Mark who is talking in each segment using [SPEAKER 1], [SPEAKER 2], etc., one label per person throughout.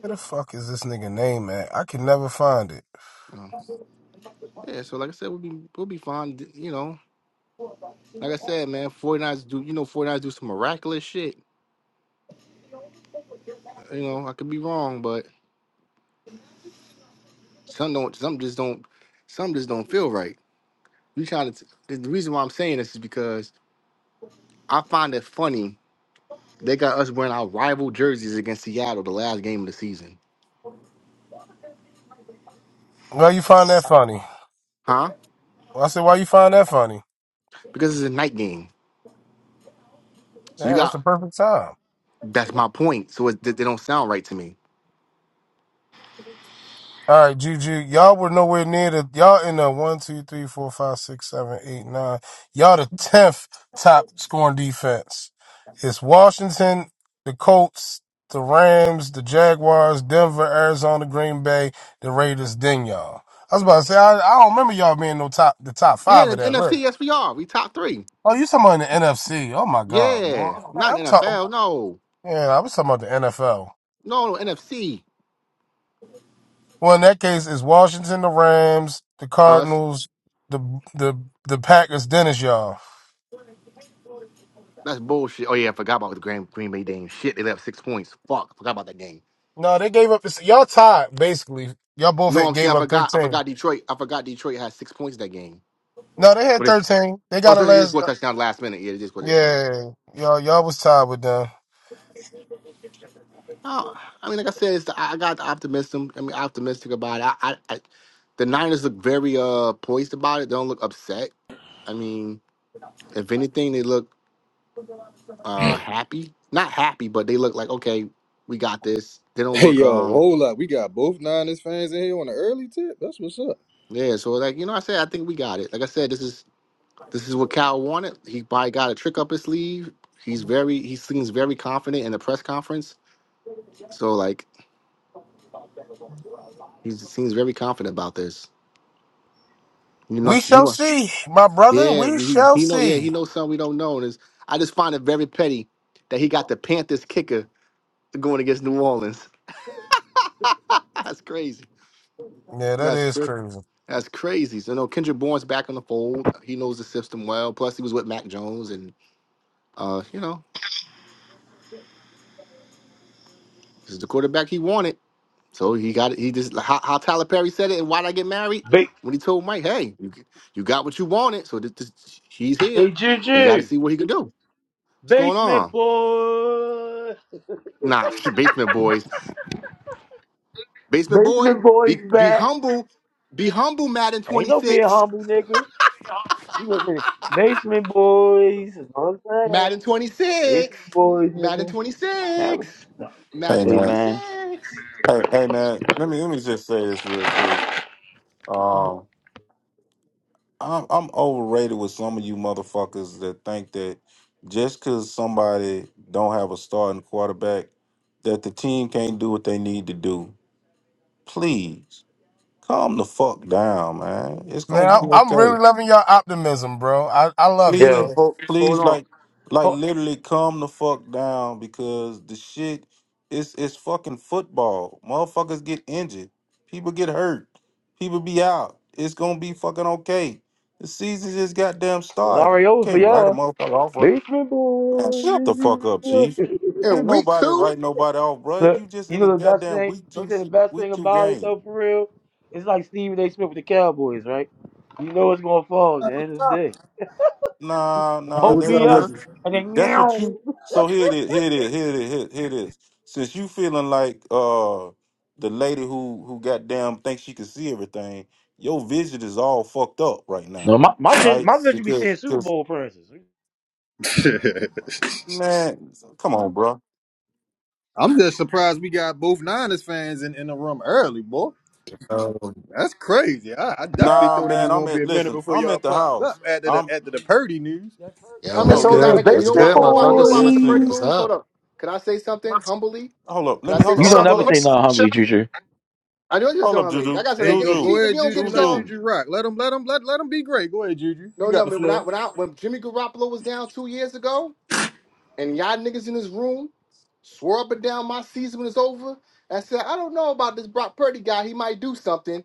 [SPEAKER 1] Where the fuck is this nigga name at? I can never find it.
[SPEAKER 2] Oh, yeah, so like I said, we'll be we'll be fine. d- You know, like I said, man, 49ers do you know 49ers do some miraculous shit. You know, I could be wrong, but some don't some just don't some just don't feel right. You trying to t- the reason why I'm saying this is because I find it funny they got us wearing our rival jerseys against Seattle the last game of the season,
[SPEAKER 1] Why you find that funny?
[SPEAKER 2] huh?
[SPEAKER 1] Well, I said, why you find that funny?
[SPEAKER 2] Because it's a night game, so you
[SPEAKER 1] Yeah, that's the
[SPEAKER 2] got
[SPEAKER 1] perfect time.
[SPEAKER 2] that's my point. So it, they don't sound right to me.
[SPEAKER 1] All right, Juju, y'all were nowhere near the y'all in the one, two, three, four, five, six, seven, eight, nine. Y'all the tenth top scoring defense. It's Washington, the Colts, the Rams, the Jaguars, Denver, Arizona, Green Bay, the Raiders. Then y'all. I was about to say I, I don't remember y'all being no top the top
[SPEAKER 2] Yeah,
[SPEAKER 1] five
[SPEAKER 2] the
[SPEAKER 1] of that list.
[SPEAKER 2] NFC, yes, we are. We top three.
[SPEAKER 1] Oh, you talking about the NFC? Oh my God,
[SPEAKER 2] Yeah,
[SPEAKER 1] bro!
[SPEAKER 2] not
[SPEAKER 1] I'm
[SPEAKER 2] in
[SPEAKER 1] talking.
[SPEAKER 2] NFL. No,
[SPEAKER 1] Yeah, I was talking about the NFL.
[SPEAKER 2] no, no, NFC.
[SPEAKER 1] Well, in that case, it's Washington, the Rams, the
[SPEAKER 2] Us?
[SPEAKER 1] Cardinals, the the the Packers. Dennis, y'all.
[SPEAKER 2] That's bullshit. Oh yeah, I forgot about the Green Green Bay game. Shit, they left six points. Fuck, I forgot about that game.
[SPEAKER 1] No, they gave up. Y'all tied basically. Y'all both
[SPEAKER 2] No,
[SPEAKER 1] had
[SPEAKER 2] I'm saying
[SPEAKER 1] gave
[SPEAKER 2] I
[SPEAKER 1] up
[SPEAKER 2] forgot. I
[SPEAKER 1] thirteen.
[SPEAKER 2] forgot Detroit. I forgot Detroit had six points that game.
[SPEAKER 1] No, they had
[SPEAKER 2] What is?
[SPEAKER 1] thirteen. They
[SPEAKER 2] Oh,
[SPEAKER 1] got a
[SPEAKER 2] so they just
[SPEAKER 1] last.
[SPEAKER 2] scored a
[SPEAKER 1] uh,
[SPEAKER 2] touchdown last minute. Yeah, they just scored this right.
[SPEAKER 1] Yeah, y'all y'all was tied with them.
[SPEAKER 2] Oh, I mean, like I said, it's the, I I got the optimism. I mean, optimistic about it. I, I, I, the Niners look very uh poised about it. They don't look upset. I mean, if anything, they look uh happy. Not happy, but they look like okay, we got this. They don't
[SPEAKER 3] Hey
[SPEAKER 2] look
[SPEAKER 3] yo,
[SPEAKER 2] um
[SPEAKER 3] hold up. We got both Niners fans in here on the early tip. That's what's up.
[SPEAKER 2] yeah. So like you know, I said I think we got it. Like I said, this is This is what Cal wanted. He probably got a trick up his sleeve. He's very he seems very confident in the press conference. So like he seems very confident about this. You know
[SPEAKER 1] We
[SPEAKER 2] he
[SPEAKER 1] shall
[SPEAKER 2] wa-
[SPEAKER 1] see, my brother.
[SPEAKER 2] yeah
[SPEAKER 1] We
[SPEAKER 2] we
[SPEAKER 1] shall
[SPEAKER 2] he know yeah
[SPEAKER 1] see.
[SPEAKER 2] he knows something we don't know and it's, I just find it very petty that he got the Panthers kicker going against New Orleans. That's crazy.
[SPEAKER 1] Yeah, that
[SPEAKER 2] That's
[SPEAKER 1] is
[SPEAKER 2] crazy.
[SPEAKER 1] crazy,
[SPEAKER 2] That's crazy. So no, Kendrick Bourne's back in the fold. He knows the system well. Plus he was with Mac Jones and uh you know this is the quarterback he wanted. So he got it. He just how, how Tyler Perry said it. And why did I get married?
[SPEAKER 4] Ba-
[SPEAKER 2] When he told Mike, "Hey, you, g- you got what you wanted." So this, this, he's
[SPEAKER 4] hey
[SPEAKER 2] here. He got to
[SPEAKER 4] Juju,
[SPEAKER 2] see what he can do. What's going
[SPEAKER 4] basement
[SPEAKER 2] on?
[SPEAKER 4] boy,
[SPEAKER 2] Nah, basement boys. Basement boy,
[SPEAKER 4] basement boys
[SPEAKER 2] be be
[SPEAKER 4] back.
[SPEAKER 2] humble. Be humble, Madden twenty
[SPEAKER 4] Ain't no being
[SPEAKER 2] six.
[SPEAKER 4] humble, nigga. You gonna say basement boys? Is what I'm saying.
[SPEAKER 2] Madden twenty six.
[SPEAKER 4] Basement boys,
[SPEAKER 2] Madden
[SPEAKER 4] nigga.
[SPEAKER 2] twenty
[SPEAKER 4] Have it.
[SPEAKER 2] six.
[SPEAKER 5] Hey
[SPEAKER 2] Madden
[SPEAKER 4] Hey
[SPEAKER 2] twenty
[SPEAKER 5] man,
[SPEAKER 4] man,
[SPEAKER 2] six.
[SPEAKER 5] hey hey man, let me let me just say this real quick. Um, I'm I'm overrated with some of you motherfuckers that think that just because somebody don't have a starting quarterback, that the team can't do what they need to do. Please calm the fuck down, man. It's
[SPEAKER 1] man.
[SPEAKER 5] gonna
[SPEAKER 1] I,
[SPEAKER 5] be
[SPEAKER 1] I'm
[SPEAKER 5] okay.
[SPEAKER 1] really loving your optimism, bro. I I love it,
[SPEAKER 5] please,
[SPEAKER 4] yo,
[SPEAKER 1] man.
[SPEAKER 4] hold, hold
[SPEAKER 5] please,
[SPEAKER 4] on.
[SPEAKER 5] like, like
[SPEAKER 4] Ho-
[SPEAKER 5] literally calm the fuck down because the shit is it's fucking football. Motherfuckers get injured, people get hurt, people be out. It's gonna be fucking okay. The season just goddamn
[SPEAKER 4] it's
[SPEAKER 5] starting.
[SPEAKER 4] already
[SPEAKER 5] You
[SPEAKER 4] over for
[SPEAKER 5] can't write a
[SPEAKER 4] y'all.
[SPEAKER 5] motherfucker off, right?
[SPEAKER 4] Basement
[SPEAKER 5] Man,
[SPEAKER 4] boys.
[SPEAKER 5] shut the fuck up, chief.
[SPEAKER 2] And
[SPEAKER 5] Ain't
[SPEAKER 2] week
[SPEAKER 5] nobody
[SPEAKER 2] two.
[SPEAKER 5] write nobody off, bro. You
[SPEAKER 4] Look,
[SPEAKER 5] just
[SPEAKER 4] you
[SPEAKER 5] in the
[SPEAKER 4] know the best
[SPEAKER 5] goddamn
[SPEAKER 4] thing.
[SPEAKER 5] week
[SPEAKER 4] Don't
[SPEAKER 5] two
[SPEAKER 4] say the
[SPEAKER 5] se-
[SPEAKER 4] best
[SPEAKER 5] week
[SPEAKER 4] thing
[SPEAKER 5] two
[SPEAKER 4] about it
[SPEAKER 5] game.
[SPEAKER 4] though, for real. It's like Stephen A. Smith with the Cowboys, right? You know it's gonna fall at the end of the day.
[SPEAKER 5] Nah,
[SPEAKER 3] Hey,
[SPEAKER 5] nah,
[SPEAKER 4] Hope
[SPEAKER 3] what's up
[SPEAKER 5] that's
[SPEAKER 4] be up,
[SPEAKER 3] with
[SPEAKER 2] No,
[SPEAKER 5] that's
[SPEAKER 4] and then
[SPEAKER 5] That's what
[SPEAKER 4] meow.
[SPEAKER 5] you. So here it is. Here it is. Here it is. Here, here it is. Since you feeling like uh the lady who who goddamn thinks she can see everything, your vision is all fucked up right
[SPEAKER 4] No,
[SPEAKER 5] now.
[SPEAKER 4] my my
[SPEAKER 5] All
[SPEAKER 4] vision,
[SPEAKER 5] right,
[SPEAKER 4] my vision be seeing
[SPEAKER 5] because
[SPEAKER 4] Super
[SPEAKER 5] because
[SPEAKER 4] Bowl appearances.
[SPEAKER 3] you?
[SPEAKER 5] man, come on, bro.
[SPEAKER 3] I'm just surprised we got both Niners fans in, in the room early, boy.
[SPEAKER 6] Yo,
[SPEAKER 3] That's crazy. I, I definitely
[SPEAKER 5] Nah,
[SPEAKER 3] thought it was
[SPEAKER 5] man. I'm
[SPEAKER 3] gonna
[SPEAKER 5] at
[SPEAKER 3] be a minute
[SPEAKER 5] listen.
[SPEAKER 3] before
[SPEAKER 5] I'm
[SPEAKER 3] y'all
[SPEAKER 5] at the
[SPEAKER 3] popped
[SPEAKER 5] house.
[SPEAKER 3] up after the
[SPEAKER 5] I'm
[SPEAKER 3] after the Purdy news.
[SPEAKER 4] That per-
[SPEAKER 2] I
[SPEAKER 6] yo,
[SPEAKER 4] yeah, I
[SPEAKER 5] no
[SPEAKER 2] mean,
[SPEAKER 6] what's
[SPEAKER 2] cause
[SPEAKER 4] told you
[SPEAKER 2] I
[SPEAKER 4] the
[SPEAKER 2] like
[SPEAKER 6] good?
[SPEAKER 5] listen.
[SPEAKER 2] you
[SPEAKER 6] What's
[SPEAKER 2] know
[SPEAKER 4] basement
[SPEAKER 2] why you
[SPEAKER 6] good,
[SPEAKER 2] know why you know why I'm
[SPEAKER 6] motherfuckers?
[SPEAKER 2] at the Purdy
[SPEAKER 5] Listen.
[SPEAKER 6] What's
[SPEAKER 4] boys.
[SPEAKER 2] moves.
[SPEAKER 6] up?
[SPEAKER 2] Hold up. Can I say something humbly?
[SPEAKER 5] Hold up.
[SPEAKER 2] Can
[SPEAKER 5] Let
[SPEAKER 2] I
[SPEAKER 5] me
[SPEAKER 2] say
[SPEAKER 5] hold up.
[SPEAKER 4] You
[SPEAKER 2] something
[SPEAKER 5] Hold
[SPEAKER 4] don't
[SPEAKER 5] up. Hold
[SPEAKER 4] never
[SPEAKER 2] humbly?
[SPEAKER 5] up.
[SPEAKER 4] say no humbly, Choo Choo.
[SPEAKER 2] I know just
[SPEAKER 5] Hold up,
[SPEAKER 2] how many. I
[SPEAKER 5] Juju.
[SPEAKER 2] got
[SPEAKER 3] There
[SPEAKER 2] something.
[SPEAKER 3] you go.
[SPEAKER 2] Get,
[SPEAKER 3] Go
[SPEAKER 2] see,
[SPEAKER 5] Juju.
[SPEAKER 2] if you
[SPEAKER 3] ahead,
[SPEAKER 2] don't
[SPEAKER 3] Juju.
[SPEAKER 2] get
[SPEAKER 3] Let
[SPEAKER 2] y'all,
[SPEAKER 5] Juju.
[SPEAKER 3] Juju rock. Let him let him let, let him be great. Go ahead, Juju. You
[SPEAKER 2] no
[SPEAKER 3] got
[SPEAKER 2] no.
[SPEAKER 3] the
[SPEAKER 2] when I
[SPEAKER 3] floor.
[SPEAKER 2] when I when Jimmy Garoppolo was down two years ago, and y'all niggas in this room swore up and down my season was over. I said I don't know about this Brock Purdy guy. He might do something.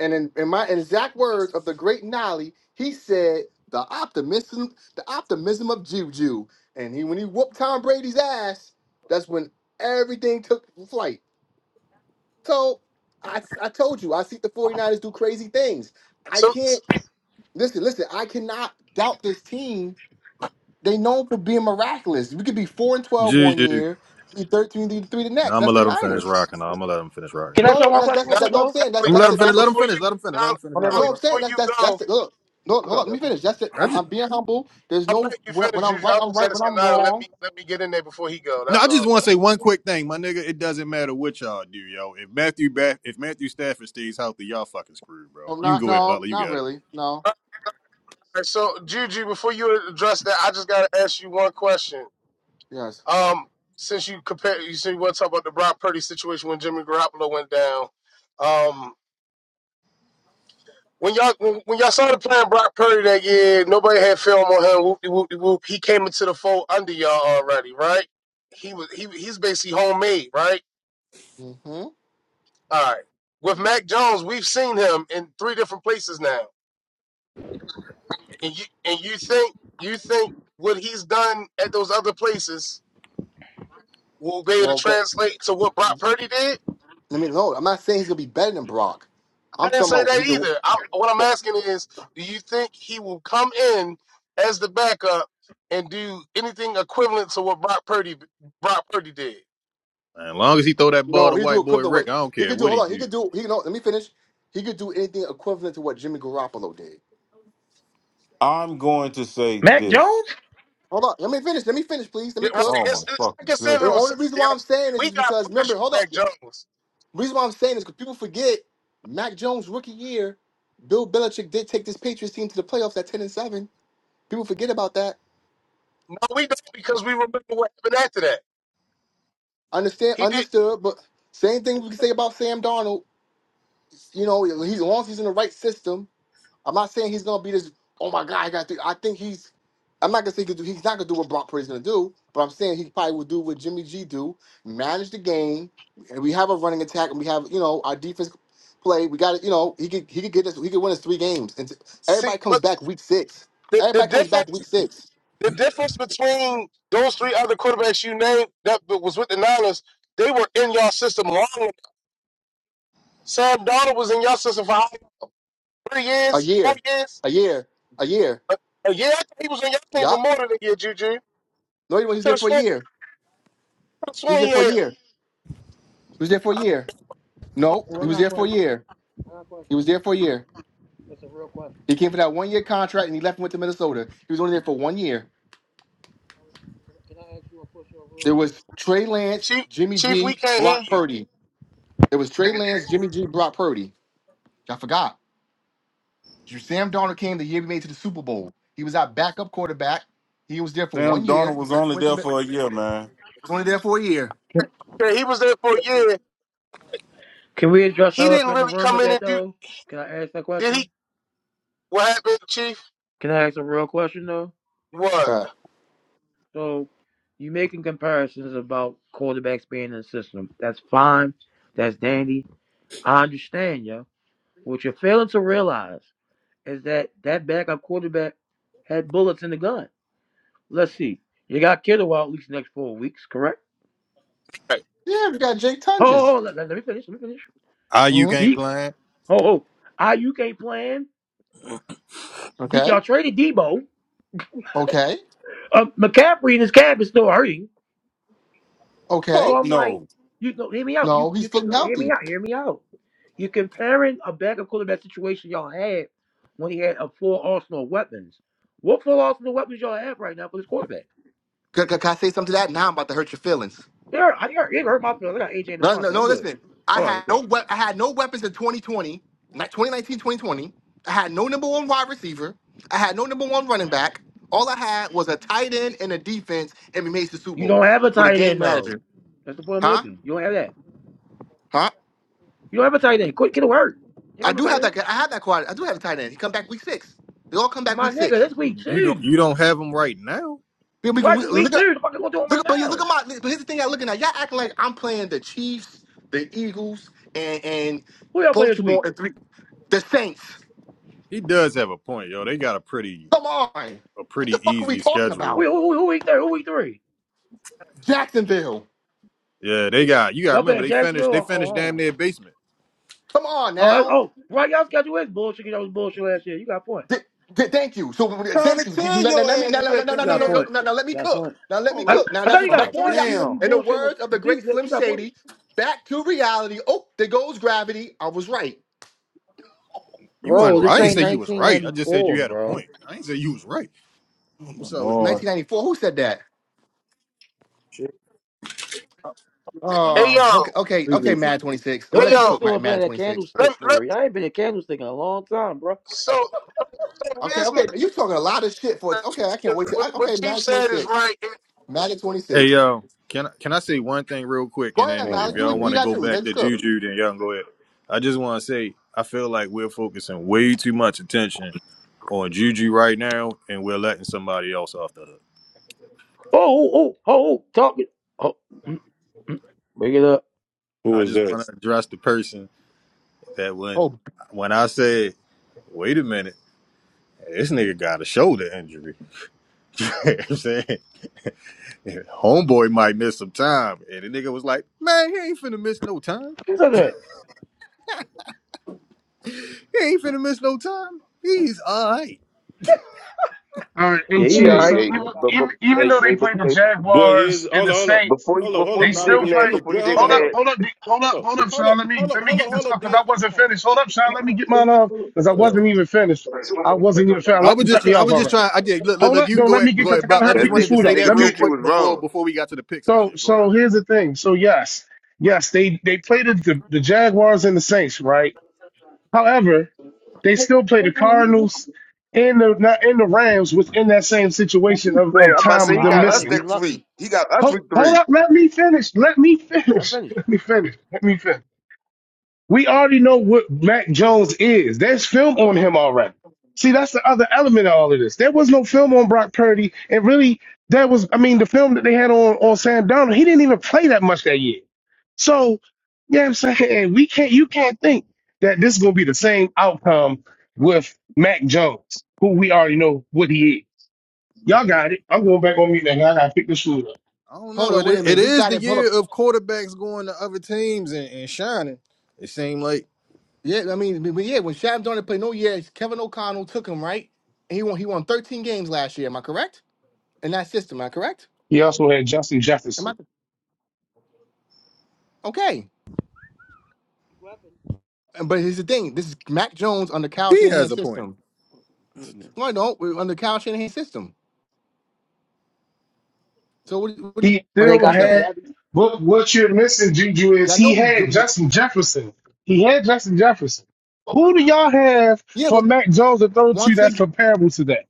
[SPEAKER 2] And in, in my in exact words of the great Nolly, he said the optimism the optimism of Juju. And he when he whooped Tom Brady's ass, that's when everything took flight. So I I told you I see the 49ers do crazy things. I
[SPEAKER 1] So,
[SPEAKER 2] can't. Listen, listen, I cannot doubt this team. They known for being miraculous. We could be four and twelve one
[SPEAKER 3] Juju.
[SPEAKER 2] year, be thirteen and three the next.
[SPEAKER 3] I'm gonna
[SPEAKER 2] That's the
[SPEAKER 3] let him finish
[SPEAKER 2] Niners.
[SPEAKER 3] rocking. I'm gonna let him finish rocking.
[SPEAKER 4] Can I show
[SPEAKER 2] No,
[SPEAKER 4] one
[SPEAKER 2] that's
[SPEAKER 4] question
[SPEAKER 2] that's
[SPEAKER 4] real quick
[SPEAKER 2] that, no.
[SPEAKER 1] Nolly,
[SPEAKER 2] I'm
[SPEAKER 4] though?
[SPEAKER 2] saying that's
[SPEAKER 3] I'm
[SPEAKER 1] Nolly,
[SPEAKER 3] gonna
[SPEAKER 2] that's
[SPEAKER 3] let him
[SPEAKER 2] the
[SPEAKER 1] Nolly,
[SPEAKER 3] finish.
[SPEAKER 2] that's
[SPEAKER 3] Let
[SPEAKER 2] the
[SPEAKER 3] him
[SPEAKER 1] before you,
[SPEAKER 3] finish. Let him finish. Let
[SPEAKER 1] Nolly,
[SPEAKER 3] him finish
[SPEAKER 4] My bad,
[SPEAKER 3] rocking
[SPEAKER 4] boy,
[SPEAKER 1] Nolly,
[SPEAKER 2] no. I'm
[SPEAKER 4] bro.
[SPEAKER 2] saying
[SPEAKER 1] before
[SPEAKER 2] that's
[SPEAKER 1] you
[SPEAKER 2] that's that's
[SPEAKER 1] go,
[SPEAKER 2] the look. No,
[SPEAKER 4] Quick
[SPEAKER 2] hold
[SPEAKER 4] up,
[SPEAKER 2] on. Let me
[SPEAKER 4] bro.
[SPEAKER 2] finish. That's it. I'm,
[SPEAKER 3] out.
[SPEAKER 2] I'm being humble. There's
[SPEAKER 1] I'm
[SPEAKER 2] no
[SPEAKER 1] letting you
[SPEAKER 2] when
[SPEAKER 1] finish,
[SPEAKER 2] when I'm
[SPEAKER 1] Juju.
[SPEAKER 2] right,
[SPEAKER 1] I
[SPEAKER 2] I'm
[SPEAKER 1] was
[SPEAKER 2] right. When
[SPEAKER 1] asking
[SPEAKER 2] I'm
[SPEAKER 1] Nolly, let
[SPEAKER 2] wrong,
[SPEAKER 1] me let me get in there before he go.
[SPEAKER 3] No,
[SPEAKER 1] That's
[SPEAKER 3] I just
[SPEAKER 1] all.
[SPEAKER 3] want to say one quick thing, my nigga. It doesn't matter what y'all do, yo. If Matthew ba- if Matthew Stafford stays healthy, y'all fucking screwed, bro.
[SPEAKER 2] I'm
[SPEAKER 3] You can
[SPEAKER 2] not.
[SPEAKER 3] go ahead,
[SPEAKER 2] No,
[SPEAKER 3] Butler. You
[SPEAKER 2] not
[SPEAKER 3] got it.
[SPEAKER 2] really. No.
[SPEAKER 1] All right, so Juju, before you address that, I just gotta ask you one question.
[SPEAKER 2] Yes.
[SPEAKER 1] Um, since you compare, you said you want to talk about the Brock Purdy situation when Jimmy Garoppolo went down. Um, when y'all when, when y'all started playing Brock Purdy that year, nobody had film on him. Whoop de whoop de whoop. He came into the fold under y'all already, right? He was he he's basically homemade, right?
[SPEAKER 2] Mm-hmm.
[SPEAKER 1] All right. With Mac Jones, we've seen him in three different places now. And you and you think you think what he's done at those other places will be able to
[SPEAKER 2] Well, good.
[SPEAKER 1] translate to what Brock Purdy did?
[SPEAKER 2] I mean, no. I'm not saying he's gonna be better than Brock.
[SPEAKER 1] I
[SPEAKER 2] I'm
[SPEAKER 1] didn't
[SPEAKER 2] talking
[SPEAKER 1] say
[SPEAKER 2] about he
[SPEAKER 1] that
[SPEAKER 2] could.
[SPEAKER 1] either. I, what I'm
[SPEAKER 2] well,
[SPEAKER 1] asking is, do you think he will come in as the backup and do anything equivalent to what Brock Purdy Brock Purdy did?
[SPEAKER 3] as long as he throw that ball
[SPEAKER 2] No,
[SPEAKER 3] to
[SPEAKER 2] he could do
[SPEAKER 3] white boy
[SPEAKER 2] equivalent. What
[SPEAKER 3] Rick, I don't
[SPEAKER 2] he
[SPEAKER 3] care
[SPEAKER 2] could do?
[SPEAKER 3] what
[SPEAKER 2] Hold
[SPEAKER 3] he
[SPEAKER 2] on. He
[SPEAKER 3] do.
[SPEAKER 2] could do. He no. Let me finish. He could do anything equivalent to what Jimmy Garoppolo did.
[SPEAKER 5] I'm going to say
[SPEAKER 4] Mac
[SPEAKER 5] this.
[SPEAKER 4] Jones.
[SPEAKER 2] Hold on. Let me finish. Let me finish, please. Let
[SPEAKER 1] Yeah,
[SPEAKER 2] me
[SPEAKER 1] right.
[SPEAKER 2] cook.
[SPEAKER 5] Oh my
[SPEAKER 1] It's, it, I
[SPEAKER 5] fucking
[SPEAKER 1] can say if
[SPEAKER 2] And
[SPEAKER 1] it
[SPEAKER 2] the
[SPEAKER 1] was
[SPEAKER 2] only
[SPEAKER 5] goodness.
[SPEAKER 2] reason
[SPEAKER 1] somebody
[SPEAKER 2] why I'm
[SPEAKER 1] else,
[SPEAKER 2] saying this
[SPEAKER 1] we
[SPEAKER 2] is
[SPEAKER 1] got
[SPEAKER 2] because
[SPEAKER 1] footage
[SPEAKER 2] remember.
[SPEAKER 1] of
[SPEAKER 2] Hold on.
[SPEAKER 1] Mac
[SPEAKER 2] yeah,
[SPEAKER 1] Jones.
[SPEAKER 2] The reason why I'm saying this because people forget Mac Jones rookie year. Bill Belichick did take this Patriots team to the playoffs at ten and seven. People forget about that.
[SPEAKER 1] No, we don't because we remember what happened after that.
[SPEAKER 2] Understand?
[SPEAKER 1] He did
[SPEAKER 2] Understood. But same thing we can say about Sam Darnold. You know, he's as long as he's in the right system I'm not saying he's gonna be this. Oh my God, I got. To, I think he's. I'm not gonna say he could do. He's not gonna do what Brock Purdy's gonna do, but I'm saying he probably will do what Jimmy G do. Manage the game, and we have a running attack, and we have you know our defense play. We got it. You know he could he could get us. He could win us three games, and
[SPEAKER 1] see
[SPEAKER 2] everybody comes
[SPEAKER 1] what
[SPEAKER 2] back week six.
[SPEAKER 1] the, the
[SPEAKER 2] Everybody comes back
[SPEAKER 1] difference
[SPEAKER 2] week six.
[SPEAKER 1] the difference between those three other quarterbacks you named that was with the Niners, they were in your system long. enough. Sam Donald was in your system for how many- three
[SPEAKER 2] A
[SPEAKER 1] years, four
[SPEAKER 2] year,
[SPEAKER 1] years.
[SPEAKER 2] a year, a year.
[SPEAKER 1] A, a year I think he was in your team for
[SPEAKER 2] Yup.
[SPEAKER 1] more than a year, Juju.
[SPEAKER 2] No, he was
[SPEAKER 1] Could
[SPEAKER 2] there
[SPEAKER 1] have
[SPEAKER 2] for a
[SPEAKER 1] sworn,
[SPEAKER 2] year.
[SPEAKER 1] could've
[SPEAKER 2] He was
[SPEAKER 1] sworn he
[SPEAKER 2] there for a
[SPEAKER 1] had,
[SPEAKER 2] year. He was there for a
[SPEAKER 1] uh,
[SPEAKER 2] year. No, he was there for a year. He was there for a year. He came for that one year contract and he left and went to Minnesota. He was only there for one year. There was Trey Lance,
[SPEAKER 1] Chief,
[SPEAKER 2] Jimmy
[SPEAKER 1] Chief, we
[SPEAKER 2] G,
[SPEAKER 1] can't hear
[SPEAKER 2] Brock
[SPEAKER 1] you.
[SPEAKER 2] Purdy. There was Trey Lance, Jimmy G, Brock Purdy. I forgot. Sam Darnold came the year we made it to the Super Bowl. He was our backup quarterback. He was there for one
[SPEAKER 5] Sam
[SPEAKER 2] year.
[SPEAKER 5] Donald
[SPEAKER 2] He
[SPEAKER 5] was
[SPEAKER 2] left and
[SPEAKER 5] only
[SPEAKER 2] went to
[SPEAKER 5] there
[SPEAKER 2] Min-
[SPEAKER 5] for a year, man.
[SPEAKER 2] he was only there for a year.
[SPEAKER 4] Can,
[SPEAKER 1] Yeah, he was there for a year.
[SPEAKER 4] can we address the
[SPEAKER 1] He
[SPEAKER 4] elephant
[SPEAKER 1] didn't
[SPEAKER 4] in the
[SPEAKER 1] really
[SPEAKER 4] room
[SPEAKER 1] come
[SPEAKER 4] with
[SPEAKER 1] in
[SPEAKER 4] that
[SPEAKER 1] and do,
[SPEAKER 4] though? Can I ask that
[SPEAKER 1] did
[SPEAKER 4] question?
[SPEAKER 1] he? What happened, Chief?
[SPEAKER 4] Can I ask a real question though?
[SPEAKER 1] What?
[SPEAKER 2] So,
[SPEAKER 4] So, you making comparisons about quarterbacks being in the system. That's fine. That's dandy. I understand, yo. What you're failing to realize. is that that backup quarterback had bullets in the gun. Let's see. You got Kittle out at least the next four weeks, correct?
[SPEAKER 1] Hey,
[SPEAKER 2] yeah, we got Jake Tunges.
[SPEAKER 4] Oh, let, let- me finish. Let me finish.
[SPEAKER 3] Ayuk
[SPEAKER 2] hmm
[SPEAKER 3] ain't
[SPEAKER 4] Deep.
[SPEAKER 3] playing.
[SPEAKER 4] Oh, oh. IU can't play in. D,
[SPEAKER 2] Okay.
[SPEAKER 4] y'all traded Debo.
[SPEAKER 2] Okay.
[SPEAKER 4] Um, McCaffrey and his cab is still hurting.
[SPEAKER 2] Okay.
[SPEAKER 4] So
[SPEAKER 5] Fuck
[SPEAKER 4] I'm like,
[SPEAKER 5] no.
[SPEAKER 4] you know, hear me out. You
[SPEAKER 2] No, he's
[SPEAKER 4] you can
[SPEAKER 2] feeling
[SPEAKER 4] no, hear me
[SPEAKER 2] healthy.
[SPEAKER 4] out. Hear me out. You're comparing a backup quarterback situation y'all had when he had a full arsenal of weapons. What full arsenal of weapons y'all have right now for this quarterback?
[SPEAKER 2] Can, can- can I say something to that? Now I'm about to hurt your feelings.
[SPEAKER 4] You hurt, you hurt, you hurt my feelings. I got AJ and
[SPEAKER 2] No, no,
[SPEAKER 4] Devontae.
[SPEAKER 2] no,
[SPEAKER 4] I'm good.
[SPEAKER 2] listen. I
[SPEAKER 4] All right,
[SPEAKER 2] had
[SPEAKER 4] cool.
[SPEAKER 2] no we- I had no weapons in 2020, not 2019, 2020. I had no number one wide receiver. I had no number one running back. All I had was a tight end and a defense, and we made the Super
[SPEAKER 4] You
[SPEAKER 2] Bowl
[SPEAKER 4] don't have a
[SPEAKER 2] with a
[SPEAKER 4] tight
[SPEAKER 2] game
[SPEAKER 4] end though.
[SPEAKER 2] manager.
[SPEAKER 4] That's the point I'm
[SPEAKER 2] Huh?
[SPEAKER 4] making. You don't have that.
[SPEAKER 2] Huh?
[SPEAKER 4] You don't have a tight end. Quit, get to work. Here
[SPEAKER 2] I
[SPEAKER 4] comes a
[SPEAKER 2] do
[SPEAKER 4] tight
[SPEAKER 2] have
[SPEAKER 4] end.
[SPEAKER 2] that. guy- I have that quad. I do have a tight end. He come back week six. They all come back
[SPEAKER 4] My
[SPEAKER 2] week
[SPEAKER 4] nigga,
[SPEAKER 2] six.
[SPEAKER 4] that's week
[SPEAKER 3] You don't
[SPEAKER 4] two.
[SPEAKER 3] you don't have him right now.
[SPEAKER 2] Then we can
[SPEAKER 4] Right,
[SPEAKER 2] we,
[SPEAKER 4] this
[SPEAKER 2] look
[SPEAKER 4] week
[SPEAKER 2] at
[SPEAKER 4] two. The fuck going to do it
[SPEAKER 2] look.
[SPEAKER 4] right
[SPEAKER 2] at- But you look
[SPEAKER 4] now?
[SPEAKER 2] at my. But here's the thing. I'm looking at. Y'all acting like I'm playing the Chiefs, the Eagles, and and
[SPEAKER 4] Who y'all play this
[SPEAKER 2] Baltimore
[SPEAKER 4] week?
[SPEAKER 2] and three the Saints.
[SPEAKER 3] He does have a point, yo. They got a pretty
[SPEAKER 2] Come on.
[SPEAKER 3] a
[SPEAKER 2] What the
[SPEAKER 3] pretty
[SPEAKER 2] fuck are we
[SPEAKER 3] easy
[SPEAKER 2] talking
[SPEAKER 4] Who
[SPEAKER 3] schedule.
[SPEAKER 2] about?
[SPEAKER 4] who, who, who week three? Who week three?
[SPEAKER 2] Jacksonville.
[SPEAKER 3] Yeah, they got you. Got to
[SPEAKER 4] Y'all
[SPEAKER 3] remember
[SPEAKER 4] playing
[SPEAKER 3] they finished
[SPEAKER 4] Jacksonville
[SPEAKER 3] they
[SPEAKER 4] or or
[SPEAKER 3] finished damn
[SPEAKER 4] home?
[SPEAKER 3] near basement.
[SPEAKER 2] Come on
[SPEAKER 4] Oh, that,
[SPEAKER 2] now.
[SPEAKER 4] oh, right. Y'all schedule is bullshit. 'cause Y'all was bullshit last year. You got a point.
[SPEAKER 2] Th- th- thank you. So uh,
[SPEAKER 5] Trying to
[SPEAKER 2] thank you.
[SPEAKER 5] tell
[SPEAKER 2] Now, now,
[SPEAKER 5] your
[SPEAKER 2] let me now,
[SPEAKER 5] ass
[SPEAKER 2] now, now,
[SPEAKER 5] that
[SPEAKER 2] now,
[SPEAKER 5] that
[SPEAKER 4] You
[SPEAKER 5] we
[SPEAKER 2] now,
[SPEAKER 4] got a
[SPEAKER 2] now,
[SPEAKER 5] had
[SPEAKER 4] point.
[SPEAKER 5] it.
[SPEAKER 2] now, now, let me
[SPEAKER 4] You got a
[SPEAKER 2] cook.
[SPEAKER 4] point.
[SPEAKER 2] Now let me
[SPEAKER 5] Hold
[SPEAKER 4] I,
[SPEAKER 5] up.
[SPEAKER 2] cook. Now
[SPEAKER 4] I
[SPEAKER 2] that's
[SPEAKER 4] thought you
[SPEAKER 2] what,
[SPEAKER 4] got a
[SPEAKER 2] back
[SPEAKER 5] Oh,
[SPEAKER 2] to
[SPEAKER 4] point. Even
[SPEAKER 2] reality.
[SPEAKER 4] though
[SPEAKER 5] damn.
[SPEAKER 4] you
[SPEAKER 2] In the
[SPEAKER 4] bullshit on the
[SPEAKER 2] words of the great
[SPEAKER 4] receivers,
[SPEAKER 2] Slim
[SPEAKER 4] you got a point.
[SPEAKER 2] Shady, back to reality. Oh, there goes gravity. I was right.
[SPEAKER 3] You
[SPEAKER 4] Bro,
[SPEAKER 3] wasn't
[SPEAKER 5] What
[SPEAKER 3] right.
[SPEAKER 4] this
[SPEAKER 3] I
[SPEAKER 5] the
[SPEAKER 3] didn't
[SPEAKER 4] ain't
[SPEAKER 3] say
[SPEAKER 5] f-
[SPEAKER 3] you was right. I just said
[SPEAKER 4] 1994,
[SPEAKER 3] you had a
[SPEAKER 4] bro.
[SPEAKER 3] point. I ain't say you was right.
[SPEAKER 5] oh, my
[SPEAKER 3] What's up with you?
[SPEAKER 5] Lord.
[SPEAKER 2] 1994. Who said that?
[SPEAKER 3] Shit, man.
[SPEAKER 2] Oh,
[SPEAKER 1] yo,
[SPEAKER 2] okay, okay, okay.
[SPEAKER 3] Appreciate you.
[SPEAKER 2] Mad 26. I'm gonna
[SPEAKER 4] Don't
[SPEAKER 1] hey,
[SPEAKER 2] let you
[SPEAKER 4] think he's
[SPEAKER 1] yo.
[SPEAKER 2] cook
[SPEAKER 4] still
[SPEAKER 2] Mad,
[SPEAKER 4] in front
[SPEAKER 2] Mad
[SPEAKER 4] of that
[SPEAKER 2] 26.
[SPEAKER 1] Let,
[SPEAKER 4] candlestick for
[SPEAKER 1] let,
[SPEAKER 4] real. I ain't been a candlestick in a long time, bro.
[SPEAKER 1] so, so, so
[SPEAKER 2] Okay,
[SPEAKER 1] here's my
[SPEAKER 2] okay. You talking a lot of shit for it. Okay, I can't wait to.
[SPEAKER 1] What,
[SPEAKER 2] I, okay,
[SPEAKER 1] Chief
[SPEAKER 2] Mad
[SPEAKER 1] said is
[SPEAKER 2] 26.
[SPEAKER 1] right.
[SPEAKER 2] Mad
[SPEAKER 3] Hey
[SPEAKER 2] 26.
[SPEAKER 3] yo, can I- can I say one thing real quick,
[SPEAKER 2] Go
[SPEAKER 3] and
[SPEAKER 2] ahead,
[SPEAKER 3] then
[SPEAKER 5] Oh,
[SPEAKER 2] Nolly.
[SPEAKER 3] if
[SPEAKER 5] my
[SPEAKER 2] Do
[SPEAKER 3] y'all
[SPEAKER 2] what you
[SPEAKER 3] want to
[SPEAKER 2] got to
[SPEAKER 3] go
[SPEAKER 2] do.
[SPEAKER 3] back
[SPEAKER 2] Let's
[SPEAKER 3] to
[SPEAKER 5] goodness.
[SPEAKER 2] go.
[SPEAKER 3] Juju, then y'all can go ahead. I just want to say I feel like we're focusing way too much attention on Juju right now, and we're letting somebody else off the hook.
[SPEAKER 4] Oh, oh, oh, oh, talking. Oh, mm, mm. bring it up.
[SPEAKER 5] Who
[SPEAKER 3] I
[SPEAKER 5] was
[SPEAKER 3] just
[SPEAKER 5] that?
[SPEAKER 3] want to address the person that when
[SPEAKER 2] Oh,
[SPEAKER 3] when I said, "Wait a minute, this nigga got a shoulder injury," you know what I'm saying homeboy might miss some time, and the nigga was like, "Man, he ain't finna miss no time.
[SPEAKER 4] What's up there?
[SPEAKER 3] He ain't finna miss no time. He's all right."
[SPEAKER 1] All right,
[SPEAKER 4] Yeah,
[SPEAKER 1] and
[SPEAKER 4] he all
[SPEAKER 1] Chiefs.
[SPEAKER 7] Hey,
[SPEAKER 4] right.
[SPEAKER 1] So
[SPEAKER 7] hey,
[SPEAKER 1] even,
[SPEAKER 7] but,
[SPEAKER 1] even
[SPEAKER 7] but, hey,
[SPEAKER 1] though
[SPEAKER 7] hey,
[SPEAKER 1] they
[SPEAKER 7] but,
[SPEAKER 1] play the
[SPEAKER 7] hey,
[SPEAKER 5] But here's,
[SPEAKER 1] Jaguars and
[SPEAKER 5] hold
[SPEAKER 1] the
[SPEAKER 5] up, hold up.
[SPEAKER 1] Saints,
[SPEAKER 7] before you,
[SPEAKER 5] Hold up, hold
[SPEAKER 7] before
[SPEAKER 5] up,
[SPEAKER 1] they
[SPEAKER 7] you
[SPEAKER 5] Nana.
[SPEAKER 1] still
[SPEAKER 7] digging
[SPEAKER 5] If
[SPEAKER 7] that,
[SPEAKER 5] you
[SPEAKER 1] play.
[SPEAKER 7] before you
[SPEAKER 5] address, hold up,
[SPEAKER 7] digging
[SPEAKER 1] Hold
[SPEAKER 5] hold
[SPEAKER 1] up,
[SPEAKER 5] up.
[SPEAKER 7] that,
[SPEAKER 1] hold up, D- hold
[SPEAKER 5] Hold
[SPEAKER 1] up,
[SPEAKER 5] up,
[SPEAKER 1] hold up,
[SPEAKER 7] bef-
[SPEAKER 5] hold
[SPEAKER 1] Sean.
[SPEAKER 5] up,
[SPEAKER 1] Let me
[SPEAKER 5] hold up,
[SPEAKER 1] let me
[SPEAKER 5] hold up,
[SPEAKER 1] get this
[SPEAKER 5] hold
[SPEAKER 1] up
[SPEAKER 5] up,
[SPEAKER 1] because
[SPEAKER 5] dear.
[SPEAKER 1] I wasn't finished. Hold up, Sean. Let me get mine off because I wasn't even finished. I
[SPEAKER 7] that
[SPEAKER 1] wasn't even finished. I
[SPEAKER 3] I
[SPEAKER 1] let
[SPEAKER 3] was
[SPEAKER 1] them cut
[SPEAKER 3] just
[SPEAKER 1] me
[SPEAKER 3] I
[SPEAKER 1] off
[SPEAKER 3] was just
[SPEAKER 1] already.
[SPEAKER 3] trying. I did look look
[SPEAKER 1] Hold
[SPEAKER 3] look.
[SPEAKER 1] up,
[SPEAKER 3] You can
[SPEAKER 1] no.
[SPEAKER 3] go
[SPEAKER 1] let
[SPEAKER 3] ahead
[SPEAKER 1] me get
[SPEAKER 3] go
[SPEAKER 1] because
[SPEAKER 3] ahead,
[SPEAKER 1] I gotta
[SPEAKER 3] Buck. I
[SPEAKER 1] hurry
[SPEAKER 3] just
[SPEAKER 1] pick this
[SPEAKER 7] nigga,
[SPEAKER 3] wanted to
[SPEAKER 1] food
[SPEAKER 7] that
[SPEAKER 3] say
[SPEAKER 1] up.
[SPEAKER 3] that
[SPEAKER 7] nigga
[SPEAKER 1] Let
[SPEAKER 3] real
[SPEAKER 1] me.
[SPEAKER 7] Juju
[SPEAKER 3] quick
[SPEAKER 7] was
[SPEAKER 3] before
[SPEAKER 7] wrong.
[SPEAKER 3] before we got to the picks and
[SPEAKER 1] So
[SPEAKER 3] shit. Go ahead.
[SPEAKER 1] so here's the thing. So yes, yes, they they played the the, the Jaguars and the Saints, right? However. They still play the Cardinals and the not in the Rams within that same situation of,
[SPEAKER 7] Say,
[SPEAKER 1] of
[SPEAKER 7] I'm about to
[SPEAKER 1] time
[SPEAKER 7] say
[SPEAKER 1] of
[SPEAKER 7] he
[SPEAKER 1] them
[SPEAKER 4] Five
[SPEAKER 7] got
[SPEAKER 4] hundred
[SPEAKER 7] us
[SPEAKER 4] if
[SPEAKER 1] missing.
[SPEAKER 4] you
[SPEAKER 7] next week.
[SPEAKER 4] lucky.
[SPEAKER 7] He got us
[SPEAKER 1] Hold,
[SPEAKER 7] week
[SPEAKER 1] hold
[SPEAKER 7] three.
[SPEAKER 1] up, let me finish. Let me
[SPEAKER 4] I'm
[SPEAKER 1] finish.
[SPEAKER 4] finished.
[SPEAKER 1] Let me finish. Let me finish. We already know what Mac Jones is. There's film on him already. See, that's the other element of all of this. There was no film on Brock Purdy, and really, that was I mean, the film that they had on on Sam Donald, he didn't even play that much that year. So, yeah, I'm saying Hey, we can't. You can't think that this is gonna be the same outcome with Mac Jones, who we already know what he is. Y'all got it. I'm going back on mute now. I gotta pick this food up.
[SPEAKER 3] I don't
[SPEAKER 2] hold
[SPEAKER 3] know.
[SPEAKER 2] on,
[SPEAKER 3] It
[SPEAKER 2] wait a
[SPEAKER 3] i- it
[SPEAKER 2] minute. This
[SPEAKER 3] is
[SPEAKER 2] guy
[SPEAKER 3] the
[SPEAKER 2] that pulled up.
[SPEAKER 3] year of quarterbacks going to other teams and, and shining. It seemed like
[SPEAKER 2] Yeah, I mean, but yeah, when Shams Darnold played no yeah, Kevin O'Connell took him right. And he won. He won 13 games last year. Am I correct? In that system, am I correct?
[SPEAKER 1] He also had Justin
[SPEAKER 2] Am I
[SPEAKER 1] Jefferson.
[SPEAKER 2] okay? And- But here's the thing: this is Mac Jones under Kyle
[SPEAKER 3] he has
[SPEAKER 2] Shanahan's
[SPEAKER 3] a point.
[SPEAKER 2] system. No,
[SPEAKER 5] Goodness.
[SPEAKER 2] I don't. We're under Kyle Shanahan's system. So what? What are you,
[SPEAKER 1] He
[SPEAKER 4] When they
[SPEAKER 1] still
[SPEAKER 2] you
[SPEAKER 4] got the
[SPEAKER 2] saying?
[SPEAKER 1] had.
[SPEAKER 4] baby,
[SPEAKER 1] But what you're missing, Juju,
[SPEAKER 2] Yeah,
[SPEAKER 1] is
[SPEAKER 2] I know
[SPEAKER 1] he
[SPEAKER 2] we.
[SPEAKER 1] had
[SPEAKER 2] we-
[SPEAKER 1] Justin Jefferson. He had Justin Jefferson. Who do y'all have
[SPEAKER 2] Yeah,
[SPEAKER 1] for
[SPEAKER 2] but
[SPEAKER 1] Mac Jones to throw to
[SPEAKER 2] once
[SPEAKER 1] that's
[SPEAKER 2] again,
[SPEAKER 1] comparable to that?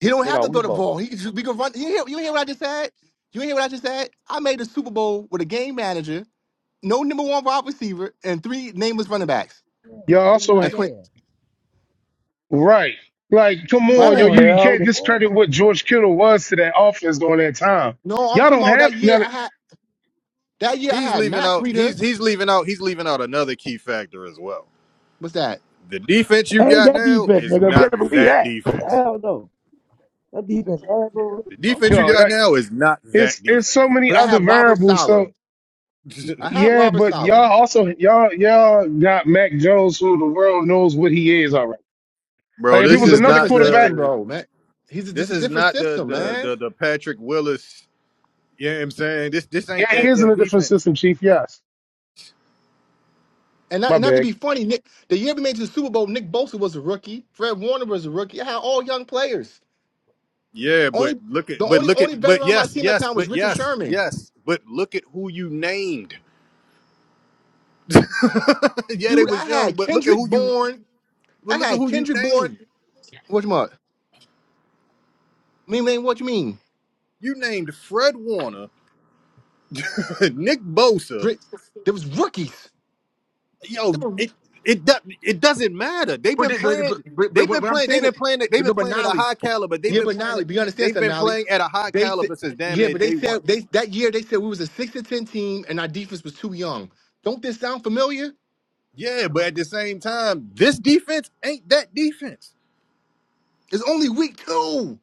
[SPEAKER 2] he don't
[SPEAKER 4] they
[SPEAKER 2] have to
[SPEAKER 4] got
[SPEAKER 2] throw the
[SPEAKER 4] Weibo.
[SPEAKER 2] ball. He we can run. You hear, you hear what I just said? You hear what I just said? I made a Super Bowl with a game manager no number one wide receiver and three nameless running backs.
[SPEAKER 1] Y'all
[SPEAKER 4] They were
[SPEAKER 1] also
[SPEAKER 2] And
[SPEAKER 4] not
[SPEAKER 2] twenty
[SPEAKER 4] there.
[SPEAKER 1] Right. Like, come
[SPEAKER 2] what
[SPEAKER 1] on, yo,
[SPEAKER 2] happened?
[SPEAKER 1] you, you
[SPEAKER 4] Hell,
[SPEAKER 1] can't
[SPEAKER 4] the Bulls.
[SPEAKER 1] discredit what George Kittle was to that offense during that time.
[SPEAKER 2] No, I'm
[SPEAKER 1] Y'all
[SPEAKER 2] talking
[SPEAKER 1] don't
[SPEAKER 2] about that
[SPEAKER 1] have
[SPEAKER 2] year
[SPEAKER 1] none of,
[SPEAKER 2] I had that year I
[SPEAKER 3] He's
[SPEAKER 2] had
[SPEAKER 3] leaving
[SPEAKER 2] Matt
[SPEAKER 3] out.
[SPEAKER 2] Breida.
[SPEAKER 3] He's he's leaving out. He's leaving out another key factor as well.
[SPEAKER 2] What's that?
[SPEAKER 3] The defense you
[SPEAKER 4] Ain't
[SPEAKER 3] got
[SPEAKER 4] that
[SPEAKER 3] now
[SPEAKER 4] defense,
[SPEAKER 3] is
[SPEAKER 4] nigga?
[SPEAKER 3] not
[SPEAKER 4] Better believe
[SPEAKER 3] that
[SPEAKER 4] that.
[SPEAKER 3] defense. The
[SPEAKER 2] Oh,
[SPEAKER 3] defense you
[SPEAKER 1] yo,
[SPEAKER 3] got
[SPEAKER 1] like
[SPEAKER 3] now is not that
[SPEAKER 1] it's it's
[SPEAKER 3] defense.
[SPEAKER 1] so many
[SPEAKER 2] but I
[SPEAKER 1] other
[SPEAKER 2] have Robert
[SPEAKER 1] variables.
[SPEAKER 2] Sala.
[SPEAKER 1] So
[SPEAKER 2] I have
[SPEAKER 1] yeah,
[SPEAKER 2] Robert
[SPEAKER 1] but
[SPEAKER 2] Sala.
[SPEAKER 1] y'all also y'all y'all got Mac Jones who the world knows what he is already.
[SPEAKER 3] Bro,
[SPEAKER 1] Like if
[SPEAKER 2] But
[SPEAKER 1] it
[SPEAKER 3] this
[SPEAKER 2] he's
[SPEAKER 1] was
[SPEAKER 2] in a
[SPEAKER 3] is
[SPEAKER 1] another
[SPEAKER 2] different
[SPEAKER 3] not
[SPEAKER 2] system,
[SPEAKER 1] quarterback,
[SPEAKER 3] the
[SPEAKER 2] bro, man. He's a, this
[SPEAKER 3] this
[SPEAKER 2] is a
[SPEAKER 3] is
[SPEAKER 2] different
[SPEAKER 3] not the
[SPEAKER 2] system,
[SPEAKER 3] the
[SPEAKER 2] man.
[SPEAKER 3] the, the Patrick Willis Yeah, I'm saying this this ain't
[SPEAKER 1] yeah, he
[SPEAKER 3] that
[SPEAKER 1] is in
[SPEAKER 3] that
[SPEAKER 1] a different
[SPEAKER 3] defense.
[SPEAKER 1] system, Chief. Yes.
[SPEAKER 2] And not,
[SPEAKER 1] My
[SPEAKER 2] and not to
[SPEAKER 1] bad.
[SPEAKER 2] be funny, Nick, the year we made it to the Super Bowl, Nick Bosa was a rookie. Fred Warner was a rookie. I had all young players.
[SPEAKER 3] Yeah, but
[SPEAKER 2] Only
[SPEAKER 3] look at
[SPEAKER 2] the
[SPEAKER 3] but
[SPEAKER 2] only
[SPEAKER 3] look
[SPEAKER 2] only
[SPEAKER 3] at
[SPEAKER 2] veteran
[SPEAKER 3] but
[SPEAKER 2] on my
[SPEAKER 3] yes,
[SPEAKER 2] team that
[SPEAKER 3] yes,
[SPEAKER 2] time was
[SPEAKER 3] but
[SPEAKER 2] Richard
[SPEAKER 3] yes,
[SPEAKER 2] Sherman.
[SPEAKER 3] yes, but look at who you named. yeah, they
[SPEAKER 2] Dude, I
[SPEAKER 3] was young,
[SPEAKER 2] had
[SPEAKER 3] but look at
[SPEAKER 2] Kendrick
[SPEAKER 3] who you
[SPEAKER 2] Bourne.
[SPEAKER 3] but
[SPEAKER 2] I
[SPEAKER 3] look at
[SPEAKER 2] had
[SPEAKER 3] who you
[SPEAKER 2] Kendrick Bourne.
[SPEAKER 3] named.
[SPEAKER 2] Which month? Mean man, what you mean?
[SPEAKER 3] You named Fred Warner, Nick Bosa.
[SPEAKER 2] Dri- There was rookies.
[SPEAKER 3] Yo,
[SPEAKER 2] There were,
[SPEAKER 3] it it do- it doesn't matter. They've
[SPEAKER 2] but,
[SPEAKER 3] been
[SPEAKER 2] they- but, but,
[SPEAKER 3] playing
[SPEAKER 2] but, but
[SPEAKER 3] they've been
[SPEAKER 2] what I'm
[SPEAKER 3] playing they've
[SPEAKER 2] saying is,
[SPEAKER 3] been playing they've
[SPEAKER 2] but
[SPEAKER 3] been
[SPEAKER 2] no, but
[SPEAKER 3] playing at a
[SPEAKER 2] Nolly,
[SPEAKER 3] high caliber. They've
[SPEAKER 2] yeah,
[SPEAKER 3] been
[SPEAKER 2] but
[SPEAKER 3] playing
[SPEAKER 2] Nolly,
[SPEAKER 3] it
[SPEAKER 2] but you understand
[SPEAKER 3] they've
[SPEAKER 2] something,
[SPEAKER 3] been
[SPEAKER 2] Nolly?
[SPEAKER 3] playing at a high
[SPEAKER 2] They said,
[SPEAKER 3] caliber since damn
[SPEAKER 2] yeah,
[SPEAKER 3] near
[SPEAKER 2] but they
[SPEAKER 3] day one.
[SPEAKER 2] said they that year they said we was a six to ten team and our defense was too young. Don't this sound familiar?
[SPEAKER 3] Yeah, but at the same time, this defense ain't that defense.
[SPEAKER 2] It's only week two.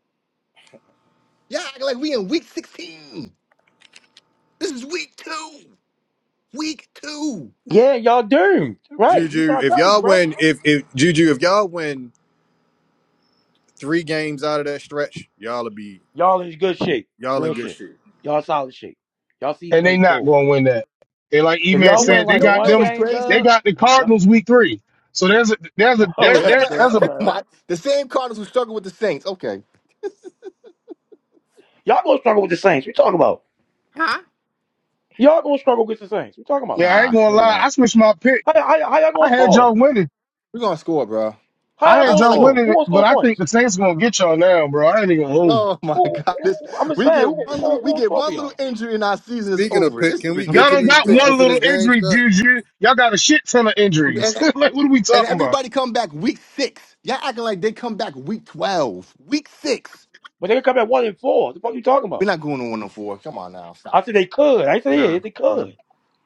[SPEAKER 2] Yeah, act like we in week sixteen. This is week two. Week two.
[SPEAKER 4] Yeah, y'all doomed. Right. That's
[SPEAKER 3] Juju,
[SPEAKER 4] what I
[SPEAKER 3] if
[SPEAKER 4] tell you,
[SPEAKER 3] y'all
[SPEAKER 4] bro.
[SPEAKER 3] win, if if Juju, if y'all win three games out of that stretch, y'all'll be
[SPEAKER 4] Y'all in good shape.
[SPEAKER 3] y'all in
[SPEAKER 4] Real
[SPEAKER 3] good
[SPEAKER 4] shit.
[SPEAKER 3] shape.
[SPEAKER 4] Y'all solid shape. Y'all
[SPEAKER 1] And
[SPEAKER 4] season
[SPEAKER 1] they
[SPEAKER 4] ain't
[SPEAKER 1] not
[SPEAKER 4] through.
[SPEAKER 1] gonna win that. And like E
[SPEAKER 4] If
[SPEAKER 1] Man
[SPEAKER 2] You
[SPEAKER 4] y'all
[SPEAKER 2] know,
[SPEAKER 4] win
[SPEAKER 1] said,
[SPEAKER 2] you
[SPEAKER 1] they
[SPEAKER 4] like
[SPEAKER 2] know, you
[SPEAKER 1] got
[SPEAKER 2] know
[SPEAKER 4] one
[SPEAKER 2] what's
[SPEAKER 1] them
[SPEAKER 4] game,
[SPEAKER 1] they
[SPEAKER 2] crazy?
[SPEAKER 4] Doug.
[SPEAKER 1] got the Cardinals week three. So there's a there's a there,
[SPEAKER 4] Oh,
[SPEAKER 2] Yeah, act
[SPEAKER 4] that's
[SPEAKER 1] there
[SPEAKER 2] like
[SPEAKER 4] done.
[SPEAKER 1] there's
[SPEAKER 4] I
[SPEAKER 1] a
[SPEAKER 4] thought,
[SPEAKER 2] oh
[SPEAKER 4] oh.
[SPEAKER 2] my, the same Cardinals who struggled with the Saints. Okay,
[SPEAKER 4] y'all gonna struggle with the Saints. We talking about
[SPEAKER 2] huh?
[SPEAKER 4] y'all gonna struggle with the Saints. We talking about
[SPEAKER 1] yeah, I
[SPEAKER 2] Nah,
[SPEAKER 1] ain't gonna
[SPEAKER 2] let me
[SPEAKER 1] lie.
[SPEAKER 2] not.
[SPEAKER 1] I switched my pick
[SPEAKER 4] how, how, how y'all
[SPEAKER 1] I
[SPEAKER 4] gonna
[SPEAKER 1] had
[SPEAKER 4] score?
[SPEAKER 1] y'all winning.
[SPEAKER 2] We're gonna score, bro.
[SPEAKER 4] How
[SPEAKER 1] I
[SPEAKER 4] y'all
[SPEAKER 2] I,
[SPEAKER 1] had
[SPEAKER 4] gonna
[SPEAKER 2] I
[SPEAKER 1] y'all
[SPEAKER 2] like. it.
[SPEAKER 4] score?
[SPEAKER 1] winning,
[SPEAKER 4] Who
[SPEAKER 1] it,
[SPEAKER 4] gonna
[SPEAKER 1] but
[SPEAKER 4] score the
[SPEAKER 1] I think
[SPEAKER 4] points?
[SPEAKER 1] the Saints gonna get y'all now, bro. I ain't even gonna hold you.
[SPEAKER 2] Oh my
[SPEAKER 4] Who,
[SPEAKER 2] God!
[SPEAKER 4] who,
[SPEAKER 2] This
[SPEAKER 4] who- I'm just
[SPEAKER 2] we
[SPEAKER 4] saying,
[SPEAKER 2] get
[SPEAKER 4] who, who,
[SPEAKER 2] one
[SPEAKER 4] gonna,
[SPEAKER 2] little
[SPEAKER 4] who
[SPEAKER 2] we
[SPEAKER 4] gonna
[SPEAKER 2] get
[SPEAKER 4] score for
[SPEAKER 2] one little
[SPEAKER 4] y'all?
[SPEAKER 2] injury and our season is
[SPEAKER 3] Speaking of
[SPEAKER 2] over.
[SPEAKER 3] pick,
[SPEAKER 2] This is
[SPEAKER 3] can we get
[SPEAKER 1] Y'all
[SPEAKER 3] to
[SPEAKER 1] don't
[SPEAKER 2] ridiculous,
[SPEAKER 3] these
[SPEAKER 1] got
[SPEAKER 3] picks
[SPEAKER 1] one
[SPEAKER 2] bro.
[SPEAKER 3] before
[SPEAKER 1] little
[SPEAKER 3] this game
[SPEAKER 1] injury,
[SPEAKER 3] start?
[SPEAKER 1] Juju. Y'all got a shit ton of
[SPEAKER 2] And
[SPEAKER 1] injuries. like, what are we
[SPEAKER 2] and
[SPEAKER 1] talking about?
[SPEAKER 2] everybody come back week six. Y'all acting like they come back week twelve, week six.
[SPEAKER 4] But they could come at one and four. The fuck you talking
[SPEAKER 2] We're
[SPEAKER 4] about?
[SPEAKER 2] not going to one and four. Come on now, stop.
[SPEAKER 4] I said they could. I said
[SPEAKER 2] Nah,
[SPEAKER 4] yeah, they
[SPEAKER 2] no.
[SPEAKER 4] could.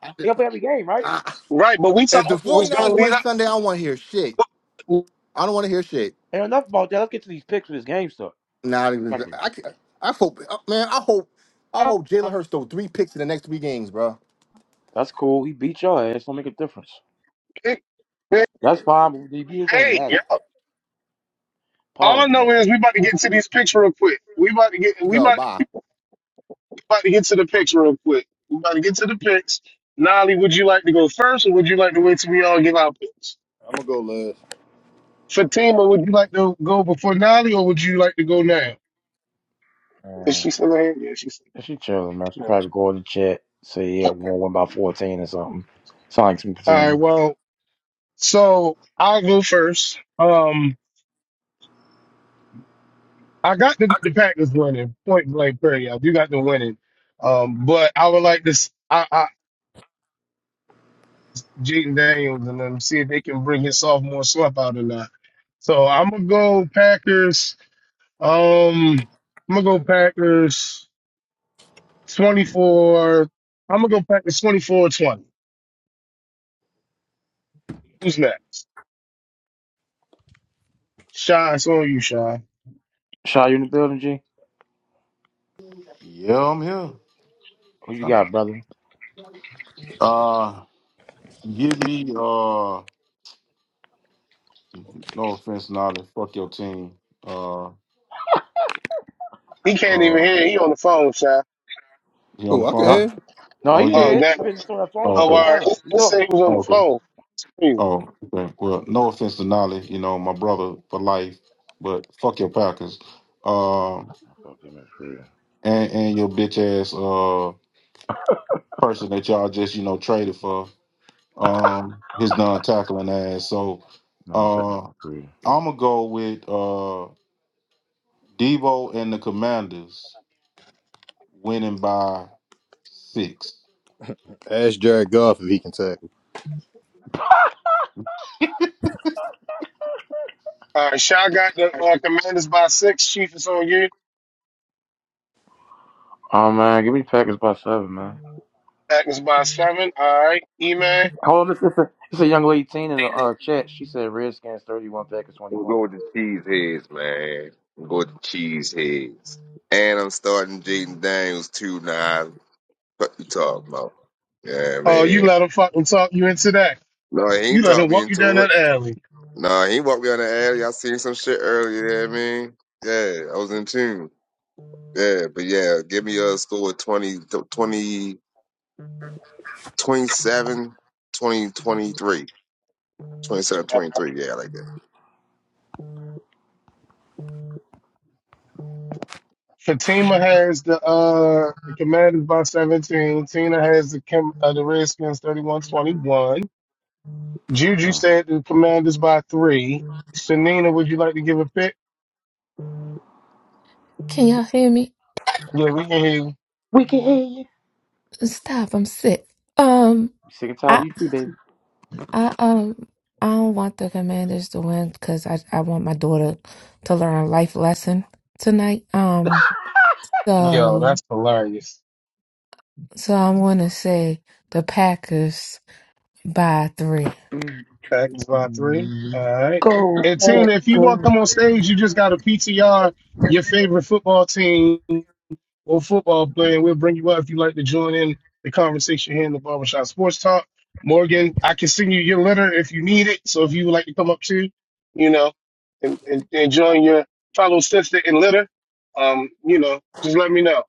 [SPEAKER 2] I,
[SPEAKER 4] They gotta play every game, right?
[SPEAKER 2] I,
[SPEAKER 1] Right, but we
[SPEAKER 2] if the
[SPEAKER 1] talking what's gonna
[SPEAKER 2] 49ers
[SPEAKER 1] lead
[SPEAKER 2] win Sunday, I don't want to hear shit.
[SPEAKER 1] up.
[SPEAKER 2] I don't want to hear shit.
[SPEAKER 4] And enough about that. Let's get to these picks for this game stuff.
[SPEAKER 2] Nah, I,
[SPEAKER 4] Okay.
[SPEAKER 2] I, can't- I hope uh, man. I hope I hope Jalen Hurts throw three picks in the next three games, bro.
[SPEAKER 4] That's cool. He beat your ass. Don't make a difference. That's fine. But he beat it when it
[SPEAKER 1] Hey, yeah.
[SPEAKER 4] mattered.
[SPEAKER 1] all I
[SPEAKER 4] Pause on
[SPEAKER 1] know
[SPEAKER 4] that
[SPEAKER 1] is we about to get to these picks real quick. We about to get
[SPEAKER 2] He
[SPEAKER 1] we
[SPEAKER 2] go
[SPEAKER 1] about
[SPEAKER 2] bye.
[SPEAKER 1] we about to get to the picks real quick. We about to get to the picks. Nolly, would you like to go first, or would you like to wait till we all give our picks?
[SPEAKER 3] I'm gonna go last.
[SPEAKER 1] Fatima, would you like to go before Nolly, or would you like to go now? Is
[SPEAKER 4] too.
[SPEAKER 1] she still in here? Yeah, she's.
[SPEAKER 4] Yeah, She chilling, man. She
[SPEAKER 1] All
[SPEAKER 4] probably go in the chat, say, yeah, we're one win by 14 or something. Sound like some
[SPEAKER 1] right,
[SPEAKER 4] team.
[SPEAKER 1] well, so I'll go first. Um, I got the, the Packers winning, point blank, period. I do got them winning. Um, but I would like to, s- I, I, Jaden Daniels and them see if they can bring his sophomore slump out or not. So I'm gonna go Packers. Um, I'm gonna go Packers 24. I'm gonna go Packers 24 20. Who's next? Shy, it's on you, Shy.
[SPEAKER 4] Shaw, you in the building, G?
[SPEAKER 5] Yeah, I'm here.
[SPEAKER 4] Who you got, brother?
[SPEAKER 5] Uh, give me, uh, no offense, Nolly. Fuck your team. Uh,
[SPEAKER 1] He can't even
[SPEAKER 5] uh,
[SPEAKER 1] hear. you. He on the phone, Shy.
[SPEAKER 5] he on
[SPEAKER 3] Oh,
[SPEAKER 5] the
[SPEAKER 3] I can
[SPEAKER 4] No,
[SPEAKER 5] phone?
[SPEAKER 3] hear.
[SPEAKER 4] no,
[SPEAKER 5] Oh,
[SPEAKER 4] he
[SPEAKER 5] yeah.
[SPEAKER 1] Oh,
[SPEAKER 4] yeah,
[SPEAKER 1] that.
[SPEAKER 4] he
[SPEAKER 1] Oh,
[SPEAKER 4] been on that phone
[SPEAKER 5] Oh,
[SPEAKER 4] shit the
[SPEAKER 1] all
[SPEAKER 4] whole
[SPEAKER 5] okay.
[SPEAKER 1] right.
[SPEAKER 4] time.
[SPEAKER 1] Let's
[SPEAKER 4] You
[SPEAKER 1] let's say
[SPEAKER 4] talking?
[SPEAKER 1] he was on
[SPEAKER 5] Oh,
[SPEAKER 1] the
[SPEAKER 5] okay.
[SPEAKER 1] phone. Hmm.
[SPEAKER 5] Oh, okay. Well, no offense to Nolly, you know, my brother for life, but fuck your Packers. Um
[SPEAKER 4] I fucked him in Korea.
[SPEAKER 5] and, and your bitch ass uh person that y'all just, you know, traded for. Um his non tackling ass. So
[SPEAKER 4] No, I'm taking
[SPEAKER 5] uh
[SPEAKER 4] Korea.
[SPEAKER 5] I'ma go with uh Debo and the Commanders winning by six.
[SPEAKER 3] Ask Jared Goff if he can tackle.
[SPEAKER 1] All right, Shaw got the uh, commanders by six. Chief is on you.
[SPEAKER 4] Oh, man, give me Packers by seven, man.
[SPEAKER 1] Agnes by seven. All right, E-Man.
[SPEAKER 4] Hold on, it's, it's, a, it's a young lady teen in the uh, chat. She said Redskins 31, Packers
[SPEAKER 7] I'm
[SPEAKER 4] 21.
[SPEAKER 7] going with the cheese heads, man. I'm going with the cheese heads. And I'm starting Jaden Daniels too now. What you talking about? Yeah,
[SPEAKER 1] Oh, you
[SPEAKER 7] man.
[SPEAKER 1] let him fucking talk you into that.
[SPEAKER 7] No, he
[SPEAKER 1] You
[SPEAKER 7] ain't
[SPEAKER 1] let him
[SPEAKER 7] talked me
[SPEAKER 1] walk you down
[SPEAKER 7] into
[SPEAKER 1] that
[SPEAKER 7] it.
[SPEAKER 1] alley.
[SPEAKER 7] Nah, he walked me on the alley. I seen some shit earlier, yeah, I mean. Yeah, I was in tune. Yeah, but yeah, give me a score of 20, 20, twenty-seven, twenty, twenty-three. twenty-seven, twenty-three. Yeah, I like
[SPEAKER 1] Fatima has the uh the commanders by seventeen. Tina has the Kim, uh, the Redskins thirty-one twenty-one. Juju
[SPEAKER 4] Oh.
[SPEAKER 1] said the commanders by three. Shanina, would you like to give a pick?
[SPEAKER 8] Can y'all hear me?
[SPEAKER 1] Yeah, we can hear you.
[SPEAKER 4] We can hear you.
[SPEAKER 8] Stop, I'm sick. Um,
[SPEAKER 4] Sick and tired of
[SPEAKER 8] I,
[SPEAKER 4] you too, baby.
[SPEAKER 8] I, um, I don't want the Commanders to win because I, I want my daughter to learn a life lesson tonight. Um,
[SPEAKER 1] Yo,
[SPEAKER 8] so,
[SPEAKER 1] that's hilarious.
[SPEAKER 8] so I'm gonna say the Packers by three.
[SPEAKER 1] Thanks, by three. All right.
[SPEAKER 4] Go,
[SPEAKER 1] And Tina,
[SPEAKER 4] Pack,
[SPEAKER 1] if you want
[SPEAKER 4] go.
[SPEAKER 1] to come on stage, you just got a PTR, your favorite football team or football player. We'll bring you up if you'd like to join in the conversation here in the Barbershop Sports Talk. Morgan, I can send you your letter if you need it. So if you would like to come up too, you know, and, and, and join your fellow sister in litter, um, you know, just let me know.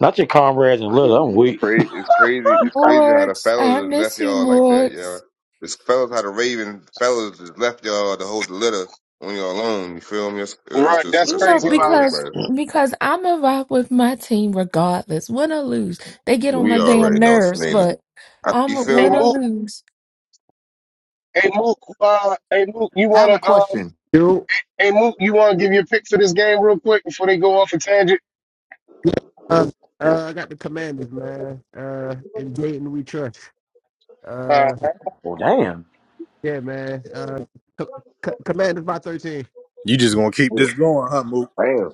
[SPEAKER 4] Not your comrades and little. I'm
[SPEAKER 7] that.
[SPEAKER 4] weak.
[SPEAKER 7] Crazy, it's crazy. It's crazy how the
[SPEAKER 8] Morgs, I
[SPEAKER 7] fellas just left
[SPEAKER 8] miss you,
[SPEAKER 7] y'all like that, y'all.
[SPEAKER 8] Morgs.
[SPEAKER 7] It's fellas how the Raven fellas just left y'all to hold the litter when y'all alone. You feel me? That's, that's
[SPEAKER 1] Right.
[SPEAKER 7] just
[SPEAKER 1] That's
[SPEAKER 8] You
[SPEAKER 7] that's just
[SPEAKER 8] know
[SPEAKER 1] crazy
[SPEAKER 7] wild
[SPEAKER 1] about
[SPEAKER 7] work,
[SPEAKER 1] that.
[SPEAKER 8] because
[SPEAKER 7] man.
[SPEAKER 8] because I'm a rock with my team regardless, win or lose. They get on my
[SPEAKER 7] We
[SPEAKER 8] damn
[SPEAKER 7] already know, it's
[SPEAKER 8] nerves,
[SPEAKER 7] Fanina.
[SPEAKER 8] but
[SPEAKER 7] I,
[SPEAKER 8] I'm
[SPEAKER 7] you
[SPEAKER 8] a
[SPEAKER 7] feel
[SPEAKER 1] Hey,
[SPEAKER 8] win
[SPEAKER 7] me?
[SPEAKER 8] or
[SPEAKER 1] Mook.
[SPEAKER 8] lose.
[SPEAKER 1] Hey, Mook. Uh, hey, Mook, you
[SPEAKER 2] I
[SPEAKER 1] want
[SPEAKER 2] have a
[SPEAKER 1] to. Um,
[SPEAKER 2] question.
[SPEAKER 9] Yo,
[SPEAKER 1] Hey, Mook, you want to give your pick for this game real quick before they go off a tangent?
[SPEAKER 9] uh, uh, I got the commanders, man. Uh, in Dayton we trust.
[SPEAKER 1] Uh,
[SPEAKER 9] Uh,
[SPEAKER 4] Oh damn.
[SPEAKER 9] yeah, man. Uh, co- co- commanders by thirteen.
[SPEAKER 3] You just gonna keep
[SPEAKER 7] Oh,
[SPEAKER 3] this going, huh, Mook?
[SPEAKER 7] Damn.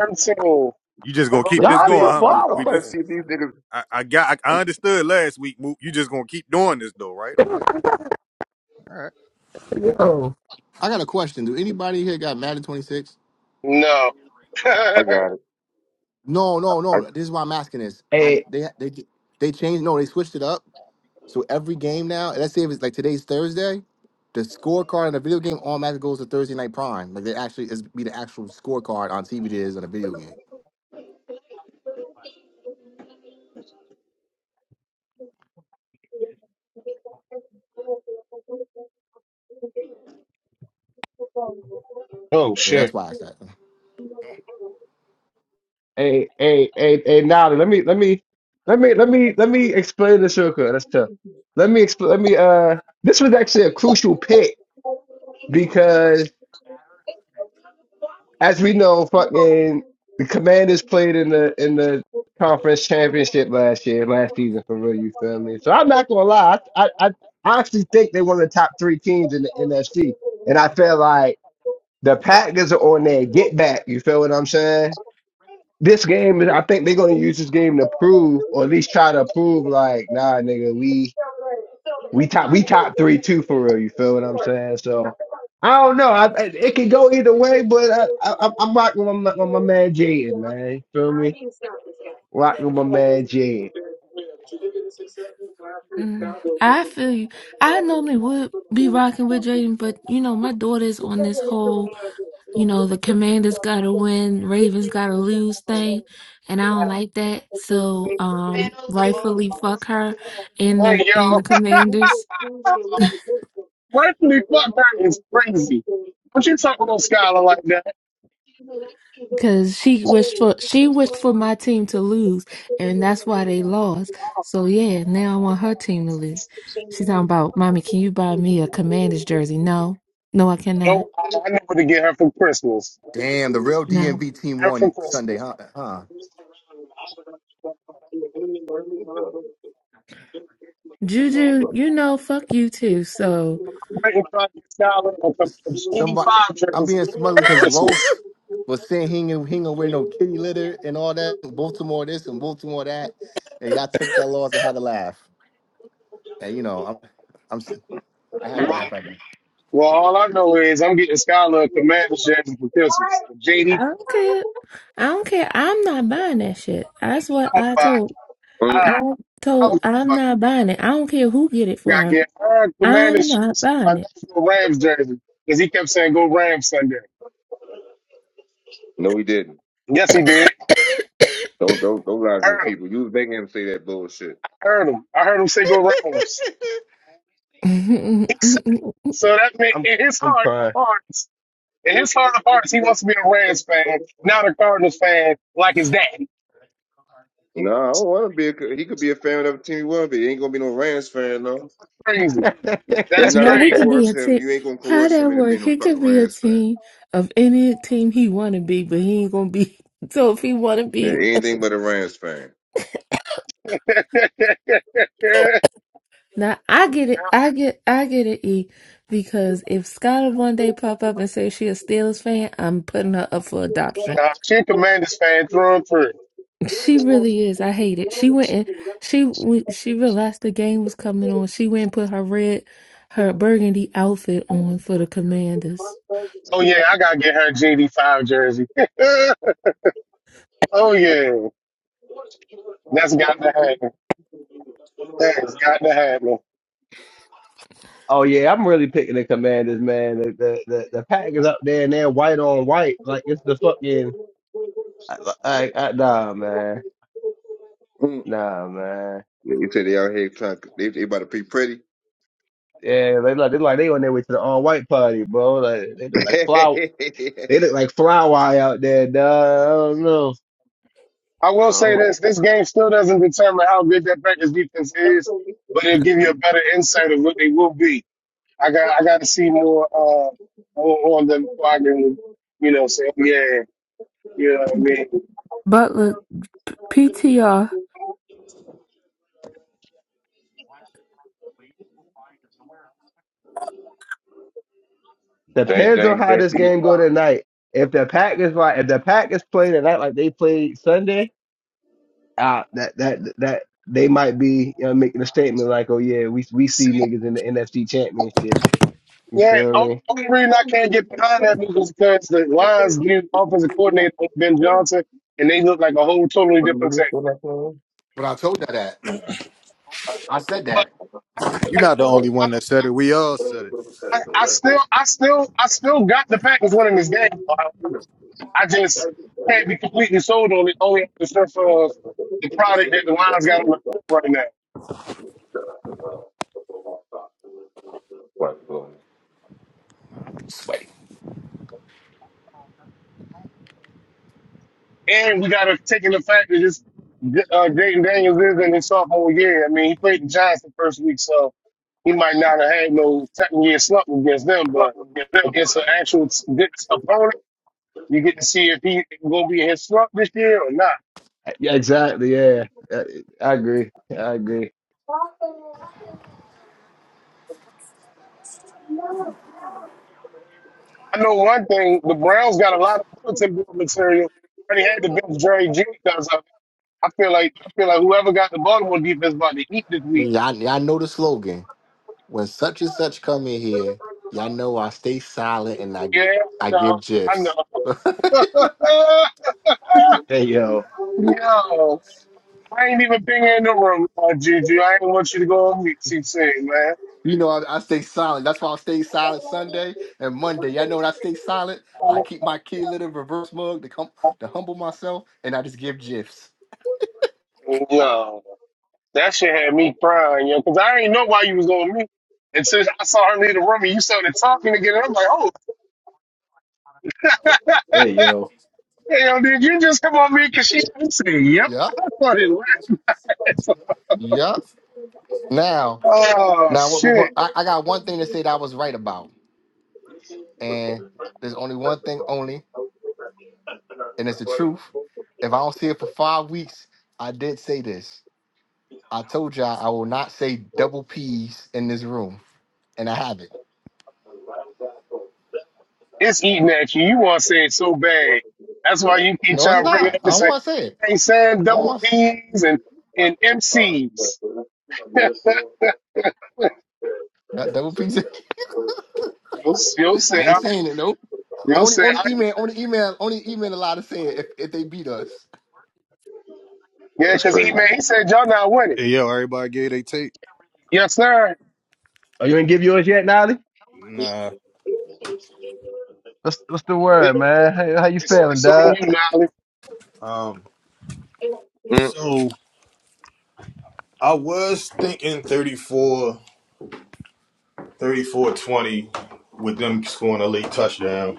[SPEAKER 1] I'm saying,
[SPEAKER 3] You just gonna keep
[SPEAKER 7] Let me
[SPEAKER 3] this
[SPEAKER 7] see.
[SPEAKER 3] going, huh,
[SPEAKER 7] I'm
[SPEAKER 3] Mook?
[SPEAKER 7] I'm
[SPEAKER 3] We
[SPEAKER 7] about to
[SPEAKER 3] just,
[SPEAKER 4] Diabolical.
[SPEAKER 7] see if these niggas.
[SPEAKER 3] I, I got, I, I understood last week, Mook. You just gonna keep doing this though, right? Okay, all right.
[SPEAKER 9] Yo,
[SPEAKER 2] I got a question. Do anybody here got Madden 26?
[SPEAKER 1] no.
[SPEAKER 7] I got it.
[SPEAKER 2] No, no,
[SPEAKER 7] I
[SPEAKER 2] no. This is why I'm asking this. I
[SPEAKER 9] Hey,
[SPEAKER 2] they they they changed. No, they switched it up. So every game now, let's say if it's like today's Thursday, the scorecard in the video game automatically goes to Thursday Night Prime. Like they actually is be the actual scorecard on TV it is on a video game.
[SPEAKER 1] oh,
[SPEAKER 2] Yeah, that's
[SPEAKER 1] shit.
[SPEAKER 2] why I asked that.
[SPEAKER 9] hey, hey, hey, hey, Nolly, let me, let me, let me, let me, let me explain this real quick. That's tough. Let me explain. Let me. Uh, this was actually a crucial pick as we know, fucking the Commanders played in the in the conference championship last year, last season for real. You feel me? So I'm not gonna lie, I I, I actually think they're one of the top three teams in the NFC, and I feel like the Packers are on their get back. You feel what I'm saying? This game, I think they're gonna use this game to prove, or at least try to prove, like, nah, nigga, we we top we top three too for real. You feel what I'm saying? So I don't know. I, I- it can go either way, but I, I, I'm I'm rocking with my, with my man Jaden, man. You feel me? Rocking with my man Jaden.
[SPEAKER 8] Mm, I feel you. I normally would be rocking with Jaden, but you know, my daughter's on this whole, you know, the Commanders gotta win, Ravens gotta lose thing, and I don't like that. So, um, rightfully fuck her and
[SPEAKER 1] Hey,
[SPEAKER 8] the and the
[SPEAKER 1] yo,
[SPEAKER 8] Commanders.
[SPEAKER 1] rightfully fuck that is crazy. Don't you talk about Skylar like that?
[SPEAKER 8] Because she wished for she wished for my team to lose, and that's why they lost. So yeah, now I want her team to lose. She's talking about, mommy, can you buy me a Commanders jersey? No, no, I cannot.
[SPEAKER 1] Oh, I I know what to get her for Christmas. I
[SPEAKER 2] Damn, the real
[SPEAKER 1] know
[SPEAKER 8] No,
[SPEAKER 1] what to
[SPEAKER 2] DMV
[SPEAKER 1] get
[SPEAKER 2] team
[SPEAKER 1] her for
[SPEAKER 2] won Sunday,
[SPEAKER 1] Christmas.
[SPEAKER 2] huh? Huh?
[SPEAKER 8] Juju, you know, fuck you too. So
[SPEAKER 1] Brighton Project Skylar a the
[SPEAKER 2] Somebody,
[SPEAKER 1] 85
[SPEAKER 2] I'm
[SPEAKER 1] jersey
[SPEAKER 2] being
[SPEAKER 1] for
[SPEAKER 2] smuggled because
[SPEAKER 8] I
[SPEAKER 1] Christmas.
[SPEAKER 2] Los was saying he ain't, he ain't gonna wear no kitty litter and all that. Baltimore this and Baltimore that, and y'all took that loss. I had to laugh, and you know, I'm, I'm, s- I had to
[SPEAKER 1] Well,
[SPEAKER 2] laugh at that.
[SPEAKER 1] well, all I know is I'm getting Skylar a Commanders jersey for Christmas. JD,
[SPEAKER 8] don't care. I don't care. I'm not buying that shit. That's what
[SPEAKER 1] I'm going to
[SPEAKER 8] I
[SPEAKER 1] buy.
[SPEAKER 8] told.
[SPEAKER 7] mm,
[SPEAKER 8] I
[SPEAKER 1] I- I'm
[SPEAKER 8] told
[SPEAKER 1] going to
[SPEAKER 8] I'm
[SPEAKER 1] buy.
[SPEAKER 8] not buying it. I don't care who get it for
[SPEAKER 1] Got to
[SPEAKER 8] her.
[SPEAKER 1] get Aaron
[SPEAKER 8] I'm
[SPEAKER 1] Commanders
[SPEAKER 8] not
[SPEAKER 1] jersey, my
[SPEAKER 8] buying
[SPEAKER 1] national Rams jersey, because he kept saying "Go Rams" Sunday.
[SPEAKER 7] no, he didn't.
[SPEAKER 1] Yes, he did.
[SPEAKER 7] Don't don't don't lie to
[SPEAKER 1] I
[SPEAKER 7] these
[SPEAKER 1] heard him.
[SPEAKER 7] people. You was making him say that bullshit.
[SPEAKER 1] I heard him. I heard him say "Go Rams." He said it.
[SPEAKER 8] it.
[SPEAKER 1] so. That meant
[SPEAKER 9] I'm
[SPEAKER 1] in his
[SPEAKER 9] I'm
[SPEAKER 1] heart of
[SPEAKER 9] crying.
[SPEAKER 1] hearts, in his heart of hearts, he wants to be a Rams fan, not a Cardinals fan, like his daddy.
[SPEAKER 7] No, I don't want to be. A, co- he could be a fan of the team he want to be. He ain't gonna be no Rams fan though.
[SPEAKER 1] Crazy.
[SPEAKER 7] You're
[SPEAKER 1] That's
[SPEAKER 7] not
[SPEAKER 8] Now
[SPEAKER 7] gonna
[SPEAKER 8] he
[SPEAKER 1] crazy.
[SPEAKER 8] could be
[SPEAKER 7] coerce
[SPEAKER 8] a
[SPEAKER 7] him.
[SPEAKER 8] team.
[SPEAKER 7] You ain't gonna
[SPEAKER 8] How
[SPEAKER 7] coerce
[SPEAKER 8] that
[SPEAKER 7] him into
[SPEAKER 8] work?
[SPEAKER 7] being no
[SPEAKER 8] He
[SPEAKER 7] fucking
[SPEAKER 8] could be a
[SPEAKER 7] Rams fan.
[SPEAKER 8] team of any team he want to be, but he ain't gonna be. So if he want to
[SPEAKER 7] Yeah,
[SPEAKER 8] be,
[SPEAKER 7] anything but a Rams fan.
[SPEAKER 1] nah,
[SPEAKER 8] now I get it. I get. I get it. E because if Skylar one day pop up and say she a Steelers fan, I'm putting her up for adoption.
[SPEAKER 1] she a Commanders fan through and through.
[SPEAKER 8] She really is. I hate it. She went and she when she realized the game was coming on. She went and put her red, her burgundy outfit on for the Commanders.
[SPEAKER 1] Oh yeah, I gotta get her a G D five jersey. oh yeah, that's got to happen. That's got to happen.
[SPEAKER 9] oh yeah, I'm really picking the Commanders, man. The the the, the pack is up there and they're white on white, like it's the fucking. I, I, I, nah, man.
[SPEAKER 7] Mm.
[SPEAKER 9] Nah, man.
[SPEAKER 7] Yeah, you said they out here trying. to- They, they about to be pretty.
[SPEAKER 9] Yeah, they like they like they on their way to the all white party, bro. Like they look
[SPEAKER 7] they
[SPEAKER 9] like flowers. They look like fly wire out there, dog. I don't know.
[SPEAKER 1] I will
[SPEAKER 9] I
[SPEAKER 1] say this: this game still doesn't determine how good that Packers defense is, but it'll give you a better insight of what they will be. I got I got to see more uh more on them before I can, you know, say yeah, you know what I mean.
[SPEAKER 8] Butler PTR.
[SPEAKER 9] Depends on
[SPEAKER 7] dang
[SPEAKER 9] how this
[SPEAKER 7] Betty.
[SPEAKER 9] game go tonight. If the Packers like, if the Packers play tonight like they played Sunday, uh, that that that they might be you know, making a statement like, oh yeah, we we
[SPEAKER 1] See,
[SPEAKER 9] see niggas in the NFC Championship. You
[SPEAKER 1] yeah,
[SPEAKER 9] feel me?
[SPEAKER 1] only reason I can't get behind that move is because the Lions new offensive coordinator Ben Johnson, and they look like a whole totally different team.
[SPEAKER 2] But I told her that. I said
[SPEAKER 1] But
[SPEAKER 2] that.
[SPEAKER 3] You're not
[SPEAKER 1] you
[SPEAKER 3] the
[SPEAKER 1] know,
[SPEAKER 3] only one that said it. We all said it.
[SPEAKER 1] I, I still, I still, I still got the Packers winning this game. I just can't be completely sold on it only at the strength of the product that the Lions got on the field right now.
[SPEAKER 7] What, boy?
[SPEAKER 2] Sway.
[SPEAKER 1] And we got to take in the fact that this uh, Dayton Daniels is in his sophomore year. I mean, he played the Giants the first week, so he might not have had no second year slump against them, but against an actual good opponent, you get to see if he going to be in his slump this year or not.
[SPEAKER 9] Yeah, exactly. Yeah, I, I agree. I agree.
[SPEAKER 1] I know one thing: the Browns got a lot of bulletin board material. Already had to bench Jerry Judy because of I feel like I feel like whoever got the Baltimore defense about to eat this week.
[SPEAKER 2] Y'all, y'all know the slogan. When such and such come in here, y'all know I stay silent and I,
[SPEAKER 1] Yeah,
[SPEAKER 2] I give
[SPEAKER 1] I
[SPEAKER 2] gifs.
[SPEAKER 1] know, I know.
[SPEAKER 9] Hey yo,
[SPEAKER 1] Yo, I ain't even been in the room, uh, Juju. I ain't want you to go on mute, CC, man.
[SPEAKER 2] You know, I, I stay silent. That's why I stay silent Sunday and Monday. Y'all know when I stay silent, I keep my kid little reverse mug to come to humble myself, and I just give gifs.
[SPEAKER 1] No, that shit had me crying, yo, because I didn't know why you was on mute. And since I saw her leave the room and you started talking again, I'm like, oh,
[SPEAKER 9] hey yo.
[SPEAKER 1] hey, yo, did you just come on mute? Because she said, yep.
[SPEAKER 2] Yep,
[SPEAKER 1] I started laughing.
[SPEAKER 2] yep. Now,
[SPEAKER 1] Oh,
[SPEAKER 2] now, what, what,
[SPEAKER 1] shit.
[SPEAKER 2] what- I, I got one thing to say that I was right about, and there's only one thing only, and it's the truth. If I don't see it for five weeks, I did say this. I told y'all I will not say double P's in this room, and I have it.
[SPEAKER 1] It's eating at you. You want to say it so bad. That's why you keep
[SPEAKER 2] No, it's
[SPEAKER 1] trying to bring it
[SPEAKER 2] not.
[SPEAKER 1] up and
[SPEAKER 2] I don't
[SPEAKER 1] say,
[SPEAKER 2] want to say it.
[SPEAKER 1] hey, saying
[SPEAKER 2] I don't
[SPEAKER 1] double
[SPEAKER 2] want
[SPEAKER 1] B's and, and MCs.
[SPEAKER 2] to, double P's.
[SPEAKER 1] you'll, you'll say,
[SPEAKER 2] I ain't
[SPEAKER 1] I,
[SPEAKER 2] saying it. Nope.
[SPEAKER 1] you'll
[SPEAKER 2] Only
[SPEAKER 1] say,
[SPEAKER 2] only
[SPEAKER 1] I,
[SPEAKER 2] email only email only email allowed to say it if, if they beat us.
[SPEAKER 1] yeah,
[SPEAKER 7] That's
[SPEAKER 1] because he, man,
[SPEAKER 7] crazy.
[SPEAKER 1] he said, y'all not winning.
[SPEAKER 3] Hey, yo, everybody gave they tape.
[SPEAKER 1] Yes, sir.
[SPEAKER 9] Are you gonna give yours yet, Nolly?
[SPEAKER 3] Nah.
[SPEAKER 9] What's what's the
[SPEAKER 1] It,
[SPEAKER 9] word, man? How, how you
[SPEAKER 1] it's,
[SPEAKER 9] feeling,
[SPEAKER 1] it's on
[SPEAKER 9] dog?
[SPEAKER 1] you, Nolly.
[SPEAKER 3] Um.
[SPEAKER 7] Mm.
[SPEAKER 3] So. I was thinking 34, 34 20 with them scoring a late touchdown.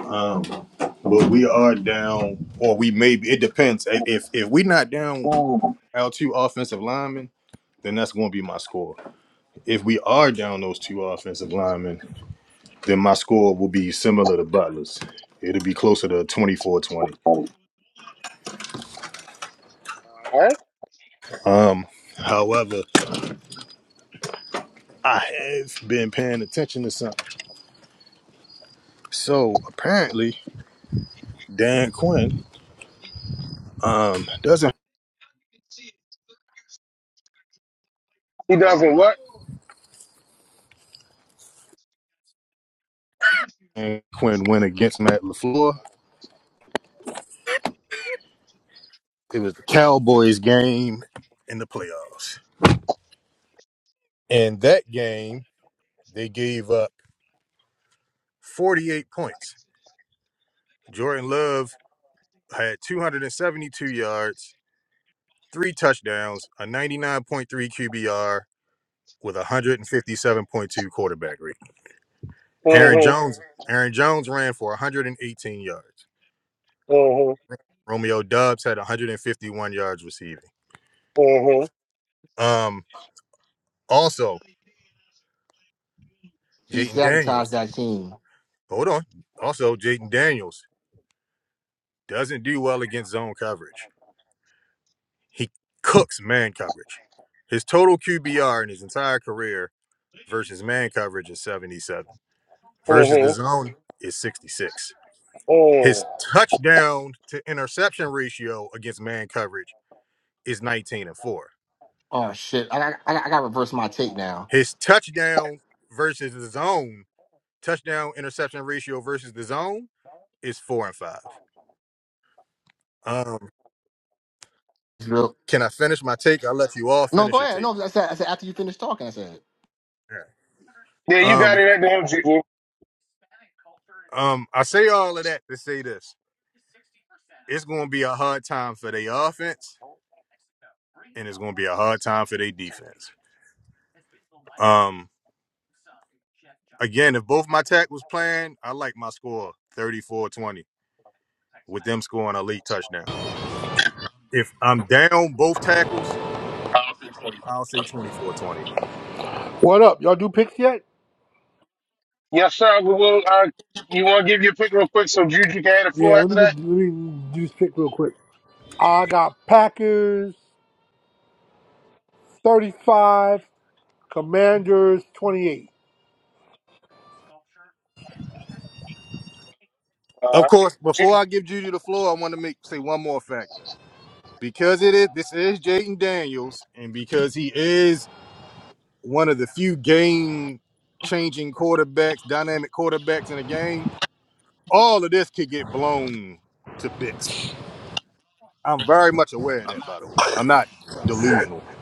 [SPEAKER 3] Um, but we are down, or we may be, it depends. If, if if we not down
[SPEAKER 1] Ooh. All
[SPEAKER 3] our two offensive linemen, then that's going to be my score. If we are down those two offensive linemen, then my score will be similar to Butler's. It'll be closer to 24 20.
[SPEAKER 1] right.
[SPEAKER 3] Um, however, I have been paying attention to something. So apparently, Dan Quinn um, doesn't
[SPEAKER 1] He doesn't
[SPEAKER 3] um,
[SPEAKER 1] what?
[SPEAKER 3] and Quinn went against Matt LaFleur. It was the Cowboys game in the playoffs. In that game, they gave up 48 points. Jordan Love had 272 yards, three touchdowns, a 99.3 QBR with a 157.2 quarterback rate. Aaron
[SPEAKER 1] Mm-hmm,
[SPEAKER 3] Jones, Aaron Jones ran for 118 yards.
[SPEAKER 1] mm-hmm,
[SPEAKER 3] Romeo Dubs had 151 yards receiving.
[SPEAKER 1] mm-hmm,
[SPEAKER 3] Um, also,
[SPEAKER 2] He
[SPEAKER 3] Jaden
[SPEAKER 2] sabotaged
[SPEAKER 3] Daniels
[SPEAKER 2] that team.
[SPEAKER 3] Hold on. Also, Jaden Daniels doesn't do well against zone coverage. He cooks man coverage. His total QBR in his entire career versus man coverage is 77. Versus the
[SPEAKER 1] mm-hmm,
[SPEAKER 3] zone is 66.
[SPEAKER 1] mm.
[SPEAKER 3] His touchdown to interception ratio against man coverage is 19 and 4.
[SPEAKER 2] Oh shit! I I, I, I gotta reverse my take now.
[SPEAKER 3] His touchdown versus the zone, touchdown interception ratio versus the zone is 4 and 5. Um,
[SPEAKER 2] It's real-
[SPEAKER 3] can I finish my take? I'll let you all
[SPEAKER 2] No,
[SPEAKER 3] finish
[SPEAKER 2] go
[SPEAKER 3] your
[SPEAKER 2] ahead.
[SPEAKER 3] take.
[SPEAKER 2] No, I said I said after you finish talking, I said
[SPEAKER 3] Yeah.
[SPEAKER 1] Yeah, you
[SPEAKER 3] Um,
[SPEAKER 1] got it at the end, Juju.
[SPEAKER 3] Um, I say all of that to say this. It's gonna be a hard time for their offense, and it's gonna be a hard time for their defense. Um, again, if both my tack was playing, I like my score thirty-four twenty with them scoring a late touchdown. If I'm down both tackles, I'll say twenty-four twenty.
[SPEAKER 10] What up? Y'all do picks yet?
[SPEAKER 1] Yes, sir. We will, uh, you want to give your pick real quick? Juju, can I have the
[SPEAKER 10] Yeah,
[SPEAKER 1] floor
[SPEAKER 10] let
[SPEAKER 1] after
[SPEAKER 10] me
[SPEAKER 1] that?
[SPEAKER 10] give, let me do this pick real quick. I got Packers 35, Commanders 28.
[SPEAKER 1] All
[SPEAKER 3] Of
[SPEAKER 1] right.
[SPEAKER 3] course,
[SPEAKER 1] Juju.
[SPEAKER 3] before I give Judy the floor, I want to make say one more factor. Because it is this is Jaden Daniels, and because he is one of the few game changing quarterbacks, dynamic quarterbacks in the game, all of this could get blown to bits. I'm very much aware of that, by the way. I'm not delusional.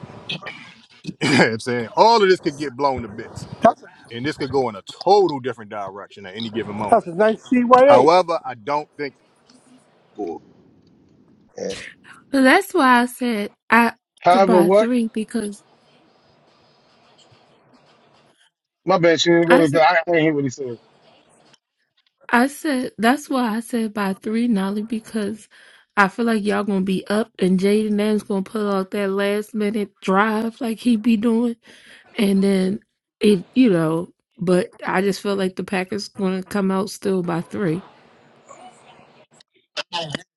[SPEAKER 3] You know what I'm saying all of this could get blown to bits.
[SPEAKER 10] That's a,
[SPEAKER 3] And this could go in a total different direction at any given
[SPEAKER 10] that's
[SPEAKER 3] moment.
[SPEAKER 10] a nice seed right A.
[SPEAKER 3] However, I don't think that
[SPEAKER 9] Yeah.
[SPEAKER 8] So that's why I said I th-
[SPEAKER 1] However,
[SPEAKER 8] by
[SPEAKER 1] what?
[SPEAKER 8] three because
[SPEAKER 1] My bad, she didn't go
[SPEAKER 8] I said.
[SPEAKER 1] because I, I didn't hear what he said.
[SPEAKER 8] I said that's why I said by three, Nolly, because I feel like y'all gonna be up and Jaden Name's gonna pull out that last minute drive like he be doing, and then it you know. But I just feel like the Packers gonna come out still by three.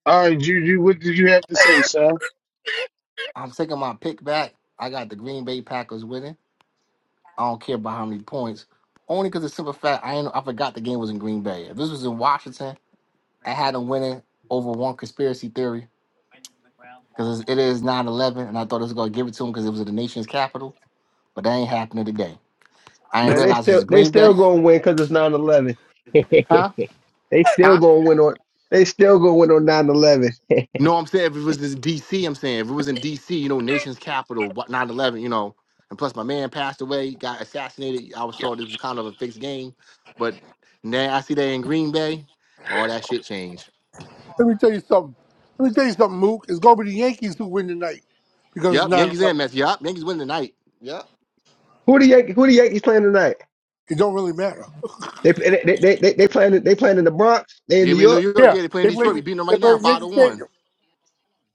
[SPEAKER 1] All right, Juju, what did you have to say, sir?
[SPEAKER 2] I'm taking my pick back. I got the Green Bay Packers winning. I don't care about how many points. Only because the simple fact I ain't, I forgot the game was in Green Bay. If this was in Washington, I had them winning over one conspiracy theory because it is nine eleven, and I thought it was gonna give it to them because it was in the nation's capital. But that ain't happening today. I didn't
[SPEAKER 9] Man, they
[SPEAKER 2] realize it was
[SPEAKER 9] still they
[SPEAKER 2] Green
[SPEAKER 9] still
[SPEAKER 2] Bay.
[SPEAKER 9] gonna win because it's nine eleven.
[SPEAKER 2] Huh?
[SPEAKER 9] They still
[SPEAKER 2] Huh?
[SPEAKER 9] gonna win on they still gonna win on nine eleven.
[SPEAKER 2] No, I'm saying if it was this DC, I'm saying if it was in DC, you know, nation's capital, what 9 11, you know, and plus my man passed away, got assassinated. I was thought this was kind of a fixed game. But now I see they in Green Bay, all that shit changed.
[SPEAKER 10] Let me tell you something. Let me tell you something, Mook. It's going to be the Yankees who win tonight because it's
[SPEAKER 2] Yep,
[SPEAKER 10] 9:11.
[SPEAKER 2] Yankees and Mets. Yep, Yankees win tonight. Yep.
[SPEAKER 9] Who the Yankees who the Yankees playing tonight?
[SPEAKER 10] It don't really matter.
[SPEAKER 9] They they they they, they playing they playing in the Bronx, they in
[SPEAKER 2] Yeah,
[SPEAKER 9] New
[SPEAKER 2] we in New
[SPEAKER 9] York.
[SPEAKER 2] York.
[SPEAKER 10] Yeah,
[SPEAKER 2] Yeah, they playing
[SPEAKER 10] they play,
[SPEAKER 2] Detroit. We beating them
[SPEAKER 10] they
[SPEAKER 2] right
[SPEAKER 10] play
[SPEAKER 2] now,
[SPEAKER 10] in
[SPEAKER 2] 5 to
[SPEAKER 10] Yankee
[SPEAKER 2] 1.
[SPEAKER 10] Stadium.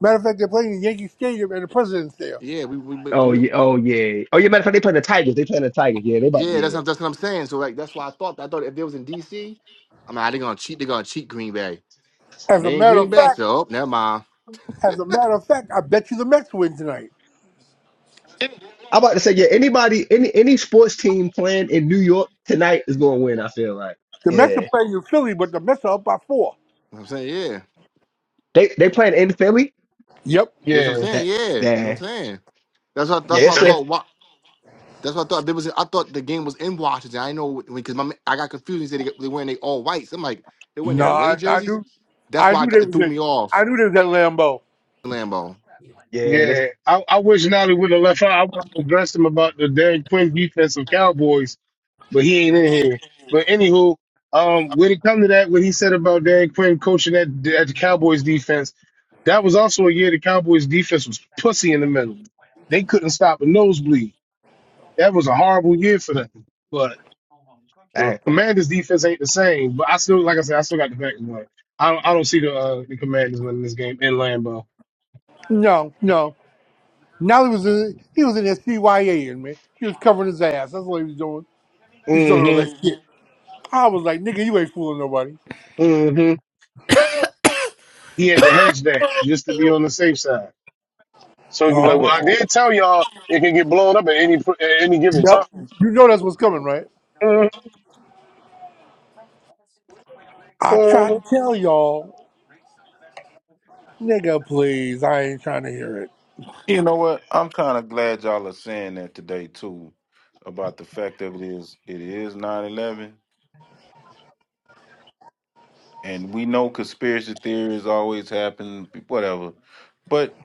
[SPEAKER 10] Matter of fact, they're playing in Yankee Stadium and the president's there.
[SPEAKER 2] Yeah, we, we, we,
[SPEAKER 9] Oh
[SPEAKER 2] we-
[SPEAKER 9] yeah, oh yeah. Oh yeah, matter of fact, they playing the Tigers. They playing the Tigers. Yeah, they about to
[SPEAKER 2] yeah, that's,
[SPEAKER 9] yeah.
[SPEAKER 2] what- that's what I'm saying. So, like, that's why I thought, I thought if it was in DC, I'm like, they're going to cheat, they're going to cheat Green Bay. When
[SPEAKER 10] As a
[SPEAKER 2] they in
[SPEAKER 10] matter
[SPEAKER 2] Green
[SPEAKER 10] of
[SPEAKER 2] Bay,
[SPEAKER 10] fact,
[SPEAKER 2] oh, never mind.
[SPEAKER 10] as a matter of fact, I bet you the Mets win tonight.
[SPEAKER 9] I'm about to say, yeah, anybody any any sports team playing in New York tonight is gonna win, I feel like.
[SPEAKER 10] The Mets are
[SPEAKER 9] Yeah.
[SPEAKER 10] playing in Philly, but the Mets are up by four.
[SPEAKER 2] You know what I'm saying, yeah.
[SPEAKER 9] They they playing in Philly?
[SPEAKER 10] Yep.
[SPEAKER 2] Yes, I'm
[SPEAKER 1] Yeah,
[SPEAKER 2] saying,
[SPEAKER 9] That
[SPEAKER 2] yeah. You know what I'm
[SPEAKER 9] damn.
[SPEAKER 2] saying? That's what
[SPEAKER 9] Yeah,
[SPEAKER 2] that's what
[SPEAKER 9] it's
[SPEAKER 2] I
[SPEAKER 9] a
[SPEAKER 2] thought. Wa- That's what I thought. It was, I thought the game was in Washington. I didn't know because my ma- I got confused. He said they, they wearing they all whites. I'm like, they wearing
[SPEAKER 10] No,
[SPEAKER 2] their away
[SPEAKER 10] I, I
[SPEAKER 2] jerseys.
[SPEAKER 10] knew,
[SPEAKER 2] That's
[SPEAKER 10] I
[SPEAKER 2] why I
[SPEAKER 10] knew they
[SPEAKER 2] got, it
[SPEAKER 10] was
[SPEAKER 2] threw
[SPEAKER 10] in,
[SPEAKER 2] me
[SPEAKER 10] I
[SPEAKER 2] off.
[SPEAKER 10] knew they was at Lambeau.
[SPEAKER 2] Lambo.
[SPEAKER 9] yeah, that's
[SPEAKER 1] yeah. I, I wish Nolly would have left out. I would have addressed him about the Derrick Quinn defense of Cowboys, but he ain't in here. But anywho, um, when it come to that, what he said about Derrick Quinn coaching at, at the Cowboys defense, that was also a year the Cowboys defense was pussy in the middle. They couldn't stop a nosebleed. That was a horrible year for them. But. The
[SPEAKER 9] dang.
[SPEAKER 1] Commanders defense ain't the same, but I still, like I said, I still got the Packers winning. I don't, I don't see the uh, the Commanders winning this game in Lambeau.
[SPEAKER 10] No, no. Now he was in, he was in that CYA in me. He was covering his ass. That's what he was doing. He's talking all
[SPEAKER 1] Mm-hmm.
[SPEAKER 10] that shit. I was like, nigga, you ain't fooling nobody.
[SPEAKER 1] Mm-hmm. He had to hedge that just to be on the safe side. So you be
[SPEAKER 9] I
[SPEAKER 1] like, well,
[SPEAKER 9] think.
[SPEAKER 10] Uh-huh.
[SPEAKER 1] I did tell y'all it can get blown up at any at any given time.
[SPEAKER 10] Yep. You know that's what's coming, right? I
[SPEAKER 1] Mhm.
[SPEAKER 10] tried to tell y'all, nigga, please. I ain't trying to hear it.
[SPEAKER 5] You know what? I'm kind of glad y'all are saying that today too, about the fact that it is it is nine eleven. and we know conspiracy theories always happen, whatever. But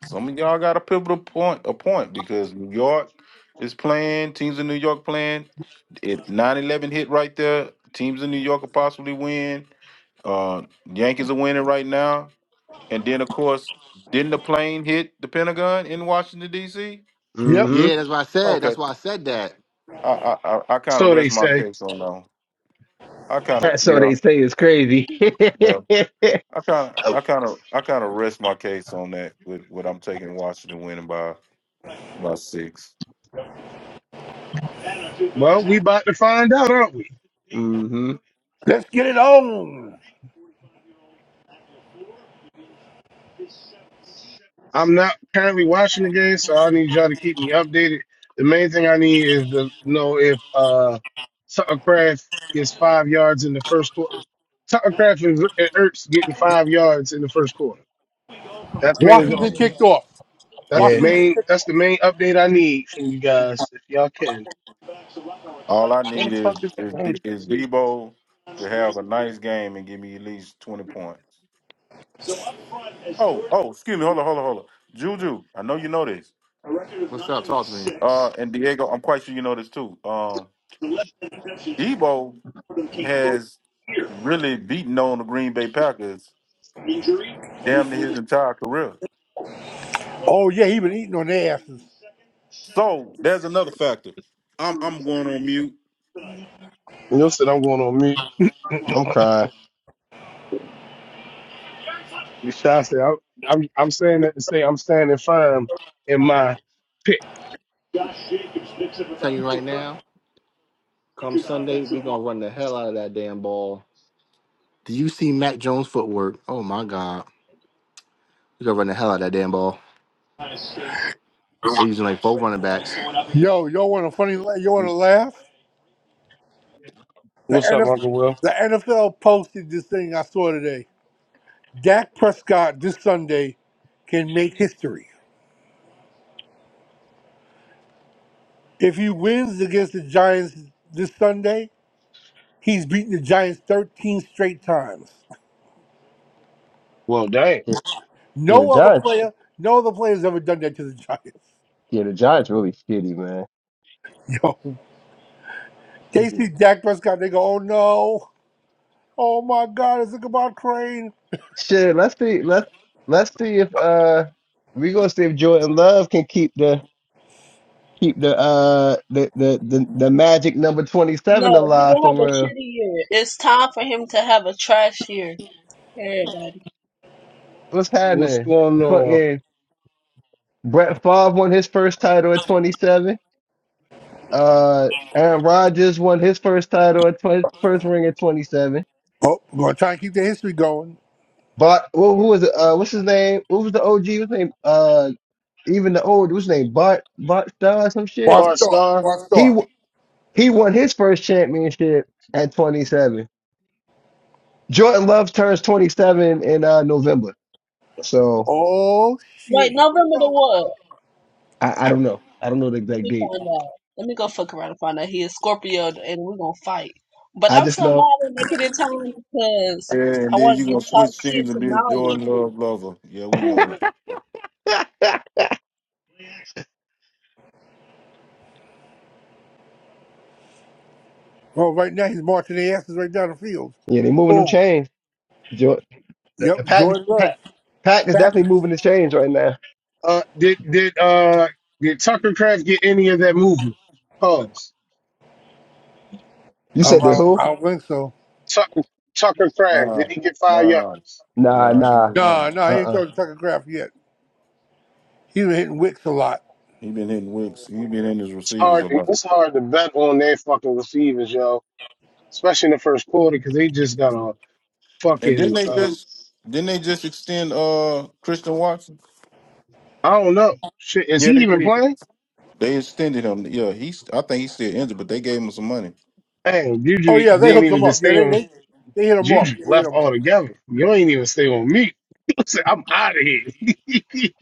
[SPEAKER 5] some of y'all got a pivotal point, a point because New York is playing, teams in New York playing. It nine eleven hit right there. Teams in New York could possibly win. Uh, Yankees are winning right now. And then of course, didn't the plane hit the Pentagon in Washington D.C.?
[SPEAKER 10] Yep.
[SPEAKER 9] mm-hmm.
[SPEAKER 2] Yeah, that's what I said. That's
[SPEAKER 5] Okay,
[SPEAKER 2] why I said
[SPEAKER 5] I
[SPEAKER 2] that.
[SPEAKER 5] I I, I kind of
[SPEAKER 1] So they
[SPEAKER 5] rest my
[SPEAKER 1] say.
[SPEAKER 5] case on that. one. I kind of
[SPEAKER 9] That's so
[SPEAKER 5] yeah
[SPEAKER 9] they say it's crazy.
[SPEAKER 5] yeah. I kind of, I kind of, I kind of rest my case on that with what I'm taking Washington winning by by six.
[SPEAKER 1] Well, we about to find out, aren't we?
[SPEAKER 9] hmm
[SPEAKER 10] Let's get it on.
[SPEAKER 1] I'm not currently watching the game, so I need y'all to keep me updated. The main thing I need is to know if uh, Tucker Craft is five yards in the first quarter. Tucker Craft and and Ertz getting five yards in the first quarter. That's mainly the-
[SPEAKER 10] Washington
[SPEAKER 5] And
[SPEAKER 10] kicked off.
[SPEAKER 1] that's the
[SPEAKER 9] Yeah,
[SPEAKER 10] Washington
[SPEAKER 1] main
[SPEAKER 10] kicked
[SPEAKER 1] that's the main update I need from you guys, if y'all can.
[SPEAKER 5] all I
[SPEAKER 1] Where the
[SPEAKER 5] need is
[SPEAKER 1] fuck is that?
[SPEAKER 5] is D-
[SPEAKER 1] Angel?
[SPEAKER 5] is Debo to have a nice game and give me at least twenty points. Oh, oh, excuse me, hold on, hold on, hold on. Juju, I know you know this.
[SPEAKER 2] What's up? Talk to me.
[SPEAKER 5] Uh, and Diego, I'm quite sure you know this too. Um, Debo has really beaten on the Green Bay Packers damn near his entire career.
[SPEAKER 10] off. Oh yeah, he been eating on their asses.
[SPEAKER 5] So there's another factor. I'm I'm going on mute,
[SPEAKER 1] Neil said I'm going on mute.
[SPEAKER 9] I'm crying.
[SPEAKER 1] Michelle said I'm I'm I'm saying that to say I'm standing firm in my pick.
[SPEAKER 2] Tell you right now. Come Sunday, we gonna run the hell out of that damn ball. Do you see Matt Jones' footwork? Oh my God, we gonna run the hell out of that damn ball. They're using like four running backs.
[SPEAKER 10] Yo, y'all want a funny? la- You want to laugh? The
[SPEAKER 1] What's up, Uncle Will?
[SPEAKER 10] NFL, the NFL posted this thing I saw today. Dak Prescott this Sunday can make history. If he wins against the Giants this Sunday, he's beaten the Giants 13 straight times.
[SPEAKER 1] Well, damn.
[SPEAKER 9] Yeah, yeah, the
[SPEAKER 10] No other
[SPEAKER 9] Giants.
[SPEAKER 10] player, no other player has ever done that to the Giants.
[SPEAKER 9] Yeah, the Giants really shitty, man.
[SPEAKER 10] Yo,
[SPEAKER 9] They
[SPEAKER 10] they
[SPEAKER 9] just-
[SPEAKER 10] see Dak Prescott, they go, oh no, oh my God, it's a goodbye train.
[SPEAKER 9] Shit, let's see. Let's let's see if uh we gonna see if Jordan Love can keep the keep the uh the the the, the magic number twenty
[SPEAKER 11] No,
[SPEAKER 9] seven
[SPEAKER 11] he
[SPEAKER 9] alive
[SPEAKER 11] gonna
[SPEAKER 9] for
[SPEAKER 11] have a
[SPEAKER 9] real.
[SPEAKER 11] shitty year. It's time for him to have a trash year. Hey, Everybody.
[SPEAKER 9] What's
[SPEAKER 1] What's
[SPEAKER 9] happening?
[SPEAKER 1] going on,
[SPEAKER 9] Fucking Brett Favre won his first title at twenty seven. Uh, Aaron Rodgers won his first title at twenty first ring at twenty seven.
[SPEAKER 10] Oh, we're going to try and keep the history going.
[SPEAKER 9] Bart, well, who was it? Uh, what's his name? What was the OG? What's his name? Uh, even the old, what's his name? Bart, Bart Starr, or some shit.
[SPEAKER 10] Bart
[SPEAKER 1] Bart
[SPEAKER 10] Starr,
[SPEAKER 1] Star?
[SPEAKER 10] Bart
[SPEAKER 9] He
[SPEAKER 10] Starr.
[SPEAKER 9] w- he won his first championship at 27. Jordan Love turns 27 in uh November, so
[SPEAKER 10] Oh shit,
[SPEAKER 11] Wait,
[SPEAKER 10] here we
[SPEAKER 11] November the
[SPEAKER 10] go.
[SPEAKER 11] what?
[SPEAKER 9] I, I don't know. I don't know the
[SPEAKER 11] Let
[SPEAKER 9] exact
[SPEAKER 11] me
[SPEAKER 9] date.
[SPEAKER 11] find out. Let me go fuck around and find out. He is Scorpio and we're gonna fight. But
[SPEAKER 9] I
[SPEAKER 11] I'm
[SPEAKER 9] just
[SPEAKER 11] so mad
[SPEAKER 9] know,
[SPEAKER 11] at making it time because
[SPEAKER 5] and
[SPEAKER 11] I
[SPEAKER 5] then
[SPEAKER 11] wanted
[SPEAKER 5] you
[SPEAKER 11] to
[SPEAKER 5] gonna
[SPEAKER 11] talk
[SPEAKER 5] switch scenes
[SPEAKER 11] shit
[SPEAKER 5] and
[SPEAKER 11] to
[SPEAKER 5] be a
[SPEAKER 11] Nolly.
[SPEAKER 5] Jordan Love lover. Yeah, we know.
[SPEAKER 10] Well, right now he's marching the asses right down the field.
[SPEAKER 9] yeah, they moving them
[SPEAKER 1] Oh,
[SPEAKER 9] chains. Jo- the, the
[SPEAKER 10] Yep,
[SPEAKER 9] pack,
[SPEAKER 10] Jordan
[SPEAKER 9] pack,
[SPEAKER 10] Love,
[SPEAKER 9] pack is
[SPEAKER 10] Packers.
[SPEAKER 9] definitely moving the chains right now.
[SPEAKER 1] uh, did did uh did Tucker Craft get any of that movement? Pause.
[SPEAKER 9] You
[SPEAKER 10] Um,
[SPEAKER 9] said
[SPEAKER 10] I
[SPEAKER 9] they
[SPEAKER 10] don't, I
[SPEAKER 9] who?
[SPEAKER 10] don't think so.
[SPEAKER 1] Tucker Tucker Craft
[SPEAKER 5] Nah,
[SPEAKER 1] did he get fired? up?
[SPEAKER 5] nah,
[SPEAKER 9] Nah,
[SPEAKER 5] nah. He
[SPEAKER 9] nah,
[SPEAKER 5] been
[SPEAKER 10] Nah,
[SPEAKER 5] nothing.
[SPEAKER 10] nah,
[SPEAKER 9] uh,
[SPEAKER 10] he ain't
[SPEAKER 9] uh-uh. uh.
[SPEAKER 10] going to Tucker Craft yet. He's been hitting wicks a lot.
[SPEAKER 5] He been hitting wicks. He been in his
[SPEAKER 1] It's
[SPEAKER 5] receivers
[SPEAKER 1] hard.
[SPEAKER 5] a lot.
[SPEAKER 1] It's hard to bet on their fucking receivers, yo. Especially in the first quarter because they just got a
[SPEAKER 5] And didn't
[SPEAKER 1] fucking.
[SPEAKER 5] they
[SPEAKER 1] Uh,
[SPEAKER 5] just didn't they just extend uh Christian Watson?
[SPEAKER 1] I don't know. Shit, is
[SPEAKER 5] Yeah,
[SPEAKER 1] he
[SPEAKER 5] they
[SPEAKER 1] even
[SPEAKER 5] did.
[SPEAKER 1] playing?
[SPEAKER 5] They extended him. Yeah, he's. I think he's still injured, but they gave him some money.
[SPEAKER 1] Damn,
[SPEAKER 10] Oh
[SPEAKER 1] Juju
[SPEAKER 10] yeah, they
[SPEAKER 1] didn't
[SPEAKER 10] hooked
[SPEAKER 1] even
[SPEAKER 10] him up.
[SPEAKER 1] just
[SPEAKER 10] Yeah,
[SPEAKER 1] stay
[SPEAKER 10] they
[SPEAKER 1] on.
[SPEAKER 10] they, they hit him off.
[SPEAKER 1] Juju
[SPEAKER 10] Yeah, they hit
[SPEAKER 1] left
[SPEAKER 10] him off.
[SPEAKER 1] altogether. You ain't even stay on me. Say, I'm out of here.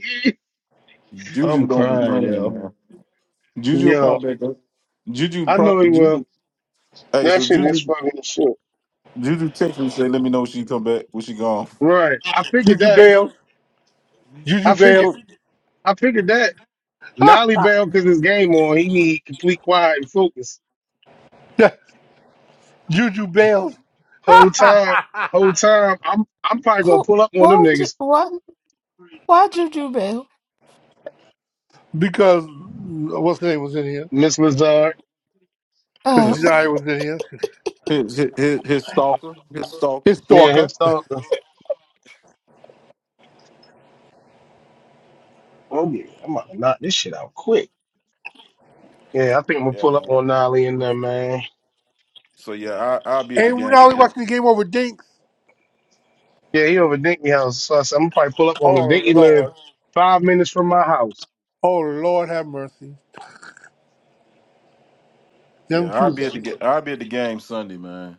[SPEAKER 9] i
[SPEAKER 5] Juju
[SPEAKER 9] am
[SPEAKER 5] don't be
[SPEAKER 9] crying,
[SPEAKER 5] playing,
[SPEAKER 9] yo.
[SPEAKER 5] man. Juju will
[SPEAKER 1] yo,
[SPEAKER 5] pop back up. Juju
[SPEAKER 1] I know
[SPEAKER 5] prop.
[SPEAKER 1] he will.
[SPEAKER 5] Juju. Hey,
[SPEAKER 1] That
[SPEAKER 5] so
[SPEAKER 1] shit is
[SPEAKER 5] Juju.
[SPEAKER 1] fucking shit.
[SPEAKER 5] Juju texted me say, "Let me know when she come back. When she gone."
[SPEAKER 1] Right. I figured
[SPEAKER 10] Juju
[SPEAKER 1] that
[SPEAKER 10] Bales, Juju
[SPEAKER 1] I figured
[SPEAKER 10] Bales,
[SPEAKER 1] I figured that Nolly Bell cause his game on, he need complete quiet and focus.
[SPEAKER 10] Juju Bales,
[SPEAKER 1] Whole time whole time I'm I'm probably gonna pull up on them niggas.
[SPEAKER 10] because what's his name was in here?
[SPEAKER 1] Miss Lazard.
[SPEAKER 10] Because
[SPEAKER 8] Oh, oh,
[SPEAKER 5] His
[SPEAKER 10] Janai was in here.
[SPEAKER 5] his his, his his stalker, his stalker.
[SPEAKER 10] His
[SPEAKER 1] Yeah,
[SPEAKER 10] stalker.
[SPEAKER 1] his stalker. Oh yeah, I'm about to knock this shit out quick. Yeah, I think I'm gonna
[SPEAKER 5] Yeah,
[SPEAKER 1] pull up
[SPEAKER 5] man.
[SPEAKER 1] on Nolly in there, man.
[SPEAKER 5] So yeah, I I'll be at the
[SPEAKER 10] And
[SPEAKER 5] game.
[SPEAKER 10] now we watching the game over Dinks.
[SPEAKER 1] Yeah, he over Dinky house. So I said, I'm gonna probably pull up on
[SPEAKER 10] Oh
[SPEAKER 1] him. Dinky live
[SPEAKER 10] Lord,
[SPEAKER 1] five minutes from my house.
[SPEAKER 10] oh Lord, have mercy. Them
[SPEAKER 5] Yeah, I'll
[SPEAKER 10] two.
[SPEAKER 5] be at the game. I'll be at the game Sunday, man.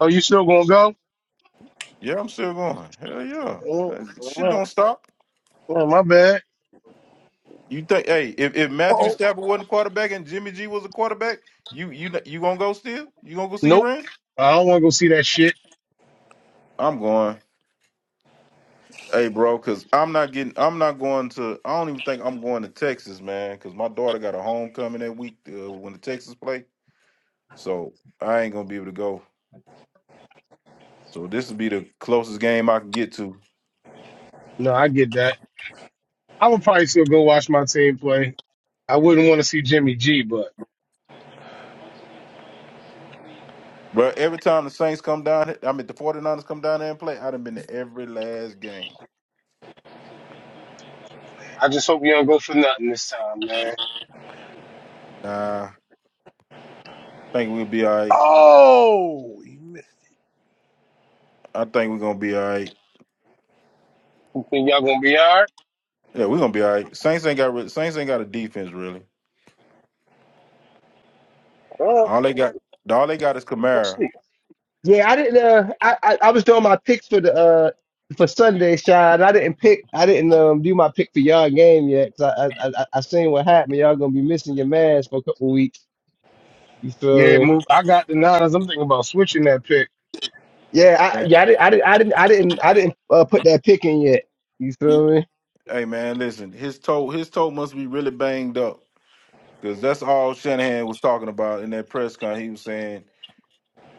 [SPEAKER 1] Oh, you still gonna go?
[SPEAKER 5] Yeah, I'm still going. Hell yeah,
[SPEAKER 1] Oh,
[SPEAKER 5] Uh, shit
[SPEAKER 1] oh,
[SPEAKER 5] don't stop.
[SPEAKER 1] oh, my bad.
[SPEAKER 5] You think? Hey, if, if
[SPEAKER 10] Oh,
[SPEAKER 5] Matthew Stafford wasn't quarterback and Jimmy G was a quarterback, you you you gonna go still? You gonna go see your
[SPEAKER 1] Nope.
[SPEAKER 5] ring?
[SPEAKER 1] I don't wanna go see that shit.
[SPEAKER 5] I'm going. Hey, bro, cause I'm not getting. I'm not going to. I don't even think I'm going to Texas, man, cause my daughter got a homecoming that week uh, when the Texas play. So I ain't gonna be able to go. So this will be the closest game I can get to.
[SPEAKER 1] No, I get that. I would probably still go watch my team play. I wouldn't want to see Jimmy G, but
[SPEAKER 5] But every time the Saints come down, he- I mean the 49ers come down there and play, I'd have been to every last game.
[SPEAKER 1] I just hope you don't go for nothing this time, man.
[SPEAKER 5] Nah, I think we'll be all right.
[SPEAKER 10] Oh, he missed.
[SPEAKER 5] I think we're gonna be all right.
[SPEAKER 1] You think y'all gonna be all right?
[SPEAKER 5] Yeah, we're gonna be all right. Saints ain't got re- Saints ain't got a defense really.
[SPEAKER 1] Well,
[SPEAKER 5] All they got, all they got is
[SPEAKER 1] let's
[SPEAKER 5] Kamara.
[SPEAKER 1] see.
[SPEAKER 9] Yeah, I didn't. Uh, I, I I was doing my picks for the uh for Sunday, Shad. I didn't pick. I didn't um do my pick for y'all game yet. 'cause I, I I I seen what happened. Y'all gonna be missing your mans for a couple weeks. You feel
[SPEAKER 1] Yeah,
[SPEAKER 9] me?
[SPEAKER 1] move. I got the Niners. I'm thinking about switching that pick.
[SPEAKER 9] Yeah, I
[SPEAKER 5] Man,
[SPEAKER 9] yeah I didn't I didn't I didn't I didn't, I didn't uh, put that pick in yet. You feel me?
[SPEAKER 5] hey man, listen, his toe, his toe must be really banged up because that's all Shanahan was talking about in that press con. He was saying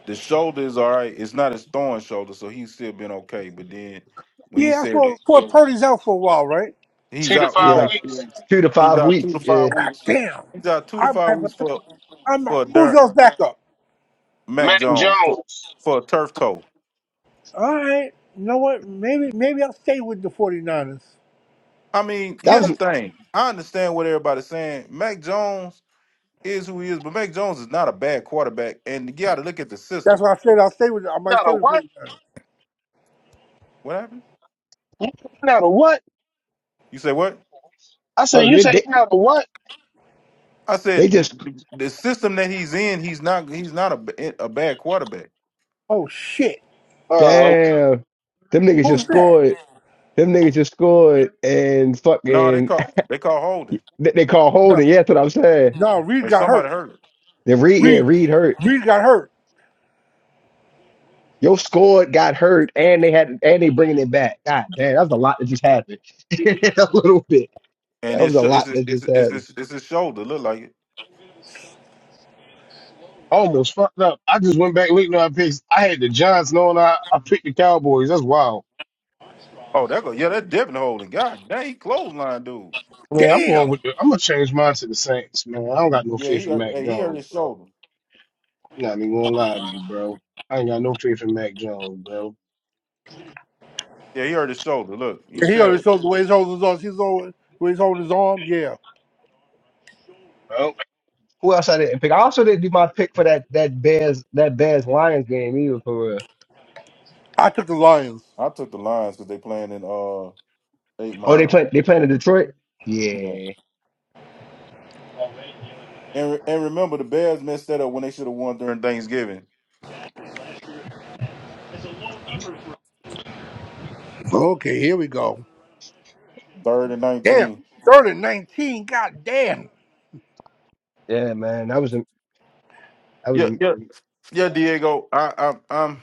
[SPEAKER 5] The shoulder is all right. It's not his throwing shoulder, so he's still been okay. But then when he
[SPEAKER 10] Yeah, I
[SPEAKER 5] said
[SPEAKER 10] saw Fort Purdy's out for a while, right?
[SPEAKER 5] he's
[SPEAKER 1] Two to
[SPEAKER 5] out, he's
[SPEAKER 9] Yeah,
[SPEAKER 1] five
[SPEAKER 9] like
[SPEAKER 5] out,
[SPEAKER 1] weeks.
[SPEAKER 9] two to
[SPEAKER 5] he's
[SPEAKER 9] five
[SPEAKER 5] out two
[SPEAKER 9] weeks.
[SPEAKER 5] to five
[SPEAKER 9] Yeah,
[SPEAKER 10] God
[SPEAKER 5] weeks.
[SPEAKER 10] damn.
[SPEAKER 5] He's out two to
[SPEAKER 10] I might
[SPEAKER 5] five
[SPEAKER 10] have. a,
[SPEAKER 5] weeks for
[SPEAKER 10] I'm.
[SPEAKER 5] for a
[SPEAKER 10] Who's
[SPEAKER 5] dirt
[SPEAKER 10] else back up?
[SPEAKER 5] Mac
[SPEAKER 1] Mac
[SPEAKER 5] Jones for
[SPEAKER 1] Jones.
[SPEAKER 5] for a turf toe.
[SPEAKER 10] All right. You know what? Maybe maybe I'll stay with the 49ers.
[SPEAKER 5] I mean,
[SPEAKER 9] that
[SPEAKER 5] here's
[SPEAKER 9] was.
[SPEAKER 5] the thing. I understand what everybody's saying. Mac Jones is who he is, but Mac Jones is not a bad quarterback. And you got to look at the
[SPEAKER 10] That's
[SPEAKER 5] system.
[SPEAKER 10] what I said. I'll stay with. I might
[SPEAKER 1] Not a
[SPEAKER 10] stay with the
[SPEAKER 1] what?
[SPEAKER 10] 49ers.
[SPEAKER 5] What happened?
[SPEAKER 1] You Not a what?
[SPEAKER 5] You say what?
[SPEAKER 1] I said
[SPEAKER 9] Hold on,
[SPEAKER 1] you
[SPEAKER 9] they,
[SPEAKER 1] said
[SPEAKER 9] they
[SPEAKER 1] you not a what?
[SPEAKER 5] I
[SPEAKER 9] they
[SPEAKER 5] said the,
[SPEAKER 9] just
[SPEAKER 5] the system that he's in. He's not. He's not a, b- a bad quarterback.
[SPEAKER 10] Oh shit.
[SPEAKER 1] Oh, okay.
[SPEAKER 9] damn them niggas just
[SPEAKER 10] Who's that?
[SPEAKER 9] scored. Them niggas just scored and
[SPEAKER 5] No, they
[SPEAKER 9] fucking
[SPEAKER 5] call they call holding,
[SPEAKER 9] they, they call
[SPEAKER 10] No,
[SPEAKER 9] holding. Yeah, that's what I'm saying.
[SPEAKER 10] no. Reed
[SPEAKER 5] and
[SPEAKER 10] got
[SPEAKER 5] somebody
[SPEAKER 10] hurt.
[SPEAKER 5] hurt,
[SPEAKER 9] Then Reed, yeah,
[SPEAKER 10] Reed.
[SPEAKER 9] Reed hurt.
[SPEAKER 10] Reed got hurt.
[SPEAKER 9] Your score got hurt, and they had, and they bringing it back. God damn, that was a lot that just happened. a little bit.
[SPEAKER 5] and
[SPEAKER 9] That
[SPEAKER 5] his
[SPEAKER 9] was a
[SPEAKER 5] sho- it's
[SPEAKER 9] lot
[SPEAKER 5] his
[SPEAKER 9] that
[SPEAKER 5] it's,
[SPEAKER 9] just
[SPEAKER 5] it's
[SPEAKER 9] happened.
[SPEAKER 5] his it's his shoulder look like it.
[SPEAKER 1] almost fucked up. I just went back looking at my picks. I had the Giants knowing I, I picked the Cowboys. That's wild.
[SPEAKER 5] Oh, that go yeah, that definitely holding. God dang, he clothesline dude.
[SPEAKER 1] Man, I'm
[SPEAKER 10] Damn.
[SPEAKER 1] going with the. I'm gonna change mine to the Saints, man. I don't got no
[SPEAKER 5] Yeah,
[SPEAKER 1] faith
[SPEAKER 5] he
[SPEAKER 1] in
[SPEAKER 5] hurt,
[SPEAKER 1] Mac
[SPEAKER 5] hey, he hurt
[SPEAKER 1] Jones,
[SPEAKER 5] his
[SPEAKER 1] bro.
[SPEAKER 5] shoulder.
[SPEAKER 1] You Not even gonna lie to you, bro. I ain't got no faith in Mac Jones, bro.
[SPEAKER 5] Yeah, he hurt his shoulder. Look, you
[SPEAKER 10] Yeah,
[SPEAKER 5] can
[SPEAKER 10] he always
[SPEAKER 5] tell.
[SPEAKER 10] showed the way he's holding his arms. He's always the way he's holding his arm. Yeah.
[SPEAKER 1] Well,
[SPEAKER 9] Who else I didn't pick? I also didn't do my pick for that that Bears that Bears Lions game either. For real.
[SPEAKER 10] I took the Lions.
[SPEAKER 5] I took the lines because they playing in uh eight
[SPEAKER 9] Oh, they
[SPEAKER 5] mile.
[SPEAKER 9] play they playing in Detroit.
[SPEAKER 5] Yeah,
[SPEAKER 9] Yeah,
[SPEAKER 5] and re- and remember the Bears messed that up when they should have won during Thanksgiving,
[SPEAKER 10] Okay. Here we go.
[SPEAKER 5] third and
[SPEAKER 10] Damn.
[SPEAKER 5] nineteen.
[SPEAKER 10] Third and 19. God damn.
[SPEAKER 9] yeah, man. That was a that was
[SPEAKER 5] Yeah,
[SPEAKER 9] a. I'm
[SPEAKER 5] yeah, yeah, Diego. I I I'm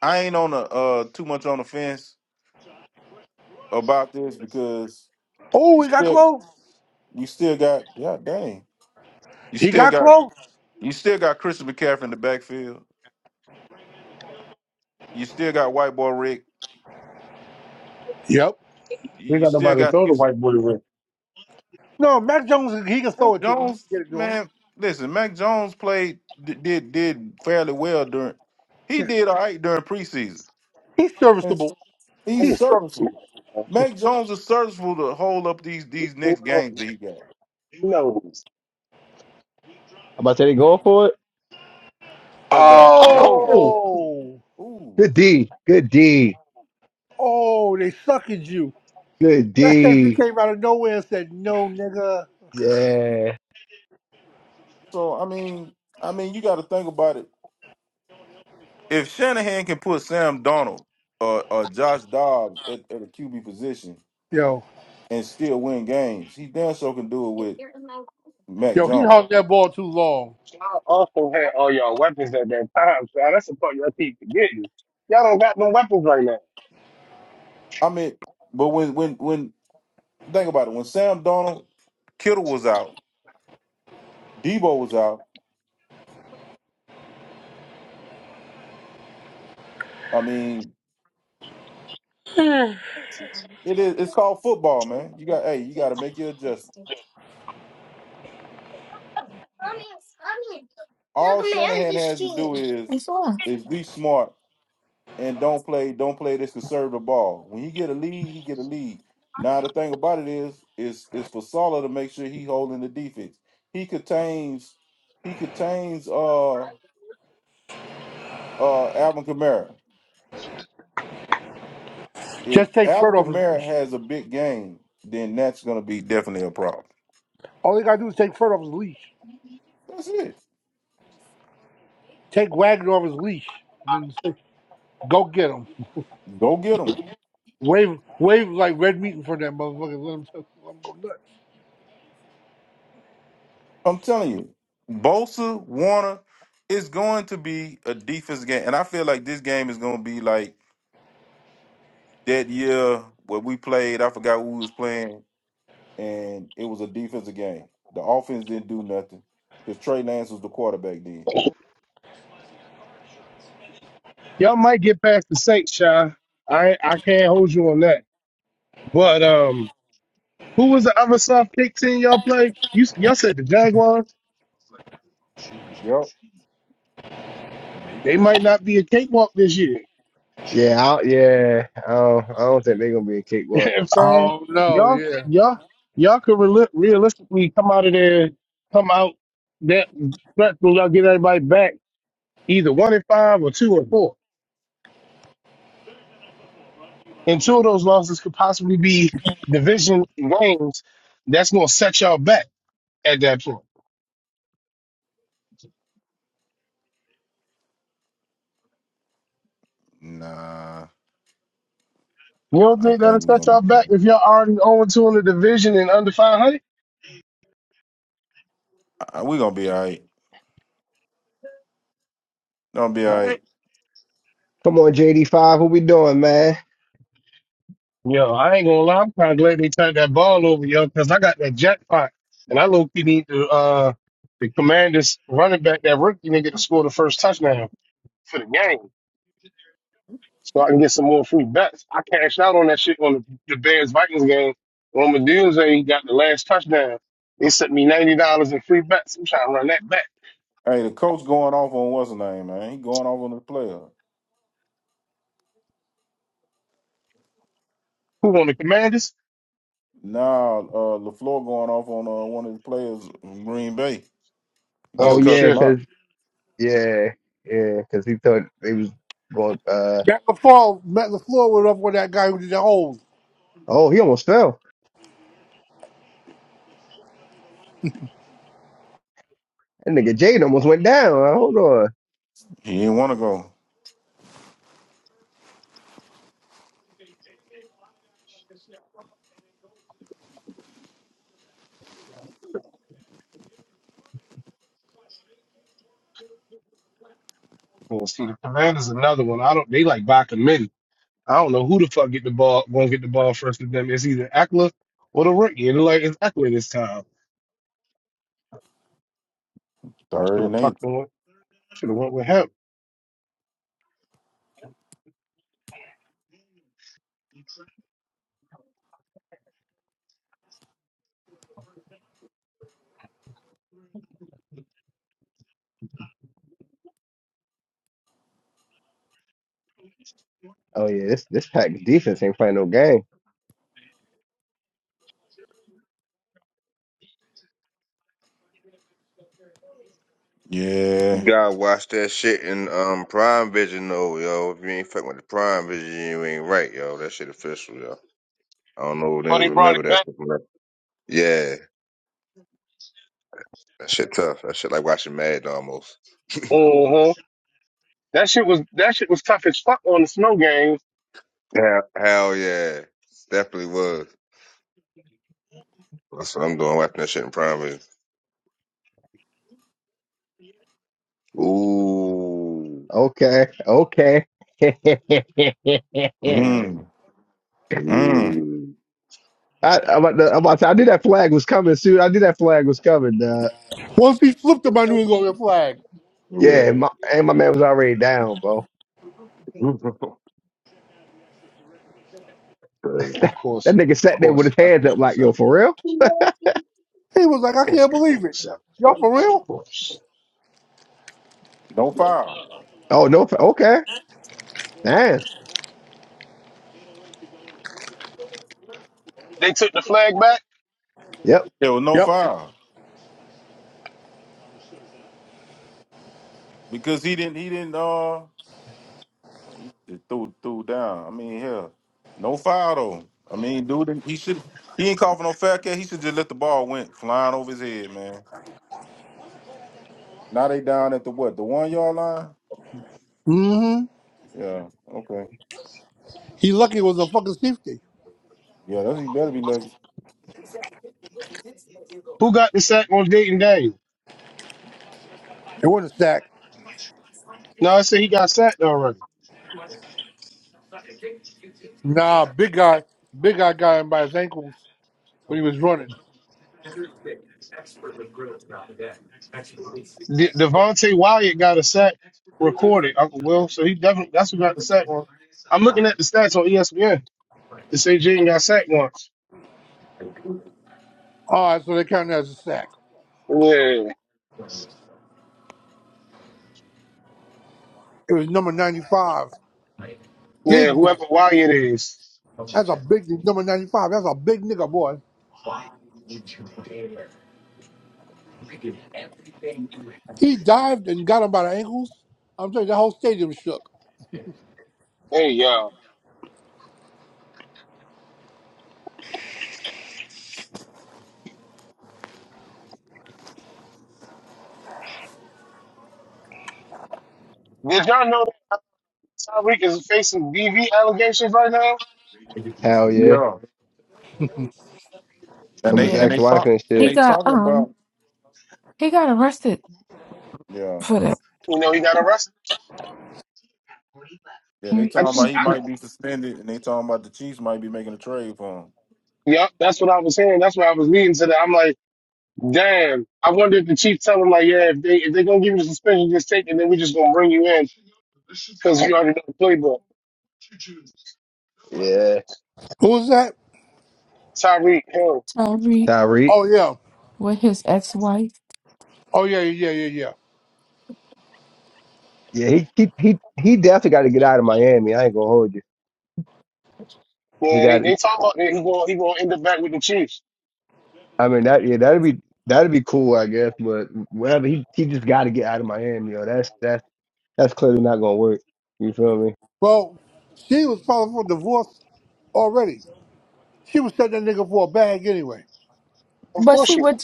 [SPEAKER 5] I ain't on the uh too much on the fence about this because you
[SPEAKER 10] Oh, he got
[SPEAKER 5] still
[SPEAKER 10] close.
[SPEAKER 5] you still got yeah dang you
[SPEAKER 10] He
[SPEAKER 5] still
[SPEAKER 10] got
[SPEAKER 5] got
[SPEAKER 10] close.
[SPEAKER 5] you still got Christian McCaffrey in the backfield. You still got White Boy Rick.
[SPEAKER 10] Yep.
[SPEAKER 5] You you still
[SPEAKER 1] But if-
[SPEAKER 5] got you,
[SPEAKER 1] I
[SPEAKER 10] No, Mac Jones, he can
[SPEAKER 5] Mac
[SPEAKER 10] throw it to him. He can
[SPEAKER 5] Jones.
[SPEAKER 10] get it to him.
[SPEAKER 5] Man, listen, Mac Jones played d- did did fairly well during. He
[SPEAKER 10] Yeah.
[SPEAKER 5] did all right during preseason.
[SPEAKER 10] He's
[SPEAKER 5] And
[SPEAKER 10] serviceable.
[SPEAKER 5] He's
[SPEAKER 10] He's
[SPEAKER 1] was facing
[SPEAKER 10] serviceable.
[SPEAKER 5] serviceable.
[SPEAKER 1] that, bro.
[SPEAKER 5] Mac Jones is serviceable to hold up these these
[SPEAKER 1] Who
[SPEAKER 5] next
[SPEAKER 1] knows?
[SPEAKER 5] games that he got
[SPEAKER 1] Who knows?
[SPEAKER 9] about to say they going for it.
[SPEAKER 5] touchdown No,
[SPEAKER 9] Oh,
[SPEAKER 10] Oh.
[SPEAKER 5] ooh.
[SPEAKER 9] good D, good D,
[SPEAKER 10] Oh, they suckered you.
[SPEAKER 9] good
[SPEAKER 10] That safety
[SPEAKER 9] D.
[SPEAKER 10] came out of nowhere and said, no, nigga.
[SPEAKER 9] Yeah.
[SPEAKER 5] So I mean, I mean, you got to think about it if Shanahan can put Sam Donald or, or Josh Dobbs at, at a QB position
[SPEAKER 10] Yo.
[SPEAKER 5] and still win games, he damn sure can do it with Mac
[SPEAKER 10] Yo, he
[SPEAKER 5] Jones.
[SPEAKER 10] hung that ball too long.
[SPEAKER 1] Y'all also had all y'all weapons at that time, so that's the part y'all keep forgetting. Y'all don't got no weapons right now.
[SPEAKER 5] I mean, but when when when think about it, when Sam Donald, Kittle was out, Debo was out. I mean, it is it's called football, man. You got hey, you got to make your adjustments. All Shanahan has to do is is be smart and don't play don't play this conservative ball. When he get a lead, he get a lead. Now the thing about it is is is for Salah to make sure he holding the defense. He contains he contains uh uh Alvin Kamara. If
[SPEAKER 10] Just take
[SPEAKER 5] Alvin
[SPEAKER 10] Fred off his
[SPEAKER 5] Kamara
[SPEAKER 10] leash.
[SPEAKER 5] has a big game, then that's gonna be definitely a problem.
[SPEAKER 10] All he got to do is take Fred off his leash.
[SPEAKER 5] That's it.
[SPEAKER 10] Take Wagner off his leash. And then just go get him.
[SPEAKER 5] Go get him.
[SPEAKER 10] Wave, wave like red meat in front of that motherfucker. Let him, touch- let him go nuts.
[SPEAKER 5] I'm telling you, Bosa Warner is going to be a defense game, and I feel like this game is gonna be like that year where we played. I forgot who we was playing and it was a defensive game. The offense didn't do nothing because Trey Lance was the quarterback then.
[SPEAKER 1] Y'all might get past the Saints, Shy. I I can't hold you on that. But um, who was the other soft kick team y'all play? You y'all said the Jaguars.
[SPEAKER 5] Yep.
[SPEAKER 1] They might not be a cakewalk this year.
[SPEAKER 9] Yeah, I, yeah. I don't, I don't think they're gonna be a
[SPEAKER 1] You
[SPEAKER 9] cakewalk.
[SPEAKER 1] know what I'm saying?
[SPEAKER 10] Oh no,
[SPEAKER 1] Y'all,
[SPEAKER 10] yeah.
[SPEAKER 1] y'all, y'all could reali- realistically come out of there, come out that threatful, y'all get everybody back either one and five or two and four. And two of those losses could possibly be division games that's going to set y'all back at that point.
[SPEAKER 5] Nah,
[SPEAKER 1] You don't
[SPEAKER 5] I
[SPEAKER 1] think that'll
[SPEAKER 5] think
[SPEAKER 1] set
[SPEAKER 5] we're
[SPEAKER 1] y'all
[SPEAKER 5] gonna
[SPEAKER 1] back if y'all already 0 and 2 in the division and under 500?
[SPEAKER 5] I- we gonna be all right. Gonna be all right.
[SPEAKER 9] Come on, JD5, what we doing, man?
[SPEAKER 1] Yo, I ain't gonna lie. I'm kind of glad they turned that ball over, yo, because I got that jackpot, and I low key need the uh the Commanders running back that rookie nigga to score the first touchdown for the game, so I can get some more free bets. I cashed out on that shit on the, the Bears Vikings game. On Meduse got the last touchdown. They sent me ninety dollars in free bets. I'm trying to run that back.
[SPEAKER 5] Hey, the coach going off on what's his name, man? He going off on the player.
[SPEAKER 1] Who on the Commanders?
[SPEAKER 5] Now, uh, Lafleur going off on uh, one of the players from Green Bay.
[SPEAKER 9] Oh
[SPEAKER 5] Just
[SPEAKER 1] Oh
[SPEAKER 5] cussed
[SPEAKER 9] yeah,
[SPEAKER 5] him
[SPEAKER 1] shit!
[SPEAKER 9] cause
[SPEAKER 5] out.
[SPEAKER 9] yeah, yeah, cause he thought they was going. Uh
[SPEAKER 10] Matt LaFleur, Matt LaFleur went up with that guy who did the hold.
[SPEAKER 9] oh, he almost fell. That nigga Jade almost went down. Uh, Hold on.
[SPEAKER 5] He didn't want to go
[SPEAKER 1] Well, see, the Commanders another one. I don't. They like by committee. I don't know who the fuck get the ball gonna get the ball first with them. It's either Ackler or the rookie. And it like it's Ackler this time. I
[SPEAKER 5] third
[SPEAKER 1] should have
[SPEAKER 5] and eight.
[SPEAKER 1] fucking went should have went with him.
[SPEAKER 9] Oh yeah, this this pack defense ain't playing no game.
[SPEAKER 7] You
[SPEAKER 5] Yeah.
[SPEAKER 7] gotta watch that shit in um Prime Vision though, yo. If you ain't fucking with the Prime Vision, you ain't right, yo. That shit official, yo. I don't know if
[SPEAKER 1] But
[SPEAKER 7] niggas
[SPEAKER 1] he brought
[SPEAKER 7] remember
[SPEAKER 1] it back.
[SPEAKER 7] that shit from that. Yeah, that shit tough. That shit like watching Mad almost.
[SPEAKER 1] Uh-huh. That shit was that shit was tough as fuck on the snow games.
[SPEAKER 7] Yeah, hell yeah, definitely was. That's what I'm doing, watching that shit in prime. Video. Ooh,
[SPEAKER 9] Okay, okay.
[SPEAKER 1] Yeah,
[SPEAKER 5] Mm. Mm.
[SPEAKER 7] ooh,
[SPEAKER 9] I, I'm about to, I'm about to, I knew that flag was coming soon. I knew that flag was coming. Uh,
[SPEAKER 10] Once he flipped him, I knew he was going to get flagged.
[SPEAKER 9] yeah, and my,
[SPEAKER 7] yeah.
[SPEAKER 9] and my man was already down, bro.
[SPEAKER 7] Crazy.
[SPEAKER 1] of
[SPEAKER 9] That
[SPEAKER 1] course.
[SPEAKER 9] nigga
[SPEAKER 1] Of
[SPEAKER 9] sat there with
[SPEAKER 1] course
[SPEAKER 9] his hands
[SPEAKER 1] Ackler
[SPEAKER 9] up, like,
[SPEAKER 1] gets
[SPEAKER 9] yo,
[SPEAKER 1] out. Yeah,
[SPEAKER 9] for real?
[SPEAKER 1] Of
[SPEAKER 10] He was like, I
[SPEAKER 1] course
[SPEAKER 10] can't
[SPEAKER 1] Ackler
[SPEAKER 10] believe it.
[SPEAKER 1] gets out.
[SPEAKER 10] Y'all for
[SPEAKER 1] Of
[SPEAKER 10] real?
[SPEAKER 1] course.
[SPEAKER 5] No foul.
[SPEAKER 9] Oh no, okay, damn,
[SPEAKER 1] They took the flag back.
[SPEAKER 9] yep,
[SPEAKER 5] There was no
[SPEAKER 10] Yep.
[SPEAKER 5] foul because he didn't. He didn't. Uh. He just threw threw down. I mean, hell, no foul though. I mean, dude, he should he ain't called for no foul cat. He should just let the ball went flying over his head, man. Now they down at the what? The one yard line?
[SPEAKER 10] Mm-hmm.
[SPEAKER 5] Yeah. Okay.
[SPEAKER 10] He lucky it was a fucking safety.
[SPEAKER 5] Yeah, that's he better be lucky.
[SPEAKER 10] It wasn't a sack. Nah, big guy, big guy got him by his ankles when he was running.
[SPEAKER 1] De- Devontae Wyatt got a sack recorded, Uncle Will. So he definitely that's who got the sack one. I'm looking at the stats on ESPN. It say Jaden got sacked once.
[SPEAKER 10] All right, so they counted as a sack.
[SPEAKER 1] Yeah.
[SPEAKER 10] It was number 95.
[SPEAKER 1] Yeah,
[SPEAKER 10] Big nigga.
[SPEAKER 1] whoever Wyatt is.
[SPEAKER 10] That's a big nigga. Number 95. That's a big nigga, boy. He dived and got him by the ankles. I'm telling you, the whole stadium shook.
[SPEAKER 1] Hey, yo. Did y'all know that Tyreek is facing DV allegations right now?
[SPEAKER 9] hell yeah.
[SPEAKER 5] Yeah. And
[SPEAKER 9] from his
[SPEAKER 5] they and
[SPEAKER 8] yeah.
[SPEAKER 5] they
[SPEAKER 9] ex-wife
[SPEAKER 5] talk
[SPEAKER 9] and
[SPEAKER 5] and
[SPEAKER 8] He
[SPEAKER 9] shit.
[SPEAKER 5] they
[SPEAKER 8] got
[SPEAKER 5] talking
[SPEAKER 8] um
[SPEAKER 5] about
[SPEAKER 8] he got arrested
[SPEAKER 5] yeah
[SPEAKER 8] for that.
[SPEAKER 1] You know, he got arrested.
[SPEAKER 5] yeah they
[SPEAKER 8] Mm,
[SPEAKER 1] I
[SPEAKER 5] talking
[SPEAKER 1] just,
[SPEAKER 5] about
[SPEAKER 8] mm,
[SPEAKER 5] he
[SPEAKER 1] I,
[SPEAKER 5] might be suspended and they talking about the Chiefs might be making a trade for
[SPEAKER 1] yep, that's what I was hearing. That's what I was reading today. I'm like, damn. I wonder if the chief tell him, like, yeah, if they if they gonna give you the suspension, just take it, then we just gonna bring you in because you already know the playbook.
[SPEAKER 9] Yeah,
[SPEAKER 10] Who was that?
[SPEAKER 1] Tyreek Hill.
[SPEAKER 8] Tyreek
[SPEAKER 9] Tyreek.
[SPEAKER 10] Oh yeah.
[SPEAKER 8] with his ex-wife.
[SPEAKER 10] Oh yeah, yeah, yeah, yeah.
[SPEAKER 9] Yeah, he he he he definitely got to get out of Miami. I ain't gonna hold you.
[SPEAKER 8] Right.
[SPEAKER 9] He
[SPEAKER 1] Yeah, they,
[SPEAKER 9] got.
[SPEAKER 1] they talk about that he gonna he gonna end up back with the Chiefs.
[SPEAKER 9] I mean that. Yeah, that'd be that'd be cool, I guess. But whatever. He he just got to get out of Miami. Yo, that's that's that's clearly not gonna work. You feel me?
[SPEAKER 10] Well, she was filing for divorce already. She was setting that nigga for a bag anyway.
[SPEAKER 1] Of
[SPEAKER 8] But
[SPEAKER 1] course
[SPEAKER 8] see
[SPEAKER 1] you.
[SPEAKER 8] what?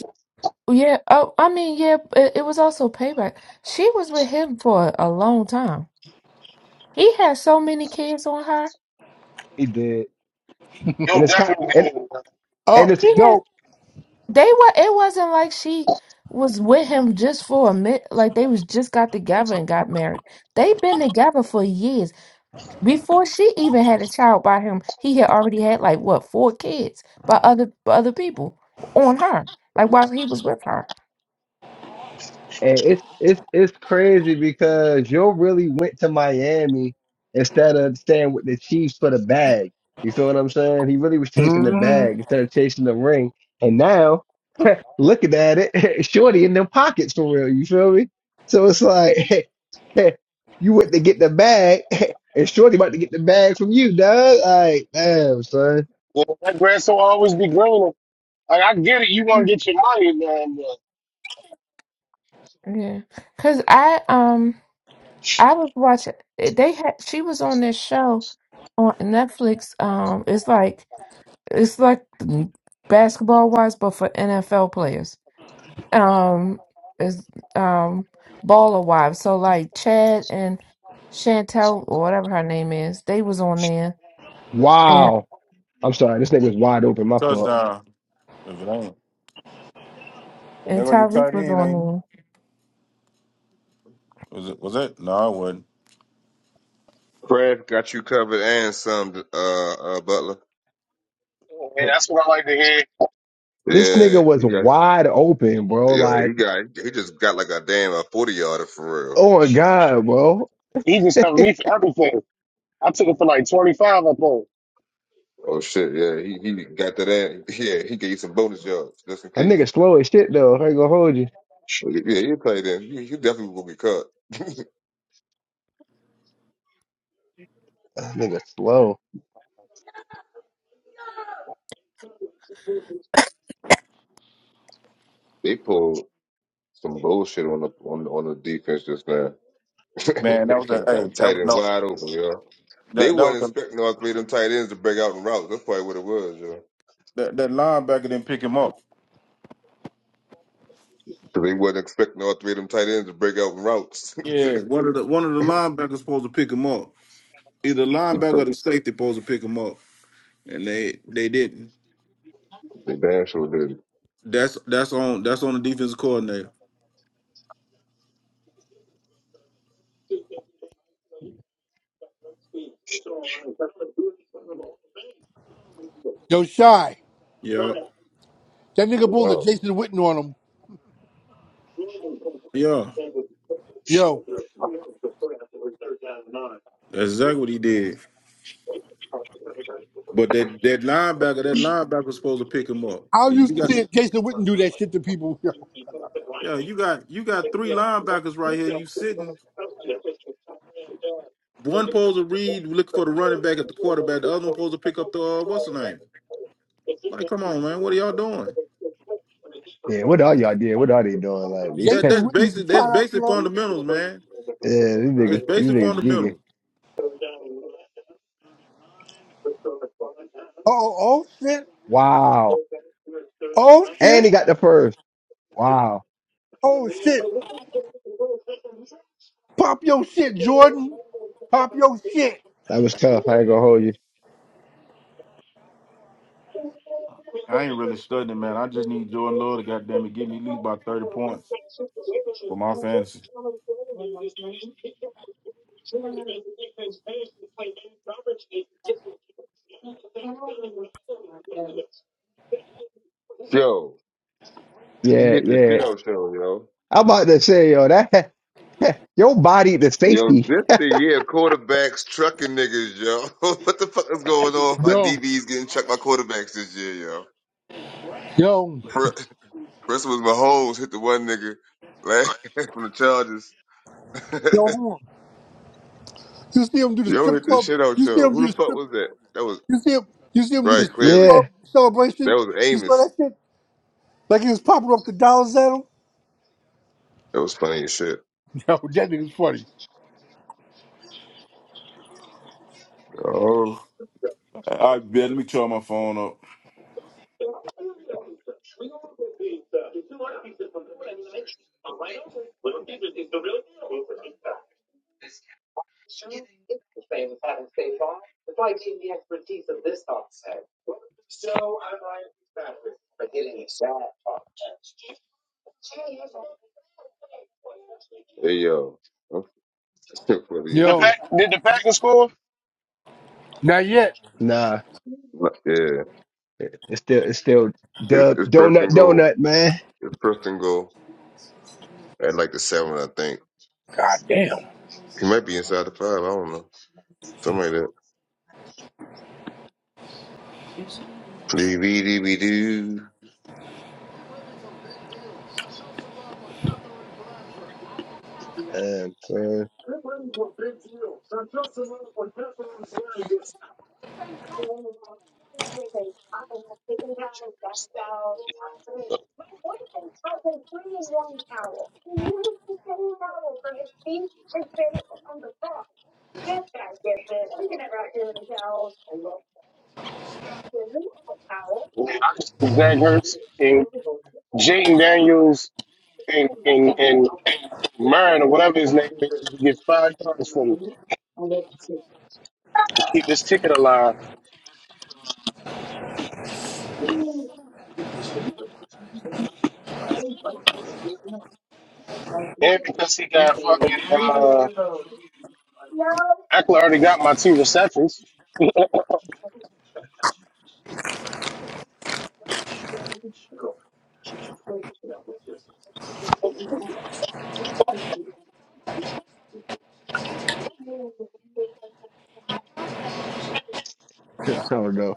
[SPEAKER 8] Yeah. Oh, I mean, yeah. It, it was also payback. She was with him for a long time. He had so many kids on her.
[SPEAKER 9] He did, and
[SPEAKER 1] You'll
[SPEAKER 9] it's kind
[SPEAKER 1] definitely
[SPEAKER 9] and.
[SPEAKER 1] do it.
[SPEAKER 10] Oh,
[SPEAKER 9] And it's
[SPEAKER 8] He had.
[SPEAKER 10] yo.
[SPEAKER 8] They were. It wasn't like she was with him just for a minute. Like they was just got together and got married. They've been together for years. Before she even had a child by him, he had already had like what four kids by other by other people on her, like while he was with her.
[SPEAKER 9] And it's it's it's crazy because you really went to Miami instead of staying with the Chiefs for the bag. You feel what I'm saying? He really was chasing the
[SPEAKER 10] Mhm.
[SPEAKER 9] bag instead of chasing the ring. And now, looking at it, Shorty in their pockets for real. You feel me? So it's like you went to get the bag, and Shorty about to get the bag from you, dog. Like, damn, son.
[SPEAKER 1] Yeah, that grass will always be greener. Like I get it, you want to get your money, man.
[SPEAKER 8] Yeah, cause I um I was watching. They had she was on this show on Netflix. Um, it's like it's like basketball wives, but for NFL players. Um, is um baller wives. So like Chad and Chantel or whatever her name is, they was on there, and
[SPEAKER 9] Wow. I'm sorry. This nigga was
[SPEAKER 5] him.
[SPEAKER 9] wide open. My fault.
[SPEAKER 5] Touchdown if it ain't. And they
[SPEAKER 8] and
[SPEAKER 5] gonna get
[SPEAKER 8] Tyreek
[SPEAKER 5] tight
[SPEAKER 8] was
[SPEAKER 5] end
[SPEAKER 8] on
[SPEAKER 5] ain't.
[SPEAKER 8] there.
[SPEAKER 5] it? Was it? Was it? No, it wasn't.
[SPEAKER 7] Craig got you covered and some, uh, uh Butler.
[SPEAKER 1] Yeah, that's what I like to hear.
[SPEAKER 9] This
[SPEAKER 7] yeah,
[SPEAKER 9] nigga
[SPEAKER 7] he
[SPEAKER 9] was
[SPEAKER 7] got,
[SPEAKER 9] wide open, bro.
[SPEAKER 7] yeah,
[SPEAKER 9] Like.
[SPEAKER 7] he got, he just got like a damn a forty yarder for real.
[SPEAKER 9] Oh my God, bro.
[SPEAKER 1] He just covered me for everything. I took it for like 25 up on.
[SPEAKER 7] Oh shit, yeah, he he got that. ass- Yeah, he gave you some bonus yards just in
[SPEAKER 9] That
[SPEAKER 7] case.
[SPEAKER 9] nigga slow as shit though. I ain't gonna hold you.
[SPEAKER 7] Well, Yeah, he played in. He, he definitely will be cut.
[SPEAKER 9] That nigga slow.
[SPEAKER 7] They pulled some bullshit on the on on the defense just now.
[SPEAKER 5] Man, that was a hey.
[SPEAKER 7] Got
[SPEAKER 5] That
[SPEAKER 7] tight
[SPEAKER 5] was
[SPEAKER 7] end
[SPEAKER 5] no.
[SPEAKER 7] wide open, yo. They
[SPEAKER 5] That that
[SPEAKER 7] wasn't
[SPEAKER 5] was a
[SPEAKER 7] expecting all three of them tight ends to break out in routes. That's probably what it was, yo.
[SPEAKER 5] that, that linebacker didn't pick him up.
[SPEAKER 7] 'Cause they wasn't expecting all three of them tight ends to break out in routes.
[SPEAKER 5] Yeah, one of the one of the linebackers supposed to pick him up. Either
[SPEAKER 7] They
[SPEAKER 5] linebacker or
[SPEAKER 7] so
[SPEAKER 5] the safety supposed to pick him up, and they they didn't.
[SPEAKER 7] they damn sure did.
[SPEAKER 5] That's that's on that's on the defensive coordinator.
[SPEAKER 10] Yo, shy.
[SPEAKER 5] Yeah,
[SPEAKER 10] That nigga pulled a
[SPEAKER 7] Wow.
[SPEAKER 10] Jason Witten on him.
[SPEAKER 5] yeah,
[SPEAKER 10] Yo.
[SPEAKER 5] that's exactly what he did. But that that linebacker that linebacker was supposed to pick him up.
[SPEAKER 10] I
[SPEAKER 5] And you
[SPEAKER 10] used to
[SPEAKER 5] got
[SPEAKER 10] see Jason Witten do that shit to people. Yo.
[SPEAKER 5] yeah, you got you got three linebackers right here. You sitting one supposed to read looking for the running back at the quarterback. The other one supposed to pick up the uh, what's the name? Like, come on, man, what are y'all doing?
[SPEAKER 9] Yeah, what are y'all doing? What are they doing? Like these
[SPEAKER 5] That
[SPEAKER 9] yeah,
[SPEAKER 10] Jason
[SPEAKER 5] that's
[SPEAKER 10] Witten used to
[SPEAKER 5] basic. That's
[SPEAKER 10] try out there.
[SPEAKER 5] basic
[SPEAKER 10] Oh,
[SPEAKER 5] fundamentals, man.
[SPEAKER 9] these
[SPEAKER 5] That's
[SPEAKER 9] niggas these
[SPEAKER 5] basic
[SPEAKER 9] niggas geeking.
[SPEAKER 5] fundamentals.
[SPEAKER 10] oh, oh shit.
[SPEAKER 9] Wow.
[SPEAKER 10] Oh
[SPEAKER 9] And
[SPEAKER 10] shit.
[SPEAKER 9] he got the first. Wow.
[SPEAKER 10] Oh shit. Pop your shit, Jordan. Pop your shit.
[SPEAKER 9] That was tough. I ain't gonna hold you.
[SPEAKER 5] I ain't really studying, man. I just need Jordan Love to goddamn it give me at least about thirty points for my fantasy.
[SPEAKER 7] Yo, he
[SPEAKER 9] Yeah,
[SPEAKER 7] hit the
[SPEAKER 9] yeah.
[SPEAKER 7] shit out show, yo.
[SPEAKER 9] I'm about to say, yo, that your body the
[SPEAKER 7] Yo,
[SPEAKER 9] safety.
[SPEAKER 7] this the year quarterbacks trucking niggas, yo. what the fuck is going on? My
[SPEAKER 10] Yo,
[SPEAKER 7] DBs getting trucked by quarterbacks this year, yo.
[SPEAKER 10] yo,
[SPEAKER 7] Christmas Mahomes hit the one nigga last from the Chargers.
[SPEAKER 10] yo, hold on. You see him do the
[SPEAKER 7] Yo
[SPEAKER 10] strip
[SPEAKER 7] hit the
[SPEAKER 10] club?
[SPEAKER 7] shit out
[SPEAKER 10] You see
[SPEAKER 7] yo.
[SPEAKER 10] him
[SPEAKER 7] Who
[SPEAKER 10] do the
[SPEAKER 7] the fuck
[SPEAKER 10] strip?
[SPEAKER 7] was that? That was
[SPEAKER 10] You see him? You see him do the
[SPEAKER 7] right,
[SPEAKER 10] strip
[SPEAKER 7] clearly.
[SPEAKER 10] club
[SPEAKER 9] Yeah.
[SPEAKER 10] celebration?
[SPEAKER 7] That was
[SPEAKER 10] You saw that
[SPEAKER 7] Amos.
[SPEAKER 10] shit? Like he was popping off the dollars at him?
[SPEAKER 7] That was funny as shit.
[SPEAKER 10] Yo, that nigga's funny.
[SPEAKER 5] Oh, I bet. Let me turn my phone up.
[SPEAKER 7] Hey yo. I'm funny
[SPEAKER 1] The
[SPEAKER 7] as shit.
[SPEAKER 10] Yo,
[SPEAKER 1] pack, did the Packers score?
[SPEAKER 10] not yet.
[SPEAKER 9] Nah.
[SPEAKER 7] Yeah.
[SPEAKER 9] It's still it's still
[SPEAKER 7] It's
[SPEAKER 9] dub
[SPEAKER 7] it's first
[SPEAKER 9] donut
[SPEAKER 7] and goal.
[SPEAKER 9] donut, man.
[SPEAKER 7] It's first and goal. At like the seven, I think.
[SPEAKER 10] God damn.
[SPEAKER 7] He might be inside the five, I don't know. Something like that. DVD
[SPEAKER 9] Um, so,
[SPEAKER 1] Yeah, I just Zach Hurts and Jaden Daniels and, and, and Murray or whatever his name is to get five yards from me and keep this ticket alive. And because he got fucking, uh, Eckler already got my two receptions.
[SPEAKER 9] I don't know.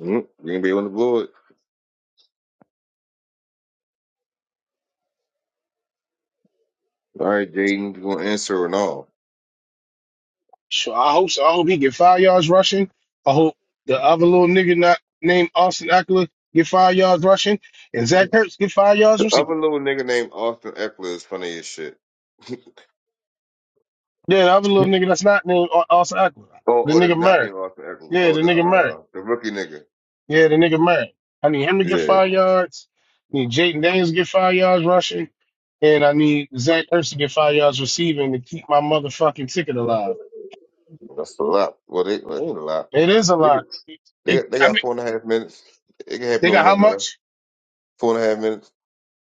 [SPEAKER 7] Mm, you gonna be able to blow it. All right, Jaden, you gonna answer or no?
[SPEAKER 1] Sure, I hope so. I hope he get five yards rushing. I hope the other little nigga not named Austin Eckler get five yards rushing, and Zach Ertz get five yards receiving.
[SPEAKER 7] Other little nigga named Austin Eckler is funny as shit.
[SPEAKER 1] Yeah, the other little nigga that's not named Au- Austin Eckler,
[SPEAKER 7] Oh,
[SPEAKER 1] the
[SPEAKER 7] oh,
[SPEAKER 1] nigga
[SPEAKER 7] that's not
[SPEAKER 1] Murray.
[SPEAKER 7] named Austin Eckler.
[SPEAKER 1] Yeah,
[SPEAKER 7] Oh,
[SPEAKER 1] the
[SPEAKER 7] the
[SPEAKER 1] nigga Murray.
[SPEAKER 7] uh, the rookie nigga.
[SPEAKER 1] Yeah, the nigga Murray. I need him to get
[SPEAKER 7] Yeah,
[SPEAKER 1] five yards. I need Jaden Daniels to get five yards rushing, and I need Zach Ertz to get five yards receiving to keep my motherfucking ticket alive.
[SPEAKER 7] that's a lot. Well, they well, ain't a lot.
[SPEAKER 1] It is
[SPEAKER 7] This
[SPEAKER 1] a
[SPEAKER 7] nigga,
[SPEAKER 1] lot.
[SPEAKER 7] they
[SPEAKER 1] It,
[SPEAKER 7] they
[SPEAKER 1] I
[SPEAKER 7] got
[SPEAKER 1] mean,
[SPEAKER 7] four and a half minutes. It can happen
[SPEAKER 1] they
[SPEAKER 7] on
[SPEAKER 1] got
[SPEAKER 7] one
[SPEAKER 1] how
[SPEAKER 7] drive.
[SPEAKER 1] much?
[SPEAKER 7] Four and a half minutes.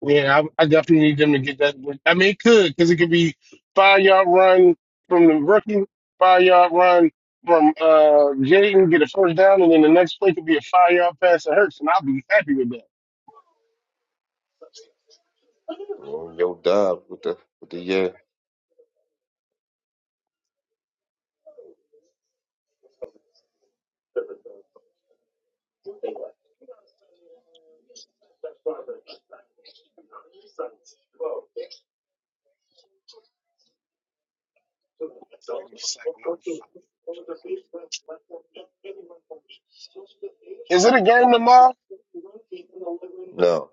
[SPEAKER 1] Yeah, I, I definitely need them to get that. I mean, it could because it could be five yard run from the rookie, five yard run from uh Jaden, get a first down, and then the next play could be a five yard pass to Hurts, and I'll be happy with that.
[SPEAKER 7] Oh, Yo, Dobbs with the with the yeah.
[SPEAKER 1] Is all?
[SPEAKER 7] No,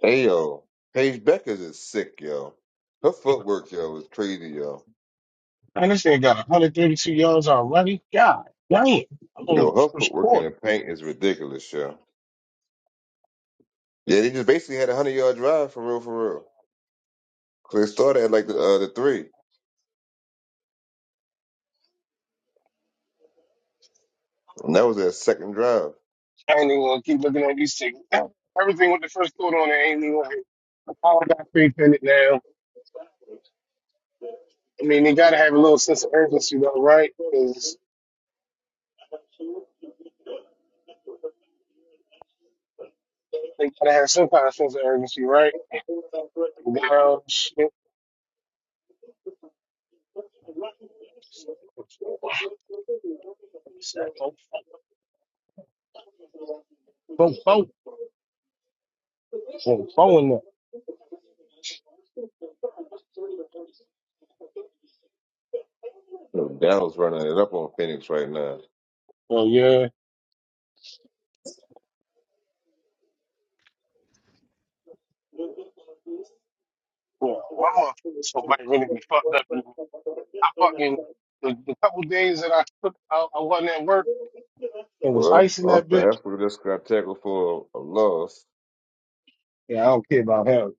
[SPEAKER 7] hey yo, Paige Beckers is sick, yo. Her footwork, yo, is crazy, yo.
[SPEAKER 1] And this thing got 132 yards already. God damn! I'm only
[SPEAKER 7] Yo,
[SPEAKER 1] the
[SPEAKER 7] her
[SPEAKER 1] first
[SPEAKER 7] footwork in
[SPEAKER 1] quarter.
[SPEAKER 7] the paint is ridiculous, yo. Yeah, they just basically had a hundred yard drive for real, for real. 'Cause they started at like the uh, the three. And that was their second drive.
[SPEAKER 1] I ain't even gonna keep looking at these things. Everything with the first quarter on it ain't even like I got three pennant now. I mean, they gotta have a little sense of urgency though, right? They gotta have some kind of sense of urgency, right? And Down shit. So, Bo, bo.
[SPEAKER 7] So Dallas running it up on Phoenix right now.
[SPEAKER 1] yeah, my motherfucker so might really be fucked up. I fucking the, the couple days that I took, I, I wasn't at work and was
[SPEAKER 7] Well,
[SPEAKER 1] icing that
[SPEAKER 7] Austin
[SPEAKER 1] bitch.
[SPEAKER 7] Eckler just got tackled for a loss.
[SPEAKER 1] Yeah, I don't care about him.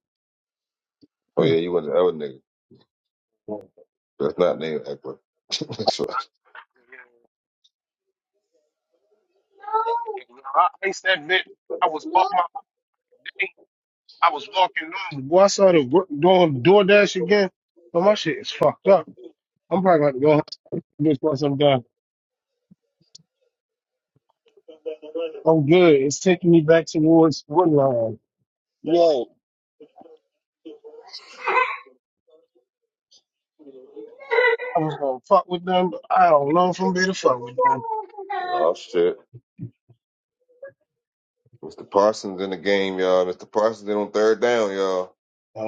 [SPEAKER 7] Oh yeah, you went to the other nigga. That's not named Eckler. That's right.
[SPEAKER 1] Yeah, and when I iced that bitch. I was off my feet. I was walking normal. Boy, I started wor- doing DoorDash again. But my shit is fucked up. I'm probably gonna have to go home once I'm done. I'm good. It's taking me back towards Woodline. I was gonna fuck with them, but I don't know if I'm gonna be to fuck with them.
[SPEAKER 7] oh shit. Mr. Parsons in the game, y'all. Mr. Parsons in on third down, y'all.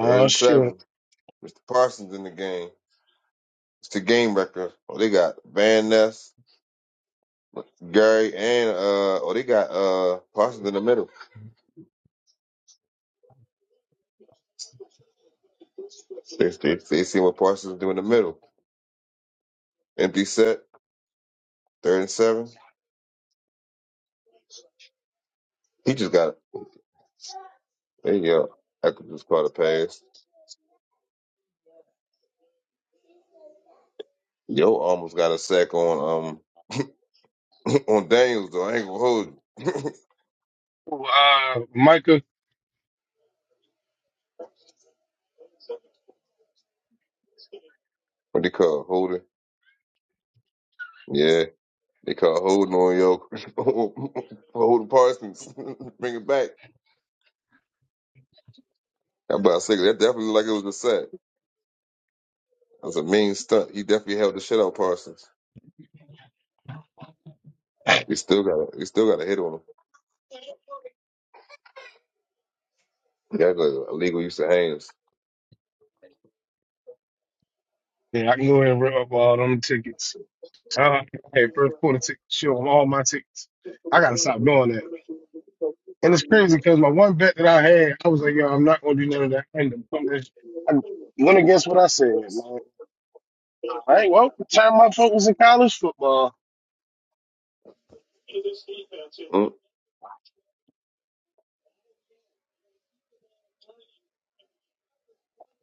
[SPEAKER 7] Third and
[SPEAKER 1] shit.
[SPEAKER 7] seven. Mr. Parsons in the game. It's the game record. Oh, they got Van Ness, Gary, and uh oh they got uh Parsons in the middle. They, they, they see what Parsons do in the middle. Empty set, third and seven. He just got there you go. I could just caught a pass. Yo almost got a sack on um on Daniels though. I ain't gonna hold you.
[SPEAKER 1] Ooh, Uh, Micah,
[SPEAKER 7] what they call it? holding? Yeah, they call holding on yo holding Parsons. Bring it back. I'm about to say that definitely looked like it was a sack. That was a mean stunt. He definitely held the shit out of Parsons. He still got a, he still got a hit on him. That's like illegal use of hands.
[SPEAKER 1] yeah, I had tickets. I gotta stop doing that. And it's crazy because my one bet that I had, I was like, yo, I'm not gonna do none of that. I ended I went against what I said, man. All right, well, turn my focus in college football.
[SPEAKER 7] Mm.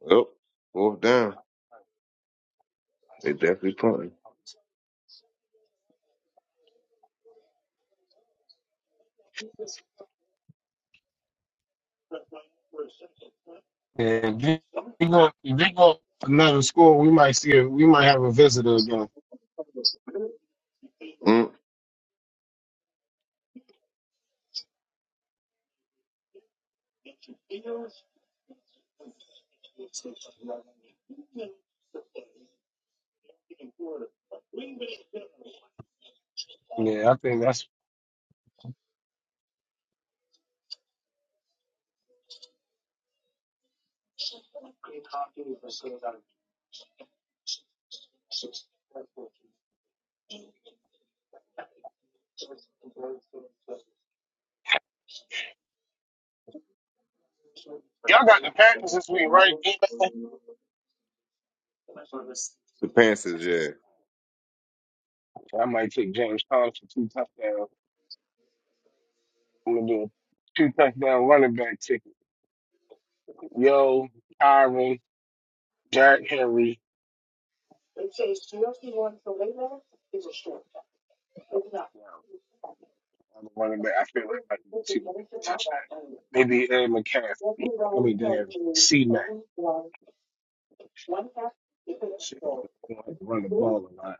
[SPEAKER 7] Yep. Fourth down. They definitely punting.
[SPEAKER 1] And if they go, if they go another school, we might see, a, we might have a visitor again.
[SPEAKER 7] Mm.
[SPEAKER 1] Yeah, I think that's. Y'all got the Packers this week, right?
[SPEAKER 7] The Panthers, yeah.
[SPEAKER 1] I might take James Thompson two touchdowns. I'm gonna do it. Tick- Yo, Kyron, Derrick Henry, I'm running back. I feel like might be the two touchdown. Maybe Ed McCaff. I mean, damn, C Mac. Shit, I'm gonna have to run the ball a lot.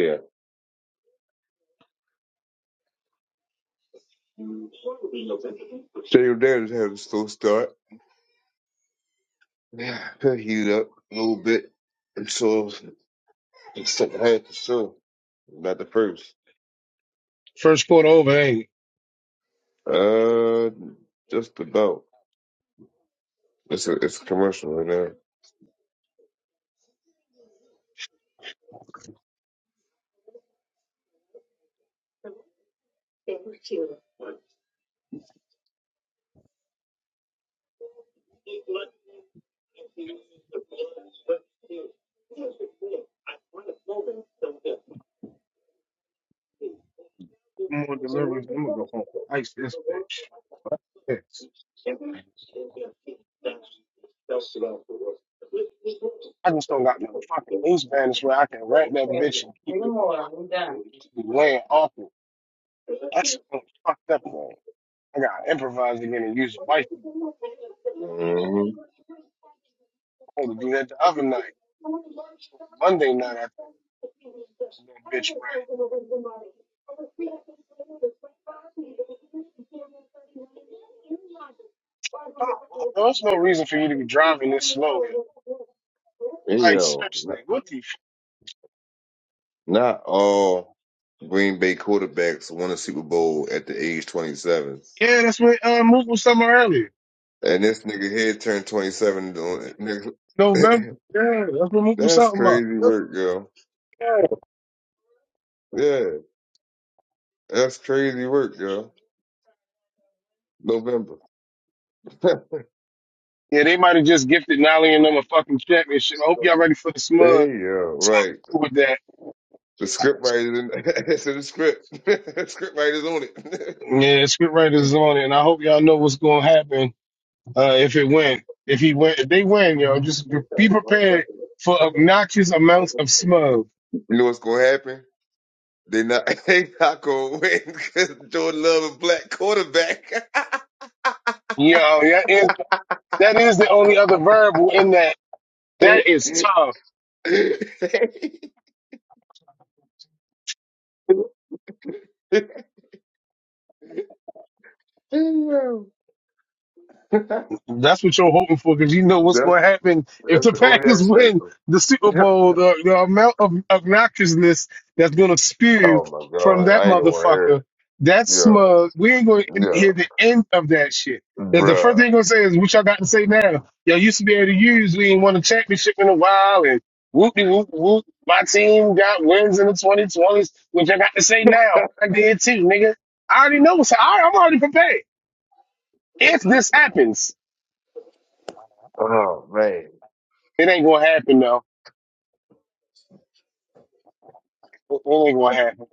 [SPEAKER 7] Yeah. Daniel Daniels had a slow start. Yeah, could heat it up a little bit until the second half for sure. Not the first.
[SPEAKER 1] First quarter over, hey,
[SPEAKER 7] Uh, just about. It's a it's a commercial right now.
[SPEAKER 1] no more deliveries. I'm gonna go home. and Ice this bitch. Yes. I just don't got no fucking loose bandage where I can wrap that bitch and keep it laying off it. That's a fucked up man. I gotta improvise again and use the wife.
[SPEAKER 7] Mm-hmm. And yo, not, not all Green Bay quarterbacks won a Super Bowl at the age twenty seven,
[SPEAKER 1] Yeah, that's what uh, Mook was talking about earlier.
[SPEAKER 7] and this nigga here turned twenty seven. that's crazy work, girl. Yeah, that's crazy work, girl. November. hey,
[SPEAKER 1] Yeah, they might have just gifted Nolly and them a and shit. I hope y'all ready for the smug.
[SPEAKER 7] yo,
[SPEAKER 1] Smug
[SPEAKER 7] right.
[SPEAKER 1] cool with that.
[SPEAKER 7] The script writer it's in the script. the script writer's on it.
[SPEAKER 1] And if you're for a bounce of smug,
[SPEAKER 7] you know what's gonna happen? They not they not gonna win because Jordan Love is black quarterback.
[SPEAKER 1] yo, that is, that is the only other verb in that. That is tough.
[SPEAKER 7] that's, that's
[SPEAKER 1] That's what you're hoping for because you know what's going to happen if the
[SPEAKER 7] the only
[SPEAKER 1] Packers
[SPEAKER 7] X
[SPEAKER 1] win
[SPEAKER 7] factor.
[SPEAKER 1] the Super Bowl. The, the amount of obnoxiousness that's going to spew
[SPEAKER 7] oh my
[SPEAKER 1] from
[SPEAKER 7] god,
[SPEAKER 1] that
[SPEAKER 7] I ain't gonna wanna hear it.
[SPEAKER 1] motherfucker, that
[SPEAKER 7] Yo,
[SPEAKER 1] smug, we ain't going to hear
[SPEAKER 7] yo,
[SPEAKER 1] the end of that shit. That's the first
[SPEAKER 7] bruh.
[SPEAKER 1] thing going to say is, what y'all got to say now? Y'all used to be able to use, we ain't won a championship in a while, and whoop de whoop whoop. My team got wins in the 2020s, which I got to say now. I did too, nigga. I already know. So I, I'm already prepared. If this happens,
[SPEAKER 7] Oh man,
[SPEAKER 1] It ain't gonna happen though. It ain't gonna happen.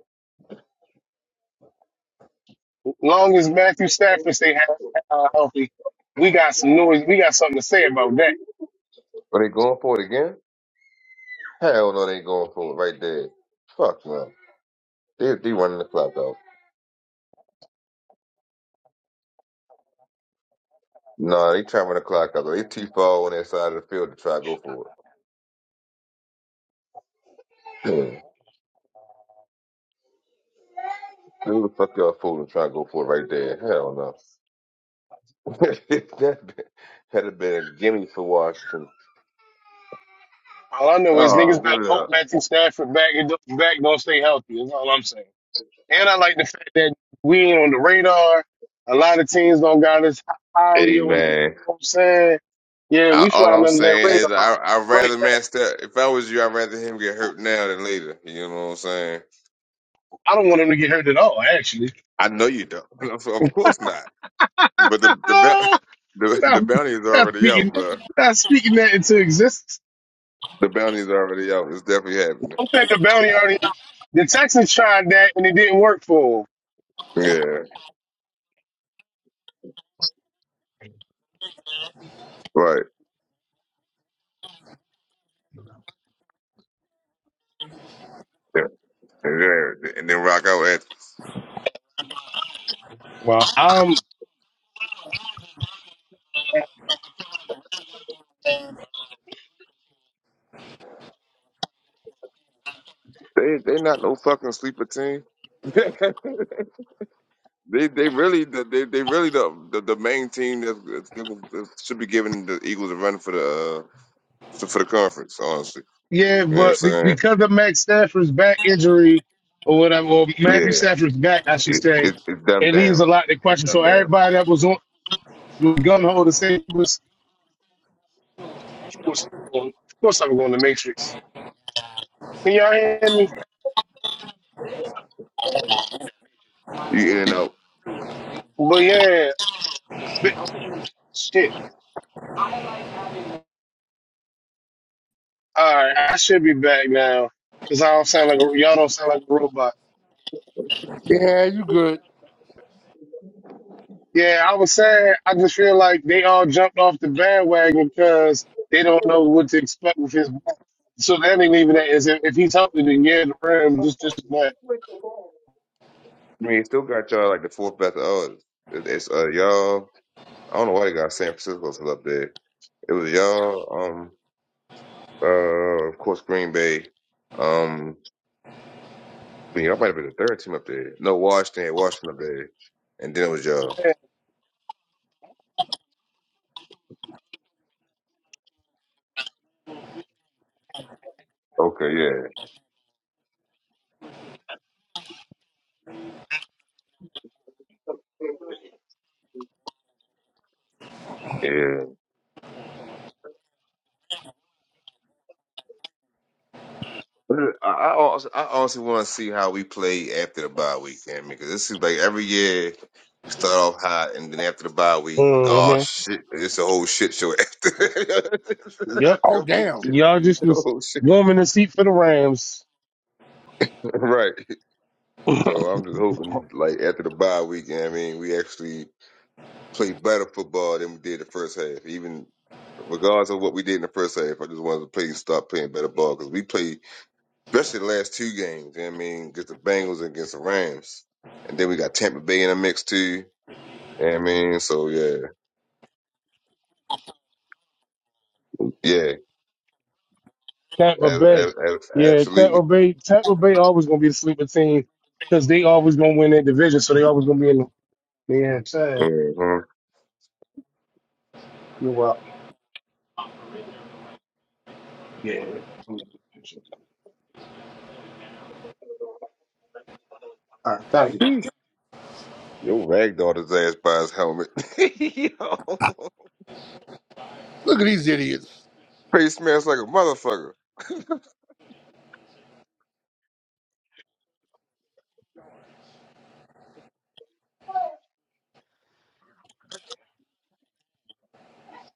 [SPEAKER 1] Long as Matthew Stafford stay he- uh, healthy, we got some noise. We got something to say about that.
[SPEAKER 7] are they going for it again? Hell no, they ain't going for it right there. Fuck no, they they running the clock out. No, they trying to run the clock out. They too far on their side of the field to try to go for it. Yeah. Who the fuck y'all fooling trying to go for it right there? Hell no. that had have been a gimme for Washington.
[SPEAKER 1] All I know is
[SPEAKER 7] Oh,
[SPEAKER 1] niggas
[SPEAKER 7] give
[SPEAKER 1] better
[SPEAKER 7] it
[SPEAKER 1] hope
[SPEAKER 7] up.
[SPEAKER 1] Matthew Stafford back and don't- back don't stay healthy. That's all I'm saying. And I like the fact that we ain't on the radar. A lot of teams don't got us highly.
[SPEAKER 7] Hey
[SPEAKER 1] on You
[SPEAKER 7] man,
[SPEAKER 1] know what I'm saying? Yeah, we
[SPEAKER 7] I, all
[SPEAKER 1] flying
[SPEAKER 7] I'm
[SPEAKER 1] under that
[SPEAKER 7] saying
[SPEAKER 1] radar.
[SPEAKER 7] is I I
[SPEAKER 1] I like
[SPEAKER 7] rather
[SPEAKER 1] that.
[SPEAKER 7] man step. If I was you, I'd rather him get hurt now than later. You know what I'm saying?
[SPEAKER 1] I don't want him to get hurt at all. Actually,
[SPEAKER 7] I know you don't. of of course not. But the the bounty
[SPEAKER 1] ah,
[SPEAKER 7] the, the
[SPEAKER 1] not,
[SPEAKER 7] bounty is
[SPEAKER 1] not
[SPEAKER 7] already
[SPEAKER 1] speaking,
[SPEAKER 7] out, bro.
[SPEAKER 1] not speaking that into existence.
[SPEAKER 7] The bounty is already out. It's definitely happening.
[SPEAKER 1] Don't think the bounty already The Texans tried that and it didn't work for him.
[SPEAKER 7] Yeah, right. Yeah. And then and then rock out at
[SPEAKER 1] Well, Um,
[SPEAKER 7] they they not no fucking sleeper team. They they really they they really the the, the main team that, that people- that should be giving the Eagles a run for the uh, for the conference. Honestly,
[SPEAKER 1] yeah,
[SPEAKER 7] you know what I'm
[SPEAKER 1] but be-
[SPEAKER 7] saying?
[SPEAKER 1] because of Matt Stafford's back injury or whatever, or Matthew
[SPEAKER 7] Yeah,
[SPEAKER 1] Stafford's back, I should
[SPEAKER 7] it,
[SPEAKER 1] say,
[SPEAKER 7] it it's dumbed
[SPEAKER 1] it leaves a
[SPEAKER 7] down.
[SPEAKER 1] lot to
[SPEAKER 7] It's
[SPEAKER 1] question. So
[SPEAKER 7] dumbed down.
[SPEAKER 1] everybody that was on was gun ho to say was, of course, I'm going, of course I'm going to Matrix. Can y'all hear me?
[SPEAKER 7] You, you know,
[SPEAKER 1] But yeah, but shit. All right, I should be back now because I don't sound like a, y'all don't sound like a robot.
[SPEAKER 10] Yeah, you good.
[SPEAKER 1] Yeah, I was sad. I just feel like they all jumped off the bandwagon because they don't know what to expect with his back. So that ain't even that. Is if, if he's helping, then yeah, the Rams just just that.
[SPEAKER 7] I mean, it still got y'all like the fourth best odds. It, it's uh y'all. I don't know why they got San Francisco still up there. It was y'all. Um. Uh. Of course, Green Bay. Um. But y'all might have been the third team up there. No, Washington. Washington up there. And then it was y'all. Okay. Yeah. Yeah. I I I also want to see how we play after the bye week, I because it seems like every year we start off hot, and then after the bye week, oh shit, it's a whole shit show after.
[SPEAKER 1] Yep,
[SPEAKER 10] Oh,
[SPEAKER 7] Complete
[SPEAKER 10] damn.
[SPEAKER 7] shit,
[SPEAKER 1] y'all just
[SPEAKER 7] Oh
[SPEAKER 1] was
[SPEAKER 7] shit.
[SPEAKER 1] warming the seat for the Rams.
[SPEAKER 7] Right. So I'm just hoping, like after the bye week, I mean, we actually play better football than we did the first half, even. Regardless of what we did in the first half, I just wanted to play, start playing better ball because we play. especially the last two games. You know what I mean, against the Bengals and against the Rams, and then we got Tampa Bay in the mix too. You know what I mean, so yeah, yeah,
[SPEAKER 1] Tampa
[SPEAKER 7] a-
[SPEAKER 1] Bay,
[SPEAKER 7] a- a-
[SPEAKER 1] yeah, Tampa
[SPEAKER 7] absolutely.
[SPEAKER 1] Bay, Tampa Bay always gonna be the sleeper team because they always gonna win their division, so they always gonna be in the. Yeah, sad.
[SPEAKER 7] Mm-hmm. Yo, ragdolled his ass by his helmet.
[SPEAKER 10] Look at these idiots.
[SPEAKER 7] Face smells like a motherfucker.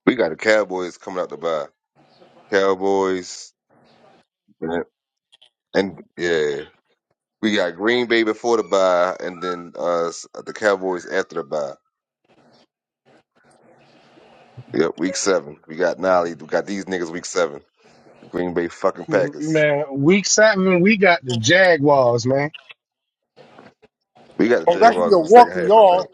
[SPEAKER 7] We got the Cowboys coming out the bye. Cowboys and, and yeah, we got Green Bay before the bye, and then uh the Cowboys after the bye. Yep, week seven. We got Nolly. We got these niggas week seven. Green Bay fucking
[SPEAKER 1] Mm,
[SPEAKER 7] Packers.
[SPEAKER 1] man. Week seven, we got the Jaguars, man.
[SPEAKER 7] We got the
[SPEAKER 10] Oh, that should be
[SPEAKER 7] Jaguars
[SPEAKER 10] a
[SPEAKER 7] in the second
[SPEAKER 10] walk for
[SPEAKER 7] half, I
[SPEAKER 10] y'all.
[SPEAKER 7] think.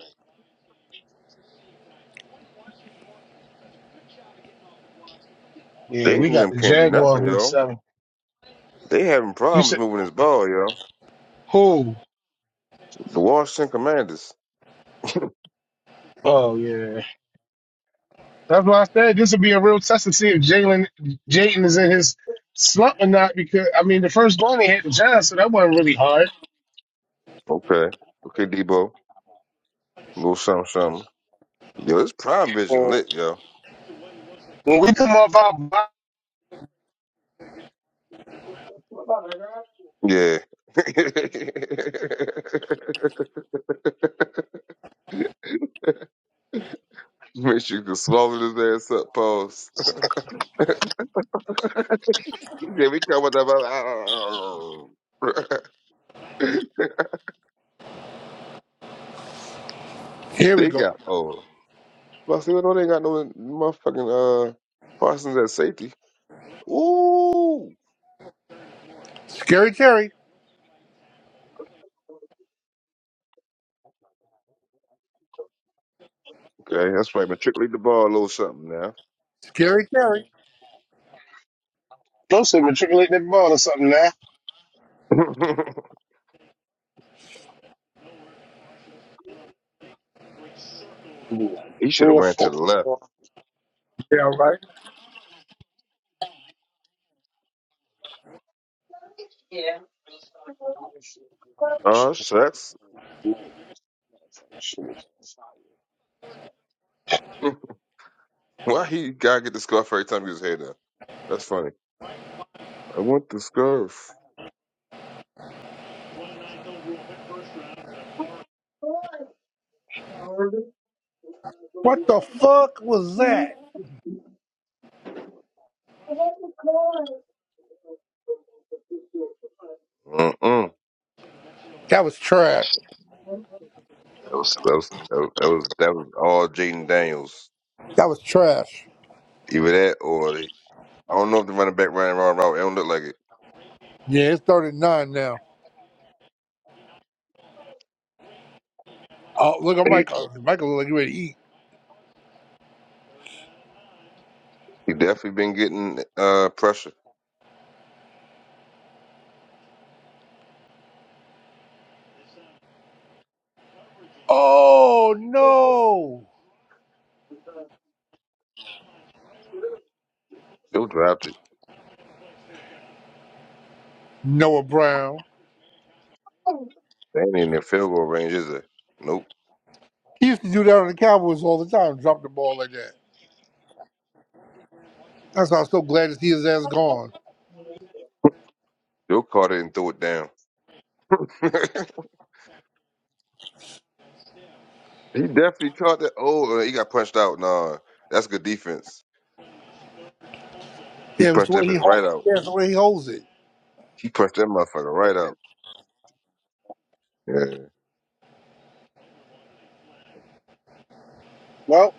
[SPEAKER 1] Yeah,
[SPEAKER 7] They
[SPEAKER 1] we
[SPEAKER 7] and
[SPEAKER 1] got
[SPEAKER 7] them
[SPEAKER 1] the
[SPEAKER 7] can't do
[SPEAKER 1] Jaguars
[SPEAKER 7] nothing,
[SPEAKER 1] week
[SPEAKER 7] yo.
[SPEAKER 1] seven.
[SPEAKER 7] They having
[SPEAKER 1] You
[SPEAKER 7] problems
[SPEAKER 1] said
[SPEAKER 7] moving this ball, yo.
[SPEAKER 1] who?
[SPEAKER 7] The Washington Commanders.
[SPEAKER 1] Oh yeah, that's why I said this will be a real test to see if Jalen Jayton is in his slump or not. Because I mean, the first one they had the Giants, so that wasn't really hard.
[SPEAKER 7] Okay. Okay, Debo. A little something, something. Yo, it's prime vision
[SPEAKER 1] Uh,
[SPEAKER 7] lit, yo.
[SPEAKER 1] When we come off our bye,
[SPEAKER 7] Yeah. Make sure you can swallow his ass up, pause. yeah, we come with that.
[SPEAKER 10] Here we
[SPEAKER 7] They
[SPEAKER 10] go.
[SPEAKER 7] got old. But I still know they ain't got no motherfucking uh Parsons at safety. Ooh.
[SPEAKER 10] Scary Terry.
[SPEAKER 7] Okay, that's right. Matriculate the ball a little something now.
[SPEAKER 10] Scary Terry.
[SPEAKER 1] those
[SPEAKER 7] he should have ran to the left.
[SPEAKER 10] Yeah, right.
[SPEAKER 7] Oh, shucks. Why he gotta get the scarf every time he was here now? That's funny. I want the scarf.
[SPEAKER 10] What the fuck was that?
[SPEAKER 7] Mm-mm.
[SPEAKER 10] That was trash.
[SPEAKER 7] That was that was that was that was, that was all Jaden Daniels.
[SPEAKER 10] That was trash.
[SPEAKER 7] Either that or the, I don't know if the running back ran around route. It don't look like it.
[SPEAKER 10] Yeah, it's 39 now. Oh, look at
[SPEAKER 7] He,
[SPEAKER 10] Michael. Michael look like you ready to eat.
[SPEAKER 7] he definitely been getting uh pressure.
[SPEAKER 10] Oh no,
[SPEAKER 7] Still dropped it.
[SPEAKER 10] Noah Brown.
[SPEAKER 7] They ain't in their field goal range, is it? Nope.
[SPEAKER 10] He used to do that on the Cowboys all the time, drop the ball like that. That's why I'm so glad to see his ass gone.
[SPEAKER 7] Still caught it and threw it down. he definitely caught that. Oh, uh, he got punched out. Nah, that's good defense. He
[SPEAKER 10] Yeah, but it's the
[SPEAKER 7] punched
[SPEAKER 10] way
[SPEAKER 7] that
[SPEAKER 10] he
[SPEAKER 7] bitch right
[SPEAKER 10] holds.
[SPEAKER 7] out.
[SPEAKER 10] Yeah, it's the way he holds it.
[SPEAKER 7] He punched that motherfucker right out. Yeah,
[SPEAKER 1] well,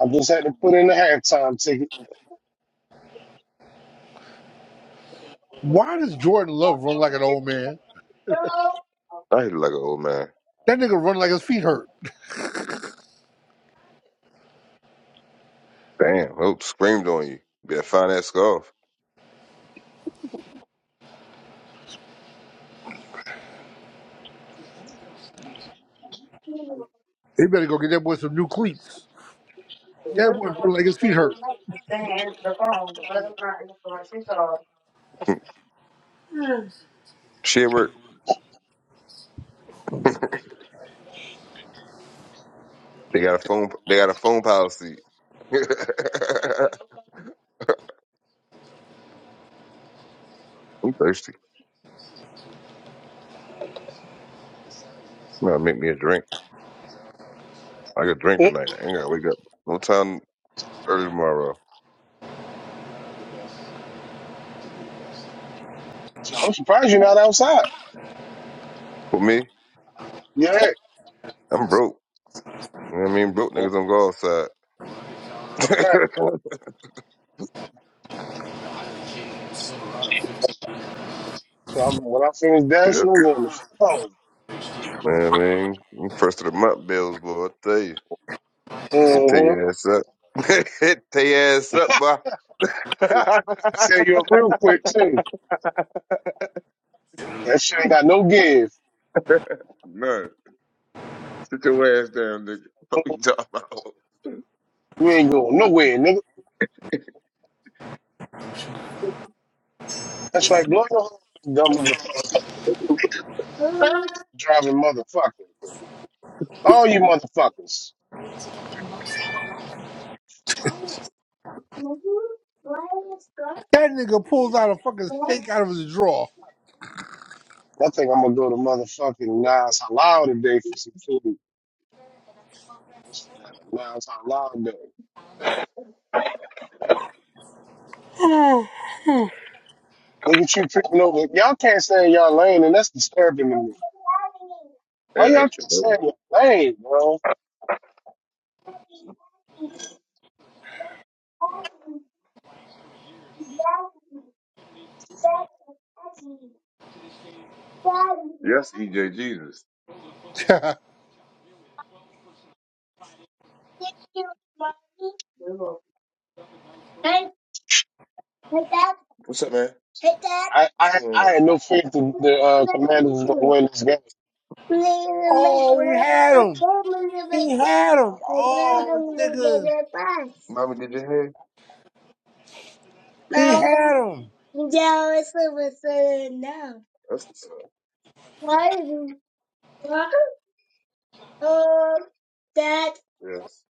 [SPEAKER 1] I just had to put in the halftime ticket.
[SPEAKER 10] Why does Jordan Love run like an old man?
[SPEAKER 7] I hit it like an old man.
[SPEAKER 10] That nigga run like his feet hurt.
[SPEAKER 7] Damn, hope screamed on you. Better find that scarf.
[SPEAKER 10] They better go get that boy some new cleats. That boy run like his feet hurt.
[SPEAKER 7] Shit work. They got a phone. They got a phone policy. I'm thirsty. I'm gonna make me a drink. I got a drink
[SPEAKER 1] Mm,
[SPEAKER 7] tonight. I ain't gotta wake up. No time early tomorrow.
[SPEAKER 1] so I'm surprised you're not outside.
[SPEAKER 7] For me,
[SPEAKER 1] Yeah, that's
[SPEAKER 7] I'm broke. You know what I mean? Broke niggas
[SPEAKER 1] a
[SPEAKER 7] on God's side.
[SPEAKER 1] fact.
[SPEAKER 7] you know what I mean? Them First of the month bills, boy, I tell you. It tear
[SPEAKER 1] Mm-hmm.
[SPEAKER 7] your ass up. it tear your ass up, boy.
[SPEAKER 1] Tell you up real quick too. That shit ain't got no give.
[SPEAKER 7] Man, sit your ass down, nigga. What you talking about?
[SPEAKER 1] You ain't going nowhere, nigga. That's right. Blow your horn, dumb motherfucker, driving motherfucker. All you motherfuckers.
[SPEAKER 10] That nigga pulls out a fucking steak out of his drawer.
[SPEAKER 1] I think I'm gonna go to motherfucking Nas. Nigga,
[SPEAKER 7] Man, I used to know. Yes, EJ Jesus. What's up, man?
[SPEAKER 1] I,
[SPEAKER 7] What's
[SPEAKER 1] I, I
[SPEAKER 7] going
[SPEAKER 1] had no faith that the uh, Commanders was gonna
[SPEAKER 7] on?
[SPEAKER 1] win this game.
[SPEAKER 7] Mama,
[SPEAKER 10] oh, he had him. He had him. Oh, nigga,
[SPEAKER 7] did you hear?
[SPEAKER 10] he
[SPEAKER 7] No.
[SPEAKER 10] had him.
[SPEAKER 7] yeah, it's a no. That's what's up. Why? What? Um, Dad. Yes.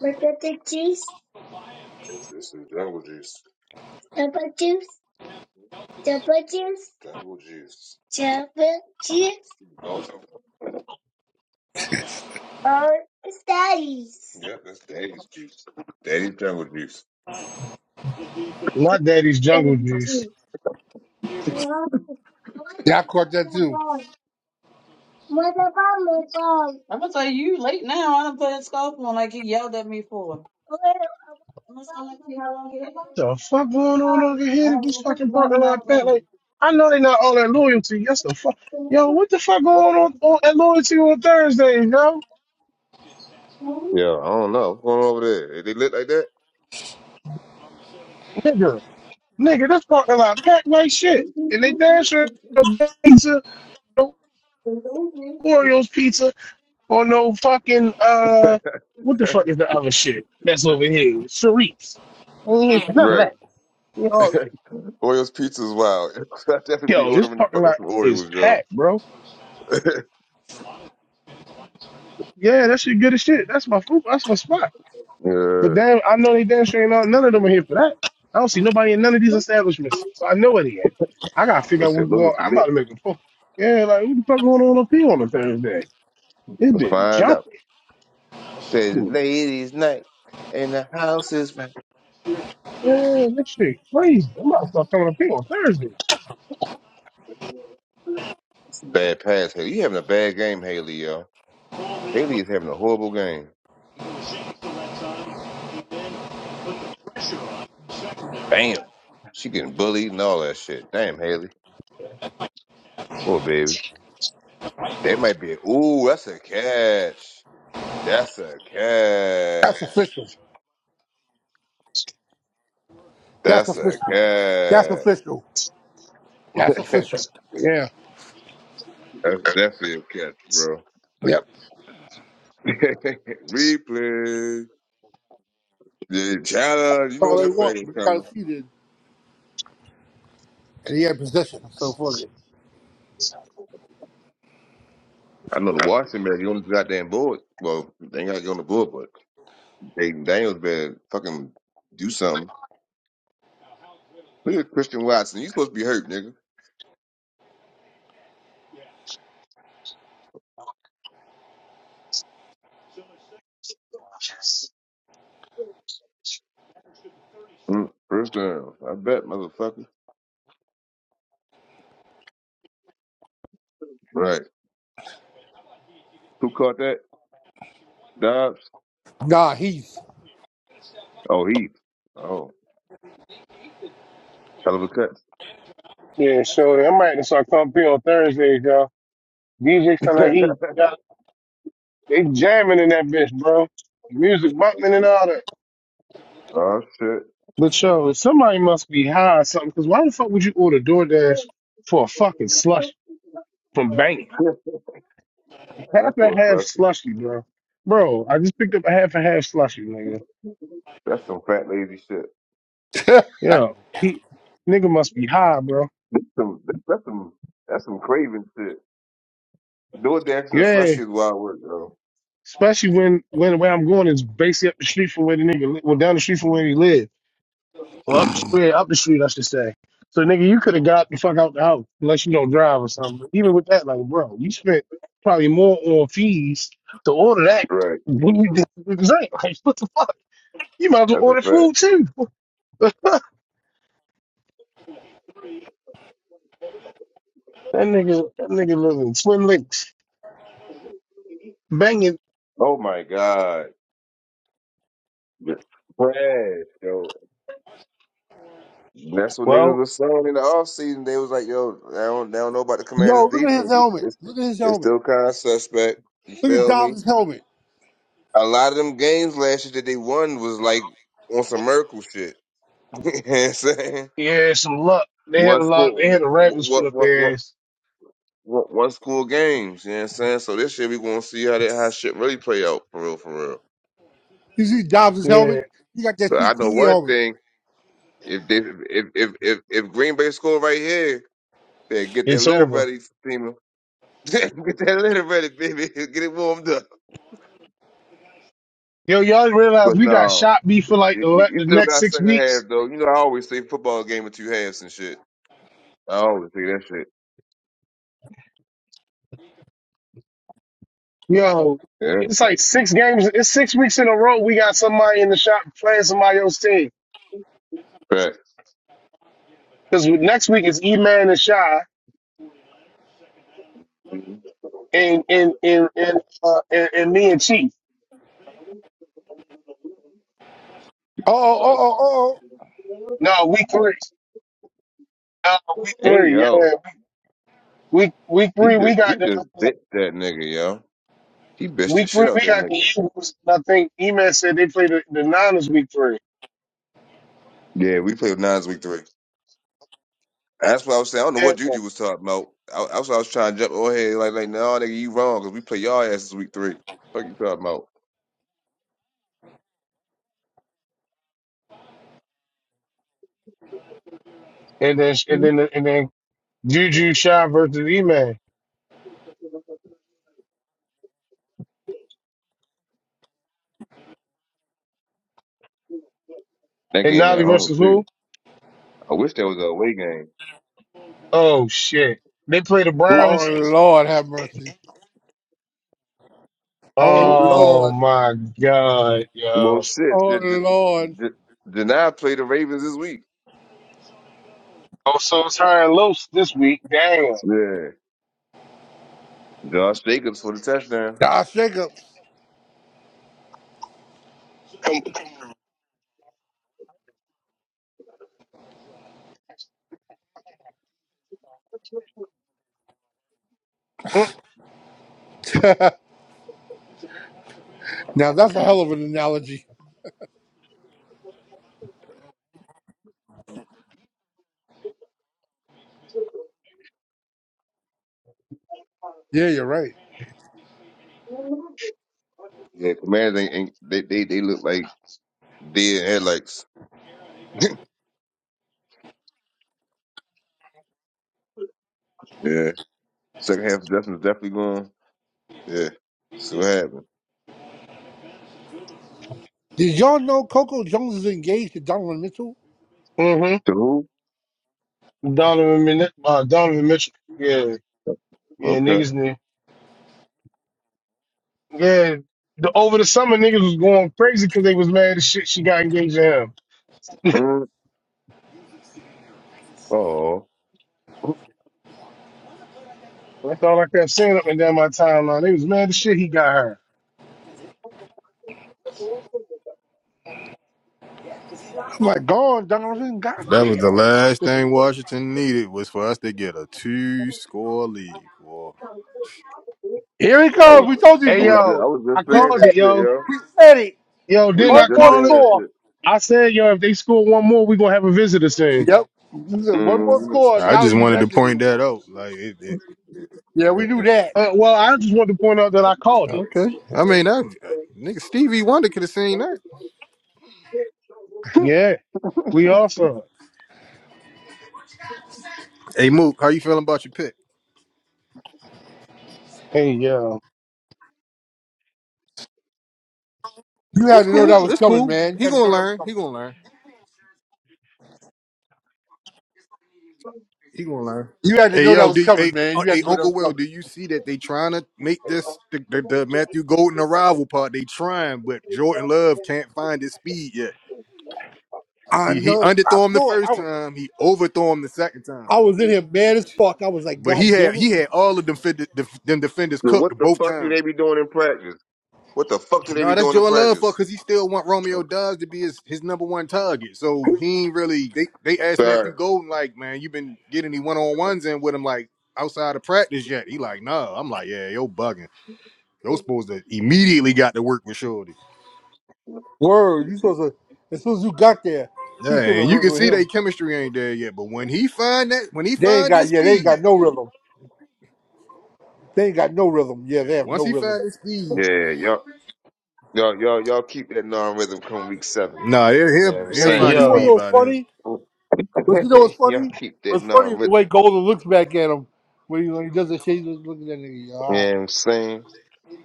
[SPEAKER 7] It's, it's a jungle juice. Jungle Mhm. Jungle juice. Jungle juice. Jungle juice. Dog. Oh, it's Daddy's. Yep, that's daddy's juice. Daddy's jungle juice.
[SPEAKER 1] My daddy's
[SPEAKER 7] Yeah, I
[SPEAKER 1] jungle juice.
[SPEAKER 10] Yeah, I caught that too.
[SPEAKER 1] The fuck going on over here in this fucking parking lot, Pat? Like, I know they not all that loyalty. That's the fuck. Yo, what the fuck going on, on at loyalty on Thursday, yo?
[SPEAKER 7] don't know. What's going on over there? They lit like that?
[SPEAKER 1] Nigga, nigga, this parking lot packed like shit, and they damn sure the pizza, the Orioles pizza, Or no fucking uh, what the fuck is the other shit that's over here? Sharice. Ain't here for none of
[SPEAKER 7] Right.
[SPEAKER 1] that. You know,
[SPEAKER 7] Oreo's pizza is wild. I'd definitely be
[SPEAKER 1] yo, this
[SPEAKER 7] ordering the
[SPEAKER 1] parking
[SPEAKER 7] fuck up
[SPEAKER 1] lot
[SPEAKER 7] some
[SPEAKER 1] is
[SPEAKER 7] Oreos, yo.
[SPEAKER 1] packed, bro. Yeah, that shit good as shit. That's my food. That's my spot. But
[SPEAKER 7] Yeah.
[SPEAKER 1] damn, I know they damn sure ain't all, none of them are here for that. I don't see nobody in none of these establishments, so I know where they at. I gotta figure
[SPEAKER 7] You'll
[SPEAKER 1] out
[SPEAKER 7] say
[SPEAKER 1] what's going. on.
[SPEAKER 7] loyalty
[SPEAKER 1] I'm about
[SPEAKER 7] lit.
[SPEAKER 1] to make a phone. Yeah, like what the fuck going on up here on a Thursday? It's
[SPEAKER 7] Let's
[SPEAKER 1] been
[SPEAKER 7] find out.
[SPEAKER 1] jumping.
[SPEAKER 7] Says ladies' night and the house is
[SPEAKER 1] Yeah, this shit crazy. I'm about to start coming up here on Thursday.
[SPEAKER 7] bad pass, Haley. You having a bad game, Haley, yo. Haley is having a horrible game. Damn. She getting bullied and all that shit. Damn, Haley. Poor baby. They might be, ooh, that's a catch. That's a
[SPEAKER 10] That's
[SPEAKER 7] catch.
[SPEAKER 10] official. That's
[SPEAKER 7] That's a
[SPEAKER 10] official. That's
[SPEAKER 7] catch.
[SPEAKER 10] official. That's
[SPEAKER 7] that's
[SPEAKER 10] official. Yeah.
[SPEAKER 7] definitely a catch, bro.
[SPEAKER 10] Yep. That's
[SPEAKER 7] Replay. The challenge. You know
[SPEAKER 10] all they
[SPEAKER 7] that flag
[SPEAKER 10] want.
[SPEAKER 7] is
[SPEAKER 10] We got
[SPEAKER 7] coming.
[SPEAKER 10] to see it. And he had possession, so fuck it.
[SPEAKER 7] I know the Washington man, he on the goddamn board. Well, they ain't got to get on the board, but Jaden Daniels better fucking do something. Look at Christian Watson. You supposed to be hurt, nigga. Mm, First down. I bet, motherfucker. Right. Who caught that? Dobbs?
[SPEAKER 10] Nah, Heath.
[SPEAKER 7] Oh, Heath. Oh, hell of a catch.
[SPEAKER 1] Yeah, sure. I might have saw come on Thursdays, y'all. DJ sound like he got they jamming in that bitch, bro. Music bumping and all that.
[SPEAKER 7] oh, shit.
[SPEAKER 1] But yo, somebody must be high or something, because why the fuck would you order DoorDash for a fucking slush from banging?
[SPEAKER 7] That's
[SPEAKER 1] Half and
[SPEAKER 7] for a
[SPEAKER 1] half
[SPEAKER 7] special.
[SPEAKER 1] slushy, bro. Bro, I just picked up a half and half slushy, nigga.
[SPEAKER 7] That's some fat lazy shit.
[SPEAKER 1] Yo, he nigga must be high, bro.
[SPEAKER 7] That's some, that's some, that's some craving shit. Doing a dancing and
[SPEAKER 1] Yeah.
[SPEAKER 7] slushy is wild work, though.
[SPEAKER 1] Especially when when where I'm going is basically up the street from where the nigga li- well down the street from where he live. Well, up the street, up the street, I should say. So, nigga, you could have got the fuck out the house unless you don't drive or something. But even with that, like, bro, you spent probably more on fees to order that
[SPEAKER 7] Right.
[SPEAKER 1] than you did the drink. Like, what the fuck? You might as well
[SPEAKER 7] That's a
[SPEAKER 1] order
[SPEAKER 7] fact.
[SPEAKER 1] food too. That nigga, that nigga living twin links, banging.
[SPEAKER 7] Oh my god. Yeah. Trash, yo. That's what niggas was saying in the off season. They was like, yo, I don't, they don't know about the commander's
[SPEAKER 10] Yo, look at his
[SPEAKER 7] defense. It's,
[SPEAKER 10] helmet.
[SPEAKER 7] it's,
[SPEAKER 10] Look at his
[SPEAKER 7] it's
[SPEAKER 10] helmet.
[SPEAKER 7] still kind of suspect. You
[SPEAKER 10] Look at
[SPEAKER 7] feel me?
[SPEAKER 10] Dobbs' helmet.
[SPEAKER 7] A lot of them games last year that they won was like on some miracle shit. you know what I'm saying?
[SPEAKER 1] Yeah, some luck. They had
[SPEAKER 7] One
[SPEAKER 1] a lot. They
[SPEAKER 7] school,
[SPEAKER 1] had the Ravens foot
[SPEAKER 7] what,
[SPEAKER 1] up
[SPEAKER 7] what,
[SPEAKER 1] their
[SPEAKER 7] what,
[SPEAKER 1] ass.
[SPEAKER 7] what, one school games. You know what I'm saying? So this year we gonna see how that how shit really play out for real, for real.
[SPEAKER 10] You see Dobbs' helmet? He got that
[SPEAKER 7] But I know
[SPEAKER 10] CTE
[SPEAKER 7] one
[SPEAKER 10] helmet.
[SPEAKER 7] thing: if they, if if if, if Green Bay score right here, they get that
[SPEAKER 1] It's
[SPEAKER 7] litter
[SPEAKER 1] over.
[SPEAKER 7] ready, Steamer. get that litter ready, baby. Get it warmed up.
[SPEAKER 1] Yo, y'all realize
[SPEAKER 7] But
[SPEAKER 1] we got
[SPEAKER 7] no,
[SPEAKER 1] shot beef for like
[SPEAKER 7] you,
[SPEAKER 1] the,
[SPEAKER 7] you
[SPEAKER 1] le-
[SPEAKER 7] you
[SPEAKER 1] the
[SPEAKER 7] still
[SPEAKER 1] next
[SPEAKER 7] got
[SPEAKER 1] six
[SPEAKER 7] second
[SPEAKER 1] weeks.
[SPEAKER 7] half though. You know, I always say football game with two halves and shit. I always say that shit.
[SPEAKER 1] Yo,
[SPEAKER 7] Yeah.
[SPEAKER 1] it's like six games. It's six weeks in a row. We got somebody in the shop playing somebody else's team.
[SPEAKER 7] Correct.
[SPEAKER 1] Because next week is E Man and Shy and and and and, uh, and and me and Chief.
[SPEAKER 10] Oh, oh, oh, oh, oh. Oh,
[SPEAKER 1] No, week three. Uh, week
[SPEAKER 7] Hey
[SPEAKER 1] three. Yeah,
[SPEAKER 7] yo,
[SPEAKER 1] week week
[SPEAKER 7] he
[SPEAKER 1] three.
[SPEAKER 7] just
[SPEAKER 1] We
[SPEAKER 7] he
[SPEAKER 1] got the
[SPEAKER 7] just bit that nigga, yo. He bitched the
[SPEAKER 1] week three.
[SPEAKER 7] shit out
[SPEAKER 1] We
[SPEAKER 7] that
[SPEAKER 1] got
[SPEAKER 7] nigga. Yeah, we played nines week three. That's what I was saying. I don't know what Juju was talking about. I, that's what I was trying to jump on here. Like, like, no, nigga, you wrong because we play y'all asses week three. Fuck you talking about?
[SPEAKER 1] Juju Shy versus E Man
[SPEAKER 7] That
[SPEAKER 1] and
[SPEAKER 7] game at
[SPEAKER 1] Navi
[SPEAKER 7] home
[SPEAKER 1] versus
[SPEAKER 7] too.
[SPEAKER 1] who?
[SPEAKER 7] I wish that was a away game.
[SPEAKER 1] Oh shit! They play the
[SPEAKER 7] Who?
[SPEAKER 10] Oh,
[SPEAKER 1] Browns.
[SPEAKER 10] Lord, have mercy. Oh,
[SPEAKER 7] Well, well,
[SPEAKER 1] Oh
[SPEAKER 10] Lord.
[SPEAKER 1] my god,
[SPEAKER 7] Well,
[SPEAKER 1] yo.
[SPEAKER 7] shit.
[SPEAKER 10] Oh,
[SPEAKER 7] Did, did,
[SPEAKER 10] Lord.
[SPEAKER 7] did, did I the Ravens this week?
[SPEAKER 1] Oh, so it's high and loose this week. Damn.
[SPEAKER 7] yeah, Josh Jacobs for the touchdown.
[SPEAKER 10] Nah, shake up. Now, that's a hell of an analogy. Yeah, you're right.
[SPEAKER 7] yeah. Commanders ain't, ain't they, they they look like Dead headlights. yeah. Second half Justin's definitely going. Yeah. See what happens.
[SPEAKER 10] Did y'all know Coco Jones is engaged to Donovan Mitchell?
[SPEAKER 1] Mhm.
[SPEAKER 7] To who?
[SPEAKER 1] Donovan, Min- uh, Donovan Mitchell. Yeah, yeah,
[SPEAKER 7] Okay.
[SPEAKER 1] niggas. knew. Yeah, the, over the summer, niggas was going crazy because they was mad as shit she got engaged to him.
[SPEAKER 7] Mm. Oh.
[SPEAKER 1] That's all I kept saying up and down my timeline. They was mad as shit he got her.
[SPEAKER 10] I'm like, God, Donovan, God
[SPEAKER 3] was the
[SPEAKER 10] damn.
[SPEAKER 3] last thing Washington needed was for us to get a two score lead. Well,
[SPEAKER 10] Here he
[SPEAKER 7] I
[SPEAKER 10] comes.
[SPEAKER 7] was
[SPEAKER 10] We told you.
[SPEAKER 7] I
[SPEAKER 1] Hey,
[SPEAKER 10] We,
[SPEAKER 7] was just,
[SPEAKER 1] yo,
[SPEAKER 7] I was
[SPEAKER 1] I
[SPEAKER 7] just
[SPEAKER 10] we said
[SPEAKER 7] saying
[SPEAKER 1] called it,
[SPEAKER 7] that
[SPEAKER 10] it.
[SPEAKER 7] shit,
[SPEAKER 1] yo.
[SPEAKER 7] yo.
[SPEAKER 10] We said it.
[SPEAKER 1] Yo,
[SPEAKER 7] We
[SPEAKER 1] didn't
[SPEAKER 7] was
[SPEAKER 10] One
[SPEAKER 1] I
[SPEAKER 7] just
[SPEAKER 10] more
[SPEAKER 1] call
[SPEAKER 7] saying
[SPEAKER 1] it?
[SPEAKER 7] that
[SPEAKER 10] score.
[SPEAKER 7] shit.
[SPEAKER 1] I said, yo, if they score one more, we going to have a visitor soon.
[SPEAKER 10] Yep. We said One more
[SPEAKER 7] mm
[SPEAKER 10] score, and
[SPEAKER 3] I
[SPEAKER 10] now he
[SPEAKER 3] just
[SPEAKER 10] be
[SPEAKER 3] wanted to
[SPEAKER 10] back in the
[SPEAKER 3] point that
[SPEAKER 10] award.
[SPEAKER 3] out. Like it,
[SPEAKER 10] Yeah, we
[SPEAKER 3] it,
[SPEAKER 10] knew that.
[SPEAKER 1] Uh, well, I just want to point out that I called it.
[SPEAKER 3] Okay. I mean, that nigga Stevie Wonder could have seen that.
[SPEAKER 1] Yeah, we also.
[SPEAKER 3] Hey Mook, how you feeling about your pick?
[SPEAKER 1] Hey, yo.
[SPEAKER 10] You had
[SPEAKER 3] It's
[SPEAKER 10] to know
[SPEAKER 3] cool.
[SPEAKER 10] that was
[SPEAKER 3] It's
[SPEAKER 10] coming,
[SPEAKER 3] cool.
[SPEAKER 10] man. You
[SPEAKER 3] He
[SPEAKER 10] had
[SPEAKER 3] gonna
[SPEAKER 10] to know that was
[SPEAKER 3] learn. He
[SPEAKER 10] coming.
[SPEAKER 3] gonna learn. He gonna learn.
[SPEAKER 10] You had to
[SPEAKER 3] Hey
[SPEAKER 10] know that
[SPEAKER 3] yo,
[SPEAKER 10] was
[SPEAKER 3] do you,
[SPEAKER 10] coming,
[SPEAKER 3] hey,
[SPEAKER 10] man.
[SPEAKER 3] uh,
[SPEAKER 10] You had
[SPEAKER 3] hey
[SPEAKER 10] to know that
[SPEAKER 3] Uncle
[SPEAKER 10] was
[SPEAKER 3] Will,
[SPEAKER 10] coming.
[SPEAKER 3] do you see that they trying to make this the, the, the Matthew Golden arrival part? They trying, but Jordan Love can't find his speed yet.
[SPEAKER 10] I
[SPEAKER 3] He he
[SPEAKER 10] know. I
[SPEAKER 3] underthrew him the
[SPEAKER 10] saw it. I
[SPEAKER 3] first
[SPEAKER 10] was,
[SPEAKER 3] time. He overthrew him the second time.
[SPEAKER 10] I was in here mad as fuck. I was like,
[SPEAKER 3] But he
[SPEAKER 10] God
[SPEAKER 3] had
[SPEAKER 10] damn it.
[SPEAKER 3] he had all of them, fit- the, them defenders
[SPEAKER 7] So
[SPEAKER 3] cooked
[SPEAKER 7] what the
[SPEAKER 3] both
[SPEAKER 7] fuck do
[SPEAKER 3] times.
[SPEAKER 7] they be doing in practice? What the fuck do they
[SPEAKER 3] No,
[SPEAKER 7] be
[SPEAKER 3] that's
[SPEAKER 7] doing in
[SPEAKER 3] Joe Love for
[SPEAKER 7] practice?
[SPEAKER 3] because he still want Romeo
[SPEAKER 7] Oh,
[SPEAKER 3] Dobbs to be his, his number one target. So he ain't really. They they asked Matthew
[SPEAKER 7] Sir.
[SPEAKER 3] Golden like, man, you been getting any one on ones in with him like outside of practice yet? He like, no. I'm like, yeah, yo bugging. Yo supposed to immediately got to work with Shorty.
[SPEAKER 10] Word. You supposed to, as soon as you got there, he
[SPEAKER 3] Yeah,
[SPEAKER 10] should have been
[SPEAKER 3] and you
[SPEAKER 10] working
[SPEAKER 3] can
[SPEAKER 10] with
[SPEAKER 3] see
[SPEAKER 10] him.
[SPEAKER 3] they chemistry ain't there yet. But when he find that, when he
[SPEAKER 10] They ain't
[SPEAKER 3] find his
[SPEAKER 10] got, yeah, they ain't
[SPEAKER 3] speed,
[SPEAKER 10] got no rhythm. They ain't got no rhythm. Yeah, they
[SPEAKER 3] yeah,
[SPEAKER 10] have
[SPEAKER 3] once
[SPEAKER 10] no
[SPEAKER 3] he
[SPEAKER 10] rhythm.
[SPEAKER 3] find his speed,
[SPEAKER 7] Yeah, y'all y'all y'all y'all keep that non rhythm come week seven.
[SPEAKER 3] nah, he'll
[SPEAKER 7] You know
[SPEAKER 3] he'll,
[SPEAKER 7] what I'm
[SPEAKER 3] he'll
[SPEAKER 1] Hey,
[SPEAKER 10] But
[SPEAKER 3] find
[SPEAKER 7] saying?
[SPEAKER 10] you
[SPEAKER 3] his
[SPEAKER 10] want to
[SPEAKER 1] yo.
[SPEAKER 3] speed
[SPEAKER 10] know what's
[SPEAKER 3] by then.
[SPEAKER 10] funny? But you know what's
[SPEAKER 7] y'all
[SPEAKER 10] funny?
[SPEAKER 7] keep that
[SPEAKER 10] What's funny
[SPEAKER 7] non
[SPEAKER 10] is the way
[SPEAKER 7] rhythm.
[SPEAKER 10] Golden looks back at him when he, when he does the shade. He's just looking at that nigga.
[SPEAKER 7] You
[SPEAKER 10] All right.
[SPEAKER 7] know what I'm saying?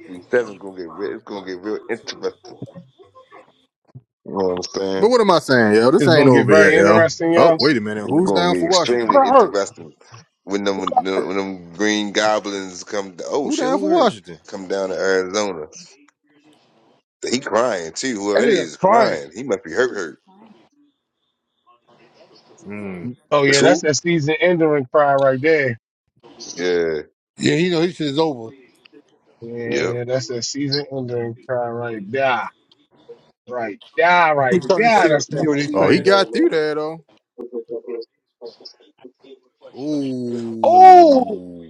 [SPEAKER 7] Week seven gonna get real it's gonna get real interesting. You know what I'm
[SPEAKER 3] But
[SPEAKER 7] saying?
[SPEAKER 3] what am I saying, yo? This
[SPEAKER 1] It's
[SPEAKER 3] ain't
[SPEAKER 1] going to get
[SPEAKER 3] over yet,
[SPEAKER 1] very
[SPEAKER 3] yo.
[SPEAKER 1] interesting,
[SPEAKER 3] Oh,
[SPEAKER 1] yo.
[SPEAKER 3] wait a minute.
[SPEAKER 7] It's
[SPEAKER 3] Who's
[SPEAKER 7] going
[SPEAKER 3] down
[SPEAKER 7] to
[SPEAKER 3] for
[SPEAKER 7] be
[SPEAKER 10] Who
[SPEAKER 3] Washington?
[SPEAKER 7] extremely
[SPEAKER 10] got hurt?
[SPEAKER 7] interesting when them
[SPEAKER 10] Who
[SPEAKER 7] when
[SPEAKER 10] got hurt?
[SPEAKER 7] them green goblins come. Oh
[SPEAKER 3] Who
[SPEAKER 7] shit,
[SPEAKER 3] down
[SPEAKER 7] who
[SPEAKER 3] for
[SPEAKER 7] hurt?
[SPEAKER 3] Washington?
[SPEAKER 7] Come down to Arizona. He crying too.
[SPEAKER 10] That
[SPEAKER 7] Whoever it
[SPEAKER 10] nigga
[SPEAKER 7] is
[SPEAKER 10] crying.
[SPEAKER 7] crying. He must be hurt. Hurt.
[SPEAKER 3] Mm.
[SPEAKER 1] Oh,
[SPEAKER 7] It's
[SPEAKER 1] yeah, that's
[SPEAKER 7] who?
[SPEAKER 1] that season ending cry right there.
[SPEAKER 7] Yeah.
[SPEAKER 10] Yeah, he know his shit is over.
[SPEAKER 7] Yep.
[SPEAKER 1] Yeah, that's that season ending cry right there. Right there,
[SPEAKER 10] He
[SPEAKER 1] right
[SPEAKER 10] turning
[SPEAKER 1] there.
[SPEAKER 10] shit up.
[SPEAKER 1] That's
[SPEAKER 10] You
[SPEAKER 1] that
[SPEAKER 10] know what he's
[SPEAKER 3] Oh, he
[SPEAKER 1] season.
[SPEAKER 10] saying?
[SPEAKER 3] got through there though.
[SPEAKER 10] Oh,
[SPEAKER 3] Ooh.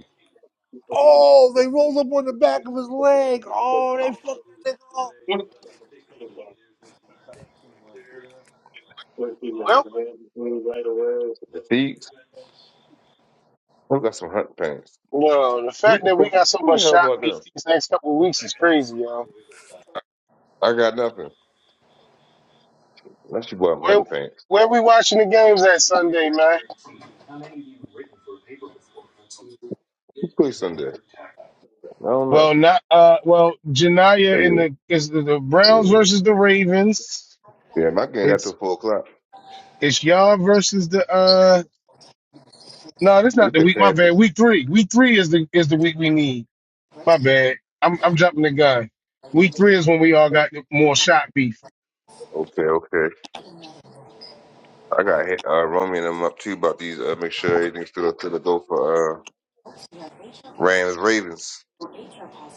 [SPEAKER 10] oh, they rolled up on the back of his leg. Oh, they fucked that nigga up.
[SPEAKER 1] Well,
[SPEAKER 7] He. Who got some hunting pants?
[SPEAKER 1] Where,
[SPEAKER 7] Who, who the hell bought them? I got nothing. Unless you bought them
[SPEAKER 1] well,
[SPEAKER 7] hunting pants.
[SPEAKER 1] where the game's at Sunday, man?
[SPEAKER 7] Who pushed on this? I don't know.
[SPEAKER 1] Well, not uh well, Janaya in
[SPEAKER 7] Yeah.
[SPEAKER 1] the is the, the Browns
[SPEAKER 7] Yeah.
[SPEAKER 1] versus the Ravens.
[SPEAKER 7] Yeah. My game after
[SPEAKER 1] It's
[SPEAKER 7] four o'clock.
[SPEAKER 1] it's y'all versus the uh no, that's
[SPEAKER 7] We
[SPEAKER 1] not the
[SPEAKER 7] play the
[SPEAKER 1] week. My bad.
[SPEAKER 7] Panthers.
[SPEAKER 1] Week three. Week three is the is the week we need. My bad. I'm I'm jumping the gun. Week three is when we all got more shot beef.
[SPEAKER 7] Okay. Okay. I got hit, uh, Romy and them up too about these. Uh, make sure everything's still up to the door for uh, Rams Ravens.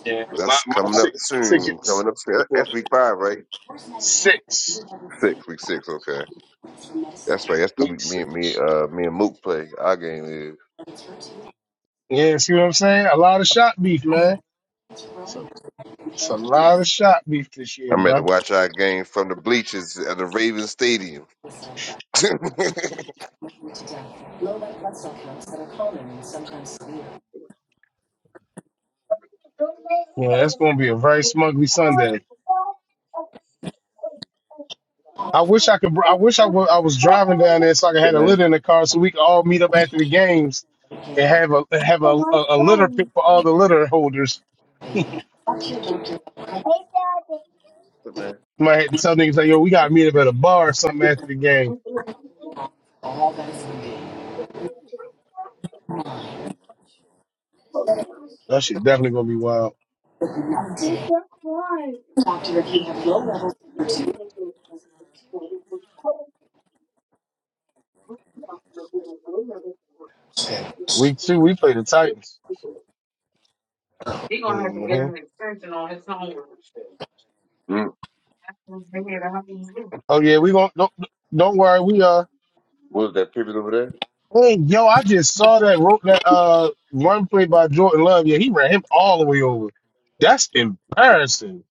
[SPEAKER 1] yeah, my
[SPEAKER 7] That's coming up
[SPEAKER 1] six,
[SPEAKER 7] soon. Coming up soon. That's week five, right?
[SPEAKER 1] Six.
[SPEAKER 7] Six, week six. Okay, that's right. That's the week me and me uh me and Mook play. Our game is.
[SPEAKER 1] Yeah, see what I'm saying? A lot of shot beef, man. So it's a lot of shot beef this year,
[SPEAKER 7] I'm at to
[SPEAKER 1] brother.
[SPEAKER 7] watch our game from the bleachers at the Ravens Stadium.
[SPEAKER 1] Yeah, that's gonna be a very smugly Sunday. I wish I could. I wish I wa- I was driving down there so I could have a litter in the car so we could all meet up after the games and have a have
[SPEAKER 7] Mm,
[SPEAKER 1] a, a, a litter pick for all the litter holders.
[SPEAKER 7] what
[SPEAKER 1] Might have to tell niggas like, yo, we gotta meet up at a bar or something after the game. That shit definitely gonna be wild. Week two, we play the Titans. hmm Oh yeah, we gonna don't don't worry. We uh
[SPEAKER 7] was that pivot over there?
[SPEAKER 1] Hey, yo, I just saw that wrote that uh run play by Jordan Love. Yeah, he ran him all the way over. That's embarrassing.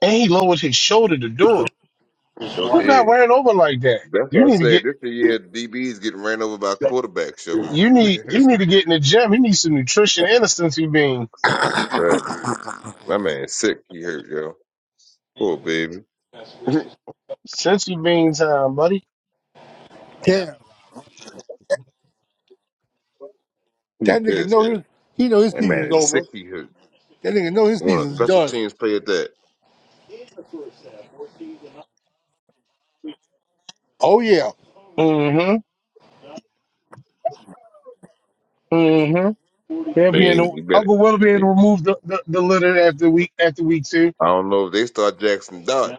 [SPEAKER 1] And he lowered his shoulder to do it.
[SPEAKER 7] No,
[SPEAKER 1] Who got
[SPEAKER 7] did.
[SPEAKER 1] ran over like that?
[SPEAKER 7] That's
[SPEAKER 1] You
[SPEAKER 7] what I
[SPEAKER 1] need to get
[SPEAKER 7] said. This the year DB's getting ran over by quarterbacks, yo. 'cause-
[SPEAKER 1] you need he need to get in the gym. He needs some nutrition and a sensory bean.
[SPEAKER 7] but my man is sick. He hurt, yo. Poor baby.
[SPEAKER 1] Sensory bean time, buddy.
[SPEAKER 10] Damn,
[SPEAKER 7] he
[SPEAKER 10] that nigga
[SPEAKER 7] pissed.
[SPEAKER 10] know his. He know his
[SPEAKER 7] That man
[SPEAKER 10] season's
[SPEAKER 7] is
[SPEAKER 10] over.
[SPEAKER 7] sick. He hurt.
[SPEAKER 10] That nigga know his
[SPEAKER 7] One of the
[SPEAKER 10] season's
[SPEAKER 7] special
[SPEAKER 10] done.
[SPEAKER 7] teams play at that.
[SPEAKER 10] Oh yeah.
[SPEAKER 1] Mm-hmm. Mm-hmm.
[SPEAKER 7] I
[SPEAKER 1] They'll be in the
[SPEAKER 7] mean, you better.
[SPEAKER 1] Uncle will be able to
[SPEAKER 7] It,
[SPEAKER 1] remove the, the, the litter after week after week two.
[SPEAKER 7] I don't know if they start Jackson Dart.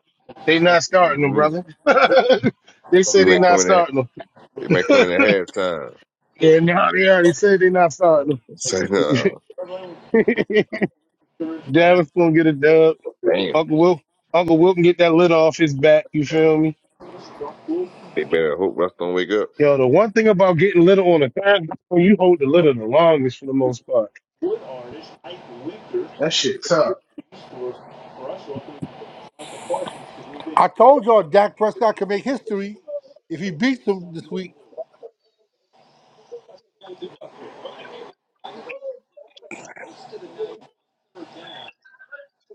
[SPEAKER 1] They not starting them,
[SPEAKER 7] Mm,
[SPEAKER 1] brother. they
[SPEAKER 7] he
[SPEAKER 1] said they
[SPEAKER 7] may
[SPEAKER 1] not
[SPEAKER 7] come in. At,
[SPEAKER 1] starting them.
[SPEAKER 7] he may come in at halftime.
[SPEAKER 1] Yeah, no, they already said they not starting them.
[SPEAKER 7] Say no.
[SPEAKER 1] Davis gonna get a dub.
[SPEAKER 7] Damn.
[SPEAKER 1] Uncle Will, Uncle Will can get that litter off his back. You feel me?
[SPEAKER 7] Hey, man, I hope Russ don't wake up.
[SPEAKER 1] Yo, the one thing about getting litter on a time, when you hold the litter the longest for the most part.
[SPEAKER 10] I told y'all Dak Prescott could make history if he beats them this week.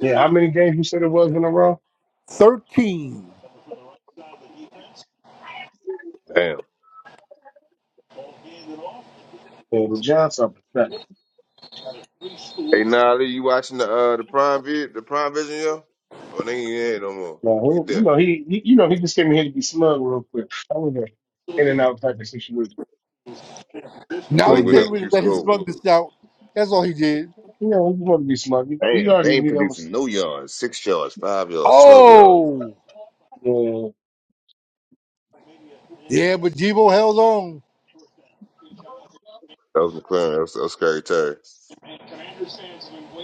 [SPEAKER 1] Yeah, how many games you said it was in a row?
[SPEAKER 10] 13.
[SPEAKER 7] Damn.
[SPEAKER 1] Yeah, the Giants are pathetic.
[SPEAKER 7] Hey, Nolly, you watching the uh the prime vid the prime vision, yo? Oh, they ain't in it no more.
[SPEAKER 1] Now,
[SPEAKER 7] He
[SPEAKER 1] who, you
[SPEAKER 7] dead.
[SPEAKER 1] know he, he, you know he just came in here to be smug real quick. I was a in and out type of situation.
[SPEAKER 10] Now
[SPEAKER 7] 'Cause They
[SPEAKER 10] he
[SPEAKER 1] No
[SPEAKER 7] went
[SPEAKER 1] dick.
[SPEAKER 7] up
[SPEAKER 10] came in
[SPEAKER 7] two
[SPEAKER 10] and let his
[SPEAKER 7] scores.
[SPEAKER 10] smugness out. That's all he did.
[SPEAKER 1] You know he want to be smug. We, we
[SPEAKER 7] Damn,
[SPEAKER 1] already
[SPEAKER 7] they ain't
[SPEAKER 1] knew that was.
[SPEAKER 7] producing no yards, six yards, five yards, twelve yards.
[SPEAKER 10] Oh!
[SPEAKER 1] Uh,
[SPEAKER 10] Yeah, but Debo held on.
[SPEAKER 7] That was McLaren. That was, that was scary Terry.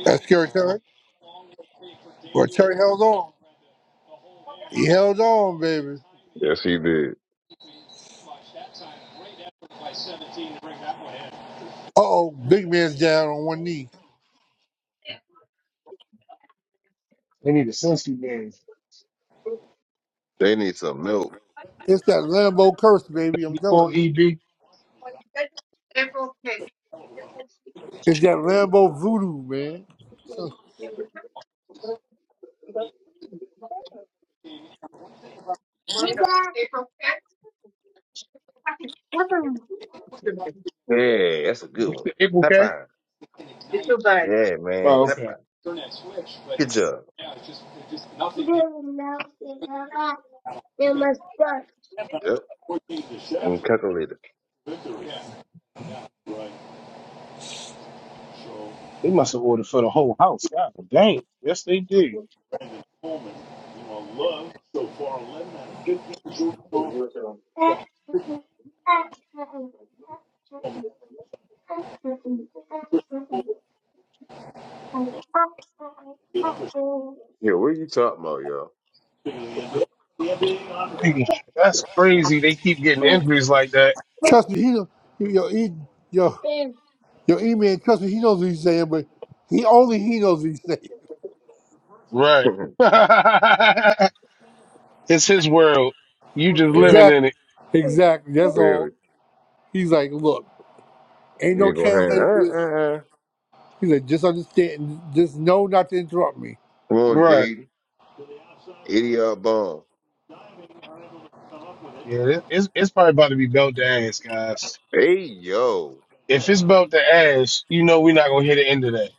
[SPEAKER 10] That's Kerry Terry. But Terry held on. He held on, baby.
[SPEAKER 7] Yes, he did.
[SPEAKER 10] Uh oh, big man's down on one knee.
[SPEAKER 1] they need a sensory game.
[SPEAKER 7] They need some milk.
[SPEAKER 10] It's that Lambo curse, baby. I'm telling you. It's that Lambo voodoo, man.
[SPEAKER 7] Hey, Dad. High five. Yeah, that's a good
[SPEAKER 1] What's
[SPEAKER 7] one.
[SPEAKER 1] the April
[SPEAKER 7] High
[SPEAKER 1] K?
[SPEAKER 7] five. Yeah, man.
[SPEAKER 1] Oh,
[SPEAKER 7] High five. Good job. Good enough. They must start. Yep. I'm calculating.
[SPEAKER 1] They must have ordered for the whole house. God dang. Yes, they did.
[SPEAKER 7] Yeah, what are you talking about, y'all?
[SPEAKER 1] Nigga, That's crazy. They keep getting injuries like that.
[SPEAKER 10] Trust me, he, done- he, yo, he, yo, Your E man, trust me, he knows what he's saying, but he only he knows what he's saying.
[SPEAKER 1] Right. it's his world. You just
[SPEAKER 7] right.
[SPEAKER 1] living in
[SPEAKER 10] Exactly.
[SPEAKER 1] it.
[SPEAKER 10] Exactly. That's
[SPEAKER 7] Clearly.
[SPEAKER 10] all. He's like, look, ain't no
[SPEAKER 7] You go going hang
[SPEAKER 10] translator for this.
[SPEAKER 7] uh uh uh.
[SPEAKER 10] He's like, just understand, just know not to interrupt me.
[SPEAKER 7] Come on,
[SPEAKER 1] Right.
[SPEAKER 7] Jaden. 80 yard bomb.
[SPEAKER 1] Yeah, it- it's, it's probably about to be belt to ass, guys.
[SPEAKER 7] Hey yo.
[SPEAKER 1] If it's belt to ass, you know we're not going to hit the end of that.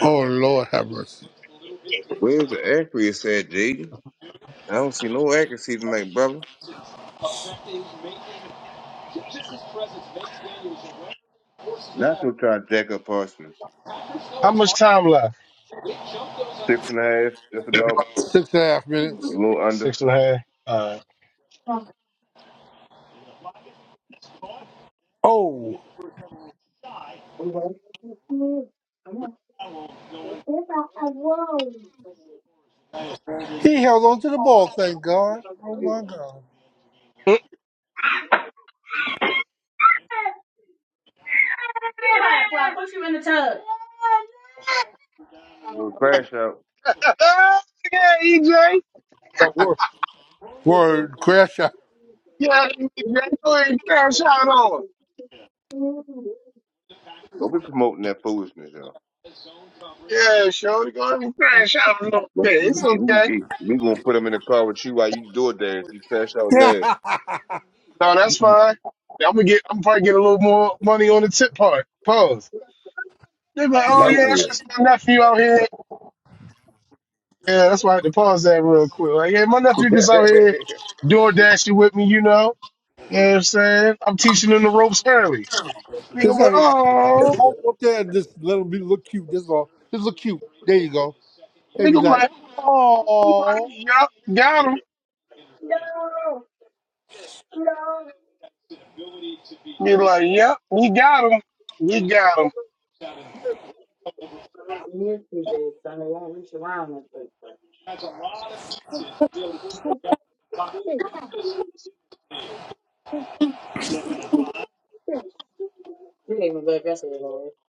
[SPEAKER 10] Oh Lord, have mercy.
[SPEAKER 7] Where's the accuracy at, Jaden? I don't see no accuracy tonight, brother. Not gonna try to jack up Arsenal.
[SPEAKER 1] How much time left?
[SPEAKER 7] Six and a half, just about
[SPEAKER 10] Six and a half
[SPEAKER 7] a
[SPEAKER 10] minutes.
[SPEAKER 7] little under.
[SPEAKER 1] Six and a half. All right.
[SPEAKER 10] Oh, he held on to the ball. Thank God. Oh my God.
[SPEAKER 7] Well, crash out.
[SPEAKER 10] That word, word crash out.
[SPEAKER 1] Yeah, shout it on.
[SPEAKER 7] Don't be promoting that foolishness, yo.
[SPEAKER 1] Yeah, sure. Go ahead and crash out a little
[SPEAKER 7] We,
[SPEAKER 1] bit. It's okay.
[SPEAKER 7] we we gonna put him in the car with you while you do it dance. You crash out now.
[SPEAKER 1] No, that's fine. I'm gonna get. I'm probably get a little more money on the tip part. Pause. They're like, oh
[SPEAKER 10] yep.
[SPEAKER 1] yeah, that's just my nephew out here. Yeah, that's why I had to pause that real quick. Like, yeah, my nephew just out here door dashing with me, you know. You know what I'm saying? I'm teaching him the ropes early. Nigga
[SPEAKER 10] Just
[SPEAKER 1] be like,
[SPEAKER 10] have it.
[SPEAKER 1] oh,
[SPEAKER 10] Just hold them up there and just let them be look cute. That's all. Just look cute. There you go.
[SPEAKER 1] nigga
[SPEAKER 10] They be
[SPEAKER 1] be
[SPEAKER 10] like,
[SPEAKER 1] like, oh, You like,
[SPEAKER 10] oh,
[SPEAKER 1] yup, got him. You like, yep, you got him. You got him.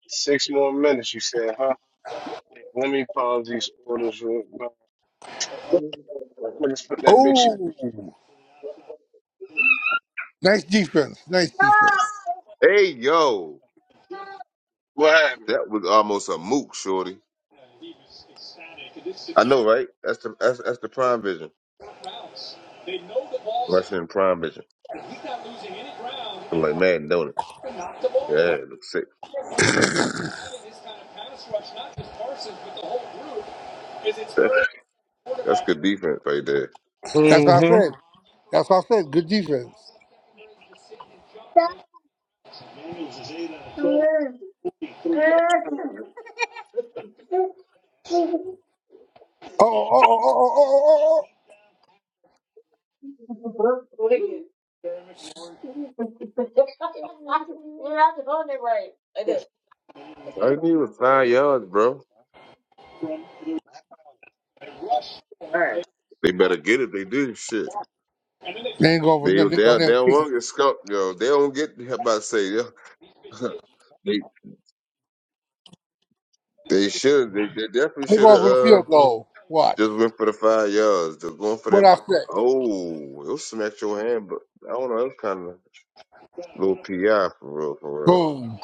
[SPEAKER 1] Six more minutes, you said, huh? Let me pause these orders real quick. Let me just put that bitch.
[SPEAKER 10] oh, nice defense, nice defense.
[SPEAKER 7] hey yo,
[SPEAKER 1] Well,
[SPEAKER 7] that was almost a mook, shorty. I know, right? That's the that's, that's the prime vision. Rushing in prime vision. I'm like Madden, don't it? Yeah, it looks sick. That's that's good defense right there.
[SPEAKER 10] That's what I said. That's what I said. Good defense. Oh, oh, oh, oh, oh, oh, oh. oh. oh.
[SPEAKER 7] I need was five yards, bro. They better get it. They do shit.
[SPEAKER 10] They ain't going for
[SPEAKER 7] They
[SPEAKER 10] nothing. They
[SPEAKER 7] they
[SPEAKER 10] going there
[SPEAKER 7] they
[SPEAKER 10] and kick it.
[SPEAKER 7] won't get scuffed, yo. They don't get. How about to say yo? they they should. They they definitely
[SPEAKER 10] They
[SPEAKER 7] should
[SPEAKER 10] going
[SPEAKER 7] have
[SPEAKER 10] for the
[SPEAKER 7] uh
[SPEAKER 10] field goal. Watch
[SPEAKER 7] just went for the five yards. Just going for
[SPEAKER 10] what
[SPEAKER 7] that.
[SPEAKER 10] I said.
[SPEAKER 7] Oh, it'll smack your hand, but I don't know. That's kind of little pi for real, for
[SPEAKER 10] Boom.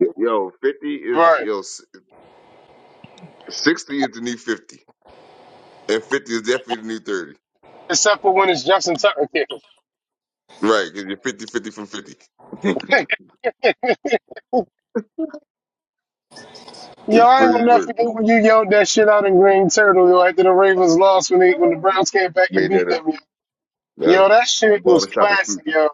[SPEAKER 7] real. Yo, fifty is
[SPEAKER 1] right.
[SPEAKER 7] yo s- sixty is the new fifty, and fifty is definitely the new thirty.
[SPEAKER 1] Except for when it's Justin Tucker kicking.
[SPEAKER 7] Right, because you're fifty-fifty from 50.
[SPEAKER 1] Yo,
[SPEAKER 7] it's
[SPEAKER 1] I ain't gonna
[SPEAKER 7] crazy
[SPEAKER 1] never
[SPEAKER 7] work.
[SPEAKER 1] forget when you yelled that shit out in Green Turtle, yo, after the Ravens lost when they when the Browns came back and
[SPEAKER 7] Made
[SPEAKER 1] beat
[SPEAKER 7] that up.
[SPEAKER 1] them, yo.
[SPEAKER 7] That's
[SPEAKER 1] Yo, that shit was
[SPEAKER 7] barbershop
[SPEAKER 1] classic,
[SPEAKER 7] exclusive.
[SPEAKER 1] yo.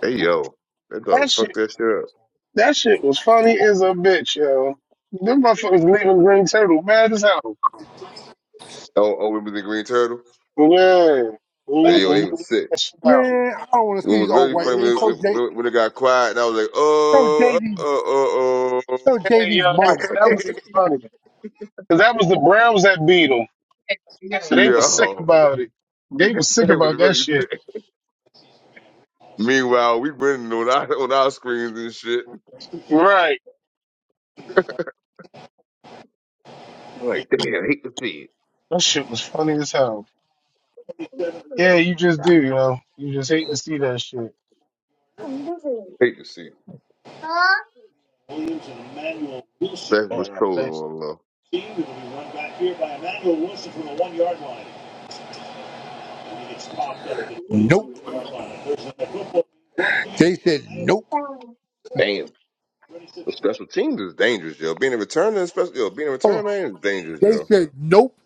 [SPEAKER 7] Hey yo, that
[SPEAKER 1] That
[SPEAKER 7] dog fucked
[SPEAKER 1] shit
[SPEAKER 7] that shit up.
[SPEAKER 1] that shit was funny as a bitch, yo. Them motherfuckers leaving Green Turtle mad as hell.
[SPEAKER 7] Oh, oh, remember the Green Turtle?
[SPEAKER 1] Yeah. When you,
[SPEAKER 7] Hey yo,
[SPEAKER 1] when you
[SPEAKER 7] they
[SPEAKER 1] let
[SPEAKER 7] was sick.
[SPEAKER 1] that shit out.
[SPEAKER 10] Man, I don't want to see
[SPEAKER 7] What
[SPEAKER 10] these
[SPEAKER 7] was
[SPEAKER 10] old
[SPEAKER 7] really
[SPEAKER 10] white
[SPEAKER 7] funny when
[SPEAKER 10] men. Show
[SPEAKER 7] it,
[SPEAKER 10] J,
[SPEAKER 7] when, when it got quiet and I was like,
[SPEAKER 10] show
[SPEAKER 7] oh,
[SPEAKER 10] JD's,
[SPEAKER 7] oh, oh, oh.
[SPEAKER 10] show
[SPEAKER 1] Hey,
[SPEAKER 10] JD's
[SPEAKER 1] yo, that,
[SPEAKER 10] mama.
[SPEAKER 1] that was even
[SPEAKER 7] oh.
[SPEAKER 1] funny. Because that was the Browns that beat them. So they was sick
[SPEAKER 7] yo,
[SPEAKER 1] about it. They was
[SPEAKER 7] that
[SPEAKER 1] sick about
[SPEAKER 7] was
[SPEAKER 1] that
[SPEAKER 7] really
[SPEAKER 1] shit.
[SPEAKER 7] sick. Meanwhile, we winning on our on our screens and shit. I'm like, damn, hate to see it.
[SPEAKER 1] That shit was funny as hell. Yeah, you just do, you know. You just hate to see that shit.
[SPEAKER 7] Hate to see it. That was
[SPEAKER 1] Damn,
[SPEAKER 7] trolling
[SPEAKER 1] thanks.
[SPEAKER 7] on
[SPEAKER 10] Nope. They said nope.
[SPEAKER 7] low. Damn. The special teams is dangerous, yo. Being a returner, special yo, being a
[SPEAKER 10] Hold
[SPEAKER 7] return man is dangerous,
[SPEAKER 10] on. They
[SPEAKER 7] yo.
[SPEAKER 10] said nope.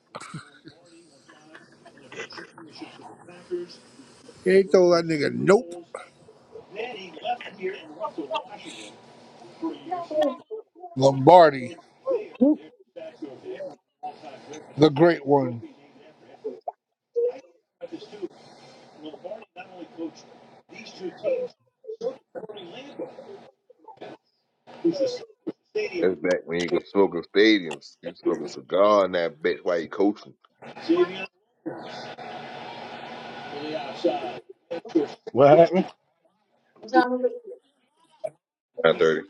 [SPEAKER 10] They told that nigga nope. Lombardi,
[SPEAKER 7] Woo.
[SPEAKER 10] the great one.
[SPEAKER 7] That's back when you could smoke in stadiums. You smoke a cigar in that bitch while you coaching.
[SPEAKER 1] What happened?
[SPEAKER 7] Nine thirty.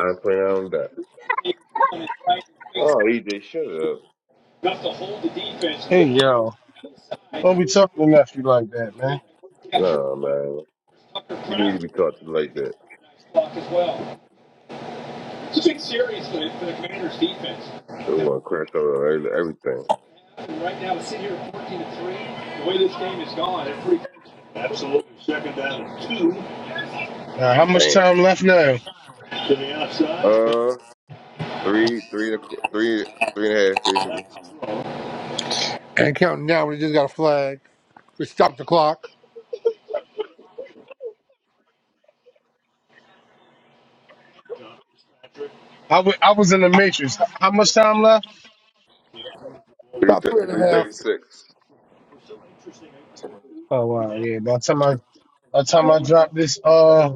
[SPEAKER 7] I'm playing on that. Oh, EJ, shut up.
[SPEAKER 1] Hey, yo. Don't be talking to nephew like that, man.
[SPEAKER 7] No, man. You need to be taught to like that. They want to crash over every- everything.
[SPEAKER 1] Uh, how much
[SPEAKER 7] Damn.
[SPEAKER 1] time left now?
[SPEAKER 7] Uh, three, three, and a qu- three, three and a half, basically.
[SPEAKER 10] And counting down, we just got a flag. We stopped the clock.
[SPEAKER 1] I wa- I was in the Matrix. H- How much time left?
[SPEAKER 7] Three,
[SPEAKER 10] About
[SPEAKER 7] thir-
[SPEAKER 10] three and a
[SPEAKER 7] three
[SPEAKER 10] half.
[SPEAKER 7] thirty-six.
[SPEAKER 1] Oh, wow, yeah. By the time I, by the time I drop this, uh,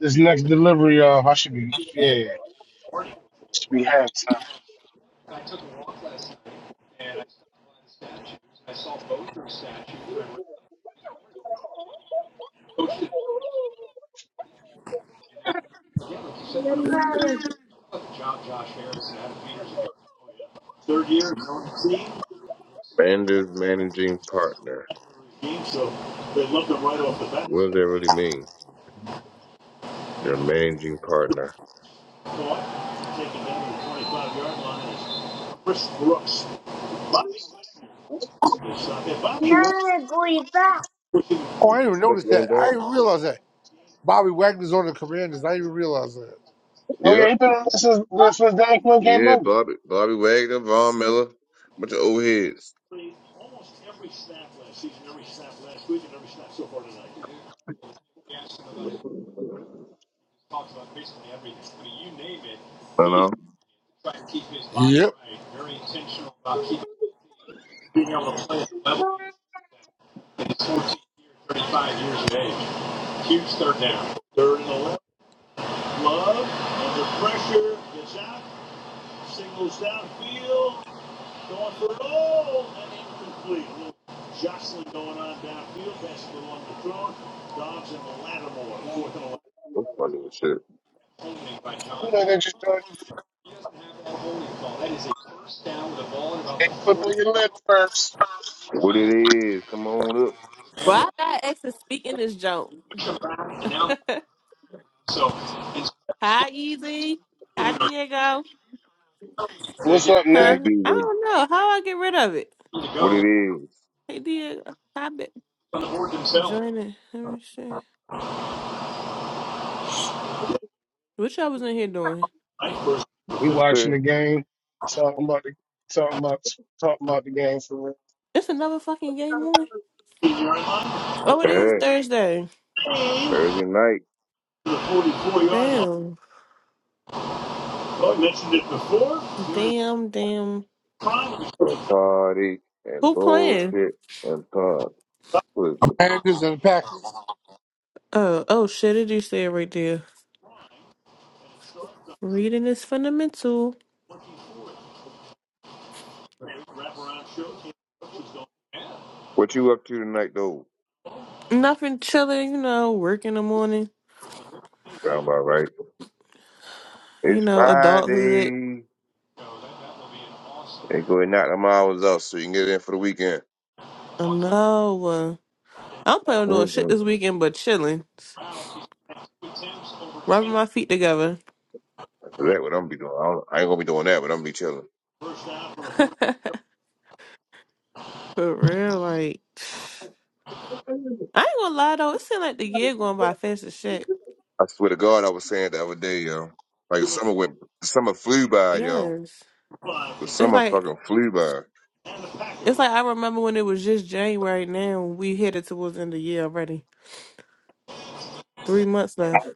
[SPEAKER 1] this next delivery, uh, I should be, yeah, should be halftime.
[SPEAKER 7] Manager, managing partner. What does that really mean? Your managing partner. What's going back?
[SPEAKER 10] Oh, I didn't even
[SPEAKER 7] But
[SPEAKER 10] notice
[SPEAKER 7] Going
[SPEAKER 10] that. I
[SPEAKER 7] back?
[SPEAKER 10] didn't even realize that. Bobby Wagner's on the commanders. I didn't even realize that.
[SPEAKER 1] Oh, yeah,
[SPEAKER 7] Yep.
[SPEAKER 1] he been on this since,
[SPEAKER 7] What?
[SPEAKER 1] this since Dan Quinn came
[SPEAKER 7] Yeah,
[SPEAKER 1] over.
[SPEAKER 7] Bobby, Bobby Wagner, Von Miller, bunch of old heads. I know.
[SPEAKER 10] Yep.
[SPEAKER 7] That's funny as shit.
[SPEAKER 1] Who know that you doing? They put on your lip first.
[SPEAKER 7] What it is? Come on up.
[SPEAKER 12] Why I got exes speaking this joke? Hi, Easy. Hi, Diego.
[SPEAKER 1] What's up,
[SPEAKER 7] What
[SPEAKER 12] Huh?
[SPEAKER 1] Nay?
[SPEAKER 7] it be?
[SPEAKER 12] I
[SPEAKER 7] What it,
[SPEAKER 12] don't know. How I get rid of it?
[SPEAKER 7] what it is?
[SPEAKER 12] Hey, Diego. Hi, be- Join it. Let me see. What y'all was in here doing?
[SPEAKER 1] We watching the game. Talking about the, talking about, talking about the game for real.
[SPEAKER 12] It's another fucking game on? Oh, it is
[SPEAKER 7] Yeah.
[SPEAKER 12] Thursday.
[SPEAKER 7] Thursday night
[SPEAKER 12] Damn. Damn, damn.
[SPEAKER 7] and party and
[SPEAKER 12] Who playing?
[SPEAKER 7] bullshit and pub. What
[SPEAKER 10] Commanders and Packers.
[SPEAKER 12] Oh, oh shit, it just said right there. Reading is fundamental.
[SPEAKER 7] you up to tonight though?
[SPEAKER 12] Nothing chilling, you know, work in the morning.
[SPEAKER 7] Sound about right.
[SPEAKER 12] You
[SPEAKER 7] It's
[SPEAKER 12] know, adulthood.
[SPEAKER 7] Friday. They go and knock them hours off so you can get in for the weekend.
[SPEAKER 12] I know. I'm planning on doing
[SPEAKER 7] Mm-hmm.
[SPEAKER 12] shit this weekend, but chilling, rubbing my feet together.
[SPEAKER 7] So that's what I'm be doing. I, don't, I ain't gonna be doing that, but I'm gonna be chilling.
[SPEAKER 12] For real, like I ain't gonna lie though, it seemed like the year going by fast as shit.
[SPEAKER 7] I swear to God, I was saying the other day, yo. Like summer went, the summer flew by, yo.
[SPEAKER 12] Yes,
[SPEAKER 7] The
[SPEAKER 12] it's
[SPEAKER 7] summer
[SPEAKER 12] like
[SPEAKER 7] fucking flew by.
[SPEAKER 12] it's like I remember when it was just January. Now we headed towards the end of the year already. Three months left.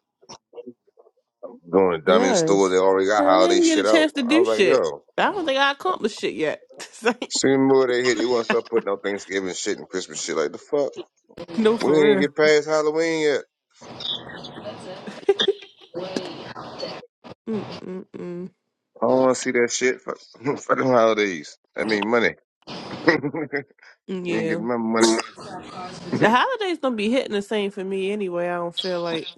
[SPEAKER 7] Going to dumb in stores,
[SPEAKER 12] Yes,
[SPEAKER 7] they already got
[SPEAKER 12] I
[SPEAKER 7] holiday
[SPEAKER 12] didn't get
[SPEAKER 7] shit
[SPEAKER 12] a
[SPEAKER 7] out.
[SPEAKER 12] chance to
[SPEAKER 7] I
[SPEAKER 12] do
[SPEAKER 7] was like,
[SPEAKER 12] shit.
[SPEAKER 7] yo.
[SPEAKER 12] I don't think I accomplished shit yet. It's like,
[SPEAKER 7] Soon more they hit, they want to start putting out Thanksgiving shit and Christmas shit. Like the fuck,
[SPEAKER 12] no,
[SPEAKER 7] we
[SPEAKER 12] for
[SPEAKER 7] ain't
[SPEAKER 12] real.
[SPEAKER 7] get past Halloween yet.
[SPEAKER 12] Mm mm mm.
[SPEAKER 7] I don't want to see that shit for, for them holidays. I mean money. you ain't
[SPEAKER 12] Yeah,
[SPEAKER 7] getting my money.
[SPEAKER 12] the holidays gonna be hitting the same for me anyway. I don't feel like.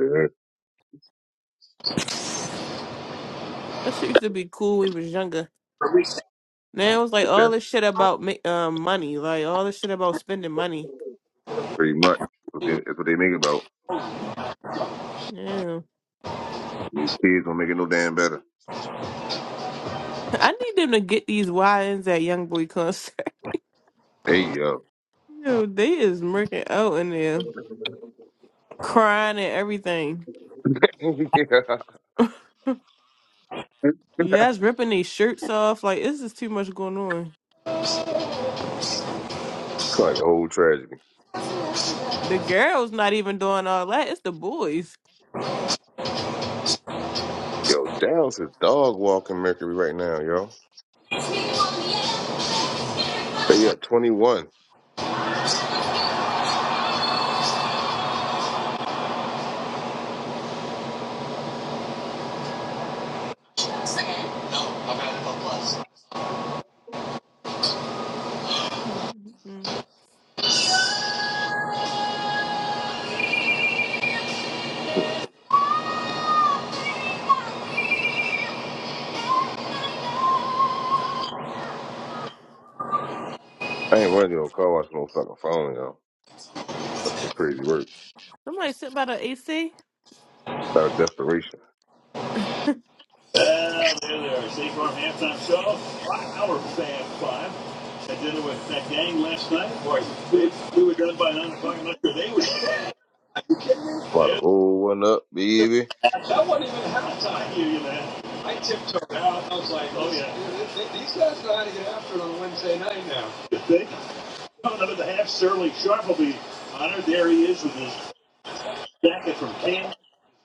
[SPEAKER 7] Yeah,
[SPEAKER 12] That shit used to be cool when we was younger. Now it's like all this
[SPEAKER 7] That's
[SPEAKER 12] shit about ma- um money, like all this shit about spending money.
[SPEAKER 7] pretty much what they, that's what they make it about.
[SPEAKER 12] Yeah,
[SPEAKER 7] These kids don't make it no damn better.
[SPEAKER 12] I need them to get these YNs at YoungBoy concert.
[SPEAKER 7] Hey yo,
[SPEAKER 12] Yo, they is murking out in there, crying and everything.
[SPEAKER 7] yeah, It's like
[SPEAKER 12] You guys ripping these shirts off. Like this is too much going on.
[SPEAKER 7] a whole tragedy.
[SPEAKER 12] The girls not even doing all that. It's the boys.
[SPEAKER 7] Yo, Dallas is dog walking Mercury right now, yo. They up twenty one.
[SPEAKER 12] Mm-mm.
[SPEAKER 7] I ain't running no car wash with no fucking phone, yo. That's the crazy work.
[SPEAKER 12] Somebody sit by the AC.
[SPEAKER 7] Out of desperation. About to roll one up, baby.
[SPEAKER 10] Coming up at the half, Sterling Sharp will be honored. There he is with his jacket from Canada.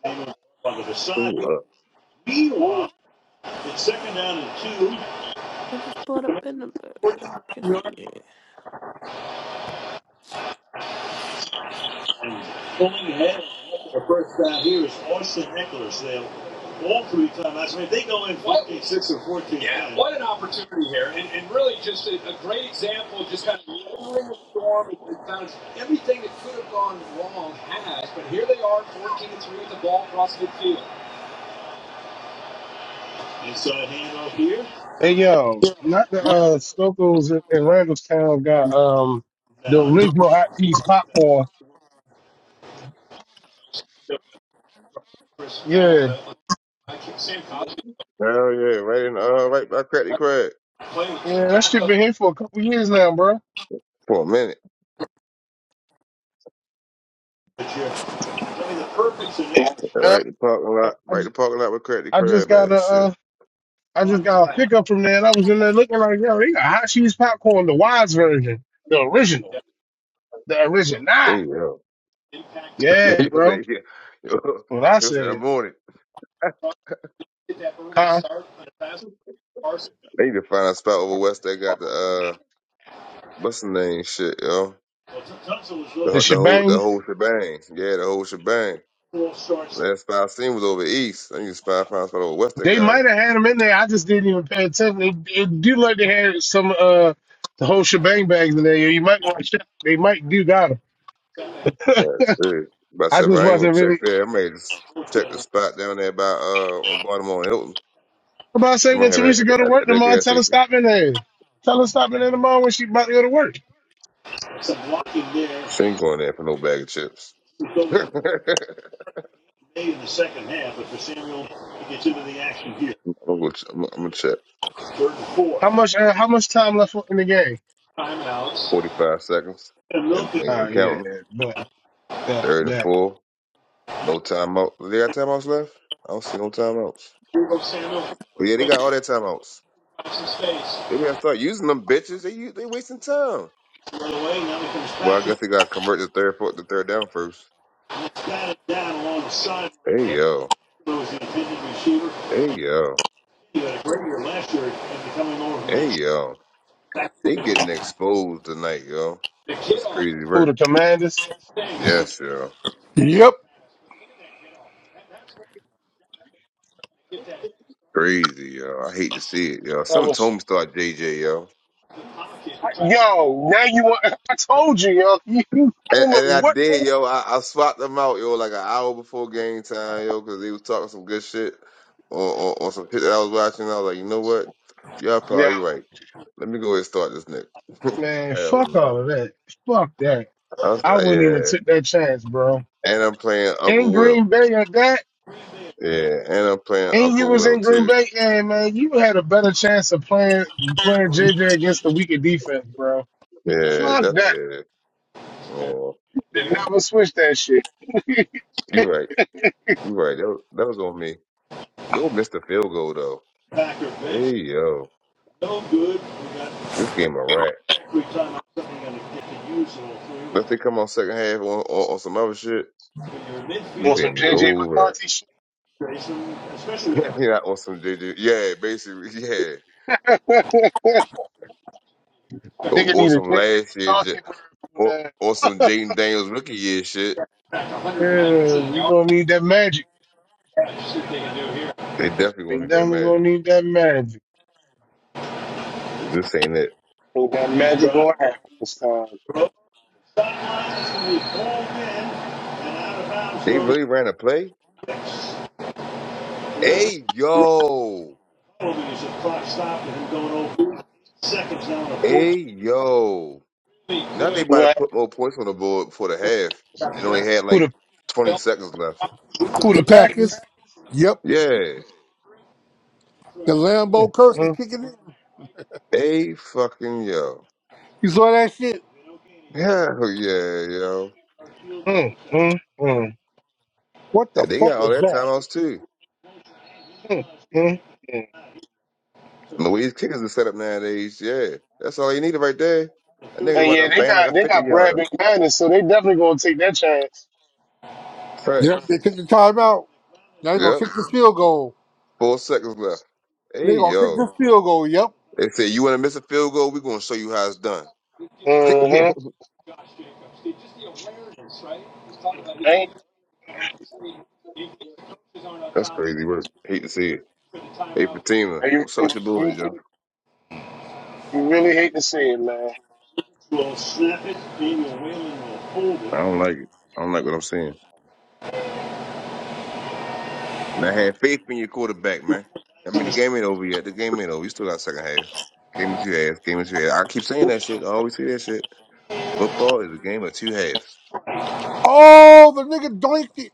[SPEAKER 10] His name is on the facade.
[SPEAKER 7] Ooh, uh, ooh.
[SPEAKER 10] Meanwhile, it's second down and two,
[SPEAKER 12] I just pulled up in the. I can see.
[SPEAKER 10] and pulling ahead for first down here is Austin Eckler. So they have all three timeouts. I mean, if they go in six or fourteen inside handoff here,
[SPEAKER 1] Hey yo, not the uh Stokos in in Randallstown got um the
[SPEAKER 10] down.
[SPEAKER 1] original hot piece popcorn. Yeah.
[SPEAKER 7] Hell yeah, right in the, uh, right by Cracky Crab
[SPEAKER 1] Yeah, that shit been here for a couple years now, bro.
[SPEAKER 7] for a minute.
[SPEAKER 1] Yep.
[SPEAKER 7] Right in the parking lot,
[SPEAKER 1] I
[SPEAKER 7] right in
[SPEAKER 1] just
[SPEAKER 7] the parking lot with Cracky
[SPEAKER 1] I just
[SPEAKER 7] Crab
[SPEAKER 1] got a
[SPEAKER 7] at. Shit.
[SPEAKER 1] uh I just got a pickup from there and I was in there looking like, yo, they got hot cheese popcorn, the wise version, the original, the original. Nah.
[SPEAKER 7] There you go.
[SPEAKER 1] Yeah,
[SPEAKER 7] he was
[SPEAKER 1] bro. That's
[SPEAKER 7] like, yeah. yo,
[SPEAKER 1] what I
[SPEAKER 7] He was like,
[SPEAKER 1] said.
[SPEAKER 7] I'm on it.
[SPEAKER 1] Huh?
[SPEAKER 7] They need to find a spot over West that got the, uh, what's the name shit, yo?
[SPEAKER 1] The
[SPEAKER 7] The, the whole, the
[SPEAKER 1] shebang.
[SPEAKER 7] whole shebang. Yeah, the whole shebang. Last spot I seen was over East. I need to spot, find a spot over West that
[SPEAKER 1] They
[SPEAKER 7] got 'em.
[SPEAKER 1] might have had them in there. I just didn't even pay attention. It, it do like they had some uh the whole shebang bags in there. You might want to check. They might do got 'em.
[SPEAKER 7] That's it. But I
[SPEAKER 1] I
[SPEAKER 7] said, if
[SPEAKER 1] just
[SPEAKER 7] I ain't gonna
[SPEAKER 1] wasn't
[SPEAKER 7] check
[SPEAKER 1] really
[SPEAKER 7] there, I may just check the spot down there by uh on Baltimore and Hilton.
[SPEAKER 1] I'm about to say
[SPEAKER 7] The
[SPEAKER 1] when
[SPEAKER 7] man at,
[SPEAKER 1] Teresa go to
[SPEAKER 7] at,
[SPEAKER 1] work
[SPEAKER 7] at that
[SPEAKER 1] tomorrow.
[SPEAKER 7] gas
[SPEAKER 1] Tell her
[SPEAKER 7] station.
[SPEAKER 1] stop in there. Tell her stop in there tomorrow when she about to go to work.
[SPEAKER 10] Some blocking there.
[SPEAKER 7] She ain't going there for no bag of chips.
[SPEAKER 10] We go with
[SPEAKER 7] I'm
[SPEAKER 10] May in the second half, but for Samuel to get into the action here,
[SPEAKER 7] gonna go ch- I'm, I'm gonna check.
[SPEAKER 10] third and four.
[SPEAKER 1] How much uh, how much time left in the game?
[SPEAKER 10] Timeouts.
[SPEAKER 7] Forty five seconds
[SPEAKER 10] And
[SPEAKER 7] and,
[SPEAKER 10] Milton,
[SPEAKER 7] and,
[SPEAKER 1] Oh
[SPEAKER 7] and
[SPEAKER 1] yeah,
[SPEAKER 7] counting.
[SPEAKER 1] but that
[SPEAKER 7] Third and
[SPEAKER 1] that
[SPEAKER 7] four. No timeout. They got timeouts left? I don't see no timeouts.
[SPEAKER 10] here goes Samuel.
[SPEAKER 7] But yeah, they got all their timeouts.
[SPEAKER 10] Across his
[SPEAKER 7] They got start using them bitches. They u- they wasting time.
[SPEAKER 10] The other way, now he comes
[SPEAKER 7] Well,
[SPEAKER 10] back
[SPEAKER 7] I
[SPEAKER 10] to
[SPEAKER 7] guess
[SPEAKER 10] the
[SPEAKER 7] they gotta convert the third foot the third down first.
[SPEAKER 10] batted down along the sideline
[SPEAKER 7] Hey
[SPEAKER 10] there.
[SPEAKER 7] yo.
[SPEAKER 10] Who was the intended receiver.
[SPEAKER 7] Hey yo.
[SPEAKER 10] He had a great year last year and becoming over from
[SPEAKER 7] Hey yo. They getting exposed tonight, yo. That's crazy work.
[SPEAKER 1] this
[SPEAKER 7] Yes, yo.
[SPEAKER 10] the Yep.
[SPEAKER 7] Crazy, yo. I hate to see it, yo.
[SPEAKER 1] I
[SPEAKER 7] Someone
[SPEAKER 1] was
[SPEAKER 7] told me to start JJ, yo.
[SPEAKER 1] yo now you want I told you yo you I
[SPEAKER 7] And,
[SPEAKER 1] don't know
[SPEAKER 7] and I
[SPEAKER 1] what
[SPEAKER 7] did, yo. I, I swapped them out, yo, like an hour before game time, yo, because they was talking some good shit on, on, on some shit that I was watching. I was like, you know what? Y'all
[SPEAKER 1] yeah
[SPEAKER 7] probably right. Let me go ahead and start this nigga.
[SPEAKER 1] man
[SPEAKER 7] Hell
[SPEAKER 1] fuck
[SPEAKER 7] no.
[SPEAKER 1] all of that fuck that
[SPEAKER 7] I was,
[SPEAKER 1] I
[SPEAKER 7] uh,
[SPEAKER 1] wouldn't even
[SPEAKER 7] yeah.
[SPEAKER 1] took that chance bro.
[SPEAKER 7] And I'm playing
[SPEAKER 1] in
[SPEAKER 7] Uncle Will.
[SPEAKER 1] Green Bay at that,
[SPEAKER 7] Yeah. And I'm playing
[SPEAKER 1] and you
[SPEAKER 7] Uncle
[SPEAKER 1] was
[SPEAKER 7] Will,
[SPEAKER 1] in Green
[SPEAKER 7] too.
[SPEAKER 1] Bay, and man, you had a better chance of playing playing JJ against the weaker defense, bro.
[SPEAKER 7] Yeah,
[SPEAKER 1] Fuck
[SPEAKER 7] that's
[SPEAKER 1] that.
[SPEAKER 7] it. Yeah.
[SPEAKER 1] They never switch that shit.
[SPEAKER 7] You right. You're right. That, was- that was on me. Yo, missed the field goal though.
[SPEAKER 10] Packer bench.
[SPEAKER 7] Hey yo,
[SPEAKER 10] No good. We got
[SPEAKER 7] this game a wrap.
[SPEAKER 10] every time something going to get to use all
[SPEAKER 7] Unless
[SPEAKER 10] through.
[SPEAKER 7] they come on second half on, on, on some other shit,
[SPEAKER 10] When you're in
[SPEAKER 7] this
[SPEAKER 1] Want
[SPEAKER 10] midfield,
[SPEAKER 1] some
[SPEAKER 7] game is
[SPEAKER 1] JJ
[SPEAKER 7] over.
[SPEAKER 1] McCarthy shit?
[SPEAKER 10] Grayson, especially
[SPEAKER 7] You're not on some JJ. Yeah, basically, yeah. Or,
[SPEAKER 1] Nigga
[SPEAKER 7] or
[SPEAKER 1] need a
[SPEAKER 7] some
[SPEAKER 1] JJ
[SPEAKER 7] last year, J-
[SPEAKER 1] McCarthy
[SPEAKER 7] or
[SPEAKER 1] word.
[SPEAKER 7] or some Jaden Daniels rookie year shit.
[SPEAKER 1] Yeah, you gonna need that magic.
[SPEAKER 7] They definitely
[SPEAKER 1] They
[SPEAKER 7] gonna need that
[SPEAKER 1] definitely gonna
[SPEAKER 7] magic.
[SPEAKER 1] need that magic.
[SPEAKER 7] This ain't it.
[SPEAKER 1] Think that
[SPEAKER 10] deep
[SPEAKER 1] magic
[SPEAKER 10] drive,
[SPEAKER 1] gonna happen this time.
[SPEAKER 10] throw, sideline, it's going to be balled in and out of bounds
[SPEAKER 7] They
[SPEAKER 10] goes
[SPEAKER 7] really ran a play.
[SPEAKER 10] six. There isn't
[SPEAKER 7] Hey yo,
[SPEAKER 10] probably is a problem because the clock stop with him going over. Seconds now on a 14.
[SPEAKER 7] hey yo. Now they about to
[SPEAKER 1] Right?
[SPEAKER 7] put more points on the board before the half, and only had
[SPEAKER 1] Who
[SPEAKER 7] like
[SPEAKER 1] the
[SPEAKER 7] 20 seconds left.
[SPEAKER 1] who the
[SPEAKER 10] The Packers.
[SPEAKER 1] Packers?
[SPEAKER 10] Yep.
[SPEAKER 7] Yeah.
[SPEAKER 10] The Lambo curse is
[SPEAKER 1] Mm,
[SPEAKER 10] kicking in.
[SPEAKER 7] A fucking yo.
[SPEAKER 10] You saw that shit?
[SPEAKER 7] Hell yeah, yo.
[SPEAKER 1] mm, mm, mm,
[SPEAKER 10] What the
[SPEAKER 7] And they
[SPEAKER 10] fuck
[SPEAKER 7] got
[SPEAKER 10] was
[SPEAKER 7] all that
[SPEAKER 10] that?
[SPEAKER 7] timeouts too.
[SPEAKER 1] mm.
[SPEAKER 7] And Louise kickers is set up nowadays. Yeah. That's all you needed right there. That nigga
[SPEAKER 1] And
[SPEAKER 7] about to
[SPEAKER 1] yeah, they
[SPEAKER 7] bang like
[SPEAKER 1] got
[SPEAKER 7] a
[SPEAKER 1] they
[SPEAKER 7] 50
[SPEAKER 1] got Brad
[SPEAKER 7] yarder.
[SPEAKER 1] McManus, so they definitely gonna take that chance.
[SPEAKER 10] Yep, they
[SPEAKER 7] Thanks.
[SPEAKER 10] took the timeout. Now they gonna
[SPEAKER 7] Yep.
[SPEAKER 10] kick the field goal.
[SPEAKER 7] Four seconds left. Hey,
[SPEAKER 10] They gonna kick
[SPEAKER 7] yo.
[SPEAKER 10] the field goal. Yep.
[SPEAKER 7] They say you want to miss a field goal? We're going to show you how it's done.
[SPEAKER 1] Mm-hmm. I ain't,
[SPEAKER 7] That's crazy work. Hate to see it. Hey, Fatima.
[SPEAKER 1] you,
[SPEAKER 7] What's up
[SPEAKER 1] you,
[SPEAKER 7] with your boys, yo?
[SPEAKER 1] really you really hate to see it, man.
[SPEAKER 7] I don't like it. I don't like what I'm seeing. And I had faith in your quarterback, man. I mean, the game ain't over yet. The game ain't over. You still got second half. Game of two halves. Game of two halves. I keep saying that shit. I always say that shit. Football is a game of two halves.
[SPEAKER 10] Oh, the nigga doinked it.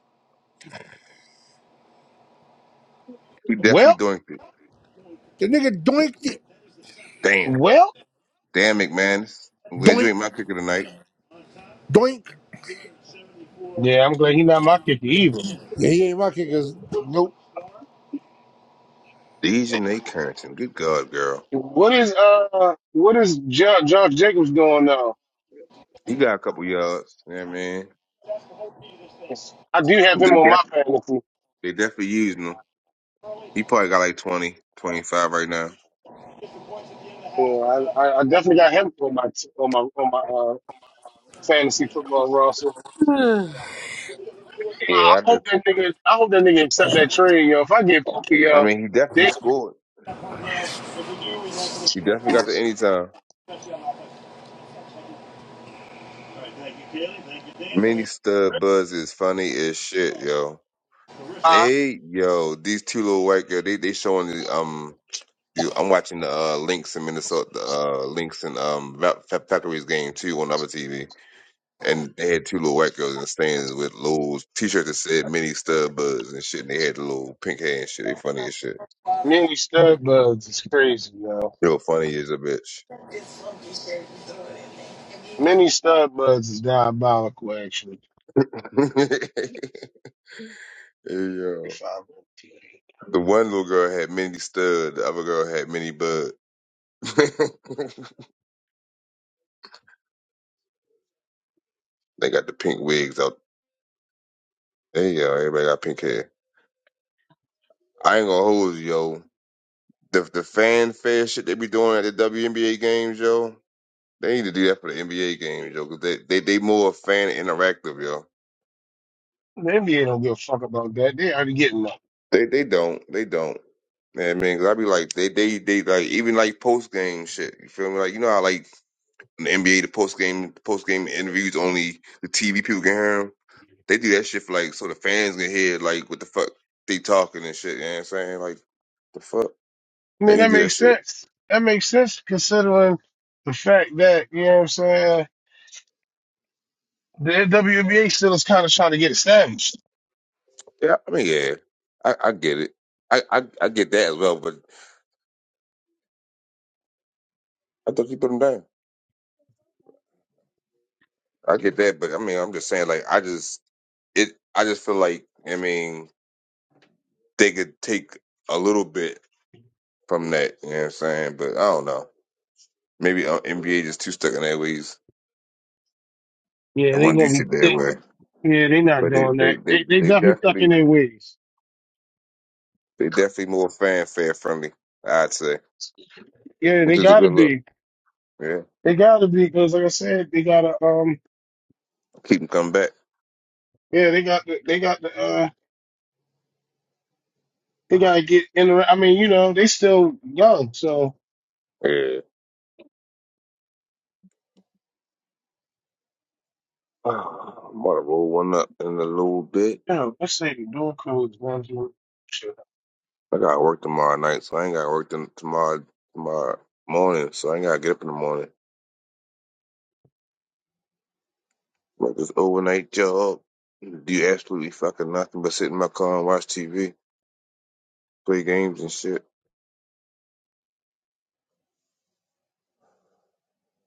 [SPEAKER 7] We definitely
[SPEAKER 1] Well,
[SPEAKER 7] doing it.
[SPEAKER 10] The nigga doinked it.
[SPEAKER 7] Damn.
[SPEAKER 1] well,
[SPEAKER 7] Damn, McManus. I'm glad you
[SPEAKER 10] Doink,
[SPEAKER 7] ain't my kicker tonight.
[SPEAKER 10] doink.
[SPEAKER 1] yeah, I'm glad he's not my kicker either.
[SPEAKER 10] Yeah, he ain't my kickers. Nope.
[SPEAKER 7] Dejanay Carrington. Good God, girl.
[SPEAKER 1] What is uh, what is jo- Josh Jacobs doing now?
[SPEAKER 7] He got a couple yards. You know what I mean?
[SPEAKER 1] I do have
[SPEAKER 7] They,
[SPEAKER 1] him on my
[SPEAKER 7] def-
[SPEAKER 1] fantasy.
[SPEAKER 7] they definitely using him. He probably got like 20, 25 right now.
[SPEAKER 1] Yeah, I, I, I definitely got him on my on my on my uh, fantasy football roster. You know, I
[SPEAKER 7] Yeah, I
[SPEAKER 1] hope
[SPEAKER 7] just,
[SPEAKER 1] that nigga, I hope that nigga accept that trade, yo. If I get Puka,
[SPEAKER 7] I
[SPEAKER 1] yo,
[SPEAKER 7] mean, he definitely
[SPEAKER 1] they
[SPEAKER 7] scored. He definitely got the anytime. Mini stud buzz is funny as shit, yo.
[SPEAKER 1] high.
[SPEAKER 7] Hey, yo, these two little white girl, they they showing the um. You, I'm watching the uh, Lynx in Minnesota, the uh, Lynx and um Fa- Fa- Falcons game too on other TV, and they had two little white girls in the stands with little t-shirts that said "Mini Stud Buzz" and shit, and they had the little pink hair and shit. They funny as shit.
[SPEAKER 1] Many stud buds is crazy, yo.
[SPEAKER 7] Yo, funny as a bitch.
[SPEAKER 1] Many stud buds is diabolical, actually.
[SPEAKER 7] Hey, yo, the one little girl had Mini Stud, the other girl had Mini Bud. They got the pink wigs out Hey yo, everybody got pink hair. I ain't gonna hold you, yo. The the fanfare shit they be doing at the WNBA games, yo. They need to do that for the NBA games, yo. 'cause they, they they more fan interactive, yo.
[SPEAKER 1] The NBA don't give a fuck about that. They already getting up.
[SPEAKER 7] They they don't they don't. Man, man, 'cause I be like they they they like even like post game shit. You feel me? Like you know how like in the NBA the post game post game interviews only the TV people can hear 'em? They do that shit for like so the fans can hear like what the fuck they talking and shit. You know what I'm saying? Like the fuck
[SPEAKER 1] I
[SPEAKER 7] they
[SPEAKER 1] mean,
[SPEAKER 7] need
[SPEAKER 1] that
[SPEAKER 7] to do that
[SPEAKER 1] makes
[SPEAKER 7] shit.
[SPEAKER 1] sense. That makes sense considering the fact that, you know what I'm saying, the WNBA still is kind of trying to get established.
[SPEAKER 7] Yeah, I mean, yeah, I, I get it. I, I I get that as well, but I thought you put him down. I get that, but I mean, I'm just saying, like, I just it, I just feel like, I mean, they could take a little bit from that. You know what I'm saying? But I don't know. Maybe uh, NBA just too stuck in their ways
[SPEAKER 1] Yeah,
[SPEAKER 7] and
[SPEAKER 1] they
[SPEAKER 7] want to do
[SPEAKER 1] going to be
[SPEAKER 7] shit their
[SPEAKER 1] thick.
[SPEAKER 7] way.
[SPEAKER 1] Yeah, they not
[SPEAKER 7] But they,
[SPEAKER 1] doing
[SPEAKER 7] they,
[SPEAKER 1] that.
[SPEAKER 7] they,
[SPEAKER 1] They they
[SPEAKER 7] they
[SPEAKER 1] definitely stuck in
[SPEAKER 7] definitely,
[SPEAKER 1] their ways.
[SPEAKER 7] they definitely more fanfare friendly. I'd say,
[SPEAKER 1] Yeah, they
[SPEAKER 7] which is a
[SPEAKER 1] got to
[SPEAKER 7] good look.
[SPEAKER 1] be.
[SPEAKER 7] Yeah,
[SPEAKER 1] They got to be because, like I said, they got to, um,
[SPEAKER 7] keep them coming back.
[SPEAKER 1] yeah, they got the, they got the, uh, they got to get in the, I mean, you know, they still young. So,
[SPEAKER 7] Yeah, I'm gonna roll one up in a little bit.
[SPEAKER 1] you know, let's say the door codes one, two,
[SPEAKER 7] I got to work tomorrow night, so I ain't got to work t- tomorrow tomorrow morning, so I ain't gotta get up in the morning. Like this overnight job, do absolutely fucking nothing but sit in my car and watch TV, play games and shit,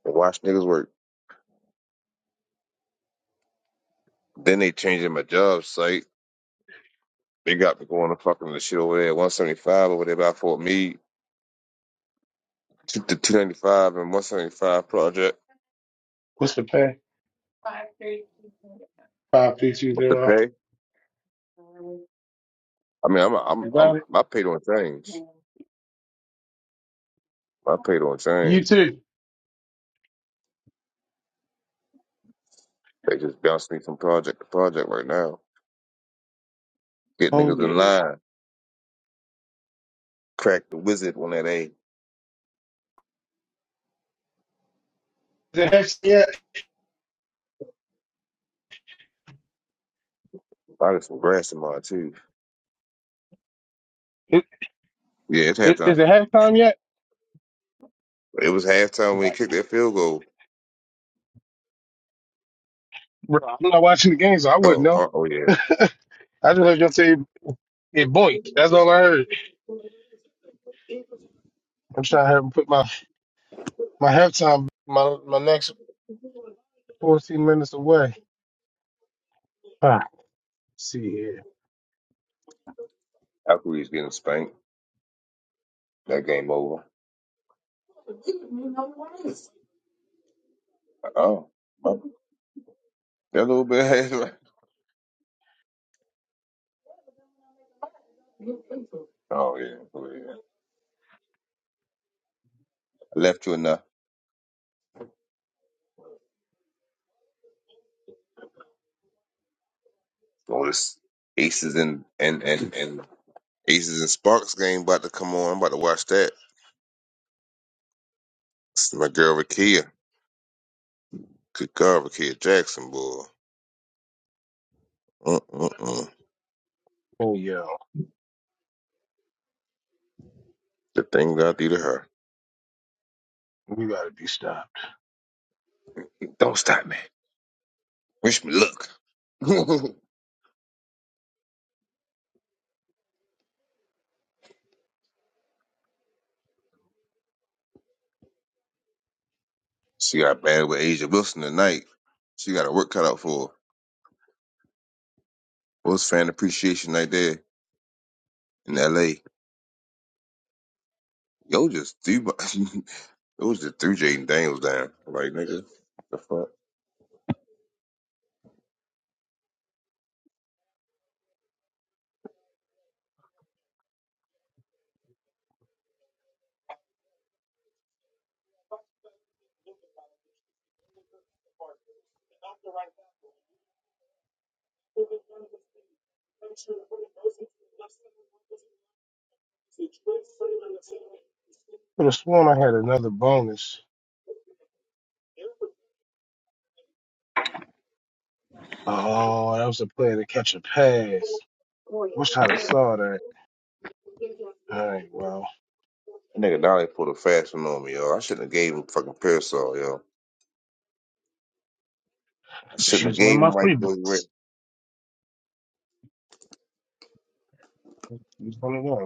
[SPEAKER 7] and watch niggas work. Then they changing my job site. They got me going to fucking the shit over there, 175 over there by Fort Meade, to the 295 and 175 project.
[SPEAKER 1] What's the pay? Five, three, two,
[SPEAKER 7] What the
[SPEAKER 1] zero.
[SPEAKER 7] pay? I mean, I'm I'm
[SPEAKER 1] You got
[SPEAKER 7] I'm
[SPEAKER 1] it.
[SPEAKER 7] my pay don't change. My pay don't
[SPEAKER 1] You
[SPEAKER 7] change.
[SPEAKER 1] too.
[SPEAKER 7] They just bounce me from project to project right now. Get
[SPEAKER 1] Oh
[SPEAKER 7] niggas in
[SPEAKER 1] yeah.
[SPEAKER 7] line. cracked the wizard on that a.
[SPEAKER 1] Is it half yet?
[SPEAKER 7] I got some grass in my too.
[SPEAKER 1] It,
[SPEAKER 7] Yeah, it's
[SPEAKER 1] it, is
[SPEAKER 7] halftime.
[SPEAKER 1] it halftime yet?
[SPEAKER 7] It was halftime when he
[SPEAKER 1] Like,
[SPEAKER 7] kicked that field goal.
[SPEAKER 1] bro, I'm not watching the game, so I wouldn't
[SPEAKER 7] Oh,
[SPEAKER 1] know.
[SPEAKER 7] oh, oh yeah.
[SPEAKER 1] I just heard y'all say it boink. That's all I heard. I'm trying to have him put my my halftime my my next 14 minutes away. All right, let's see here.
[SPEAKER 7] Alcatraz getting spanked. That game over. Oh, oh, that little bit. oh yeah, oh yeah. I left you enough. Oh, this Aces and and and and Aces and Sparks game about to come on. I'm about to watch that. It's my girl Rakia. Good girl, Rakia Jackson, boy. Uh uh uh.
[SPEAKER 1] Oh yeah,
[SPEAKER 7] The things I do to her.
[SPEAKER 1] we gotta be stopped.
[SPEAKER 7] Don't stop me. Wish me luck. She got bad with Asia Wilson tonight. She got her work cut out for her. What's fan appreciation night there in L.A.? Yo, just three. bu- It was just threw Jaden Daniels down. Like nigga, the fuck, that
[SPEAKER 1] Could have sworn I had another bonus. Oh, that was a play to catch a pass. Wish I'd have saw that. All right, well,
[SPEAKER 7] nigga Donnie pulled a fast one on me, yo. I shouldn't have gave him fucking parasol, yo. I
[SPEAKER 1] just
[SPEAKER 7] shouldn't have
[SPEAKER 1] use one of
[SPEAKER 7] gave
[SPEAKER 1] my
[SPEAKER 7] him
[SPEAKER 1] free
[SPEAKER 7] white boy red.
[SPEAKER 1] bets. Use one of them.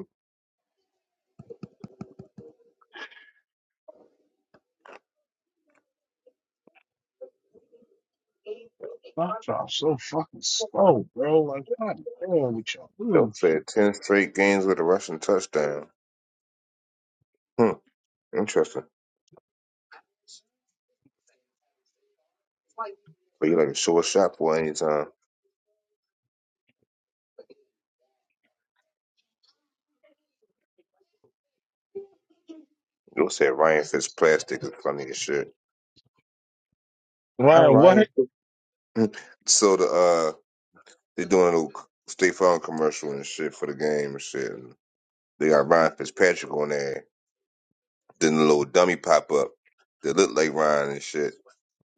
[SPEAKER 1] Stop drop so fucking slow, bro. Like, god damn with y'all. Mm.
[SPEAKER 7] Dope said ten straight games with a rushing touchdown. Hmm, interesting. But you like a short shot boy anytime. Dope said Ryan Fitzplastic is funny as shit. I'm
[SPEAKER 1] Ryan,
[SPEAKER 7] Ryan.
[SPEAKER 1] what?
[SPEAKER 7] So the uh They doing a little State Farm commercial and shit for the game and shit. And they got Ryan Fitzpatrick on there. Then the little dummy pop up that looked like Ryan and shit.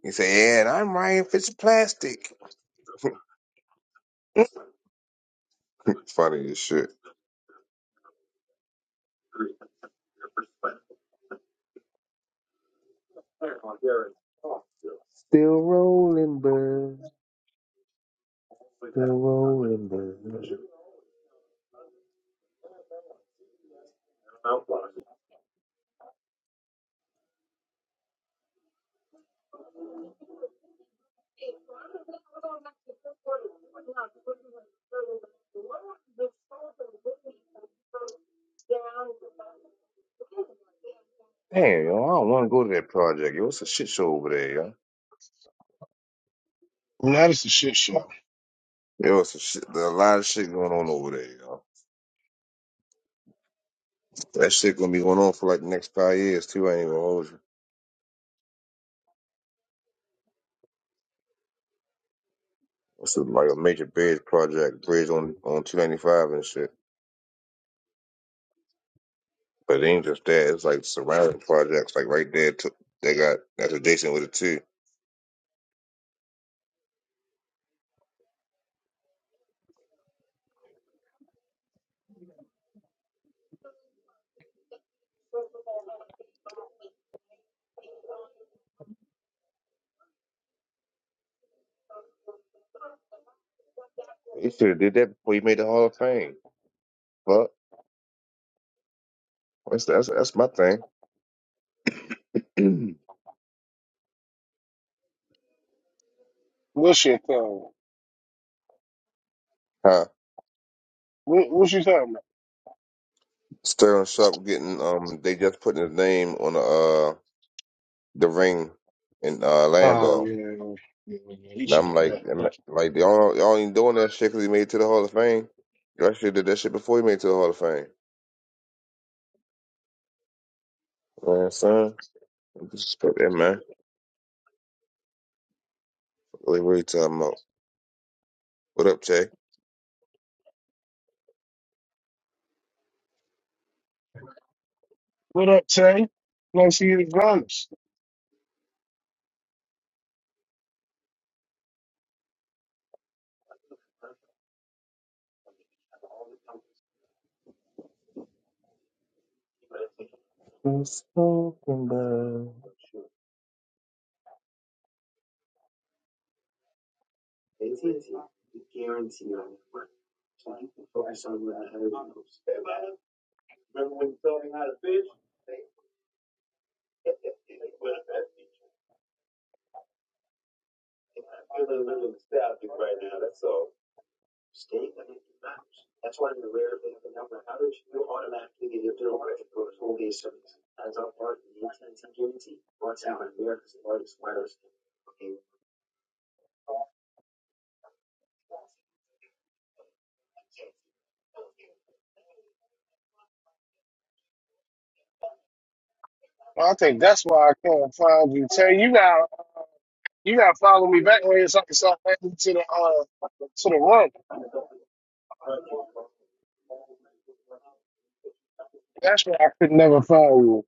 [SPEAKER 7] He say, "Yeah, and I'm Ryan Fitzplastic." Funny as shit. Still rolling, bud. rolling. Damn, yo, I don't want to go to that project. Yo, it's a shit show over there, yo.
[SPEAKER 1] That is a shit show.
[SPEAKER 7] Yo, it's a shit. There's a lot of shit going on over there, yo. That shit gonna be going on for like the next five years too. I ain't even hold you. It's a, like a major bridge project, bridge on on two ninety five and shit. But it ain't just that. It's like surrounding projects, like right there. To, they got that's adjacent with it too. You should have did that before you made the Hall of Fame. But that's that's, that's my thing.
[SPEAKER 1] What's your thing?
[SPEAKER 7] huh.
[SPEAKER 1] What, what you talking about?
[SPEAKER 7] Sterling Sharp getting um. They just putting his name on the uh the ring in uh
[SPEAKER 1] Oh,
[SPEAKER 7] Lambeau.
[SPEAKER 1] yeah. yeah, yeah, yeah. He
[SPEAKER 7] And
[SPEAKER 1] should
[SPEAKER 7] I'm
[SPEAKER 1] have
[SPEAKER 7] like,
[SPEAKER 1] been.
[SPEAKER 7] I'm
[SPEAKER 1] Like,
[SPEAKER 7] like y'all y'all ain't doing that shit because he made it to the Hall of Fame. Y'all should have did that shit before he made it to the Hall of Fame. Man, son, disrespect that man. Really, really talking about. What up, Jay?
[SPEAKER 1] what up, Tay? Nice to see you the drums.
[SPEAKER 7] What's up, man?
[SPEAKER 1] Well, I think that's why I can't find you. Tay, you got you gotta follow me back here so I can start adding to the uh to the run. That's why I could never find you.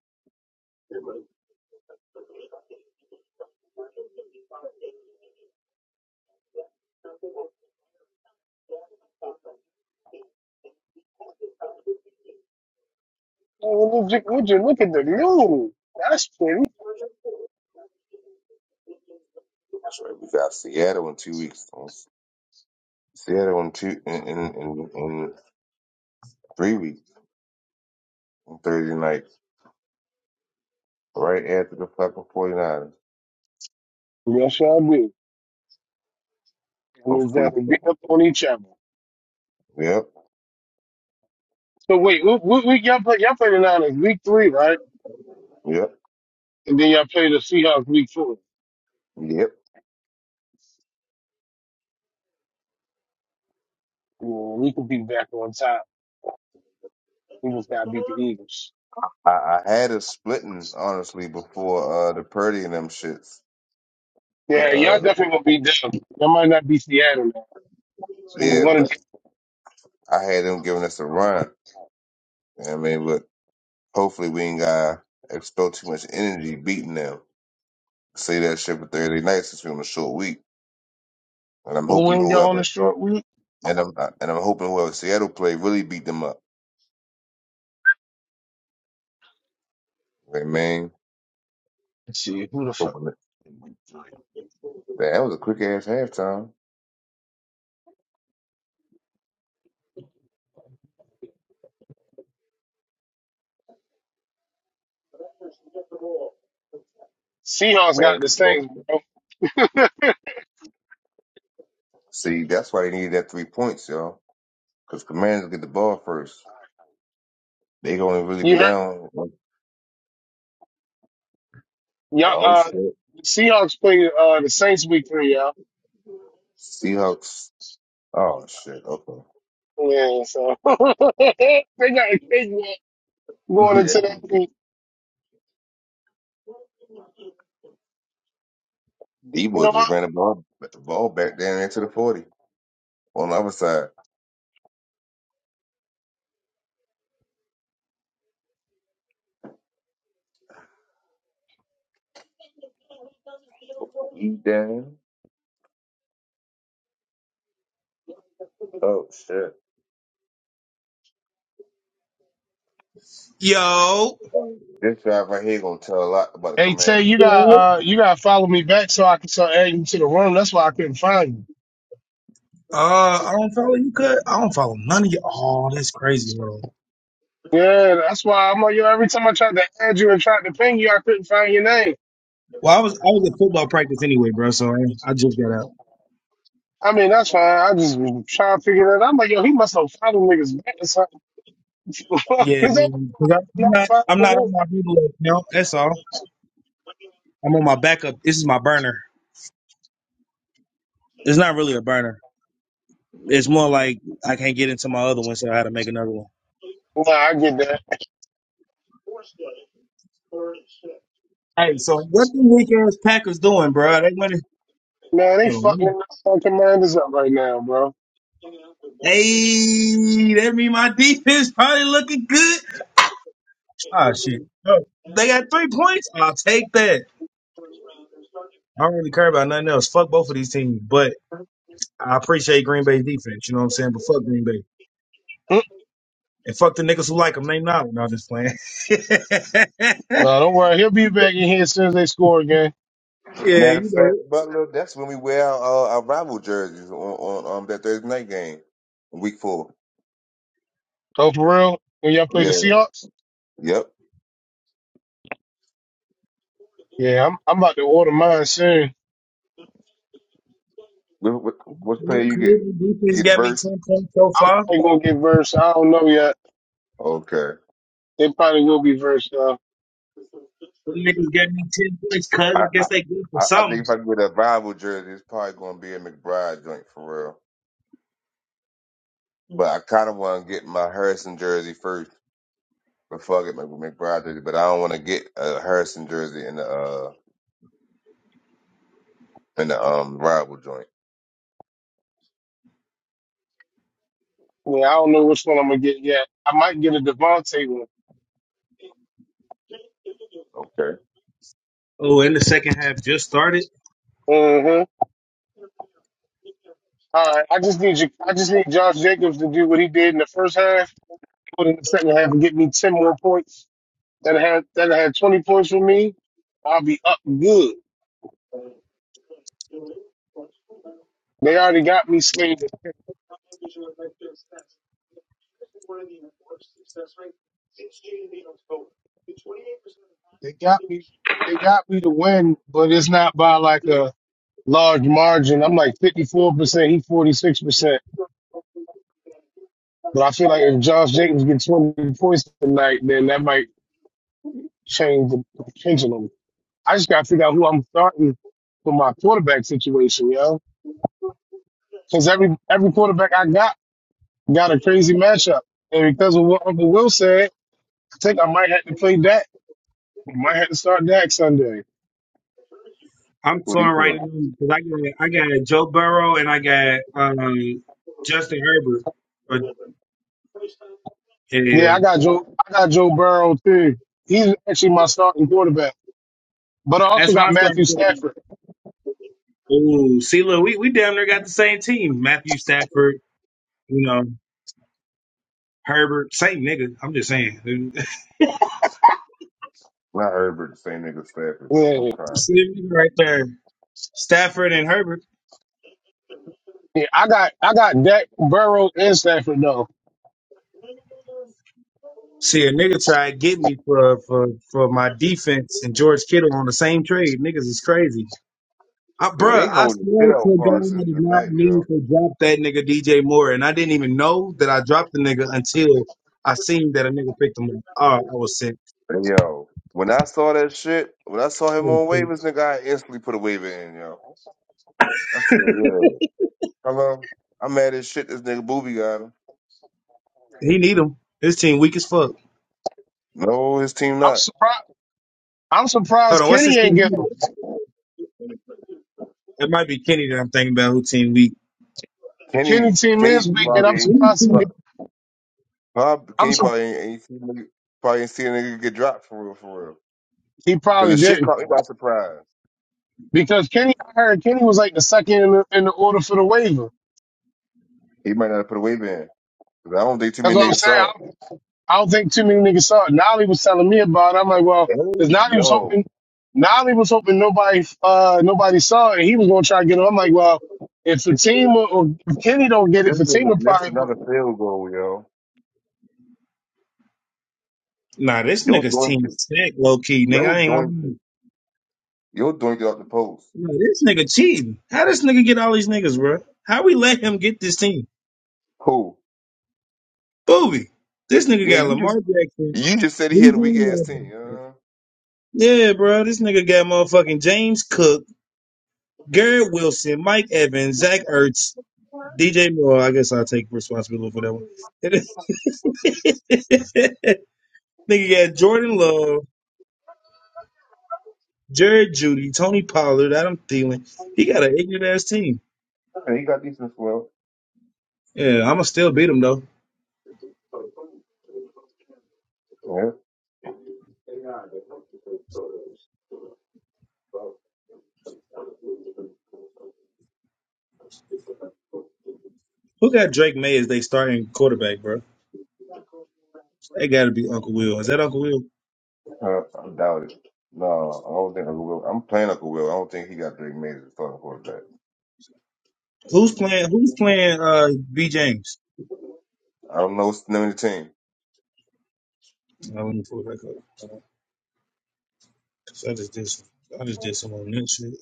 [SPEAKER 1] Oh, would you, would you look at the moon? That's pretty.
[SPEAKER 7] Right, We got Seattle in two weeks. Seattle in two in in, in, in three weeks on Thursday night, right after the fucking 49ers.
[SPEAKER 1] Yes, I did. I mean,
[SPEAKER 7] Hopefully,
[SPEAKER 1] exactly. Beat up on each other.
[SPEAKER 7] yep,
[SPEAKER 1] So wait, we what week y'all play? Y'all play the Niners week three, right?
[SPEAKER 7] yep,
[SPEAKER 1] And then y'all play the Seahawks week four.
[SPEAKER 7] yep.
[SPEAKER 1] Yeah, we could be back on top. We just gotta beat the Eagles.
[SPEAKER 7] I, I had a splitting honestly before uh, the Purdy and them shits, but
[SPEAKER 1] Yeah, y'all
[SPEAKER 7] uh,
[SPEAKER 1] definitely gonna be down. Y'all might not be Seattle now. It's gonna be
[SPEAKER 7] yeah,
[SPEAKER 1] one of
[SPEAKER 7] but
[SPEAKER 1] the
[SPEAKER 7] I had them giving us a run. You know what I mean, but hopefully we ain't got to expel too much energy beating them. Say that shit for Thursday night since we on a short week, and I'm
[SPEAKER 1] Who
[SPEAKER 7] hoping
[SPEAKER 1] ain't y'all on the
[SPEAKER 7] whoever
[SPEAKER 1] short week?
[SPEAKER 7] and I'm and I'm hoping whoever Seattle play really beat them up. Hey man, when the- That was a quick ass halftime.
[SPEAKER 1] Seahawks got
[SPEAKER 7] Commanders
[SPEAKER 1] the
[SPEAKER 7] get the ball.
[SPEAKER 1] Saints, bro.
[SPEAKER 7] See, that's why they needed that three points, y'all. Because Commanders get the ball first. They gonna really be
[SPEAKER 1] you heard?
[SPEAKER 7] down.
[SPEAKER 1] Y'all,
[SPEAKER 7] Oh
[SPEAKER 1] uh,
[SPEAKER 7] shit.
[SPEAKER 1] the Seahawks play uh the Saints week three, y'all.
[SPEAKER 7] Seahawks. Oh shit. Okay.
[SPEAKER 1] Yeah, so they got a big one going
[SPEAKER 7] Yeah.
[SPEAKER 1] into that week. You
[SPEAKER 7] Debo
[SPEAKER 1] know,
[SPEAKER 7] just ran the ball ball back down into the forty on the other side. Damn. Oh shit.
[SPEAKER 13] Yo.
[SPEAKER 7] This drive right here gonna tell a lot about the
[SPEAKER 1] Hey Tay,
[SPEAKER 7] Commanders.
[SPEAKER 1] you got
[SPEAKER 13] Yo.
[SPEAKER 1] uh you gotta follow me back so I can start adding you to the room. That's why I couldn't find
[SPEAKER 13] Uh, I don't follow you, cut. I don't follow none of you. Oh, that's crazy, bro.
[SPEAKER 1] you. Yeah, that's why I'm on you every time I tried to add you and tried to ping you, I couldn't find your name.
[SPEAKER 13] Well, I was I was at football practice anyway, bro. So I, I just got out.
[SPEAKER 1] I mean, that's fine. I just was trying to figure that out. I'm like, yo, he must have followed niggas back or something.
[SPEAKER 13] Yeah,
[SPEAKER 1] Is that
[SPEAKER 13] man. 'Cause I, I'm
[SPEAKER 1] not
[SPEAKER 13] not I'm
[SPEAKER 1] following
[SPEAKER 13] not on my reload account. That's all. I'm on my backup. This is my burner. It's not really a burner. It's more like I can't get into my other one, so I had to make another one.
[SPEAKER 1] me? Nah, I get that.
[SPEAKER 13] Hey, so what the weak ass Packers doing, bro? They went.
[SPEAKER 1] Man, they
[SPEAKER 13] Oh,
[SPEAKER 1] fucking the Nassau commanders up right now, bro.
[SPEAKER 13] hey, that mean my defense probably looking good. Ah, shit. Oh, they got three points. I'll take that. I don't really care about nothing else. Fuck both of these teams, but I appreciate Green Bay's defense. You know what I'm saying? But fuck Green Bay.
[SPEAKER 1] Mm,
[SPEAKER 13] And fuck the niggas who like them. Name not. No, I'm just playing. yeah,
[SPEAKER 1] No, don't worry. He'll be back in here as soon as they score again.
[SPEAKER 7] Matter of
[SPEAKER 13] you
[SPEAKER 7] fact,
[SPEAKER 13] know.
[SPEAKER 7] Butler, that's when we wear our, uh, our rival jerseys on, on um, that Thursday night game, week four.
[SPEAKER 1] Oh, for real? When y'all play the
[SPEAKER 7] Yeah,
[SPEAKER 1] Seahawks?
[SPEAKER 7] Yep.
[SPEAKER 1] Yeah, I'm I'm about to win soon.
[SPEAKER 7] What, what, what player you getting?
[SPEAKER 13] Canadian
[SPEAKER 7] You
[SPEAKER 13] defense
[SPEAKER 7] getting
[SPEAKER 13] got me
[SPEAKER 7] Verse?
[SPEAKER 13] 10 points so far.
[SPEAKER 1] They gonna get verse. I don't know yet.
[SPEAKER 7] Okay.
[SPEAKER 1] They probably will be verse. Uh,
[SPEAKER 13] The niggas got me 10 points because
[SPEAKER 7] I,
[SPEAKER 13] I guess they good for
[SPEAKER 7] I, I think
[SPEAKER 13] something.
[SPEAKER 7] if I can get a rival jersey, it's probably going to be a McBride joint for real. But I kind of want to get my Harrison jersey first before I get my McBride jersey. But I don't want to get a Harrison jersey in the uh in the um rival joint.
[SPEAKER 1] I I don't know which one I'm gonna get yet. I might get a Devontae one.
[SPEAKER 7] Okay.
[SPEAKER 13] Oh, and the second half just started.
[SPEAKER 1] Mm-hmm. All right. I just need you. I just need Josh Jacobs to do what he did in the first half, put in the second half, and get me ten more points. That had that had twenty points for me. I'll be up good. They already got me slated. They got me. They got me to win, but it's not by like a large margin. I'm like fifty four percent. He forty six percent. But I feel like if Josh Jacobs gets 20 points tonight, then that might change the the pendulum. I just got to figure out who I'm starting for my quarterback situation, yo. Because every every quarterback I got got a crazy matchup, and because of what Uncle Will said, I think I might have to play Dak. I might have to start Dak Sunday.
[SPEAKER 13] I'm
[SPEAKER 7] Who they
[SPEAKER 13] torn right
[SPEAKER 7] put?
[SPEAKER 13] now because I got, I got Joe Burrow and I got um, Justin Herbert. Or-
[SPEAKER 1] Yeah, I
[SPEAKER 13] And
[SPEAKER 1] got Joe. I got Joe Burrow too. He's actually my starting quarterback, but I also
[SPEAKER 13] That's
[SPEAKER 1] got
[SPEAKER 13] my starting
[SPEAKER 1] Matthew
[SPEAKER 13] quarterback.
[SPEAKER 1] Stafford.
[SPEAKER 13] Oh, see, look, we, we damn near got the same team. Matthew Stafford, you know, Herbert, same nigga. I'm just saying.
[SPEAKER 7] Not Herbert, the same nigga Stafford. I'm
[SPEAKER 1] Yeah,
[SPEAKER 7] crying.
[SPEAKER 13] see a nigga right there. Stafford and Herbert.
[SPEAKER 1] yeah. I got I got Dak Burrow and Stafford though.
[SPEAKER 13] See a nigga try to get me for for for my defense and George Kittle on the same trade. Niggas is crazy. I,
[SPEAKER 7] Yo,
[SPEAKER 13] bruh,
[SPEAKER 7] they
[SPEAKER 13] I
[SPEAKER 7] holding
[SPEAKER 13] swear
[SPEAKER 7] shit out
[SPEAKER 13] to God, I
[SPEAKER 7] Parsons
[SPEAKER 13] did not
[SPEAKER 7] tonight,
[SPEAKER 13] mean
[SPEAKER 7] yo.
[SPEAKER 13] to drop that nigga DJ Moore, and I didn't even know that I dropped the nigga until I seen that a nigga picked him up. Oh, I was sick.
[SPEAKER 7] Hey, yo. When I saw that shit, when I saw
[SPEAKER 13] I
[SPEAKER 7] him
[SPEAKER 13] was
[SPEAKER 7] on
[SPEAKER 13] sick.
[SPEAKER 7] waivers, nigga, I instantly put a waiver in, yo. I feel yeah. Hello, I'm mad as shit. This nigga Booby got him.
[SPEAKER 13] He need him. His team weak as fuck.
[SPEAKER 7] No, his team
[SPEAKER 1] I'm
[SPEAKER 7] not.
[SPEAKER 1] surprised. I'm
[SPEAKER 13] Hold
[SPEAKER 1] surprised
[SPEAKER 13] on, what's
[SPEAKER 1] Kenny
[SPEAKER 13] this
[SPEAKER 1] ain't
[SPEAKER 13] team? Let
[SPEAKER 1] get
[SPEAKER 13] me
[SPEAKER 1] him.
[SPEAKER 13] look. Let me- It might be Kenny that I'm thinking about who team we?
[SPEAKER 7] Kenny,
[SPEAKER 1] Kenny team is
[SPEAKER 7] Kenny
[SPEAKER 1] weak,
[SPEAKER 13] Nah,
[SPEAKER 1] and
[SPEAKER 7] probably
[SPEAKER 1] I'm
[SPEAKER 7] ain't.
[SPEAKER 1] surprised he
[SPEAKER 7] pro- Prob,
[SPEAKER 1] I'm
[SPEAKER 7] Kenny
[SPEAKER 1] surprised
[SPEAKER 7] probably ain't, ain't seen a nigga, probably ain't seen a nigga get dropped for real, for real.
[SPEAKER 1] He
[SPEAKER 7] Cause
[SPEAKER 1] probably
[SPEAKER 7] the shit
[SPEAKER 1] didn't
[SPEAKER 7] caught me by surprise.
[SPEAKER 1] because Kenny. I heard Kenny was like the second in the, in the order for the waiver.
[SPEAKER 7] He might not have put a wave in. Cause I don't think too
[SPEAKER 1] That's
[SPEAKER 7] many
[SPEAKER 1] what I'm
[SPEAKER 7] niggas
[SPEAKER 1] saying.
[SPEAKER 7] saw it.
[SPEAKER 1] I don't, I don't think too many niggas saw it. Nolly was telling me about it. I'm like, well,
[SPEAKER 7] Hey
[SPEAKER 1] because Nolly was hoping,
[SPEAKER 7] yo,
[SPEAKER 1] Nolly was hoping nobody, uh, nobody saw it. And he was gonna try to get it. I'm like, well, if Fatima or if Kenny don't get
[SPEAKER 7] this
[SPEAKER 1] it,
[SPEAKER 7] nigga
[SPEAKER 1] Fatima
[SPEAKER 7] missed
[SPEAKER 1] probably
[SPEAKER 7] another
[SPEAKER 1] would.
[SPEAKER 7] field goal, yo.
[SPEAKER 13] nah, this
[SPEAKER 7] Yo
[SPEAKER 13] nigga's
[SPEAKER 7] doink
[SPEAKER 13] team
[SPEAKER 7] it.
[SPEAKER 13] sick, low key, nigga.
[SPEAKER 7] Yo
[SPEAKER 13] I ain't gonna
[SPEAKER 7] doink
[SPEAKER 13] lie.
[SPEAKER 7] it. Yo doink it off the post.
[SPEAKER 13] Nah, this nigga cheating. How this nigga get all these niggas, bro? How we let him get this team?
[SPEAKER 7] Who?
[SPEAKER 13] Booby. This nigga
[SPEAKER 7] Yeah,
[SPEAKER 13] got
[SPEAKER 7] you
[SPEAKER 13] Lamar
[SPEAKER 7] just
[SPEAKER 13] Jackson.
[SPEAKER 7] you just said he had a weak
[SPEAKER 13] Bijan
[SPEAKER 7] ass team.
[SPEAKER 13] Robinson.
[SPEAKER 7] Uh,
[SPEAKER 13] Yeah, bro. This nigga got motherfucking James Cook, Garrett Wilson, Mike Evans, Zach Ertz, DJ Moore. I guess I'll take responsibility for that one. nigga got Jordan Love. Jerry Judy, Tony Pollard, Adam Thielen. He got an ignorant ass team.
[SPEAKER 7] he got decent flow.
[SPEAKER 13] Yeah, I'm gonna still beat him though. Who got Drake May as they starting quarterback, bro? They got to be Uncle Will. Is that Uncle Will?
[SPEAKER 7] Uh, I doubt it. No, I don't think Uncle Will. I'm playing Uncle Will. I don't think he got Drake May as a starting quarterback.
[SPEAKER 13] Who's playing? Who's playing? Uh, B James.
[SPEAKER 7] I don't know. what's It's the team.
[SPEAKER 13] Uh, let me pull it back up. Uh, 'cause I just did some. I just did some on that shit.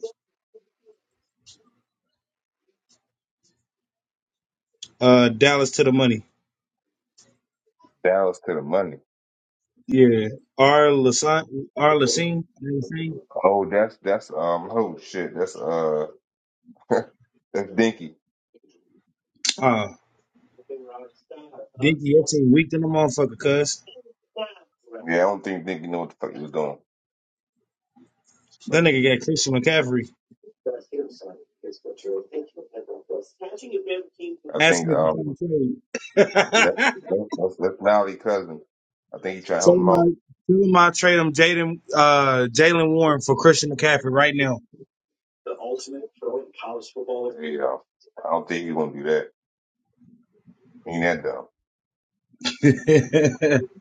[SPEAKER 13] Uh, Dallas to the money.
[SPEAKER 7] Dallas to the money.
[SPEAKER 13] Yeah, R. Lassine. R. Lassine. Lassine.
[SPEAKER 7] Oh, that's that's um. Oh shit. That's uh. that's Dinky.
[SPEAKER 13] Ah, Dinky, your team weak than a motherfucker, cuz.
[SPEAKER 7] Yeah, I don't think Dinky knew what the fuck he was doing.
[SPEAKER 13] That nigga got Christian McCaffrey.
[SPEAKER 7] I
[SPEAKER 13] Ask
[SPEAKER 7] think
[SPEAKER 13] him if he's
[SPEAKER 7] um.
[SPEAKER 13] trying to trade.
[SPEAKER 7] That, that, that's that's Lowry cousin. I think he trying to
[SPEAKER 13] Tell
[SPEAKER 7] help him
[SPEAKER 13] him I,
[SPEAKER 7] out.
[SPEAKER 13] tell him I trade him Jaden, uh, Jalen Warren for Christian McCaffrey right now.
[SPEAKER 7] Yeah. I don't think he gonna do that. He ain't that dumb.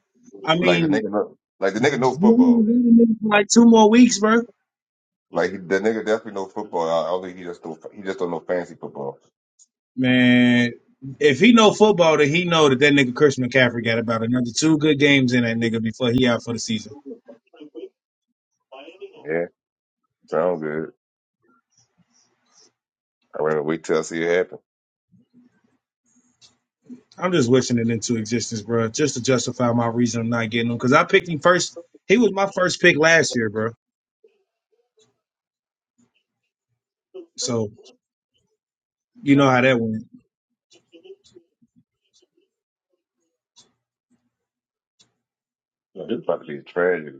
[SPEAKER 13] I
[SPEAKER 7] Like the
[SPEAKER 13] mean,
[SPEAKER 7] nigga. know- Like the nigga know
[SPEAKER 13] he only was
[SPEAKER 7] football.
[SPEAKER 13] in the nigga for like two more weeks, bro.
[SPEAKER 7] Like he, the nigga definitely know football. I, I don't think he just do, not he just don't know fancy football.
[SPEAKER 13] Man, if he know football, then he know that that nigga Christian McCaffrey got about another two good games in that nigga before he out for the season.
[SPEAKER 7] Yeah. Sound good. I rather wait till I see it happen.
[SPEAKER 13] I'm just wishing it into existence, bro, just to justify my reason of not getting him. Because I picked him first. He was my first pick last year, bro. So you know how that went.
[SPEAKER 7] Yeah, This about to be a tragedy.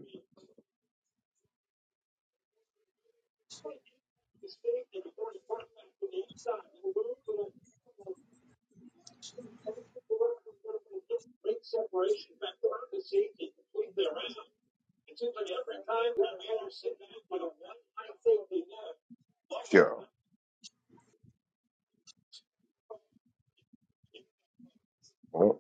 [SPEAKER 7] Well,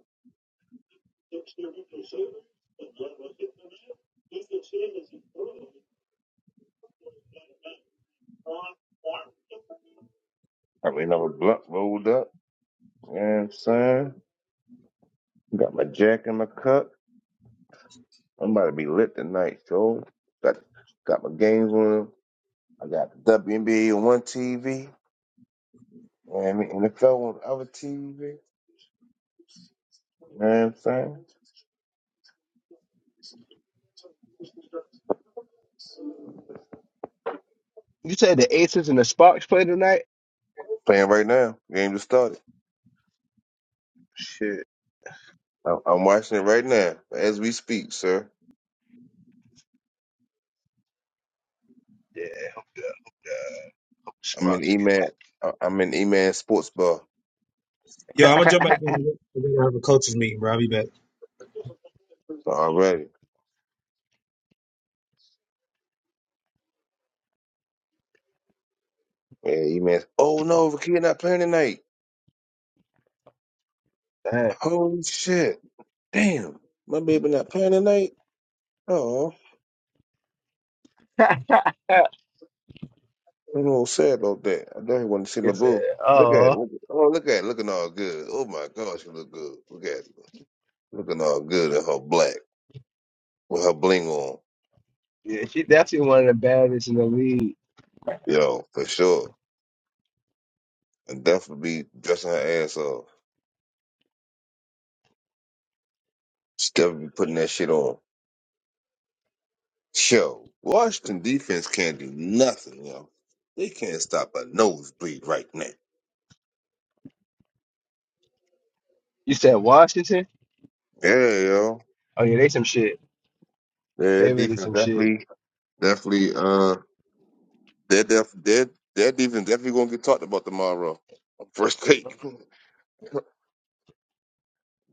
[SPEAKER 7] I mean, I'm a blunt rolled up. You know what I'm saying? Got my jack in my cup. I'm about to be lit tonight, so got got my games on. I got the WNBA on one TV and the NFL on the other TV. You know what I'm saying?
[SPEAKER 9] You said the Aces and the Sparks play tonight?
[SPEAKER 7] Playing right now. Game just started.
[SPEAKER 9] Shit.
[SPEAKER 7] I- I'm watching it right now as we speak, sir.
[SPEAKER 9] yeah.
[SPEAKER 7] I'm in
[SPEAKER 9] Sparks
[SPEAKER 7] E-Man. I- I'm in E-Man Sports Bar
[SPEAKER 13] Yo, I'm gonna jump
[SPEAKER 9] get
[SPEAKER 13] back in. We're gonna have a coaches meeting, bro. I'll be back.
[SPEAKER 7] already. Yeah, you man. Oh no, the kid not playing tonight.
[SPEAKER 9] that.
[SPEAKER 7] Holy shit. Damn. My baby not playing tonight. Oh, I'm a little sad about that. I definitely want to see
[SPEAKER 9] He
[SPEAKER 7] my
[SPEAKER 9] said,
[SPEAKER 7] boo. Look at it.
[SPEAKER 9] "Oh,
[SPEAKER 7] Oh, look at it. Looking all good. Oh my gosh, she look good. Look at it. Looking all good in her black with her bling on.
[SPEAKER 9] yeah, she definitely one of the baddest in the league."
[SPEAKER 7] Yo, for sure. And definitely be dressing her ass off. She definitely be putting that shit on. Yo, Washington defense can't do nothing, yo. They can't stop a nosebleed right now.
[SPEAKER 9] You said Washington?
[SPEAKER 7] Yeah, yo.
[SPEAKER 9] Oh yeah, they some shit.
[SPEAKER 7] Their
[SPEAKER 9] They really
[SPEAKER 7] defense
[SPEAKER 9] some shit.
[SPEAKER 7] definitely, definitely, uh, their def, their their defense definitely gonna get talked about tomorrow. on First take.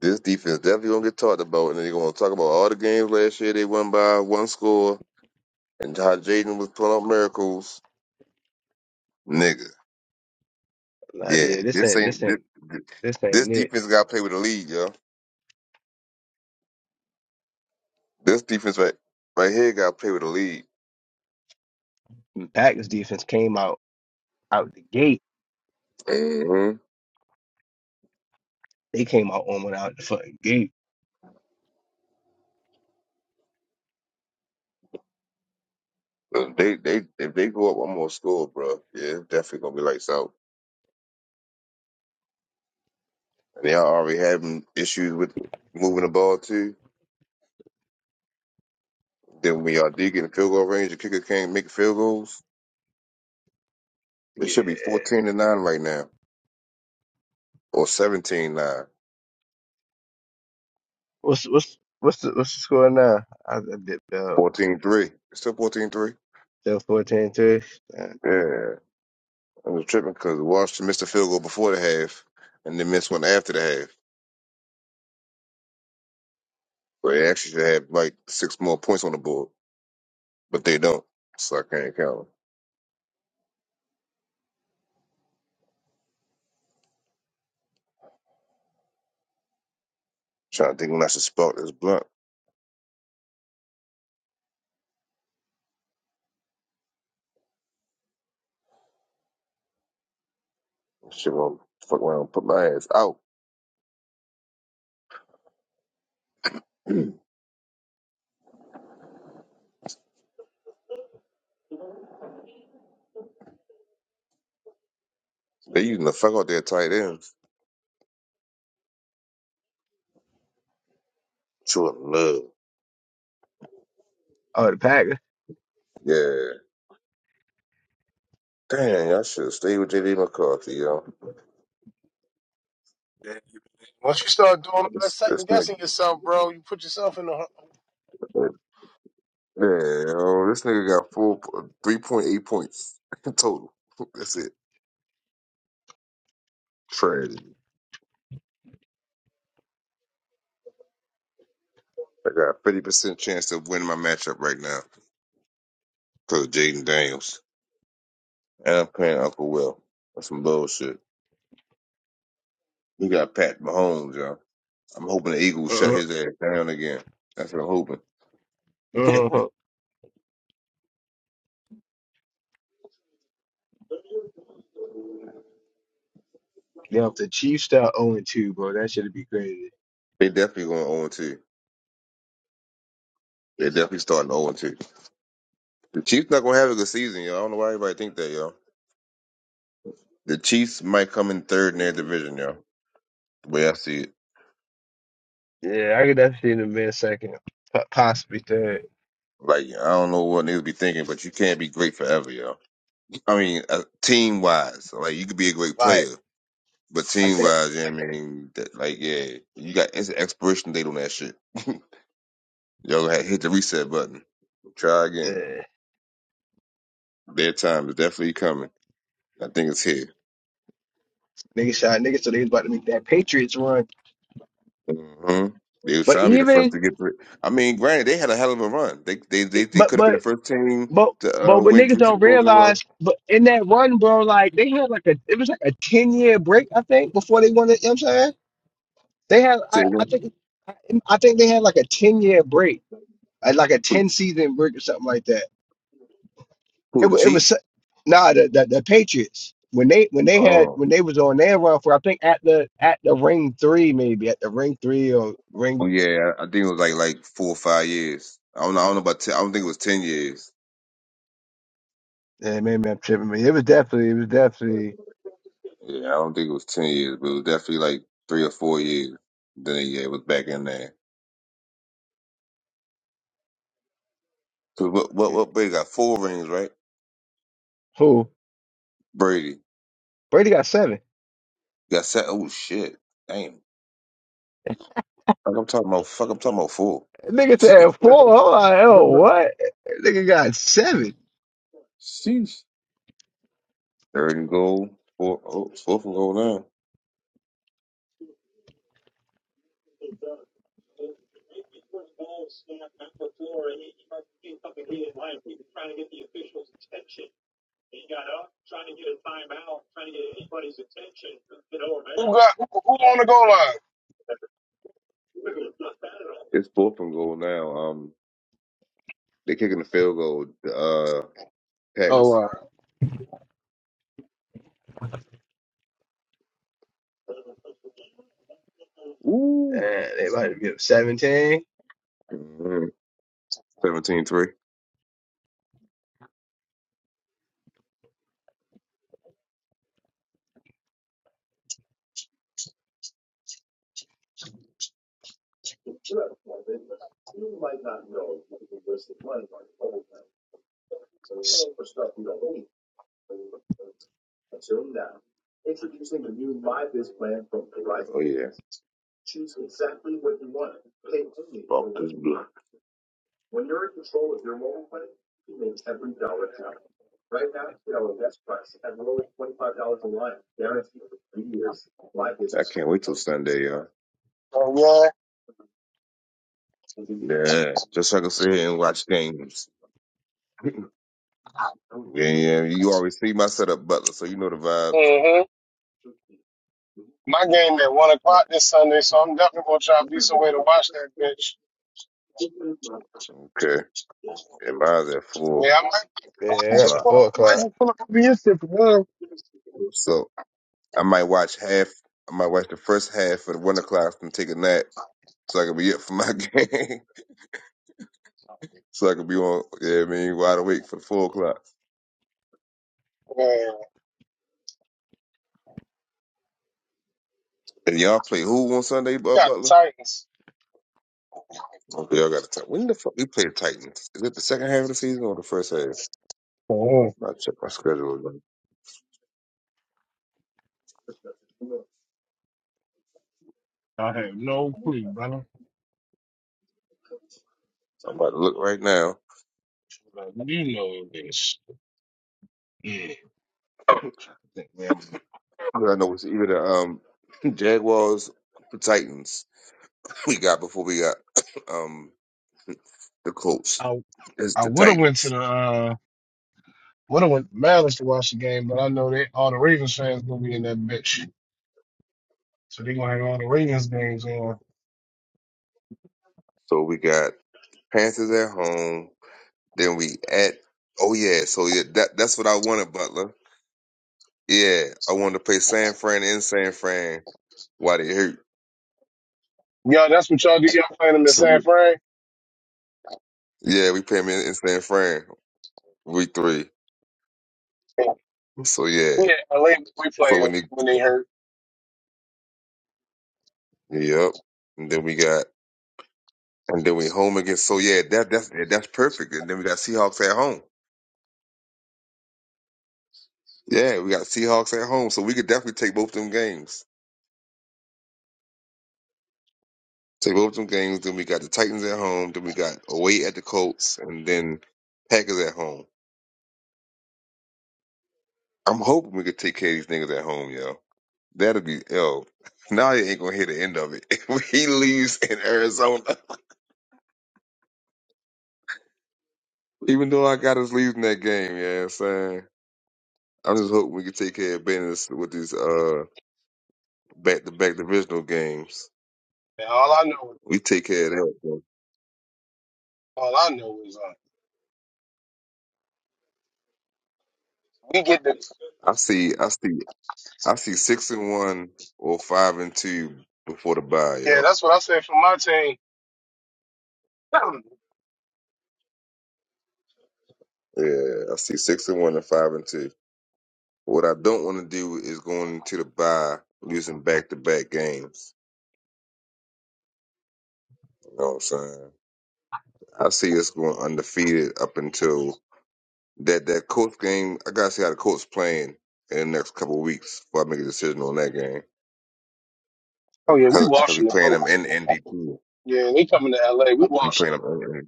[SPEAKER 7] this defense definitely gonna get talked about, and they're gonna talk about all the games last year they won by one score, and how Jaden was pulling off miracles, nigga.
[SPEAKER 9] i Like,
[SPEAKER 7] Yeah,
[SPEAKER 9] yeah, this
[SPEAKER 7] this
[SPEAKER 9] ain't this
[SPEAKER 7] ain't this,
[SPEAKER 9] ain't this
[SPEAKER 7] this
[SPEAKER 9] ain't it.
[SPEAKER 7] defense got to play with the lead, yo. This defense right right here got to play with the lead.
[SPEAKER 9] The Packers defense came out out the gate.
[SPEAKER 7] hmm
[SPEAKER 9] They came out almost out the fucking gate.
[SPEAKER 7] They they if they go up one more score, bro, yeah, it's definitely gonna be lights out. and y'all already having issues with moving the ball too. Then when y'all do get in field goal range, the kicker can't make field goals. It
[SPEAKER 9] Yeah.
[SPEAKER 7] should be 14 to 9 right now, or 17 9,
[SPEAKER 9] What's what's what's the what's the score now? I, I dipped out.
[SPEAKER 7] 14 3. It's still fourteen three.
[SPEAKER 9] Still 14 3. Uh,
[SPEAKER 7] Yeah. I was tripping because Washington missed a field goal before the half and then missed one after the half. But they actually should have like six more points on the board, but they don't. So I can't count them. Trying to think when I should spark this blunt. Shit, gonna fuck around and put my ass out. They using the fuck out their tight ends. True love.
[SPEAKER 9] Oh, the Packers.
[SPEAKER 7] Yeah. Damn, y'all should have stayed with JD McCarthy, yo.
[SPEAKER 1] Yeah, you- Once you start doing all that
[SPEAKER 7] This, this
[SPEAKER 1] second
[SPEAKER 7] nigga,
[SPEAKER 1] guessing yourself, bro, you put yourself in the
[SPEAKER 7] damn, yo, this nigga got four, three point eight points total. That's it. Tragedy. I got fifty percent chance of winning my matchup right now because of Jaden Daniels and I'm playing Uncle Will. That's some bullshit. He got Pat Mahomes, yo. I'm hoping the
[SPEAKER 9] uh
[SPEAKER 7] Eagles shut his ass down again. That's what I'm hoping.
[SPEAKER 9] huh.
[SPEAKER 7] they
[SPEAKER 9] Uh-huh. Yeah, if the Chiefs start 0 and 2, bro, that should be crazy.
[SPEAKER 7] definitely going 0 2. They definitely starting 0 2. The Chiefs not gonna have a good season, yo. I don't know why everybody think that, yo. The Chiefs might come in third in their division, yo. The way I see it,
[SPEAKER 9] Yeah, I could definitely see the mid second, po- possibly third.
[SPEAKER 7] like I don't know what niggas be thinking, but you can't be great forever, yo. I mean, uh, team wise, like you could be a great
[SPEAKER 9] Like,
[SPEAKER 7] player, but
[SPEAKER 9] like
[SPEAKER 7] team
[SPEAKER 9] that
[SPEAKER 7] wise, you know what I mean, that, like yeah, you got it's an expiration date on that shit. Yo, had- hit the reset button. Try again.
[SPEAKER 9] uh,
[SPEAKER 7] Their time is definitely coming. I think it's here.
[SPEAKER 9] nigga shot niggas, so they was about to make that Patriots run.
[SPEAKER 7] hmm They was
[SPEAKER 9] But
[SPEAKER 7] trying to be the first
[SPEAKER 9] even,
[SPEAKER 7] to get through. I mean, granted, they had a hell of a run. They they
[SPEAKER 9] e,
[SPEAKER 7] they, they
[SPEAKER 9] but
[SPEAKER 7] could have been the
[SPEAKER 9] but
[SPEAKER 7] first team
[SPEAKER 9] but
[SPEAKER 7] to
[SPEAKER 9] but
[SPEAKER 7] uh,
[SPEAKER 9] what
[SPEAKER 7] win
[SPEAKER 9] niggas
[SPEAKER 7] three
[SPEAKER 9] don't
[SPEAKER 7] Super Bowls in a
[SPEAKER 9] realize,
[SPEAKER 7] row.
[SPEAKER 9] but in that run, bro, like they had like a it was like a ten year break, I think, before they won the. You know what I'm saying they had,
[SPEAKER 7] Say
[SPEAKER 9] I, I
[SPEAKER 7] again.
[SPEAKER 9] think, I, I think they had like a ten year break, uh, like a ten season break or something like that. It,
[SPEAKER 7] Who the
[SPEAKER 9] wa- it was
[SPEAKER 7] Chiefs?
[SPEAKER 9] so- nah the, the the Patriots when they when they had
[SPEAKER 7] Oh,
[SPEAKER 9] when they was on their run for I think at the at the ring three maybe at the ring three or ring
[SPEAKER 7] oh yeah, I I think it was like like four or five years. I don't know. I don't know about. 10, I don't think it was ten years.
[SPEAKER 9] eh, maybe I'm tripping me it was definitely it was definitely
[SPEAKER 7] Yeah, I don't think it was ten years, but it was definitely like three or four years. Then yeah, it was back in there. 'Cause what what
[SPEAKER 9] yeah,
[SPEAKER 7] what Brady got four rings right?
[SPEAKER 9] who
[SPEAKER 7] Brady
[SPEAKER 9] Brady got seven
[SPEAKER 7] got set. Oh shit, damn. Fuck, I'm talking about. Fuck, I'm talking about four.
[SPEAKER 9] That nigga said four I'm like oh what That nigga got seven
[SPEAKER 7] Sheesh. Third and goal. Four, oh, it's fourth and goal now.
[SPEAKER 1] who got who, who on the goal line?
[SPEAKER 7] It's fourth and goal now. Um, they're kicking the field goal. The uh, Packers.
[SPEAKER 1] Oh,
[SPEAKER 7] Ooh.
[SPEAKER 9] Eh, they might have been seventeen
[SPEAKER 7] Seventeen three. And we Sunday, uh, yeah. Just so I can sit here and watch games. Yeah, yeah. You always see my setup, Butler, so you know the vibes.
[SPEAKER 1] wow. My game at one o'clock this Sunday, so I'm definitely gonna try to be some way to watch that bitch.
[SPEAKER 7] Okay. And mine's at four.
[SPEAKER 1] Yeah, I might, I
[SPEAKER 9] yeah I
[SPEAKER 1] might
[SPEAKER 9] got
[SPEAKER 7] So I,
[SPEAKER 9] the
[SPEAKER 1] just pull,
[SPEAKER 9] four
[SPEAKER 1] I might
[SPEAKER 9] o'clock
[SPEAKER 1] just pull up a little.
[SPEAKER 7] so I might watch half. I might watch the first half of the one o'clock and take a nap, so I can be up for my game. so I can be on. Yeah, I mean, wide awake for the four o'clock.
[SPEAKER 1] Man,
[SPEAKER 7] And y'all play who on Sunday, Bu-
[SPEAKER 1] got
[SPEAKER 7] Butler?
[SPEAKER 1] Titans.
[SPEAKER 7] Okay, y'all got to time. When the fuck we play the Titans? Is it the second half of the season or the first half?
[SPEAKER 1] Mhm.
[SPEAKER 7] I check my schedule.
[SPEAKER 1] I have no clue, brother.
[SPEAKER 7] I'm about to look right now.
[SPEAKER 1] Like, you know this. Yeah, trying to think, man.
[SPEAKER 7] 'Cause I know it's either the um, Jaguars or Titans we got before we got um, the Colts.
[SPEAKER 1] I
[SPEAKER 7] It's
[SPEAKER 1] I
[SPEAKER 7] the
[SPEAKER 1] would have went to
[SPEAKER 7] Titans.
[SPEAKER 1] the uh would have went to Mariners to watch the game, but I know they all the Ravens fans gonna be in that bitch, so they gonna have all the Ravens on.
[SPEAKER 7] So we got Panthers at home. Then we at oh yeah, so yeah, that that's what I wanted, Butler. Yeah, I wanted to play San Fran in San Fran while they hurt.
[SPEAKER 1] Y'all, that's what y'all do. Y'all playing them in San
[SPEAKER 7] So
[SPEAKER 1] Fran?
[SPEAKER 7] yeah, we play them in, in San Fran week three. So yeah,
[SPEAKER 1] Yeah, LA, we
[SPEAKER 7] so
[SPEAKER 1] play them
[SPEAKER 7] when they
[SPEAKER 1] when they hurt.
[SPEAKER 7] yep, and then we got And then we home again. So yeah, that that's that's perfect. And then we got Seahawks at home. Yeah, we got Seahawks at home. So we could definitely take both them games. Take both them games. Then we got the Titans at home. Then we got away at the Colts, and then Packers at home. I'm hoping we could take care of these niggas at home, yo. That'll be yo. Now you ain't gonna hear the end of it. If he leaves in Arizona, even though I got us leaving that game, yeah, you know what I'm saying I'm just hoping we can take care of business with these uh back to back divisional games.
[SPEAKER 1] And all I know
[SPEAKER 7] We take care of that. bro.
[SPEAKER 1] All I know is uh, we get the
[SPEAKER 7] I see, I see, I see six and one or five and two before the bye,
[SPEAKER 1] yeah.
[SPEAKER 7] all
[SPEAKER 1] That's what I said for my team.
[SPEAKER 7] Yeah, I see six and one and five and two. What I don't want to do is going into the bye losing back to back games. You know what I'm saying? I see us going undefeated up until that that Colts game. I gotta see how the Colts playing in the next couple of weeks before I make a decision on that game.
[SPEAKER 1] Oh yeah, we
[SPEAKER 7] Cause, 'cause
[SPEAKER 1] washing
[SPEAKER 7] we
[SPEAKER 1] the
[SPEAKER 7] playing them
[SPEAKER 1] coats.
[SPEAKER 7] in Indy too.
[SPEAKER 1] Yeah, they coming to L.A. We
[SPEAKER 7] We playing
[SPEAKER 1] washing.
[SPEAKER 7] them in Indy.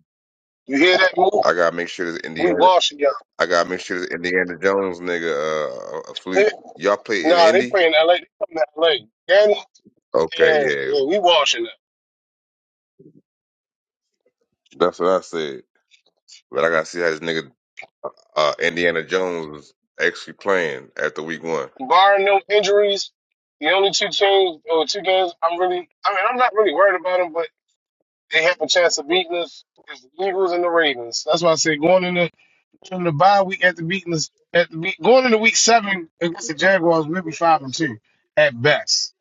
[SPEAKER 1] You hear that move?
[SPEAKER 7] I gotta make sure that
[SPEAKER 1] We
[SPEAKER 7] Indiana.
[SPEAKER 1] washing y'all.
[SPEAKER 7] I gotta make sure the Indiana Jones nigga uh, a fleet.
[SPEAKER 1] They-
[SPEAKER 7] Y'all play in
[SPEAKER 1] Nah, they
[SPEAKER 7] Indy?
[SPEAKER 1] play in L.A. They coming to L.A. Danny,
[SPEAKER 7] Okay,
[SPEAKER 1] yeah,
[SPEAKER 7] yeah,
[SPEAKER 1] yeah, we washing
[SPEAKER 7] that's what I said. But I gotta see how this nigga uh, Indiana Jones is actually playing after week one.
[SPEAKER 1] them. Barring no injuries, the only two teams or two games I'm really, I mean, I'm not really worried about them, but they have a chance of beating us is the Eagles and the Ravens. That's why I said going in From the bye week at the beating at the week, going into week seven against the Jaguars, we'll be five and two at best.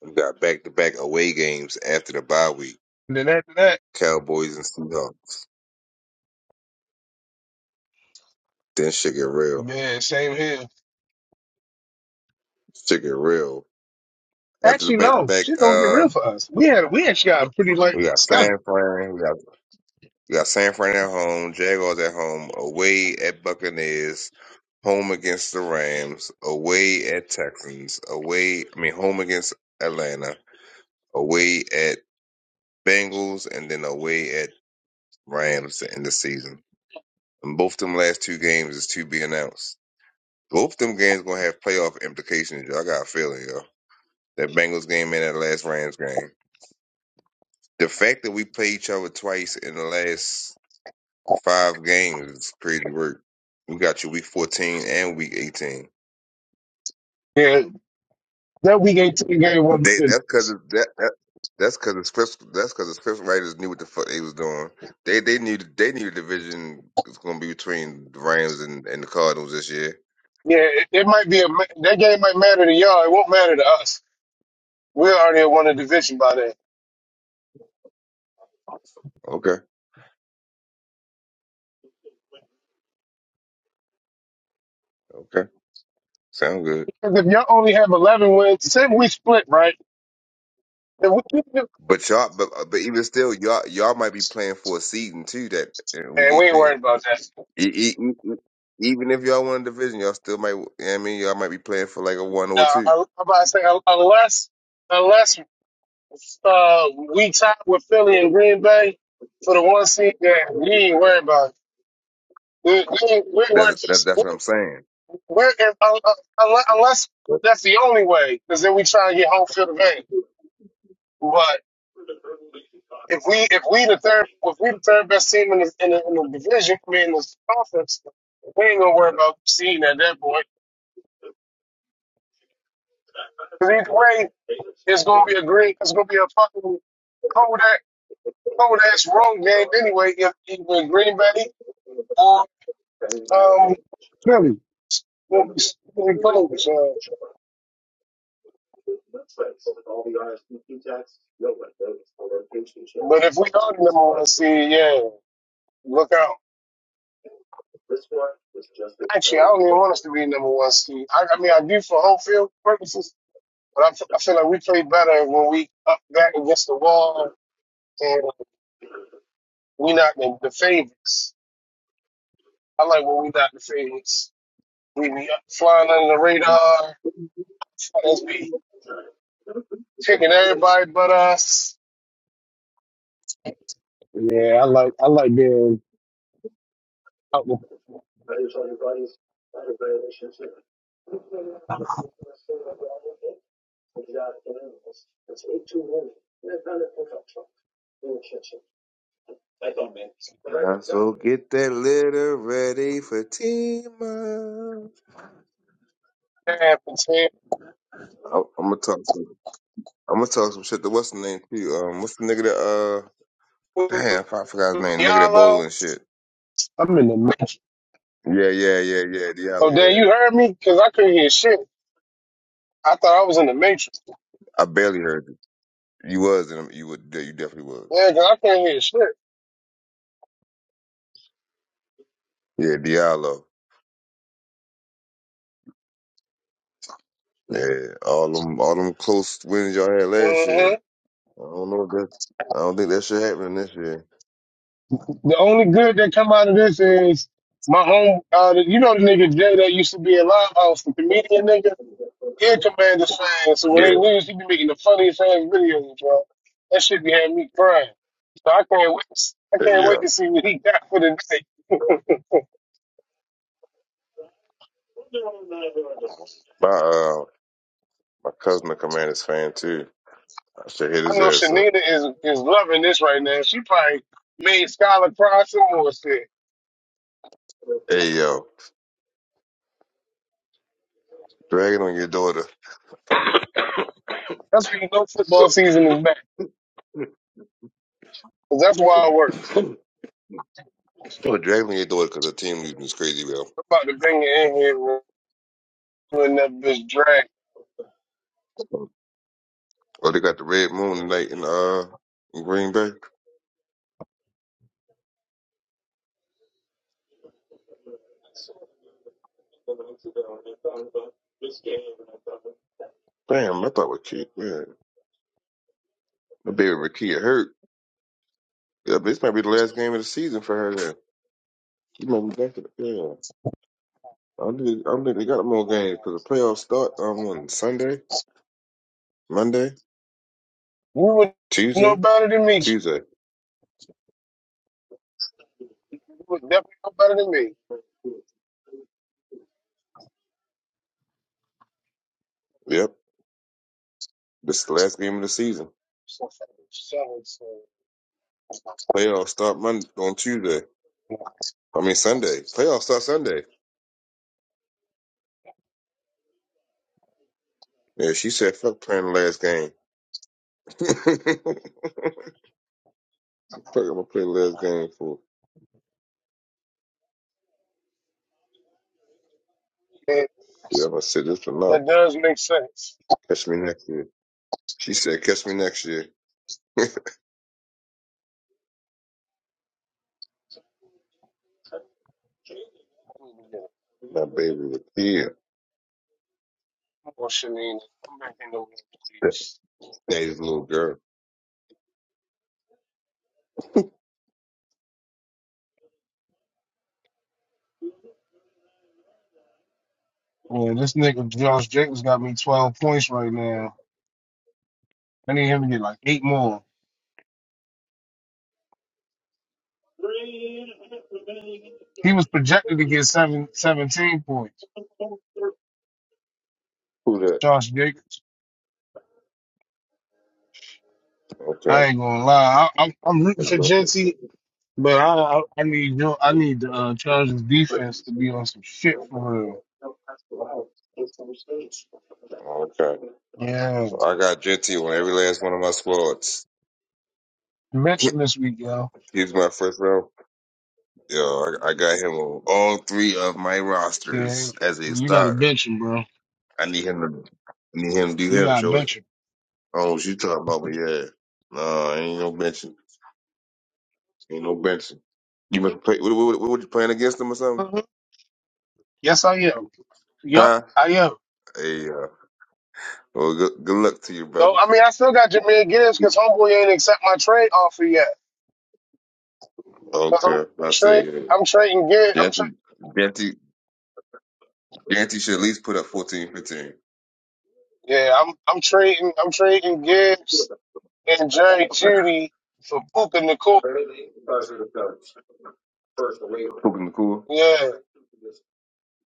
[SPEAKER 7] We got back to back away games after the bye week.
[SPEAKER 1] And then after that,
[SPEAKER 7] Cowboys and Seahawks. Then shit get real.
[SPEAKER 1] Man, same here.
[SPEAKER 7] Shit get real. After the
[SPEAKER 1] actually
[SPEAKER 7] back to
[SPEAKER 1] no,
[SPEAKER 7] back,
[SPEAKER 1] shit don't get
[SPEAKER 7] uh,
[SPEAKER 1] real for us. We had we actually got a pretty like
[SPEAKER 7] we got
[SPEAKER 1] schedule.
[SPEAKER 7] San Fran. We got we got San Fran at home. Jaguars at home. Away at Buccaneers. home against the Rams, away at Texans, away, I mean, home against Atlanta, away at Bengals, and then away at Rams to end the season. And both them last two games is to be announced. Both them games gonna have playoff implications. Y'all got a feeling, yo. That Bengals game and that last Rams game. The fact that we play each other twice in the last five games is crazy work. We got you week 14 and week 18.
[SPEAKER 1] Yeah, that week eighteen game wasn't
[SPEAKER 7] They
[SPEAKER 1] good.
[SPEAKER 7] that's cause that, that that's cause the script that's cause the script writers knew what the fuck they was doing. They they knew they knew the division was gonna be between the Rams and, and the Cardinals this year.
[SPEAKER 1] Yeah, it, it might be a ma- that game might matter to y'all. It won't matter to us. We already won the division by then.
[SPEAKER 7] Okay, okay, sound good.
[SPEAKER 1] Because if y'all only have eleven wins, say we split right, If we-
[SPEAKER 7] But y'all, but uh, but even still, y'all y'all might be playing for a season too that in week
[SPEAKER 1] Man, we ain't
[SPEAKER 7] eighteen.
[SPEAKER 1] worried about that.
[SPEAKER 7] E- e- e- e- Even if y'all won a division, y'all still might. You know what I mean, y'all might be playing for like a one
[SPEAKER 1] Nah,
[SPEAKER 7] or a two.
[SPEAKER 1] I- I'm about to say unless, unless Uh, we tied with Philly and Green Bay for the one seed game. We ain't worried about it. We, we, ain't- we were
[SPEAKER 7] That, that
[SPEAKER 1] just,
[SPEAKER 7] that's
[SPEAKER 1] we-
[SPEAKER 7] what I'm saying.
[SPEAKER 1] we're, if, un- un- unless, unless that's the only way, because then we try and get home field advantage. But if we, if we the third, if we the third best team in the, in the, in the division, I mean, in this conference, we ain't gonna worry about seeding at that point. 'Cause Either way, it's gonna be a green, it's gonna be a fucking cold ass, cold ass road game anyway, if either Green Bay or um Philly. we'll be really close. Uh, but if we are the number one seed, yeah, look out. Actually, I don't even want us to be the number one seed. I, I mean, I do for home field purposes, but I, f- I feel like we play better when we up back against the wall and we not the, the favorites. I like when we not the favorites. We be up- flying under the radar. Fighters be kicking everybody but us. Yeah, I like I like being out with
[SPEAKER 7] Go get that litter ready for Timo.
[SPEAKER 1] Pam and
[SPEAKER 7] I'm, I'm gonna talk some. I'm gonna talk some shit to what's the name too. Um, what's the nigga that uh, damn,
[SPEAKER 1] Tam-
[SPEAKER 7] I forgot forgot his name. Nigga that bowl
[SPEAKER 1] Diallo.
[SPEAKER 7] and shit.
[SPEAKER 1] I'm in the mix.
[SPEAKER 7] Yeah, yeah, yeah, yeah.
[SPEAKER 1] So
[SPEAKER 7] Diallo.
[SPEAKER 1] Dan, you
[SPEAKER 7] Yeah,
[SPEAKER 1] heard me? Cause I couldn't hear shit. I thought I was in the matrix.
[SPEAKER 7] I barely heard you. You was in. You would. yeah, You definitely was.
[SPEAKER 1] Yeah, cause I couldn't hear shit.
[SPEAKER 7] Yeah, Diallo. Yeah, all them, all them close wins y'all had last
[SPEAKER 1] hmm
[SPEAKER 7] year. I don't know if that. I don't think that shit happening this year.
[SPEAKER 1] The only good that come out of this is my home. Uh, the- you know the nigga Jay that used to be in Live House, the comedian nigga. He a Commanders fan, so when
[SPEAKER 7] Yeah,
[SPEAKER 1] they lose, he be making the funniest ass videos, bro. That shit be having me crying. So I can't wait. I
[SPEAKER 7] hey,
[SPEAKER 1] can't wait
[SPEAKER 7] yeah.
[SPEAKER 1] to see what he got for the day.
[SPEAKER 7] My uh, my cousin, a Commanders fan too. I should hit
[SPEAKER 1] I
[SPEAKER 7] his
[SPEAKER 1] know
[SPEAKER 7] ass up.
[SPEAKER 1] Shanita is is loving this right now. She probably made Skylar cry some more shit.
[SPEAKER 7] Hey yo, drag it on your daughter.
[SPEAKER 1] That's when you know football season is back. 'Cause That's why I work.
[SPEAKER 7] Yo, drag it on your daughter because the team losing is crazy, yo.
[SPEAKER 1] I'm about to bring it in here man, when that bitch drag.
[SPEAKER 7] Oh, they got the Red Moon tonight in uh in Green Bay. Damn, I thought with Kia, yeah, my baby with Kia hurt. Yeah, this might be the last game of the season for her. Then you might be back to the yeah. I don't think I don't think they got more games because the playoffs start um, on Sunday, Monday,
[SPEAKER 1] You would know
[SPEAKER 7] Tuesday,
[SPEAKER 1] better than me.
[SPEAKER 7] Tuesday.
[SPEAKER 1] You would definitely know better than me.
[SPEAKER 7] Yep, this is the last game of the season.
[SPEAKER 1] So, so, so,
[SPEAKER 7] Playoffs start Monday on Tuesday. I mean Sunday. Playoffs start Sunday. Yeah, she said, "Fuck playing the last game." Fuck, I'm gonna play the last game for.
[SPEAKER 1] yeah,
[SPEAKER 7] Yeah, I'm gonna sit this one up.
[SPEAKER 1] that does make sense.
[SPEAKER 7] Catch me next year. She said, "Catch me next year."
[SPEAKER 1] I need to get
[SPEAKER 7] My baby was here.
[SPEAKER 1] a portion in. I'm making those please.
[SPEAKER 7] Daddy's little girl.
[SPEAKER 1] Yeah, this nigga Josh Jacobs got me 12 points right now. I need him to get like eight more. He was projected to get seven, seventeen points.
[SPEAKER 7] Who that?
[SPEAKER 1] Josh Jacobs. I
[SPEAKER 7] Okay.
[SPEAKER 1] ain't gonna lie. I, I'm, I'm rooting for Jency But I, I, I need you. I need the uh, Chargers defense to be on some shit for real.
[SPEAKER 7] Okay.
[SPEAKER 1] Yeah,
[SPEAKER 7] Well, I got Genty on every last one of my squads.
[SPEAKER 1] bench him this week, yo.
[SPEAKER 7] He's my first round. Yo, I, I got him on all three of my
[SPEAKER 1] Yeah,
[SPEAKER 7] rosters as a
[SPEAKER 1] you got to
[SPEAKER 7] starter.
[SPEAKER 1] bench him, bro.
[SPEAKER 7] I need him to I need him to do
[SPEAKER 1] You
[SPEAKER 7] him,
[SPEAKER 1] got to
[SPEAKER 7] Jody.
[SPEAKER 1] bench him.
[SPEAKER 7] Oh, what you talking about? But yeah, no, ain't no benching. Ain't no benching. You must play? What, what, what, what you playing against him or something?
[SPEAKER 1] hmm Yes, I am. Yup,
[SPEAKER 7] Huh?
[SPEAKER 1] I am.
[SPEAKER 7] Hey, uh, well, good, good luck to you,
[SPEAKER 1] So
[SPEAKER 7] brother.
[SPEAKER 1] I mean, I still got Jameer Gibbs because homeboy ain't accept my trade offer yet. Cause
[SPEAKER 7] Okay,
[SPEAKER 1] I'm
[SPEAKER 7] I see
[SPEAKER 1] trade,
[SPEAKER 7] it.
[SPEAKER 1] I'm trading Gibbs. I'm tra-
[SPEAKER 7] Jante, Jante, Jante should at least put up fourteen, fifteen.
[SPEAKER 1] yeah, I'm I'm trading I'm trading Gibbs and Jerry Judy for Puka Nicole.
[SPEAKER 7] 15. Cool. cool.
[SPEAKER 1] Yeah.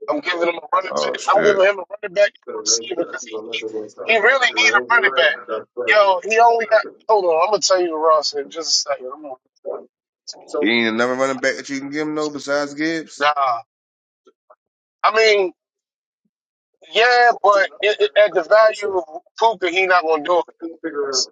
[SPEAKER 1] I'm giving him a running back. I'm giving him a running back and a receiver because he needs, he really needs a running back. Yo, he only got. Hold on, I'm gonna tell you the roster in just a second. I'm gonna,
[SPEAKER 7] Ain't another running back that you can give him though besides Gibbs.
[SPEAKER 1] nah, I mean, yeah, but it, it, at the value of Puka, he not gonna do it. It's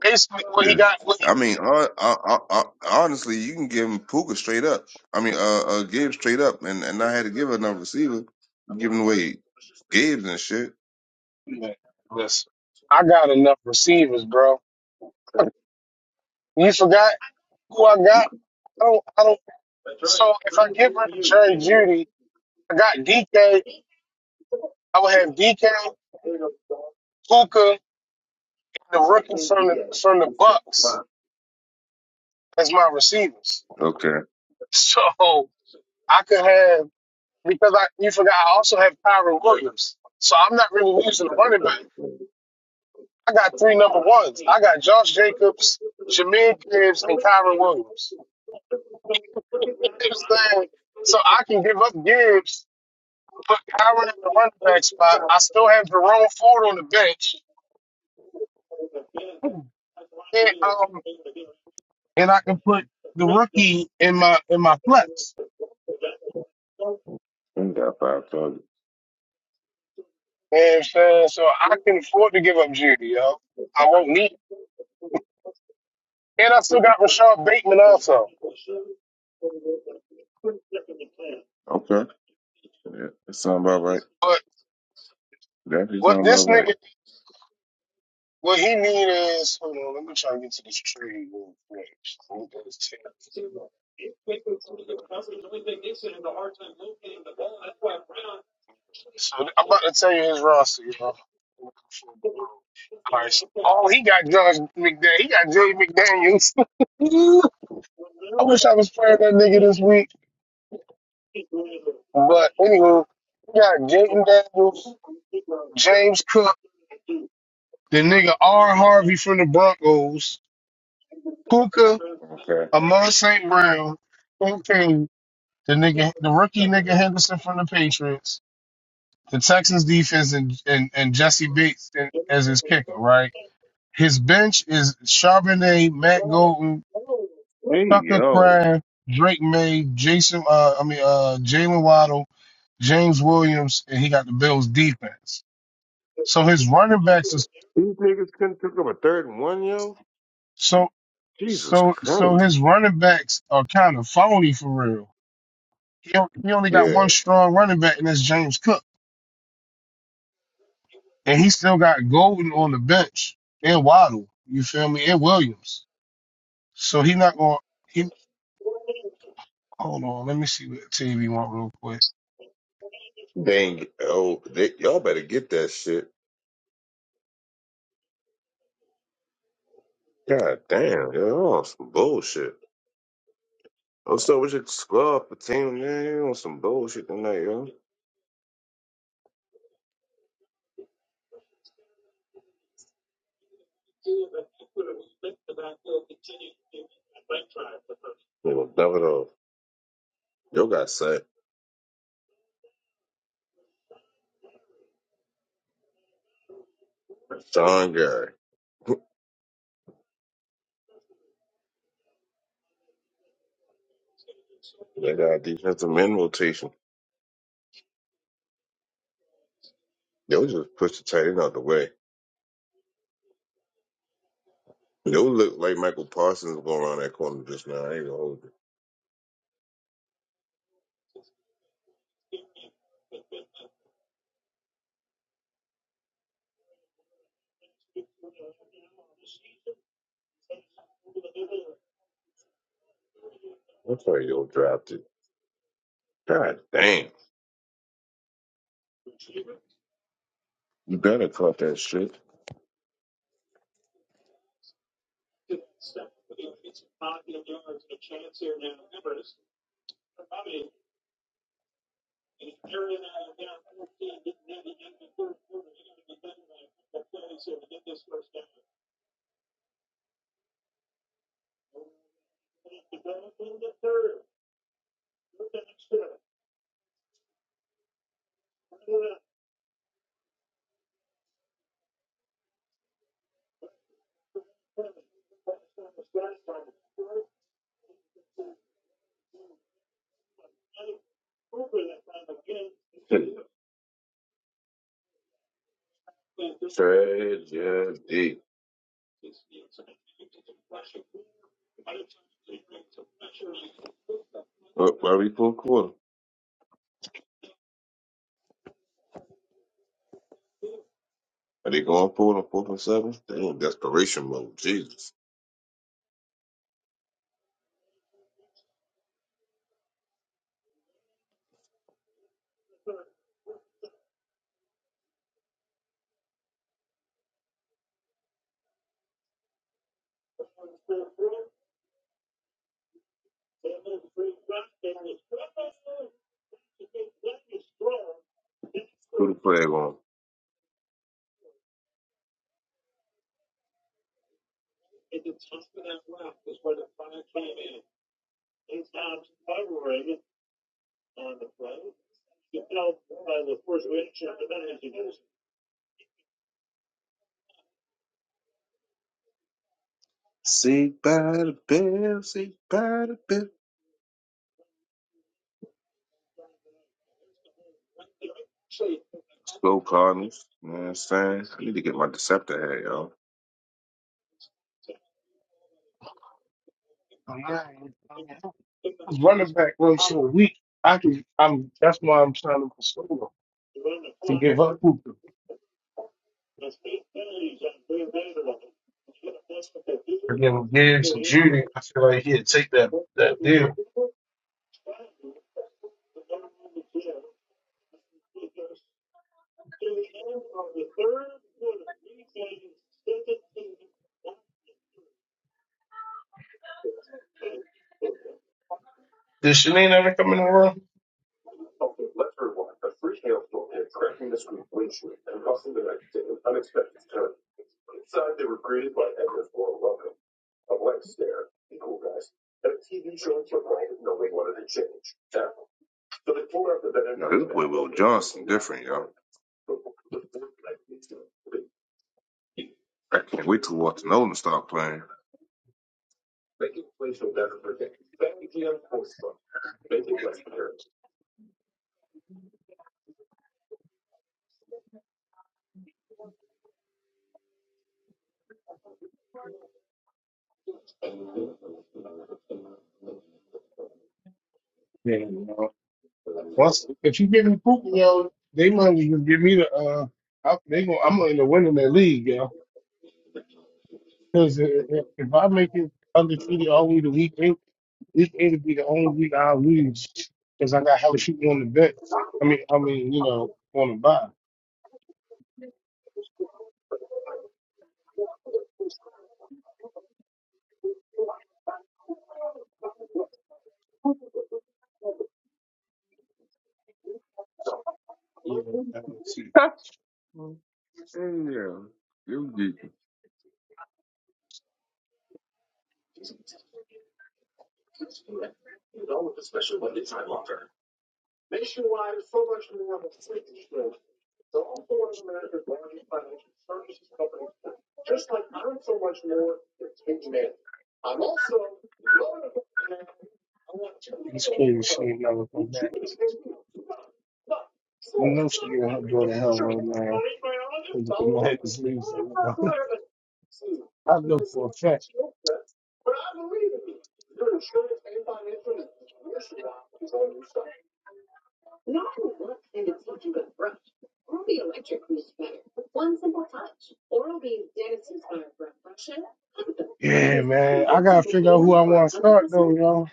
[SPEAKER 1] basically, what he got. What he,
[SPEAKER 7] I mean, hon- hon- hon- honestly, you can give him Puka straight up. I mean, uh, uh Gibbs straight up, and and I had to give another receiver, giving away Gibbs and shit.
[SPEAKER 1] Man, listen, I got enough receivers, bro. You forgot who I got. I don't. I don't. So if I get rid of Jerry Judy, I got DK. I would have DK, Puka. the rookies from the from the Bucks as my receivers.
[SPEAKER 7] Okay,
[SPEAKER 1] So I could have because I you forgot I also have Kyron Williams. So I'm not really using a running back. I got three number ones. I got Josh Jacobs, Jameer Gibbs, and Kyron Williams. You know what I'm saying? So I can give up Gibbs, put Kyron at the running back spot. I still have Jerome Ford on the bench. And um and I can put the rookie in my in my flex.
[SPEAKER 7] we got five targets.
[SPEAKER 1] You know what I'm saying? So I can afford to give up Judy, yo. I won't need and I still got Rashad Bateman also.
[SPEAKER 7] Okay, yeah, that sound about right.
[SPEAKER 1] But
[SPEAKER 7] That is
[SPEAKER 1] what
[SPEAKER 7] sound about
[SPEAKER 1] this
[SPEAKER 7] right.
[SPEAKER 1] nigga what he need is hold on, let me try to get to this trade real quick. Let me go to this team. So I'm about to tell you his roster, you know. All right. so, Oh, he got Josh McDaniel. He got Jay McDaniels. I wish I was playing that nigga this week. But anywho, he got Jaden Daniels, James Cook, the nigga R. Harvey from the Broncos. Puka,
[SPEAKER 7] Okay.
[SPEAKER 1] Amon St. Brown, okay, the nigga, the rookie nigga Henderson from the Patriots, the Texans defense, and and, and Jesse Bates in- as his kicker, right? His bench is Charbonnet, Matt Golden,
[SPEAKER 7] Hey
[SPEAKER 1] Tucker
[SPEAKER 7] yo,
[SPEAKER 1] Craft, Drake May, Jason, uh, I mean, uh, Jalen Waddle, James Williams, and he got the Bills defense. So his running backs is
[SPEAKER 7] These niggas couldn't pick up a third and one, yo.
[SPEAKER 1] so so so his running backs are kind of phony for real He, on- he only got
[SPEAKER 7] Yeah.
[SPEAKER 1] one strong running back, and that's James Cook. And he still got Golden on the bench and Waddle. You feel me? And Williams. So he not going. He hold on. Let me see what team he want real quick.
[SPEAKER 7] They ain't, get- oh, they, y'all better get that shit. God damn, y'all on some bullshit. What's up with your squad team, man? You on some bullshit tonight, yo. They gonna dump it off. Yo got sacked. Sean Gary. They got defensive men rotation. Yo just push the tight end out the way. Yo look like Michael Parsons going around that corner just now. I ain't gonna hold it. Damn. Tragedy. What, why we full quarter? Are they going for it on fourth and seven? They in desperation mode. Jesus. What play they going? Man, man. I need to get my Deceptor hat, yo.
[SPEAKER 1] I'm not- I mean, I can give up for him Gibbs and Judy. I feel like he'd take that that deal. Did Shanine ever come in the room?
[SPEAKER 7] Wait till Walter Nolan start playing.
[SPEAKER 1] Yeah. No. Once if you give me Poop, yo, they might even give me the. uh I, they going I'm gonna end up winning that league, yo. Because if if I make it undefeated all the way to week eight. This it'll be the only week I lose because I got hella people on the bet. I mean, I mean, you know, on the buy. You know, I don't see,
[SPEAKER 7] Yeah,
[SPEAKER 1] it's crazy. She ain't never come back. I know she getting her door to hell right now. with The Mets losing. I know for a fact. Yeah, man. I gotta figure out who I want to start though, y'all.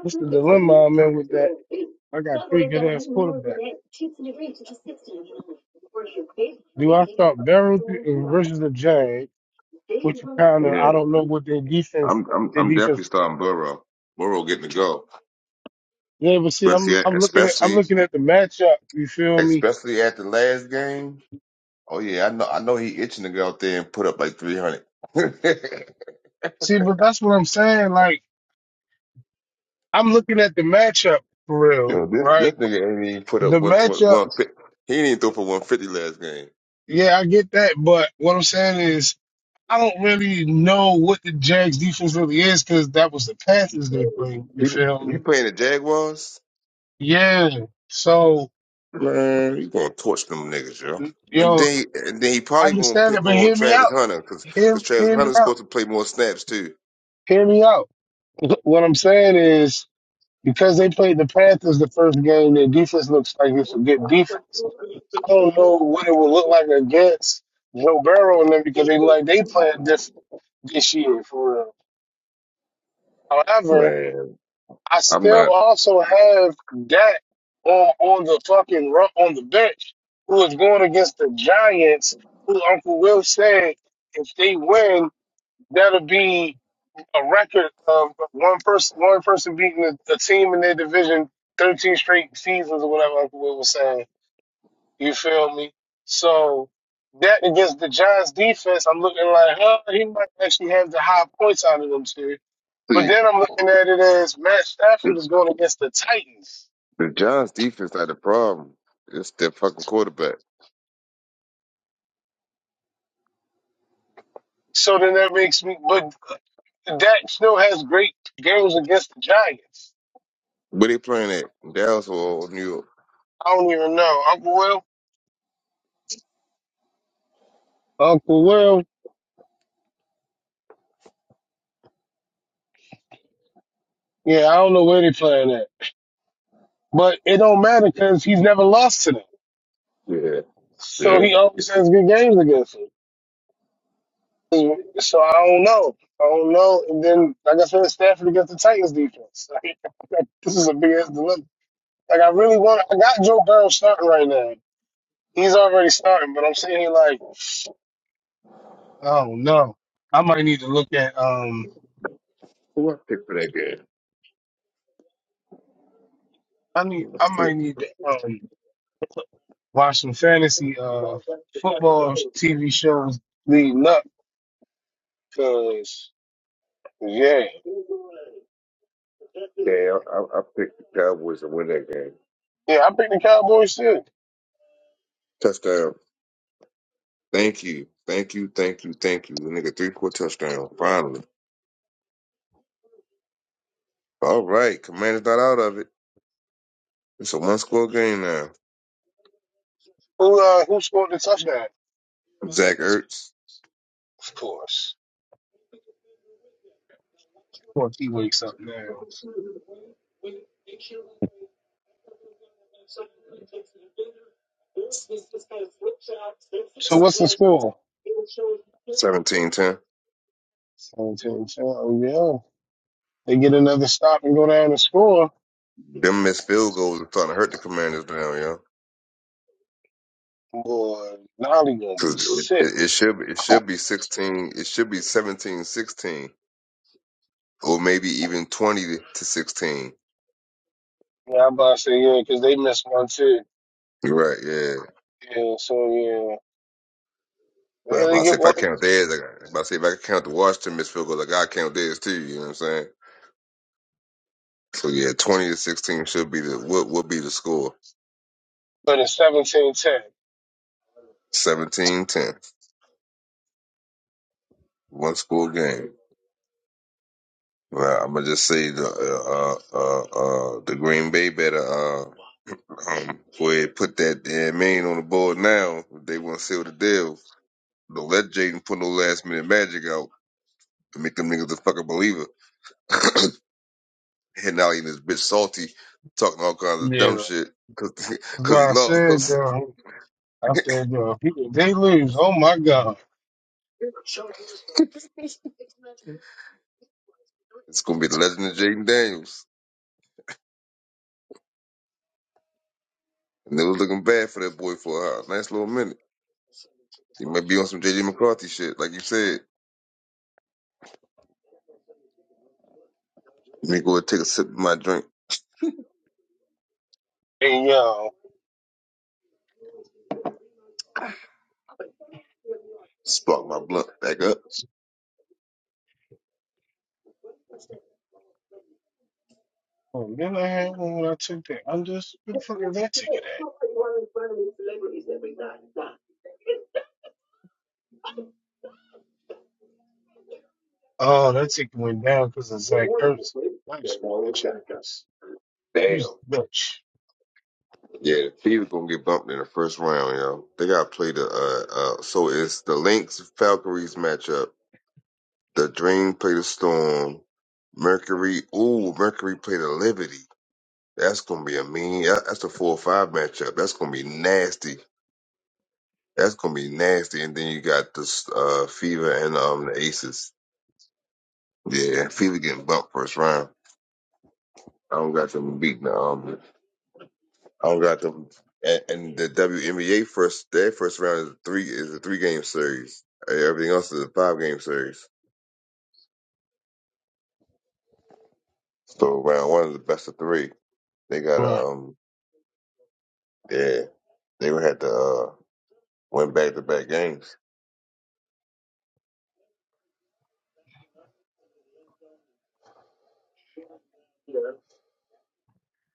[SPEAKER 1] What's the dilemma I'm in with that? I got three good ass quarterbacks. Do I start Barrow th- versus the Jag, which kind of I don't know what their defense,
[SPEAKER 7] I'm I'm
[SPEAKER 1] their
[SPEAKER 7] I'm
[SPEAKER 1] defense
[SPEAKER 7] definitely starting Burrow. Burrow getting to go,
[SPEAKER 1] Yeah, but see, I'm
[SPEAKER 7] especially at,
[SPEAKER 1] I'm looking at I'm
[SPEAKER 7] especially
[SPEAKER 1] looking at the matchup. You feel me?
[SPEAKER 7] especially at the last game. Oh yeah, I know I know he itching to go out there and put up like 300.
[SPEAKER 1] See, but that's what I'm saying. Like I'm looking at the matchup for real,
[SPEAKER 7] Yo, this this
[SPEAKER 1] right?
[SPEAKER 7] nigga ain't even put up
[SPEAKER 1] The
[SPEAKER 7] 120.
[SPEAKER 1] matchup.
[SPEAKER 7] He didn't even throw for 150 last game.
[SPEAKER 1] Yeah, I get that, but what I'm saying is I don't really know what the Jags defense really is because that was the Panthers they played. You
[SPEAKER 7] He
[SPEAKER 1] feel
[SPEAKER 7] he
[SPEAKER 1] me?
[SPEAKER 7] playing the Jaguars.
[SPEAKER 1] Yeah. So
[SPEAKER 7] Man, you gonna torch them niggas, yo. And
[SPEAKER 1] yo,
[SPEAKER 7] then, and then he
[SPEAKER 1] I
[SPEAKER 7] probably gonna
[SPEAKER 1] understand it,
[SPEAKER 7] pick
[SPEAKER 1] but
[SPEAKER 7] on
[SPEAKER 1] hear me
[SPEAKER 7] Travis
[SPEAKER 1] out.
[SPEAKER 7] Hunter because
[SPEAKER 1] Hear,
[SPEAKER 7] Travis
[SPEAKER 1] hear me
[SPEAKER 7] Hunter's
[SPEAKER 1] out.
[SPEAKER 7] supposed to play more snaps too.
[SPEAKER 1] Hear me out. What I'm saying is. because they played the Panthers the first game, their defense looks like it's a good defense. I don't know what it will look like against Joe Burrow and them because they like they playing different this year for real. However,
[SPEAKER 7] Man,
[SPEAKER 1] I
[SPEAKER 7] I'm
[SPEAKER 1] still
[SPEAKER 7] not.
[SPEAKER 1] also have Dak on on the fucking run on the bench who is going against the Giants, who Uncle Will said if they win, that'll be a record of one person one person beating a, a team in their division thirteen straight seasons or whatever Uncle Will was saying. You feel me? So that against the Giants defense, I'm looking like, huh, he might actually have the high points out of them too. But
[SPEAKER 7] See,
[SPEAKER 1] then I'm looking at it as Matt Stafford
[SPEAKER 7] the,
[SPEAKER 1] is going against the Titans.
[SPEAKER 7] the Giants' defense not the problem. It's their fucking quarterback.
[SPEAKER 1] So
[SPEAKER 7] Where they playing at? Dallas or New
[SPEAKER 1] I don't even know. Uncle Will? Yeah, I don't know where they are playing at. But it don't matter because he's never lost to them.
[SPEAKER 7] York? Yeah,
[SPEAKER 1] So
[SPEAKER 7] yeah.
[SPEAKER 1] he always has good games against them. So I don't know. I don't know. And then, like I said, Stafford against the Titans defense. Like, this is a big ass dilemma. Like I really want. I got Joe Burrow starting right now. He's already starting, but I'm sitting here like, oh no, I might need to look at. Um,
[SPEAKER 7] Who I picked for that game?
[SPEAKER 1] I need. I
[SPEAKER 7] Let's see.
[SPEAKER 1] might need to um watch some fantasy uh football TV shows. The nuts. Yeah,
[SPEAKER 7] Yeah, I, I I picked the Cowboys to win that game.
[SPEAKER 1] yeah. I picked the Cowboys too.
[SPEAKER 7] Touchdown. Thank you, thank you, thank you, thank you. The nigga three quarter touchdown. Finally. All right, Commander's not out of it. It's a one score game now.
[SPEAKER 1] Who uh who scored the touchdown?
[SPEAKER 7] Zach Ertz,
[SPEAKER 1] Of course. Of course, he wakes up now. So what's the score?
[SPEAKER 7] seventeen, ten.
[SPEAKER 1] Sanitation. Oh yeah. They get another stop and go down and score.
[SPEAKER 7] Them missed field goals are starting to hurt the commanders now, yo.
[SPEAKER 1] Boy, Nolly gonna
[SPEAKER 7] Cause
[SPEAKER 1] be
[SPEAKER 7] it,
[SPEAKER 1] sick.
[SPEAKER 7] it it should it should be 16, it should be 17, 16, or maybe even 20 to 16.
[SPEAKER 1] Yeah, I'm about to say yeah, 'cause they missed one too.
[SPEAKER 7] You're right, yeah.
[SPEAKER 1] Yeah, so yeah.
[SPEAKER 7] But if i say if I count theirs, I got, i say if I can count the Washington missed field goals, I gotta count theirs too, you know what I'm saying? So yeah, 20 to 16 should be the, what would be the score?
[SPEAKER 1] But it's had-
[SPEAKER 7] Seventeen, ten. One score game. Well, I'm gonna just say the uh, uh, uh, uh, the Green Bay better uh, um, go ahead put that damn man on the board now. If they want to seal the deal, don't let Jaden put no last minute magic out and make them niggas a fucking believer. Hitting out in this bitch salty, talking all kinds of dumb
[SPEAKER 1] yeah,
[SPEAKER 7] shit because
[SPEAKER 1] that's what
[SPEAKER 7] he
[SPEAKER 1] I said,
[SPEAKER 7] lost.
[SPEAKER 1] girl. I said, girl, people they lose. Oh my god.
[SPEAKER 7] it's gonna be the legend of Jaden Daniels, and it was looking bad for that boy for a nice little minute. He might be on some JJ McCarthy shit, like you said. Let me go and take a sip of my drink.
[SPEAKER 1] Hey yo.
[SPEAKER 7] Spark my blunt back up.
[SPEAKER 1] Oh, then I had one when I took that. I'm just where the fuck is that ticket at? Oh, that ticket went down 'cause of Zach Ertz. Nice chance. Use bitch.
[SPEAKER 7] Yeah, the Peter's gonna get bumped in the first round, yo. They gotta play the uh uh so it's the Lynx Falconries matchup. The Dream play the Storm. Mercury ooh, Mercury play the Liberty. That's gonna be a mean that- that's a four or five matchup. That's gonna be nasty. That's gonna be nasty. And then you got this uh Fever and um the Aces. Yeah, Fever getting bumped first round. I don't got them beating now. I don't got them. And, and the WNBA first their first round is three is a three game series. Uh, Everything else is a five game series. So round one is the best of three. They got to
[SPEAKER 1] Right.
[SPEAKER 7] um yeah they would have to uh, win back to back games.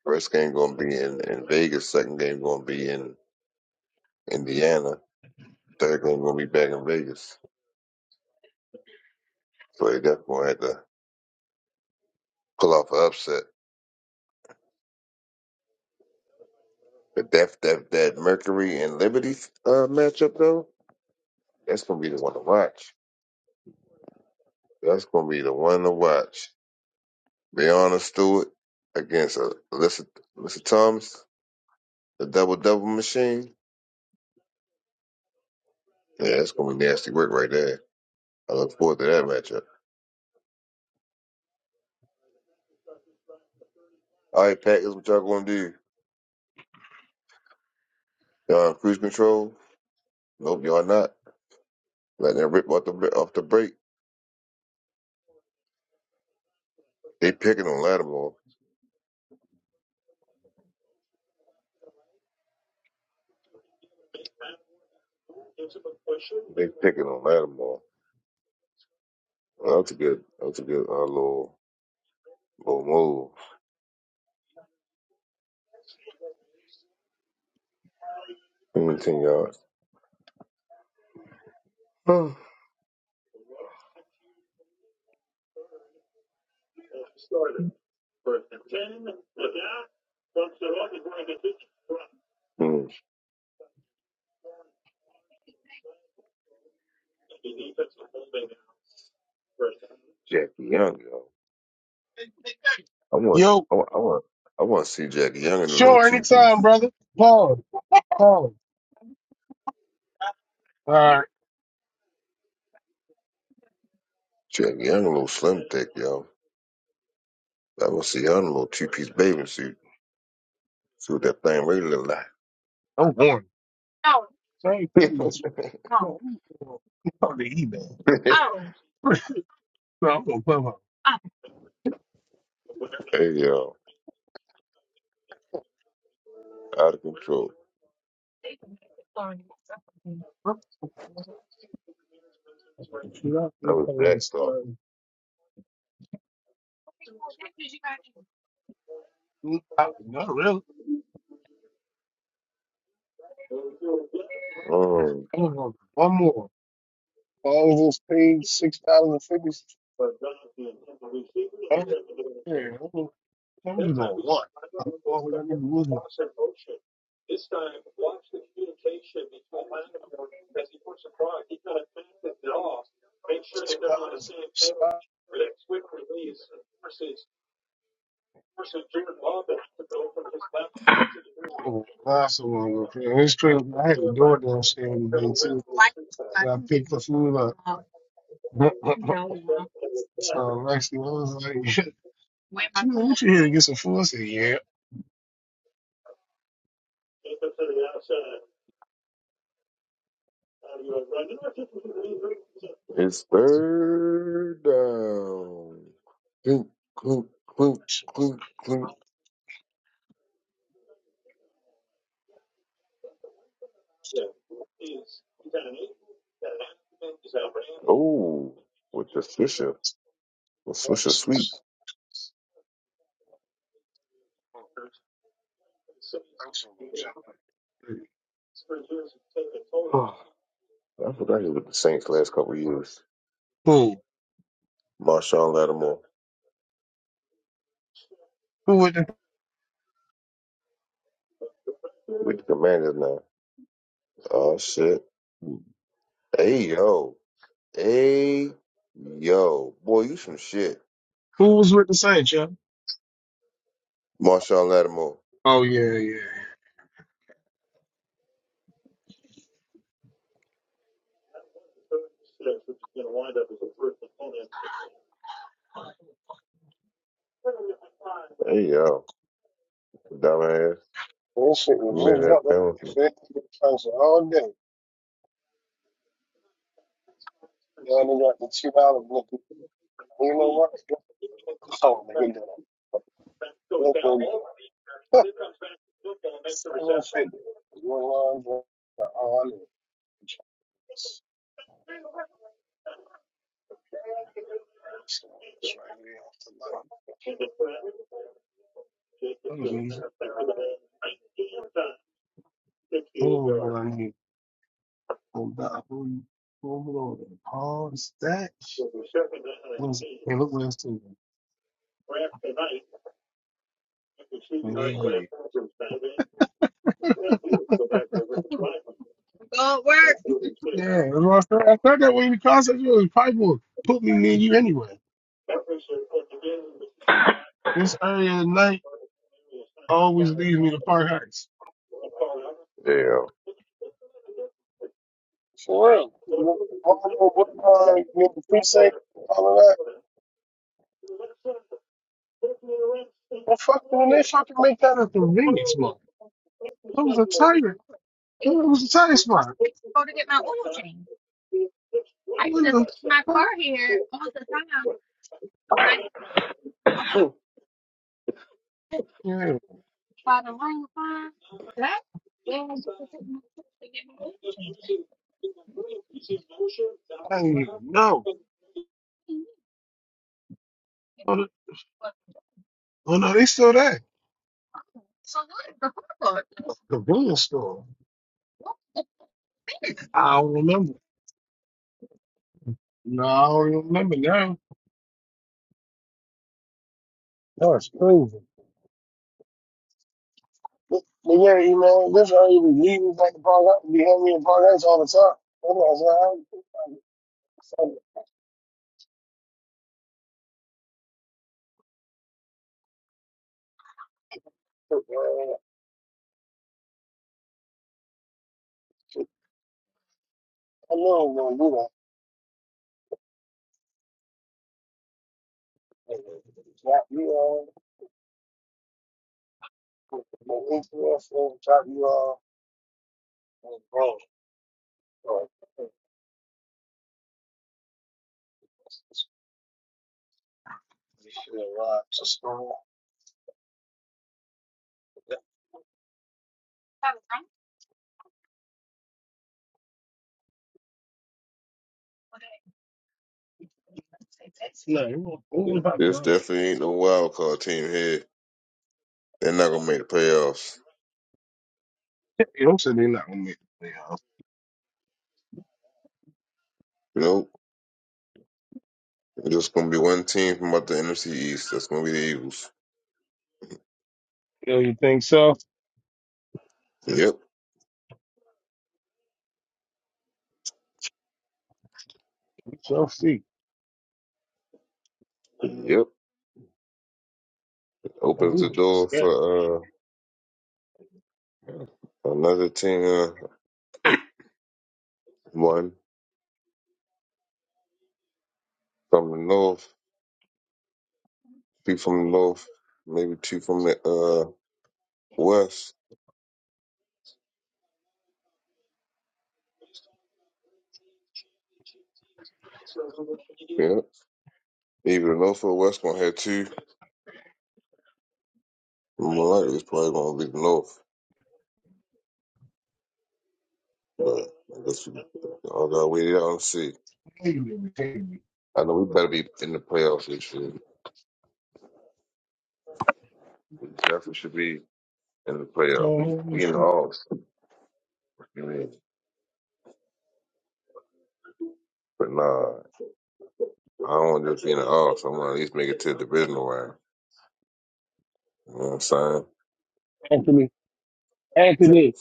[SPEAKER 7] First game gonna be in, in Vegas. Second game gonna be in Indiana. Third game gonna be back in Vegas. So they definitely gonna have to pull off an upset. But that that that Mercury and Liberty uh, matchup though, that's gonna be the one to watch. That's gonna be the one to watch. Brianna Stewart against uh, Alyssa, Alyssa Thomas, the double double machine. Yeah, that's gonna be nasty work right there. I look forward to that matchup. All right, Packers, what y'all gonna do? Y'all on cruise control? Nope, y'all not. Letting that rip off the off the break. They picking on Lattimore. They picking on Lattimore. Well, that's a good. That's a good uh, little little move. Give me ten yards. Hmm. Jackie Young, yo. I want.
[SPEAKER 1] Yo.
[SPEAKER 7] I want. I want. I want to see Jackie Young in a little
[SPEAKER 1] Sure,
[SPEAKER 7] two piece.
[SPEAKER 1] anytime, brother. Paul, Paul. All right.
[SPEAKER 7] Check young little slim thick, yo. I want to see her in a little two piece bathing suit. See what that thing really look like.
[SPEAKER 1] I'm, How much?
[SPEAKER 7] hey yo, out of control.
[SPEAKER 1] Not
[SPEAKER 7] That was
[SPEAKER 1] repaying the
[SPEAKER 7] that talk.
[SPEAKER 1] starting. Not, not really.
[SPEAKER 7] Um,
[SPEAKER 1] Come on, one more. Paul's paid six dollars and fifty. cents. Hey, I'm I'm just on one. I'm always I need to lose it. two dollars. Spot. Oh, Last one, okay. It's crazy. I had to door it downstairs today too. Pick the food up. so Lexi I was like, "You here to get some food?" I said, "Yeah."
[SPEAKER 7] it's third down. Clink, clink, clink, clink, clink. Oh, with the Swisher, the Swisher sweep. Oh, I forgot he was with the Saints last couple of years.
[SPEAKER 1] Who?
[SPEAKER 7] Marshawn Lattimore
[SPEAKER 1] Who with the,
[SPEAKER 7] with the Commanders now. Oh shit. Hey yo. Hey, yo, boy, you some shit.
[SPEAKER 1] Who was with the Saints? yeah?
[SPEAKER 7] Marshawn Lattimore.
[SPEAKER 1] Oh yeah, yeah.
[SPEAKER 7] Hey yo, dumbass.
[SPEAKER 1] That shit was
[SPEAKER 7] You made
[SPEAKER 1] moved
[SPEAKER 7] that
[SPEAKER 1] up to
[SPEAKER 7] penalty.
[SPEAKER 1] fifty cents all day. You only got the two dollar blick. You know what? Oh, nigga, did a blick on seven fifty. One line for all in. So that's right here off the light. That was easy. Hold on, what I need. Hold on, hold on, hold on. Pause that. What is it? Hey, look what it's doing. Yeah, yeah. Yeah, that's what I thought. I thought that way the concept was probably will put me near you anyway. This early at night. Always leads me to Park Heights.
[SPEAKER 7] Yeah.
[SPEAKER 1] What, what, what, uh, near the precinct, all of that. Well, from there, fucking make that a convenience mall. It was a tire. It was a tire spot. Yeah, I didn't even know. But, Oh, no, they still there. Convenience store. I don't remember. No, I don't remember now. No, it's crazy. But, but yeah, you know, this how you be leaving back to Park Heights. You hear me in Park Heights all the time. I'm like, no, it was probably
[SPEAKER 7] This
[SPEAKER 1] not.
[SPEAKER 7] definitely ain't no wild card team here. They're not gonna make the playoffs.
[SPEAKER 1] It was not with me. you
[SPEAKER 7] Nope. There's just gonna be one team from out the NFC East. That's gonna be the Eagles.
[SPEAKER 1] know. So,
[SPEAKER 7] Yep. Yep. Opens the door
[SPEAKER 1] we
[SPEAKER 7] for uh, another team. Uh, one from the North, two from the North, maybe two from the uh West. Yep. Either the North or West gonna have two. More likely, it's probably gonna be the North, but I guess we all gotta wait it out and see.
[SPEAKER 1] Haley, Haley.
[SPEAKER 7] I know we better be in the playoffs this year. We definitely should be in the playoffs.
[SPEAKER 1] Mhm.
[SPEAKER 7] We in the offs. I mean, but nah, I don't want to just be in the offs. I want to at least make it to the divisional round. You know what I'm saying?
[SPEAKER 1] Anthony, Anthony.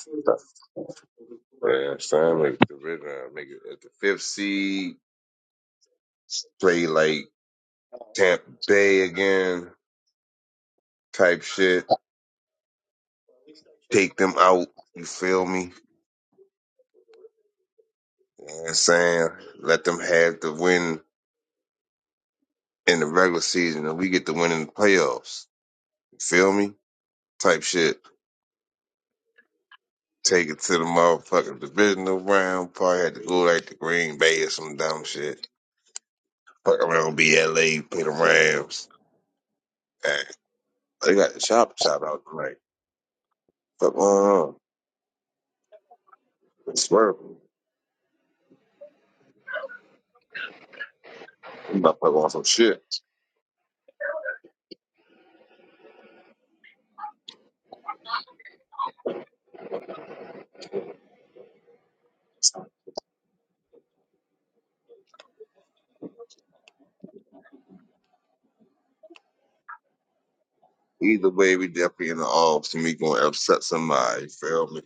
[SPEAKER 7] Yeah, Sam make it to the divisional round. Make it at the fifth seed. Play like Tampa Bay again, type shit. Take them out. You feel me? You know what I'm saying? Let them have the win in the regular season and we get to win in the playoffs. You Feel me? Type shit. Take it to the motherfucking divisional round. Probably had to go like to Green Bay or some dumb shit. Fuck around, be LA, play the Rams. Hey, they got the chop chop out tonight. Fuck on. It's swerve. I'm about to fuck on some shit. Either way, we definitely in the offs and we gonna upset somebody. You Feel me?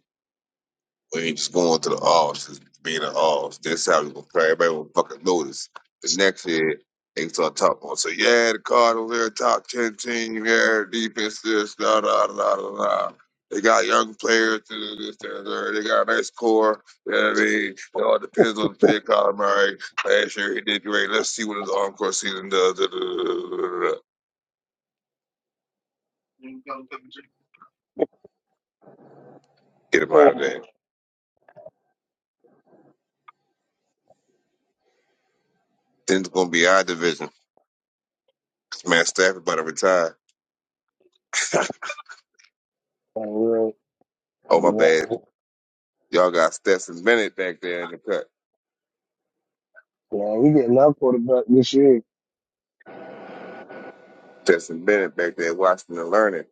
[SPEAKER 7] We ain't just going to the offs, just being an offs. This how we gonna play. Everybody will fucking notice. The next year, they can start talking about, so yeah, the Cardinals, they're a top 10 team, yeah, defense, this, da, da, da, da, da. They got young players, this, this, that, that. they got a nice core. You know what I mean? It all depends on the pick, Colin Murray. Last year, he did great. Let's see what his encore season does. da, da, da, da, da, da. Get him out of
[SPEAKER 1] Oh,
[SPEAKER 7] there. Then it's going to be our division. Man, Stafford about to retire.
[SPEAKER 1] real.
[SPEAKER 7] oh, my bad.
[SPEAKER 1] Yeah,
[SPEAKER 7] Y'all got Stetson Bennett back there in the cut.
[SPEAKER 1] we get love quarterback this year.
[SPEAKER 7] Stetson Bennett back there watching and learning.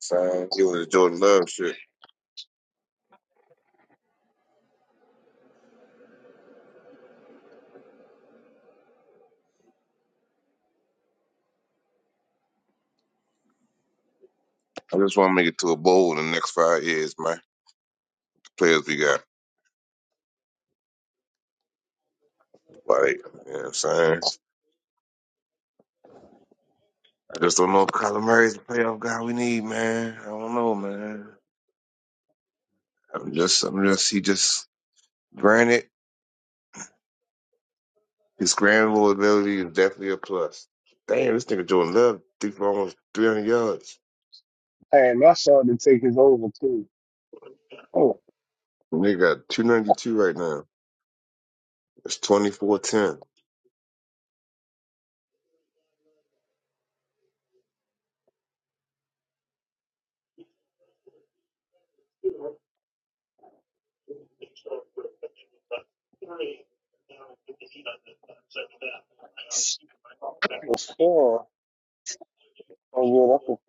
[SPEAKER 7] So he was a Jordan Love shit. I just want to make it to a bowl in the next five years, man. The players we got. Like, you know what I'm saying? I just don't know if Kyler Murray's the playoff guy we need, man. I don't know, man. I'm just, I'm just, he just, granted, his scramble ability is definitely a plus. Damn, this nigga Jordan Love threw for almost 300 yards.
[SPEAKER 1] Hey, and my son to take his over too. Oh,
[SPEAKER 7] And they got 292 right now. It's 24
[SPEAKER 1] the score. Oh, yeah, that's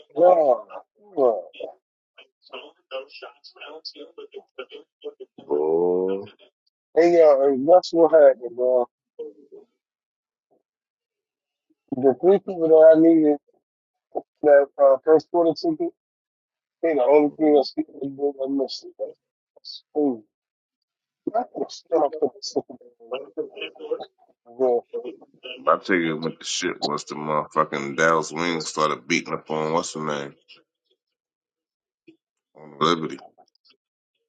[SPEAKER 1] a God. God.
[SPEAKER 7] 10.
[SPEAKER 1] And yo, and that's what happened, bro. The three people that I needed that uh, first quarter ticket, they the only three that's that I missed it. That's cool. I could have spent on bro.
[SPEAKER 7] I tell you what the shit was the motherfucking Dallas Wing started beating up on what's her name on Liberty.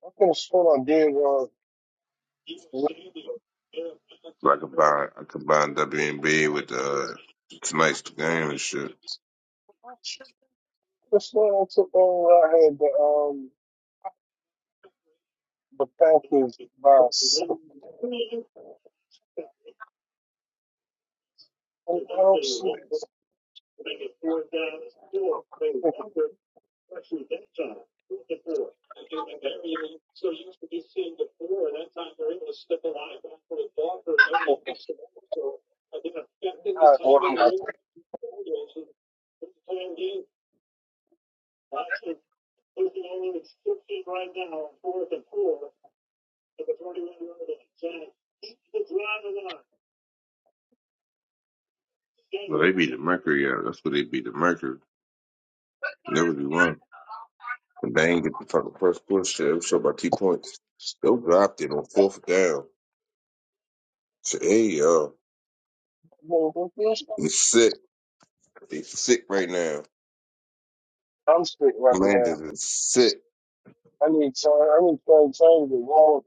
[SPEAKER 1] I could have spent on Dan Ron.
[SPEAKER 7] So I combined I combined W and B with uh, tonight's game and shit.
[SPEAKER 1] This one took over. I had the um the Panthers by six. And I don't see this. I-
[SPEAKER 7] They beat the Mercury out. That's what they beat the Mercury. Liberty won, but they ain't get the fucking first push. Shit, it was short by two points. They dropped it on fourth down. So hey yo, they sick. They sick right now.
[SPEAKER 1] I'm
[SPEAKER 7] Commanders is sick.
[SPEAKER 1] I need time. I need time to change the wrong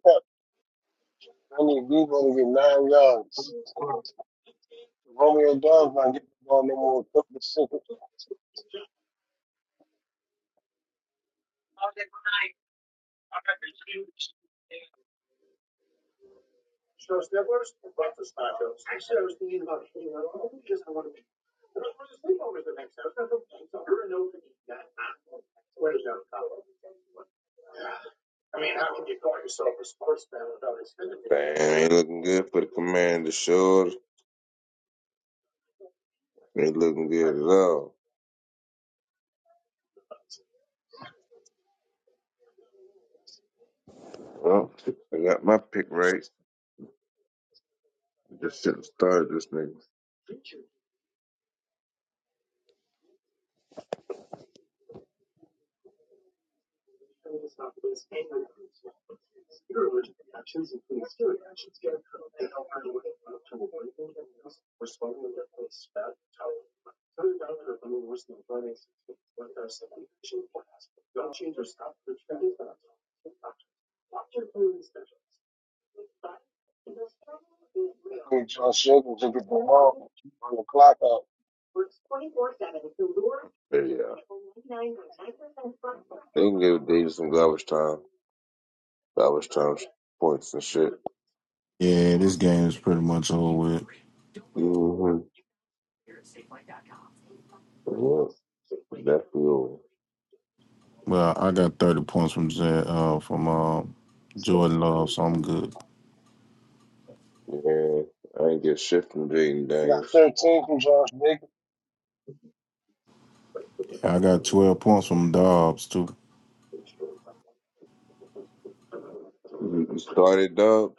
[SPEAKER 1] times and get
[SPEAKER 7] Man, ain't looking good for the Commanders. Sure, ain't looking good at all. Well, I got my pick right. Just shouldn't have started this nigga.
[SPEAKER 1] I need Josh Jacobs to get the ball on the clock out.
[SPEAKER 7] They can give Davis some garbage time, garbage time points and shit.
[SPEAKER 5] Yeah, this game is pretty much over with.
[SPEAKER 7] Mm-hmm. Yeah, that's cool.
[SPEAKER 5] Well, I got 30 points from Jan- uh from uh, Jordan Love, so I'm good.
[SPEAKER 7] Yeah, I ain't get shit from Jaden Daniels.
[SPEAKER 5] Yeah, I got 12 points from Dobbs too.
[SPEAKER 7] You you started Dubs.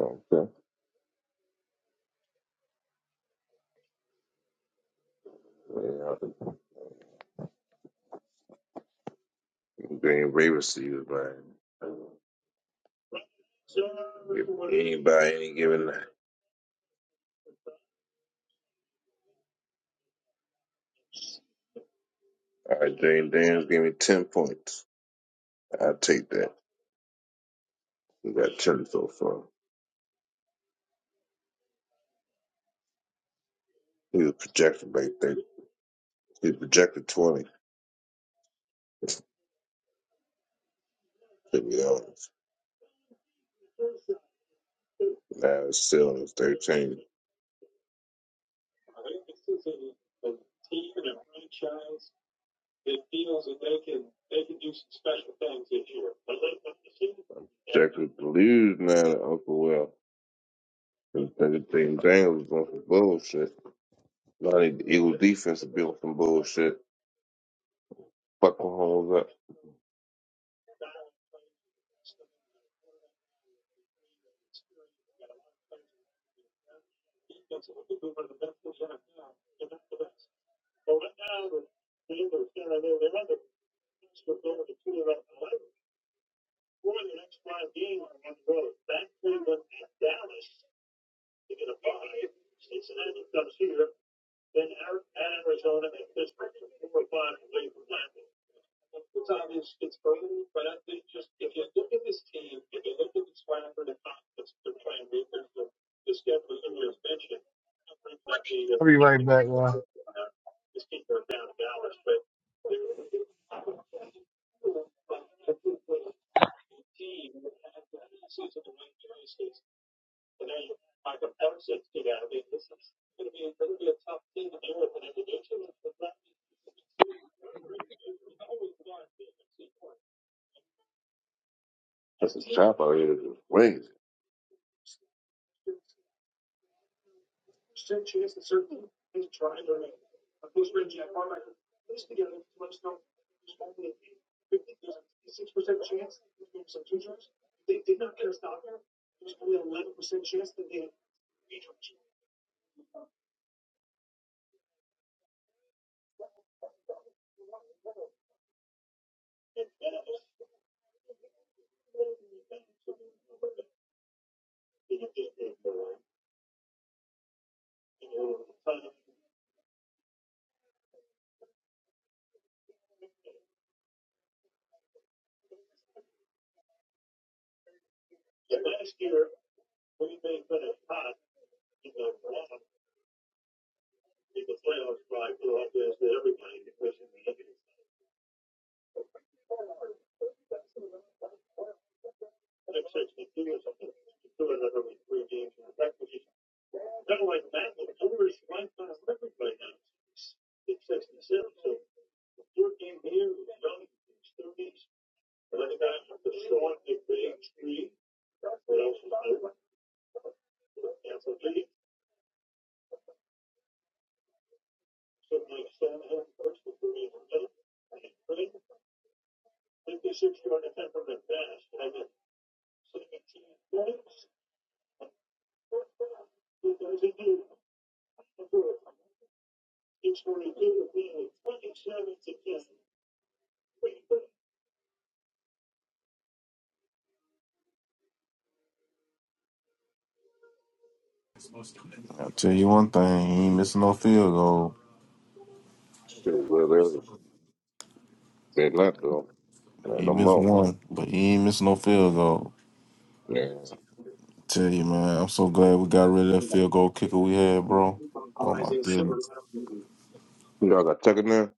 [SPEAKER 7] Okay. Yeah, I think Green Bay receivers, man. Give Anybody any given that. All right, Jaden Daniels gave me 10 points. I'll take that. He got 10 so far. He was projected like 30. He was projected 20. Took me out. Now it's still on the 13th. Jackson believes now that Uncle Will and Thing Daniel was on some bullshit. Now need the Eagle defense to be some bullshit. Fuck Mahomes up.
[SPEAKER 1] I'll be right back, y'all.
[SPEAKER 7] That's cop out here. That's crazy.
[SPEAKER 5] I'll tell you one thing, he ain't missing no field goal.
[SPEAKER 7] Shit, well, they're, not, though. Not
[SPEAKER 5] He
[SPEAKER 7] no
[SPEAKER 5] missed
[SPEAKER 7] more.
[SPEAKER 5] one, but he ain't missing no field goal.
[SPEAKER 7] Yeah.
[SPEAKER 5] Tell you, man, I'm so glad we got rid of that field goal kicker we had, bro. Oh my goodness.
[SPEAKER 7] You know, I got Tucker now.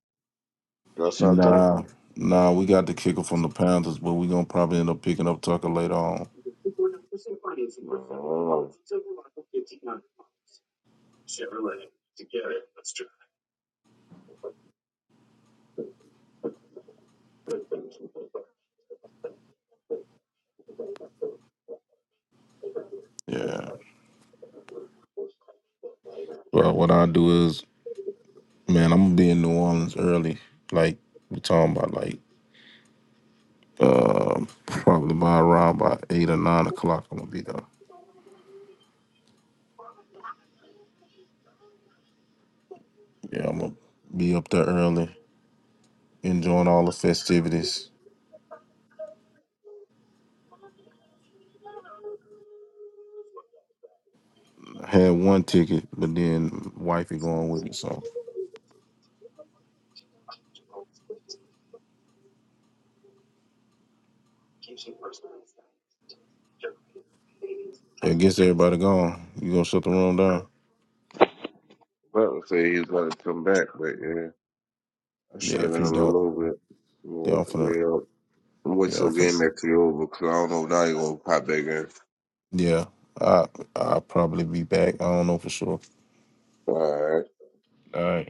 [SPEAKER 7] You know, Sean Tucker.
[SPEAKER 5] Nah, nah, we got the kicker from the Panthers, but we gonna probably end up picking up Tucker later on. Yeah. Well, what I do is, man, I'm gonna be in New Orleans early. Like we're talking about, like um, probably by around by eight or nine o'clock. I'm gonna be there. Yeah, I'm gonna be up there early, enjoying all the festivities. I had one ticket, but then wifey going with me, so. It gets everybody gone. You gonna shut the room down?
[SPEAKER 7] Butler said say he's going to come back, but yeah, I
[SPEAKER 5] Yeah,
[SPEAKER 7] shut it
[SPEAKER 5] if
[SPEAKER 7] down
[SPEAKER 5] you
[SPEAKER 7] a
[SPEAKER 5] don't,
[SPEAKER 7] little bit.
[SPEAKER 5] yeah,
[SPEAKER 7] Well,
[SPEAKER 5] I'm
[SPEAKER 7] I'm
[SPEAKER 5] finna,
[SPEAKER 7] going wait
[SPEAKER 5] yeah,
[SPEAKER 7] till
[SPEAKER 5] I'm
[SPEAKER 7] the game
[SPEAKER 5] finna,
[SPEAKER 7] actually over because I don't know if now you're going to pop back in.
[SPEAKER 5] yeah. I I'll probably be back. I don't know for sure.
[SPEAKER 7] All right.
[SPEAKER 5] All right.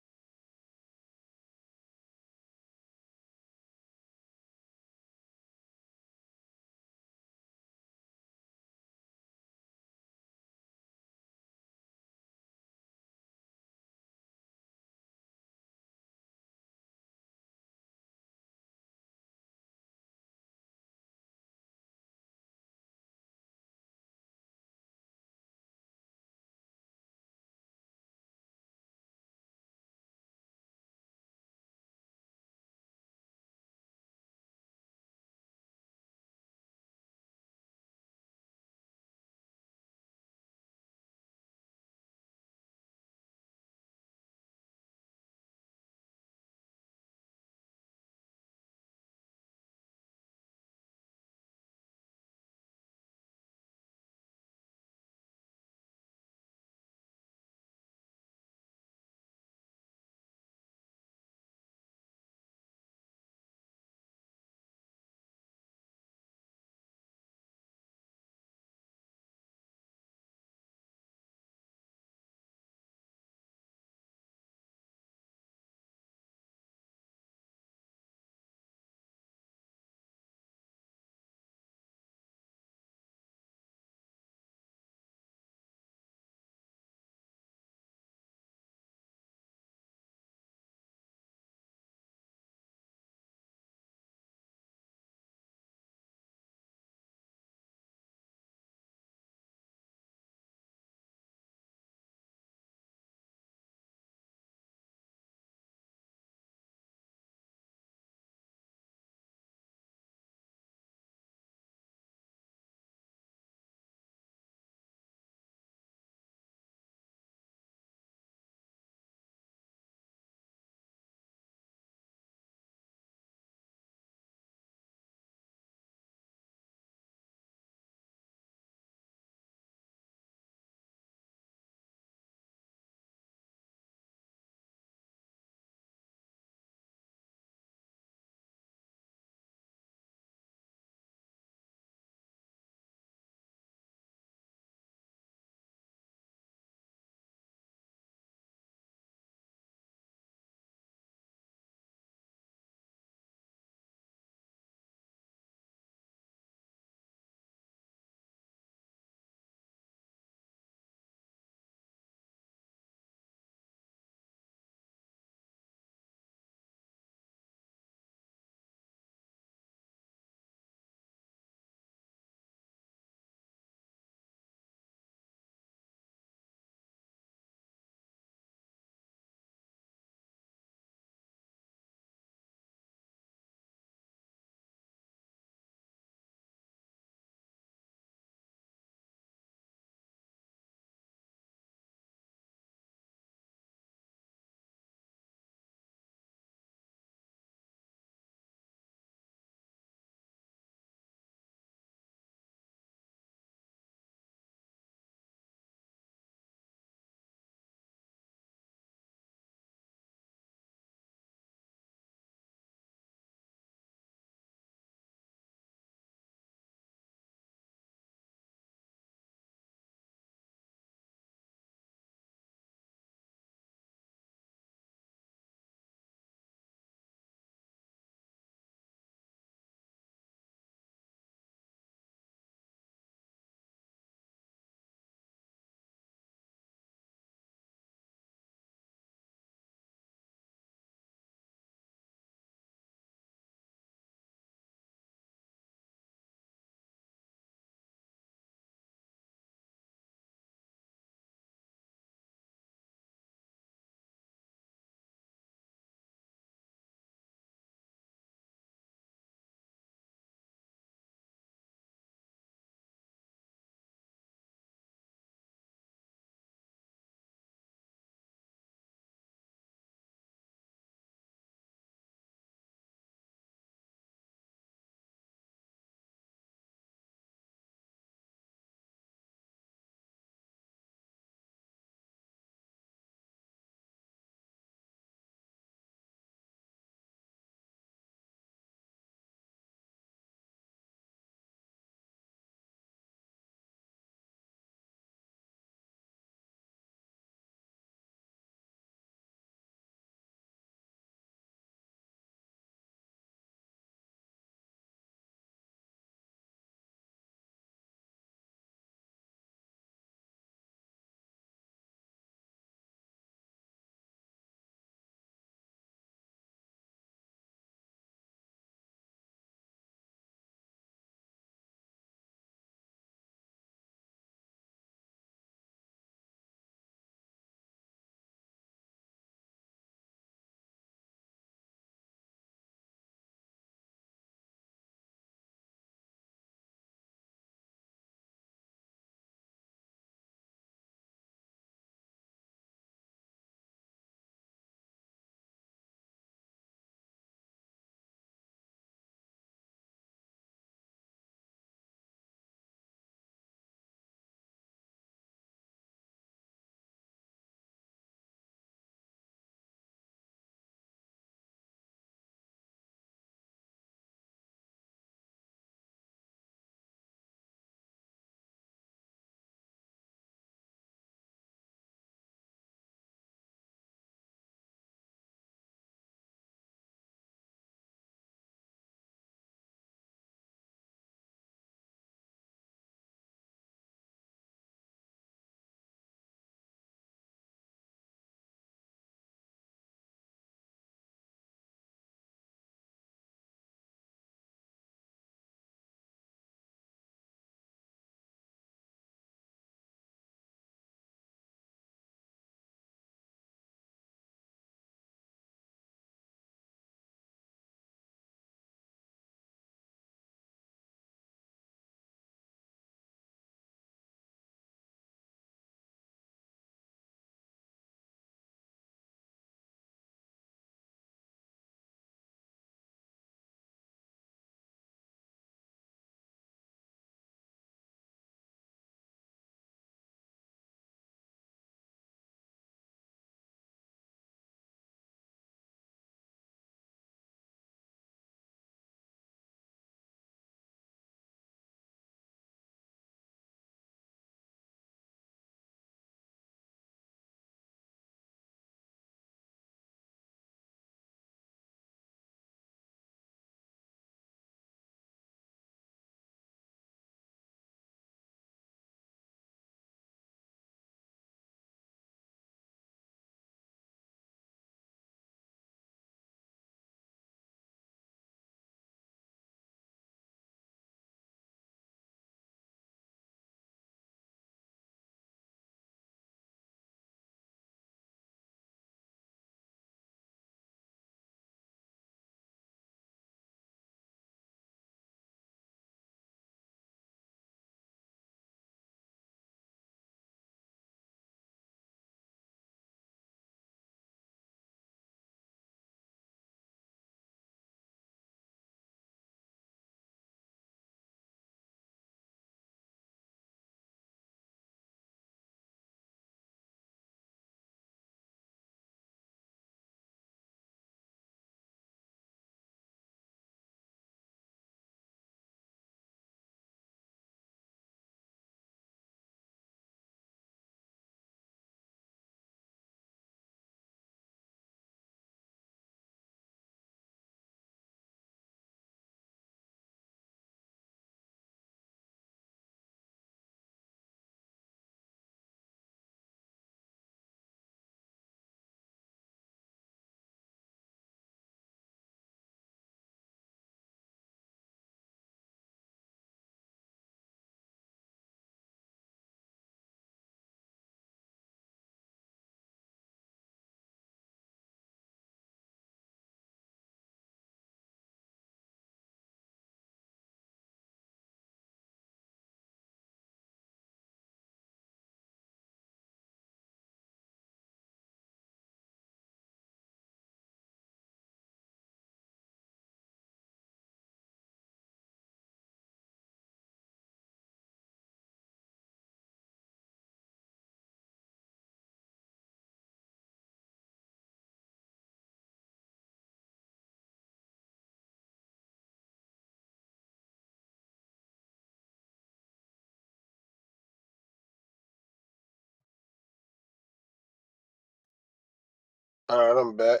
[SPEAKER 1] All right, I'm back.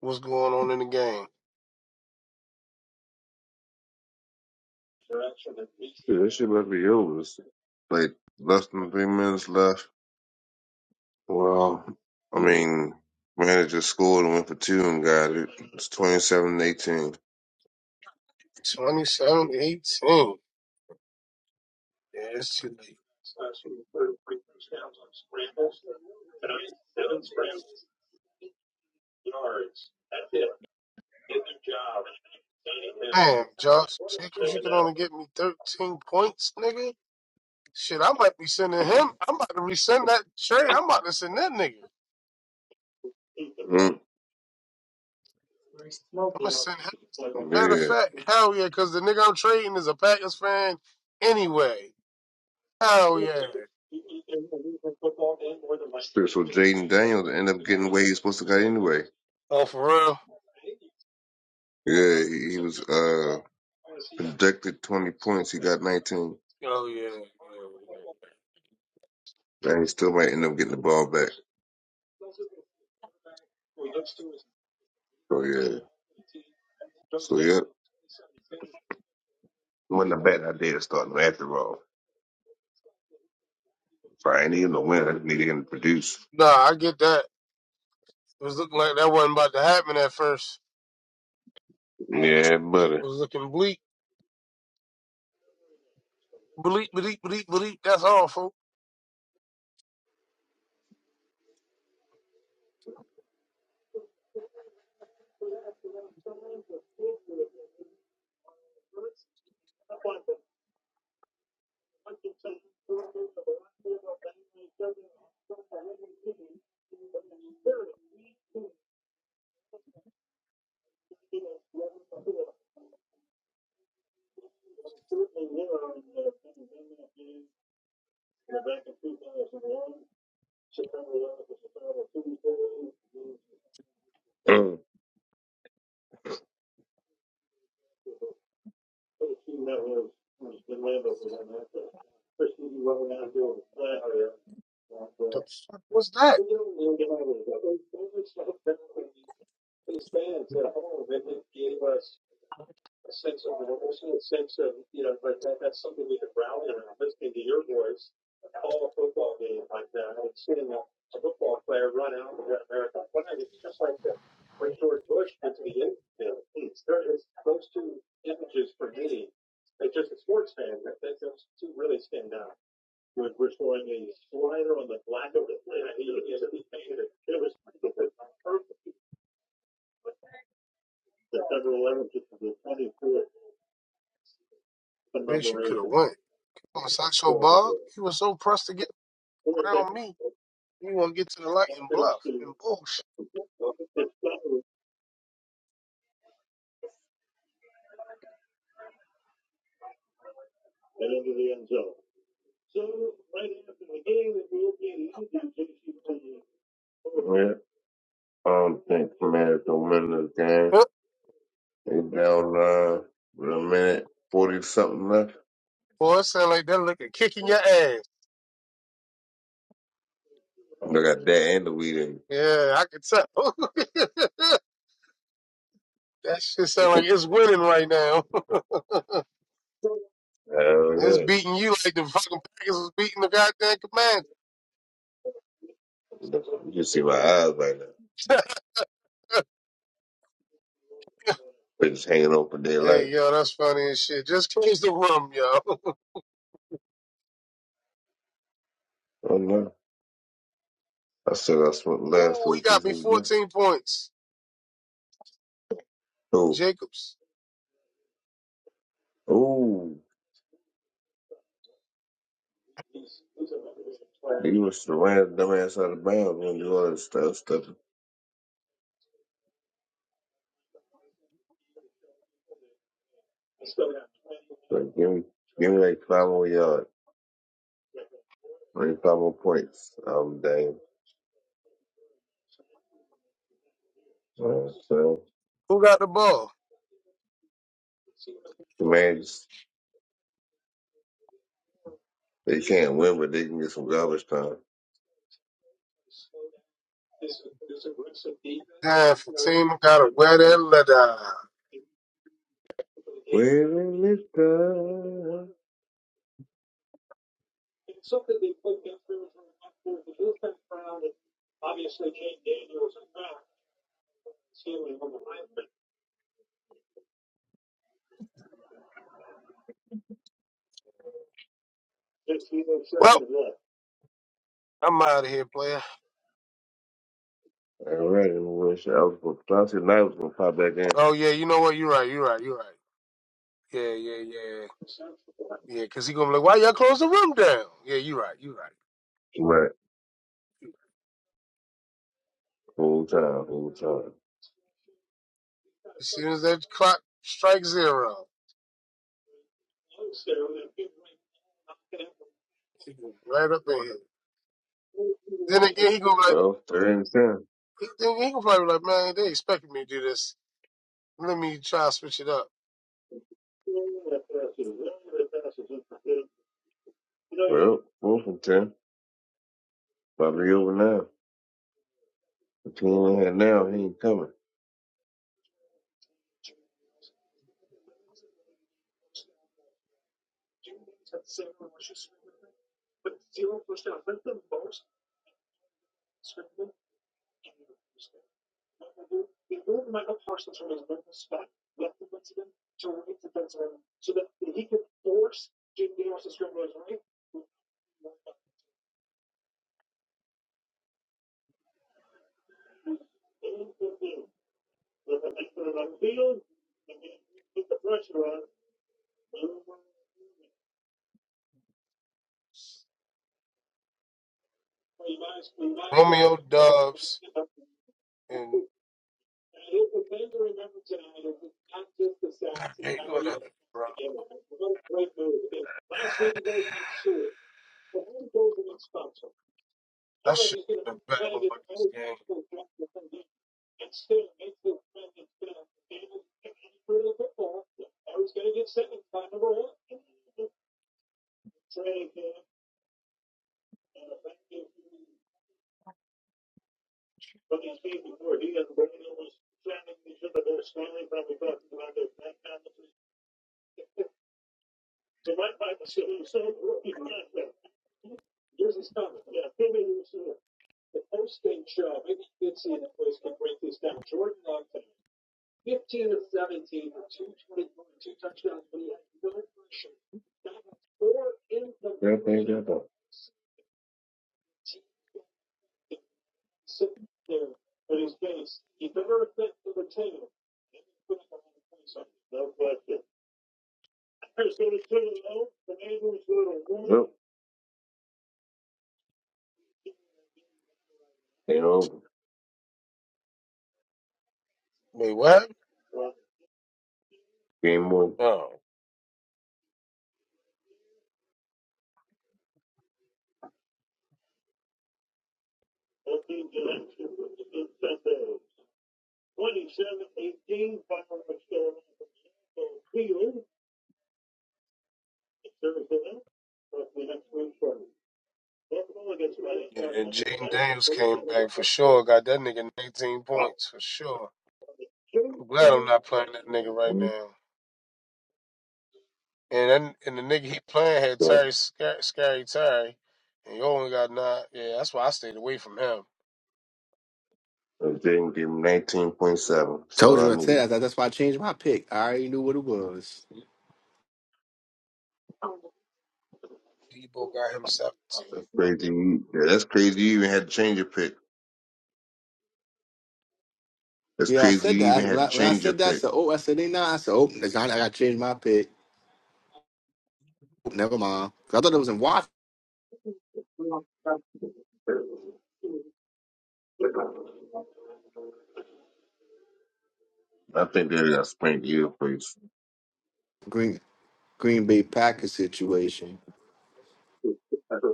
[SPEAKER 1] What's going on in the game?
[SPEAKER 7] Shit, that shit must be over. It's like less than three minutes left. Well, I mean, manager scored and went for two and got it. It's twenty seven eighteen.
[SPEAKER 1] 27 eighteen. Yeah, it's too late. Damn, Josh Jacobs, you can only get me 13 points, nigga. Shit, I might be sending him. I'm about to resend that trade. I'm about to send that nigga.
[SPEAKER 7] Mm,
[SPEAKER 1] I'm gonna send him. Matter
[SPEAKER 7] yeah.
[SPEAKER 1] of fact, hell yeah, because the nigga I'm trading is a Packers fan anyway. Hell yeah.
[SPEAKER 7] So Jaden Daniels ended up getting where he was supposed to get anyway.
[SPEAKER 1] Oh, for real?
[SPEAKER 7] Yeah, he, he was uh projected 20 points. He got 19.
[SPEAKER 1] Oh yeah. yeah, yeah.
[SPEAKER 7] And he still might end up getting the ball back. So yeah. yeah. Well, if I ain't even to win, I just need him to produce.
[SPEAKER 1] Nah, I get that. It was looking like that wasn't about to happen at first.
[SPEAKER 7] Yeah,
[SPEAKER 1] Shit
[SPEAKER 7] buddy.
[SPEAKER 1] was looking bleak, bleak, bleak, bleak, bleak. That's all, folks.
[SPEAKER 7] Mm,
[SPEAKER 1] The fuck was that? Bitch, you could have won. I was like so bug. He was so pressed to get around me. He want to get to the light and bluff and bullshit.
[SPEAKER 7] yeah. I don't think Commanders don't win this game. They down uh, with a minute forty something left.
[SPEAKER 1] Boy, it sound like that looking kicking your ass.
[SPEAKER 7] I got that and the weed in.
[SPEAKER 1] Yeah, I can tell. that shit sound like it's winning right now.
[SPEAKER 7] Hell
[SPEAKER 1] it's
[SPEAKER 7] yeah!
[SPEAKER 1] beating you like the fucking Packers was beating the goddamn Commanders.
[SPEAKER 7] You can see my eyes right now. They just hanging open their life.
[SPEAKER 1] hey, yo, that's funny as shit. Just close the room, yo.
[SPEAKER 7] Oh no! I said I smoked the last
[SPEAKER 1] Ooh, he
[SPEAKER 7] little
[SPEAKER 1] got
[SPEAKER 7] piece
[SPEAKER 1] me
[SPEAKER 7] of the blunt.
[SPEAKER 1] 14 points.
[SPEAKER 7] Oh,
[SPEAKER 1] Jacobs.
[SPEAKER 7] oh! You was the random dumbass out of bounds when you all that stuff. stuff. Like, give me, give me like five more yards, maybe five more points. I'm damn. So
[SPEAKER 1] Who got the ball?
[SPEAKER 7] The man, just- they can't win, but they can get some garbage time.
[SPEAKER 1] Damn, Fatima got to wear that leather. Well, I'm out of here, player.
[SPEAKER 7] All right, and when she, I was gonna, I said night was gonna pop back in.
[SPEAKER 1] Oh, yeah, you know what? You're right, you're right, you're right. Yeah, yeah, yeah. Yeah, because he going to be like, why y'all close the room down? Yeah, you're right, you're right.
[SPEAKER 7] Right, whole time, whole time.
[SPEAKER 1] As soon as that clock strikes zero, he go right up in here. Then again, he gonna be like,
[SPEAKER 7] Oh, third and ten.
[SPEAKER 1] he, then he gonna probably be like, man, they expected me to do this. Let me try to switch it up.
[SPEAKER 7] Oh, fourth and ten. Probably over now. The team ain't in here now, he ain't coming.
[SPEAKER 1] Romeo Dubs and hey, whatever, bro. That shit been a battle on this game.
[SPEAKER 7] Ain't over.
[SPEAKER 1] Wait, what?
[SPEAKER 7] Game one.
[SPEAKER 1] Oh. yeah, And Jaden Daniels came back for sure. Got that nigga 19 points for sure. I'm glad I'm not playing that nigga right now. And that, and the nigga he playing had
[SPEAKER 7] So,
[SPEAKER 1] Terry Scar- Scary Terry, and you only got nine. Yeah, that's why I stayed away from him.
[SPEAKER 7] if they didn't give him 19.7. That's
[SPEAKER 2] Told
[SPEAKER 7] all I
[SPEAKER 2] you, I
[SPEAKER 7] needed.
[SPEAKER 2] said that. That's why I changed my pick. I already knew what it was.
[SPEAKER 1] Debo got himself.
[SPEAKER 7] That's crazy. You, yeah, that's crazy. You even had to change your pick. That's
[SPEAKER 2] Yeah, I
[SPEAKER 7] crazy. You
[SPEAKER 2] said
[SPEAKER 7] even
[SPEAKER 2] that. When
[SPEAKER 7] had
[SPEAKER 2] I,
[SPEAKER 7] to
[SPEAKER 2] when I
[SPEAKER 7] change your
[SPEAKER 2] said that, I
[SPEAKER 7] pick.
[SPEAKER 2] said, oh, I said they not. I said, oh, that's not- I got to change my pick. Oh, Never mind. 'Cause I thought it was in Washington,
[SPEAKER 7] I think they got spanked you place.
[SPEAKER 2] Green, Green Bay Packers situation.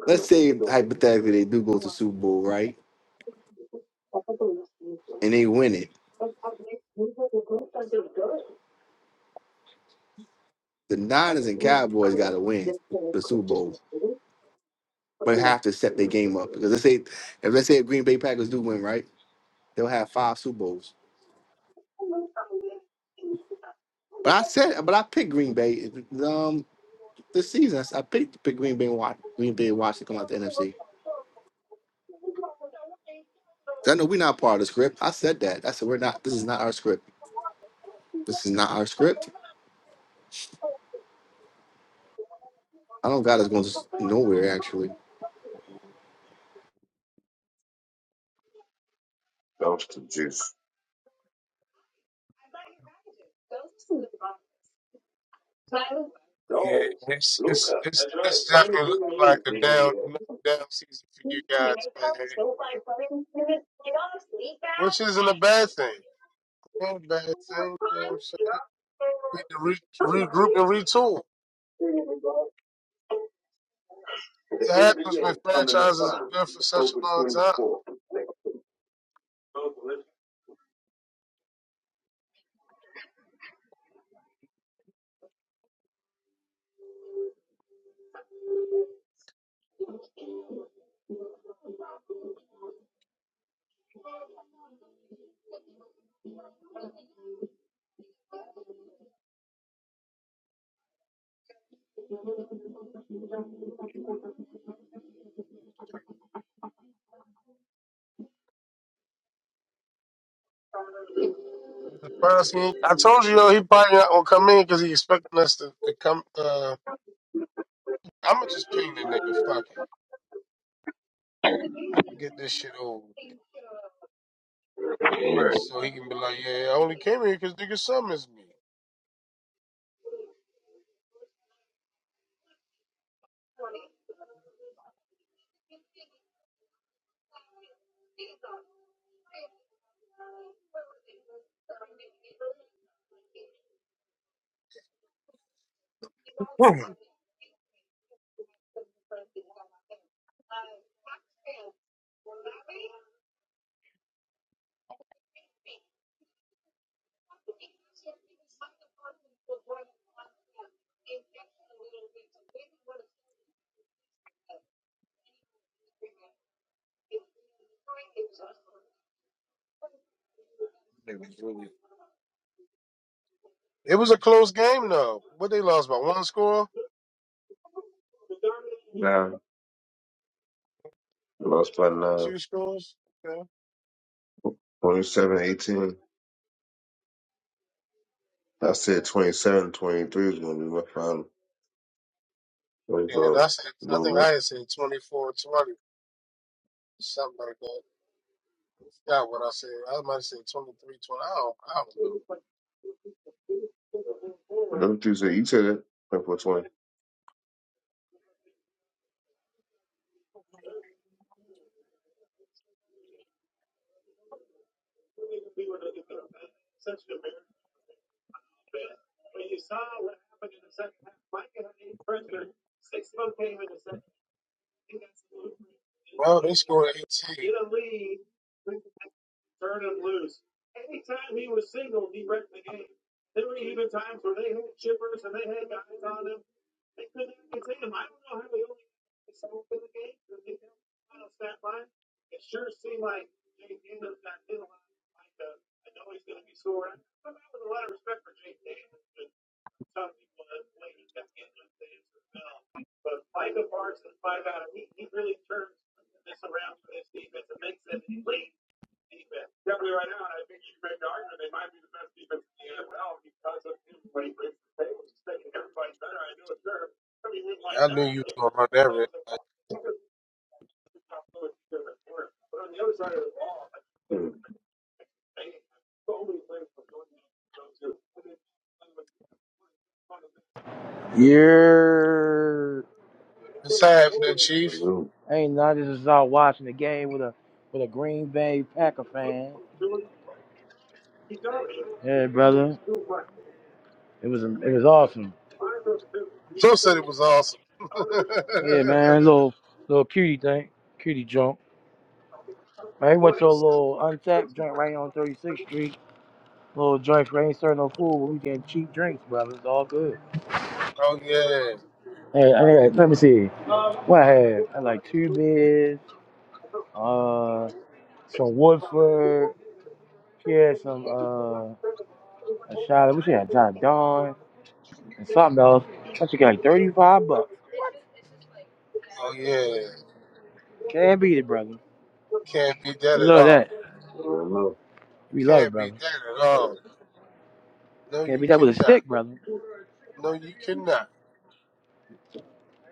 [SPEAKER 2] Let's say, hypothetically, they do go to Super Bowl, right? And they win it. The Niners and Cowboys got to win the Super Bowl. But have to set their game up. Because let's say, if let's say if Green Bay Packers do win, right? They'll have five Super Bowls. But I said, but I picked Green Bay. Um, this season. I picked to pick Green Bay and Wa- Green Bay and Washington come out the NFC. 'Cause I know we're not part of the script. I said that. I said we're not. This is not our script. This is not our script. I don't got us going to s- nowhere actually.
[SPEAKER 7] Dumpster juice.
[SPEAKER 1] Yeah, it's it's it's, it's definitely looking like a down another down season for you guys, man. Which isn't a bad thing. Ain't a bad thing. You know what I'm saying? need to re- regroup and retool. It happens when franchises are good for such a long time. The Browns, he- I told you, yo, he probably not gonna come in because he expecting us to, to come. Uh, I'm gonna just ping the nigga, fuck it, get this shit over, with.
[SPEAKER 7] All right.
[SPEAKER 1] so he can be like, yeah, I only came here because nigga summons me. Hmm. It was a close game though. What they lost by one score,
[SPEAKER 7] Now, lost by nine.
[SPEAKER 1] two scores. Okay.
[SPEAKER 7] 27, 18. I said 27, 23 is going to be my final. Like,
[SPEAKER 1] And
[SPEAKER 7] uh,
[SPEAKER 1] I said,
[SPEAKER 7] a
[SPEAKER 1] I think
[SPEAKER 7] little
[SPEAKER 1] I
[SPEAKER 7] bit.
[SPEAKER 1] had said 24-20, something like that. Forgot what I said. I might have said 23-20. I don't, I don't know.
[SPEAKER 7] That's what you said. You said it. Twenty four, twenty.
[SPEAKER 1] Well, they scored 18. I knew you was going to run that red light.
[SPEAKER 4] Yeah.
[SPEAKER 1] It's happening,
[SPEAKER 7] I don't
[SPEAKER 1] Chief.
[SPEAKER 7] know.
[SPEAKER 4] Ain't none of this is watching the game with a with a Green Bay Packer fan. Yeah, brother. It was it was awesome.
[SPEAKER 1] Joe said it was awesome. oh,
[SPEAKER 4] Oh, Yeah, man. Little little cutie thing. Cutie junk. Man, he went to a little untapped joint right on 36th Street. Little joint for ain't serving no food, but we getting cheap drinks, brother. It's all good.
[SPEAKER 1] yeah.
[SPEAKER 4] Hey, I got, let me see. What I had? I had like two beers, uh, some Woodford. She had some. uh. A shot. I wish we had John Don and something else. I should get like 35 bucks.
[SPEAKER 1] Oh, yeah.
[SPEAKER 4] Can't beat it, brother.
[SPEAKER 1] Can't beat that
[SPEAKER 4] We
[SPEAKER 1] at
[SPEAKER 4] love
[SPEAKER 1] all.
[SPEAKER 4] that. We love it,
[SPEAKER 1] Can't beat
[SPEAKER 4] brother.
[SPEAKER 1] that at all. No,
[SPEAKER 4] Can't
[SPEAKER 1] you
[SPEAKER 4] beat that with a
[SPEAKER 1] cannot.
[SPEAKER 4] stick, brother.
[SPEAKER 1] No, you cannot.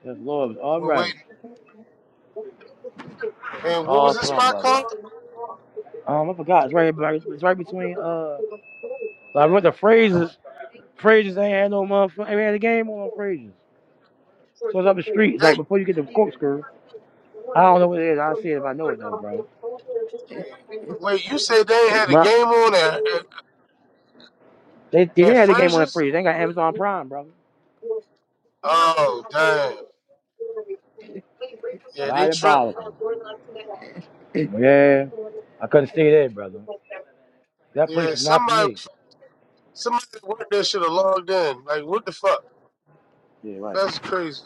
[SPEAKER 4] Yes, Lord. It's all
[SPEAKER 1] We're
[SPEAKER 4] right.
[SPEAKER 1] waiting.
[SPEAKER 4] It's
[SPEAKER 1] Man, what was
[SPEAKER 4] all
[SPEAKER 1] this
[SPEAKER 4] awesome,
[SPEAKER 1] spot
[SPEAKER 4] brother.
[SPEAKER 1] called?
[SPEAKER 4] Um, I forgot. It's right, it's right between, uh, like, we went to Fraser's. Fraser's ain't had no motherfucker. Ain't had a game on Fraser's. So it's up the street. It's
[SPEAKER 1] They,
[SPEAKER 4] like before you get to corkscrew. I don't know what it is. I'll see it if I know it, though, bro.
[SPEAKER 1] wait, you said they had a
[SPEAKER 4] Bro,
[SPEAKER 1] game on at, at,
[SPEAKER 4] They, they
[SPEAKER 1] at
[SPEAKER 4] didn't have the game on
[SPEAKER 1] Frazier's?
[SPEAKER 4] Fraser's. They ain't got Amazon Prime, brother.
[SPEAKER 1] Oh, damn. Yeah, they
[SPEAKER 4] Not a
[SPEAKER 1] tripped me.
[SPEAKER 4] bother. Yeah. I couldn't stay there, brother. That place
[SPEAKER 1] Yeah,
[SPEAKER 4] is not for
[SPEAKER 1] somebody,
[SPEAKER 4] me.
[SPEAKER 1] somebody that worked there should have logged in. Like, what the fuck?
[SPEAKER 4] Yeah, right,
[SPEAKER 1] That's crazy.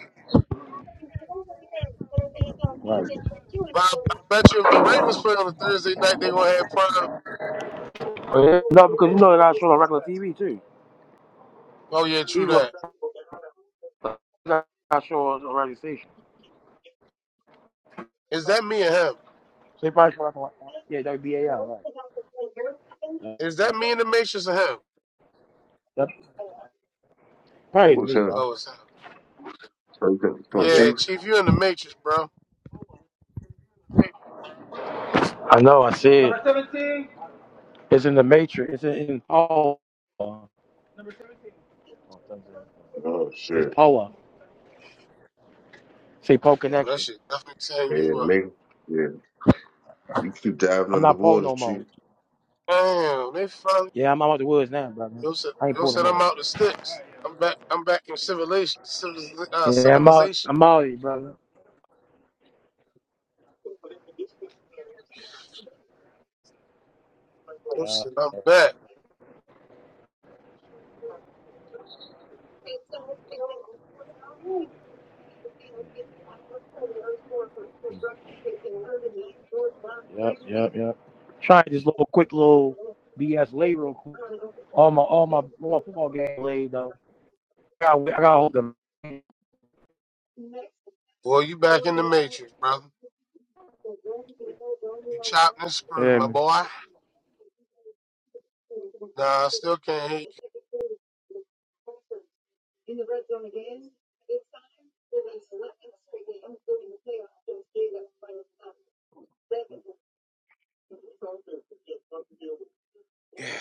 [SPEAKER 4] right.
[SPEAKER 1] But I, I bet you if the Ravens play on a Thursday night, they're gonna have prime.
[SPEAKER 4] Uh, No, because you know they're not showing on regular TV too.
[SPEAKER 1] Oh yeah, true
[SPEAKER 4] Even if
[SPEAKER 1] that.
[SPEAKER 4] they're not showing on radio station.
[SPEAKER 1] Is that me and him?
[SPEAKER 4] So they probably show like, yeah, that would be WBAL, right?
[SPEAKER 1] Is
[SPEAKER 4] Uh,
[SPEAKER 1] that me in the Matrix or him?
[SPEAKER 4] That
[SPEAKER 7] Who
[SPEAKER 4] probably
[SPEAKER 7] was
[SPEAKER 4] me,
[SPEAKER 7] him?
[SPEAKER 4] bro.
[SPEAKER 1] Oh, it's him.
[SPEAKER 7] Twenty Come
[SPEAKER 4] No, yep.
[SPEAKER 1] Yeah,
[SPEAKER 7] Chief.
[SPEAKER 1] Chief, you in the Matrix, bro.
[SPEAKER 4] I know. I see it. Seventeen. It's in the Matrix. It's in, in Paul.
[SPEAKER 7] Oh,
[SPEAKER 4] It's
[SPEAKER 7] shit.
[SPEAKER 4] Paula. Say Paul
[SPEAKER 1] Yeah, that
[SPEAKER 4] Connection.
[SPEAKER 1] shit definitely tearing
[SPEAKER 7] Yeah,
[SPEAKER 1] you up.
[SPEAKER 7] nigga. Yeah. You keep diving
[SPEAKER 4] I'm not Paul
[SPEAKER 7] underwater,
[SPEAKER 4] no more.
[SPEAKER 7] Chief.
[SPEAKER 1] Damn, they finally.
[SPEAKER 4] Yeah, I'm out the woods now, brother.
[SPEAKER 1] Yo said,
[SPEAKER 4] I ain't
[SPEAKER 1] yo
[SPEAKER 4] Paul no
[SPEAKER 1] said I'm
[SPEAKER 4] more.
[SPEAKER 1] out the sticks. I'm back. I'm back in civilization. Civiliz- uh,
[SPEAKER 4] Yeah, I'm out.
[SPEAKER 1] civilization.
[SPEAKER 4] I'm out of here, brother.
[SPEAKER 1] Yo said
[SPEAKER 4] Yeah.
[SPEAKER 1] I'm back.
[SPEAKER 4] Yep, yep, yep. Trying this little quick little BS lay real quick. All my all my all my football game lay though. I got I got hold of them.
[SPEAKER 1] Boy, you back in the Matrix, brother. You chopped and screwed, my
[SPEAKER 4] Um,
[SPEAKER 1] boy. Nah, I still can't hear you. Yeah,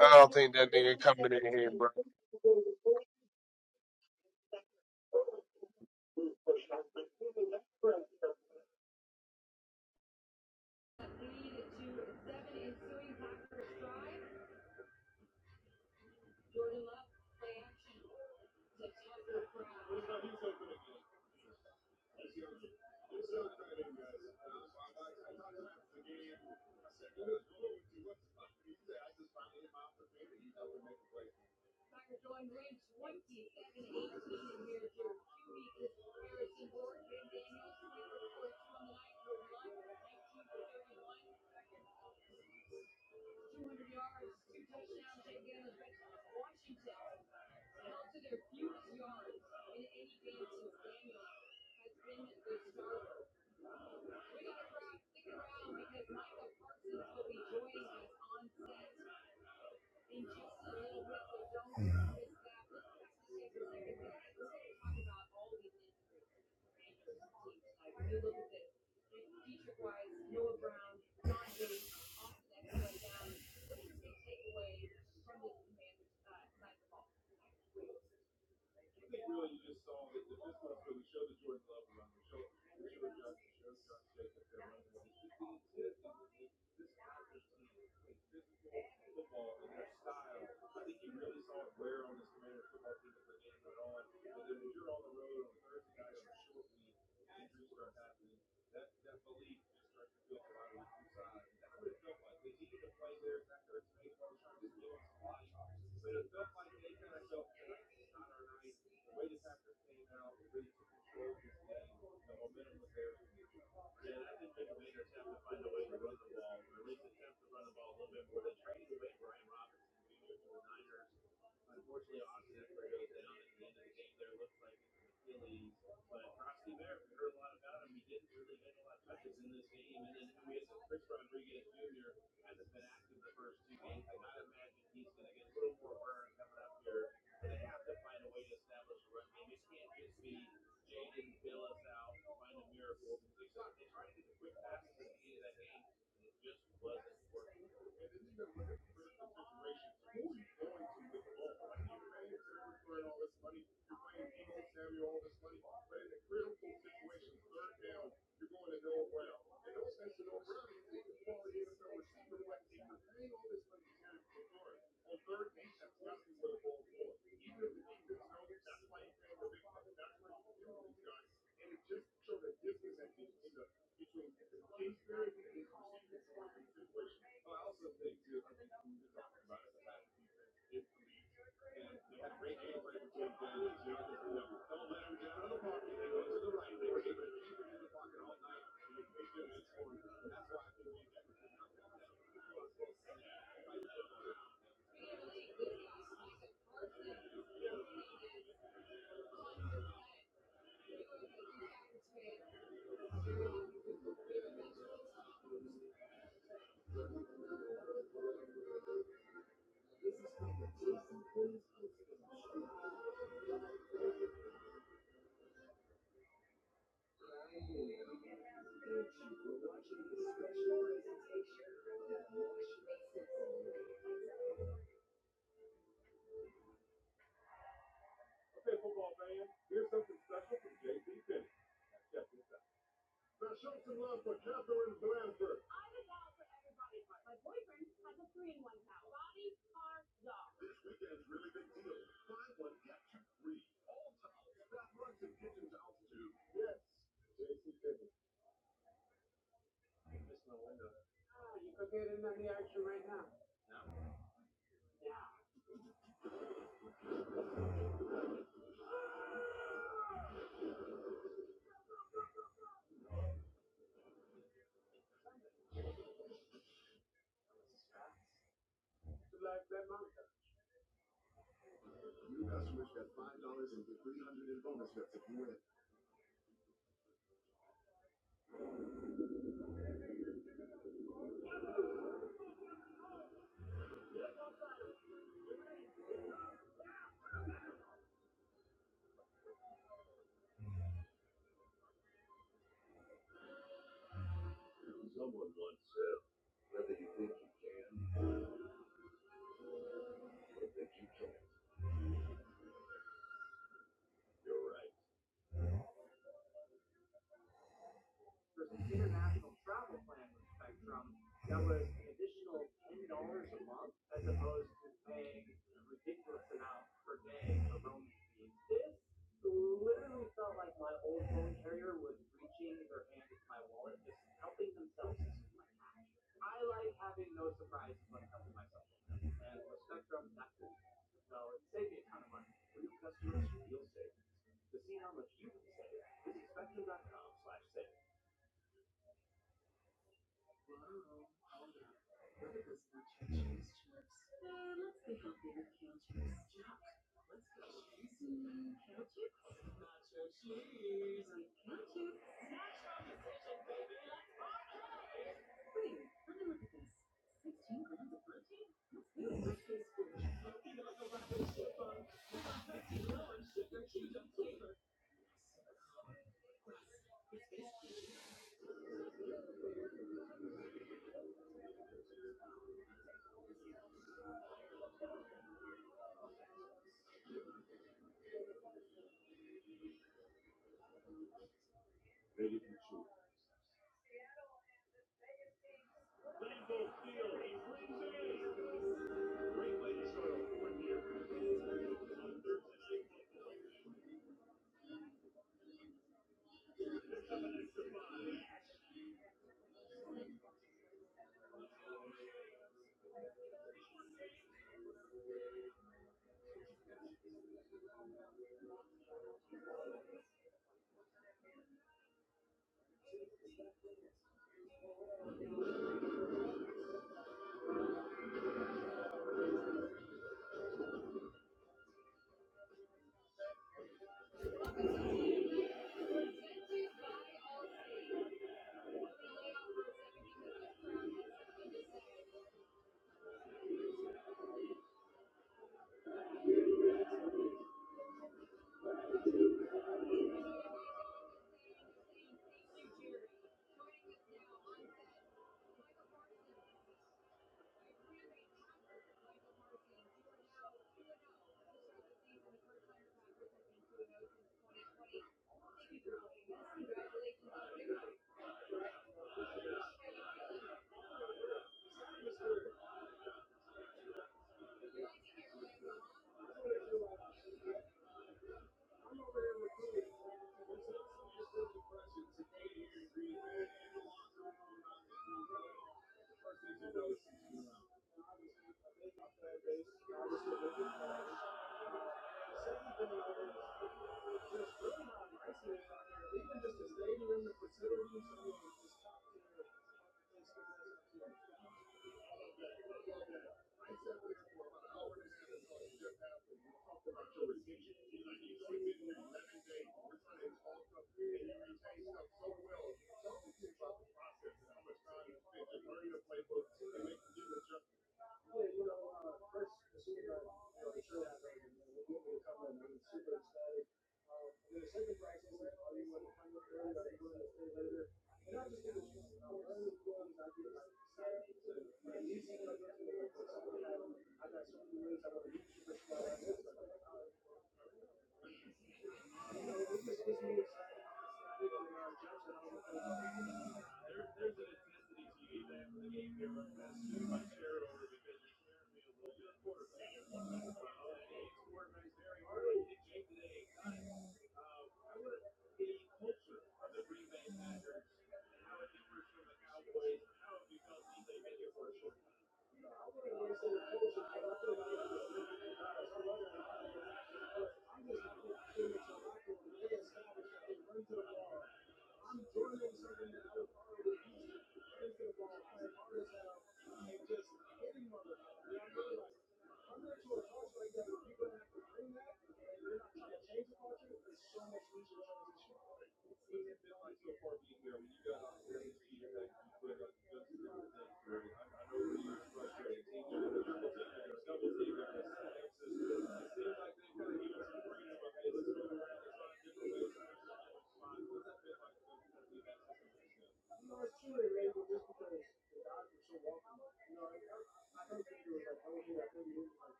[SPEAKER 1] I don't think that nigga coming in here,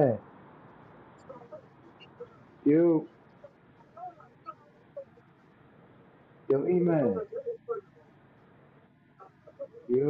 [SPEAKER 4] Yeah. You, you.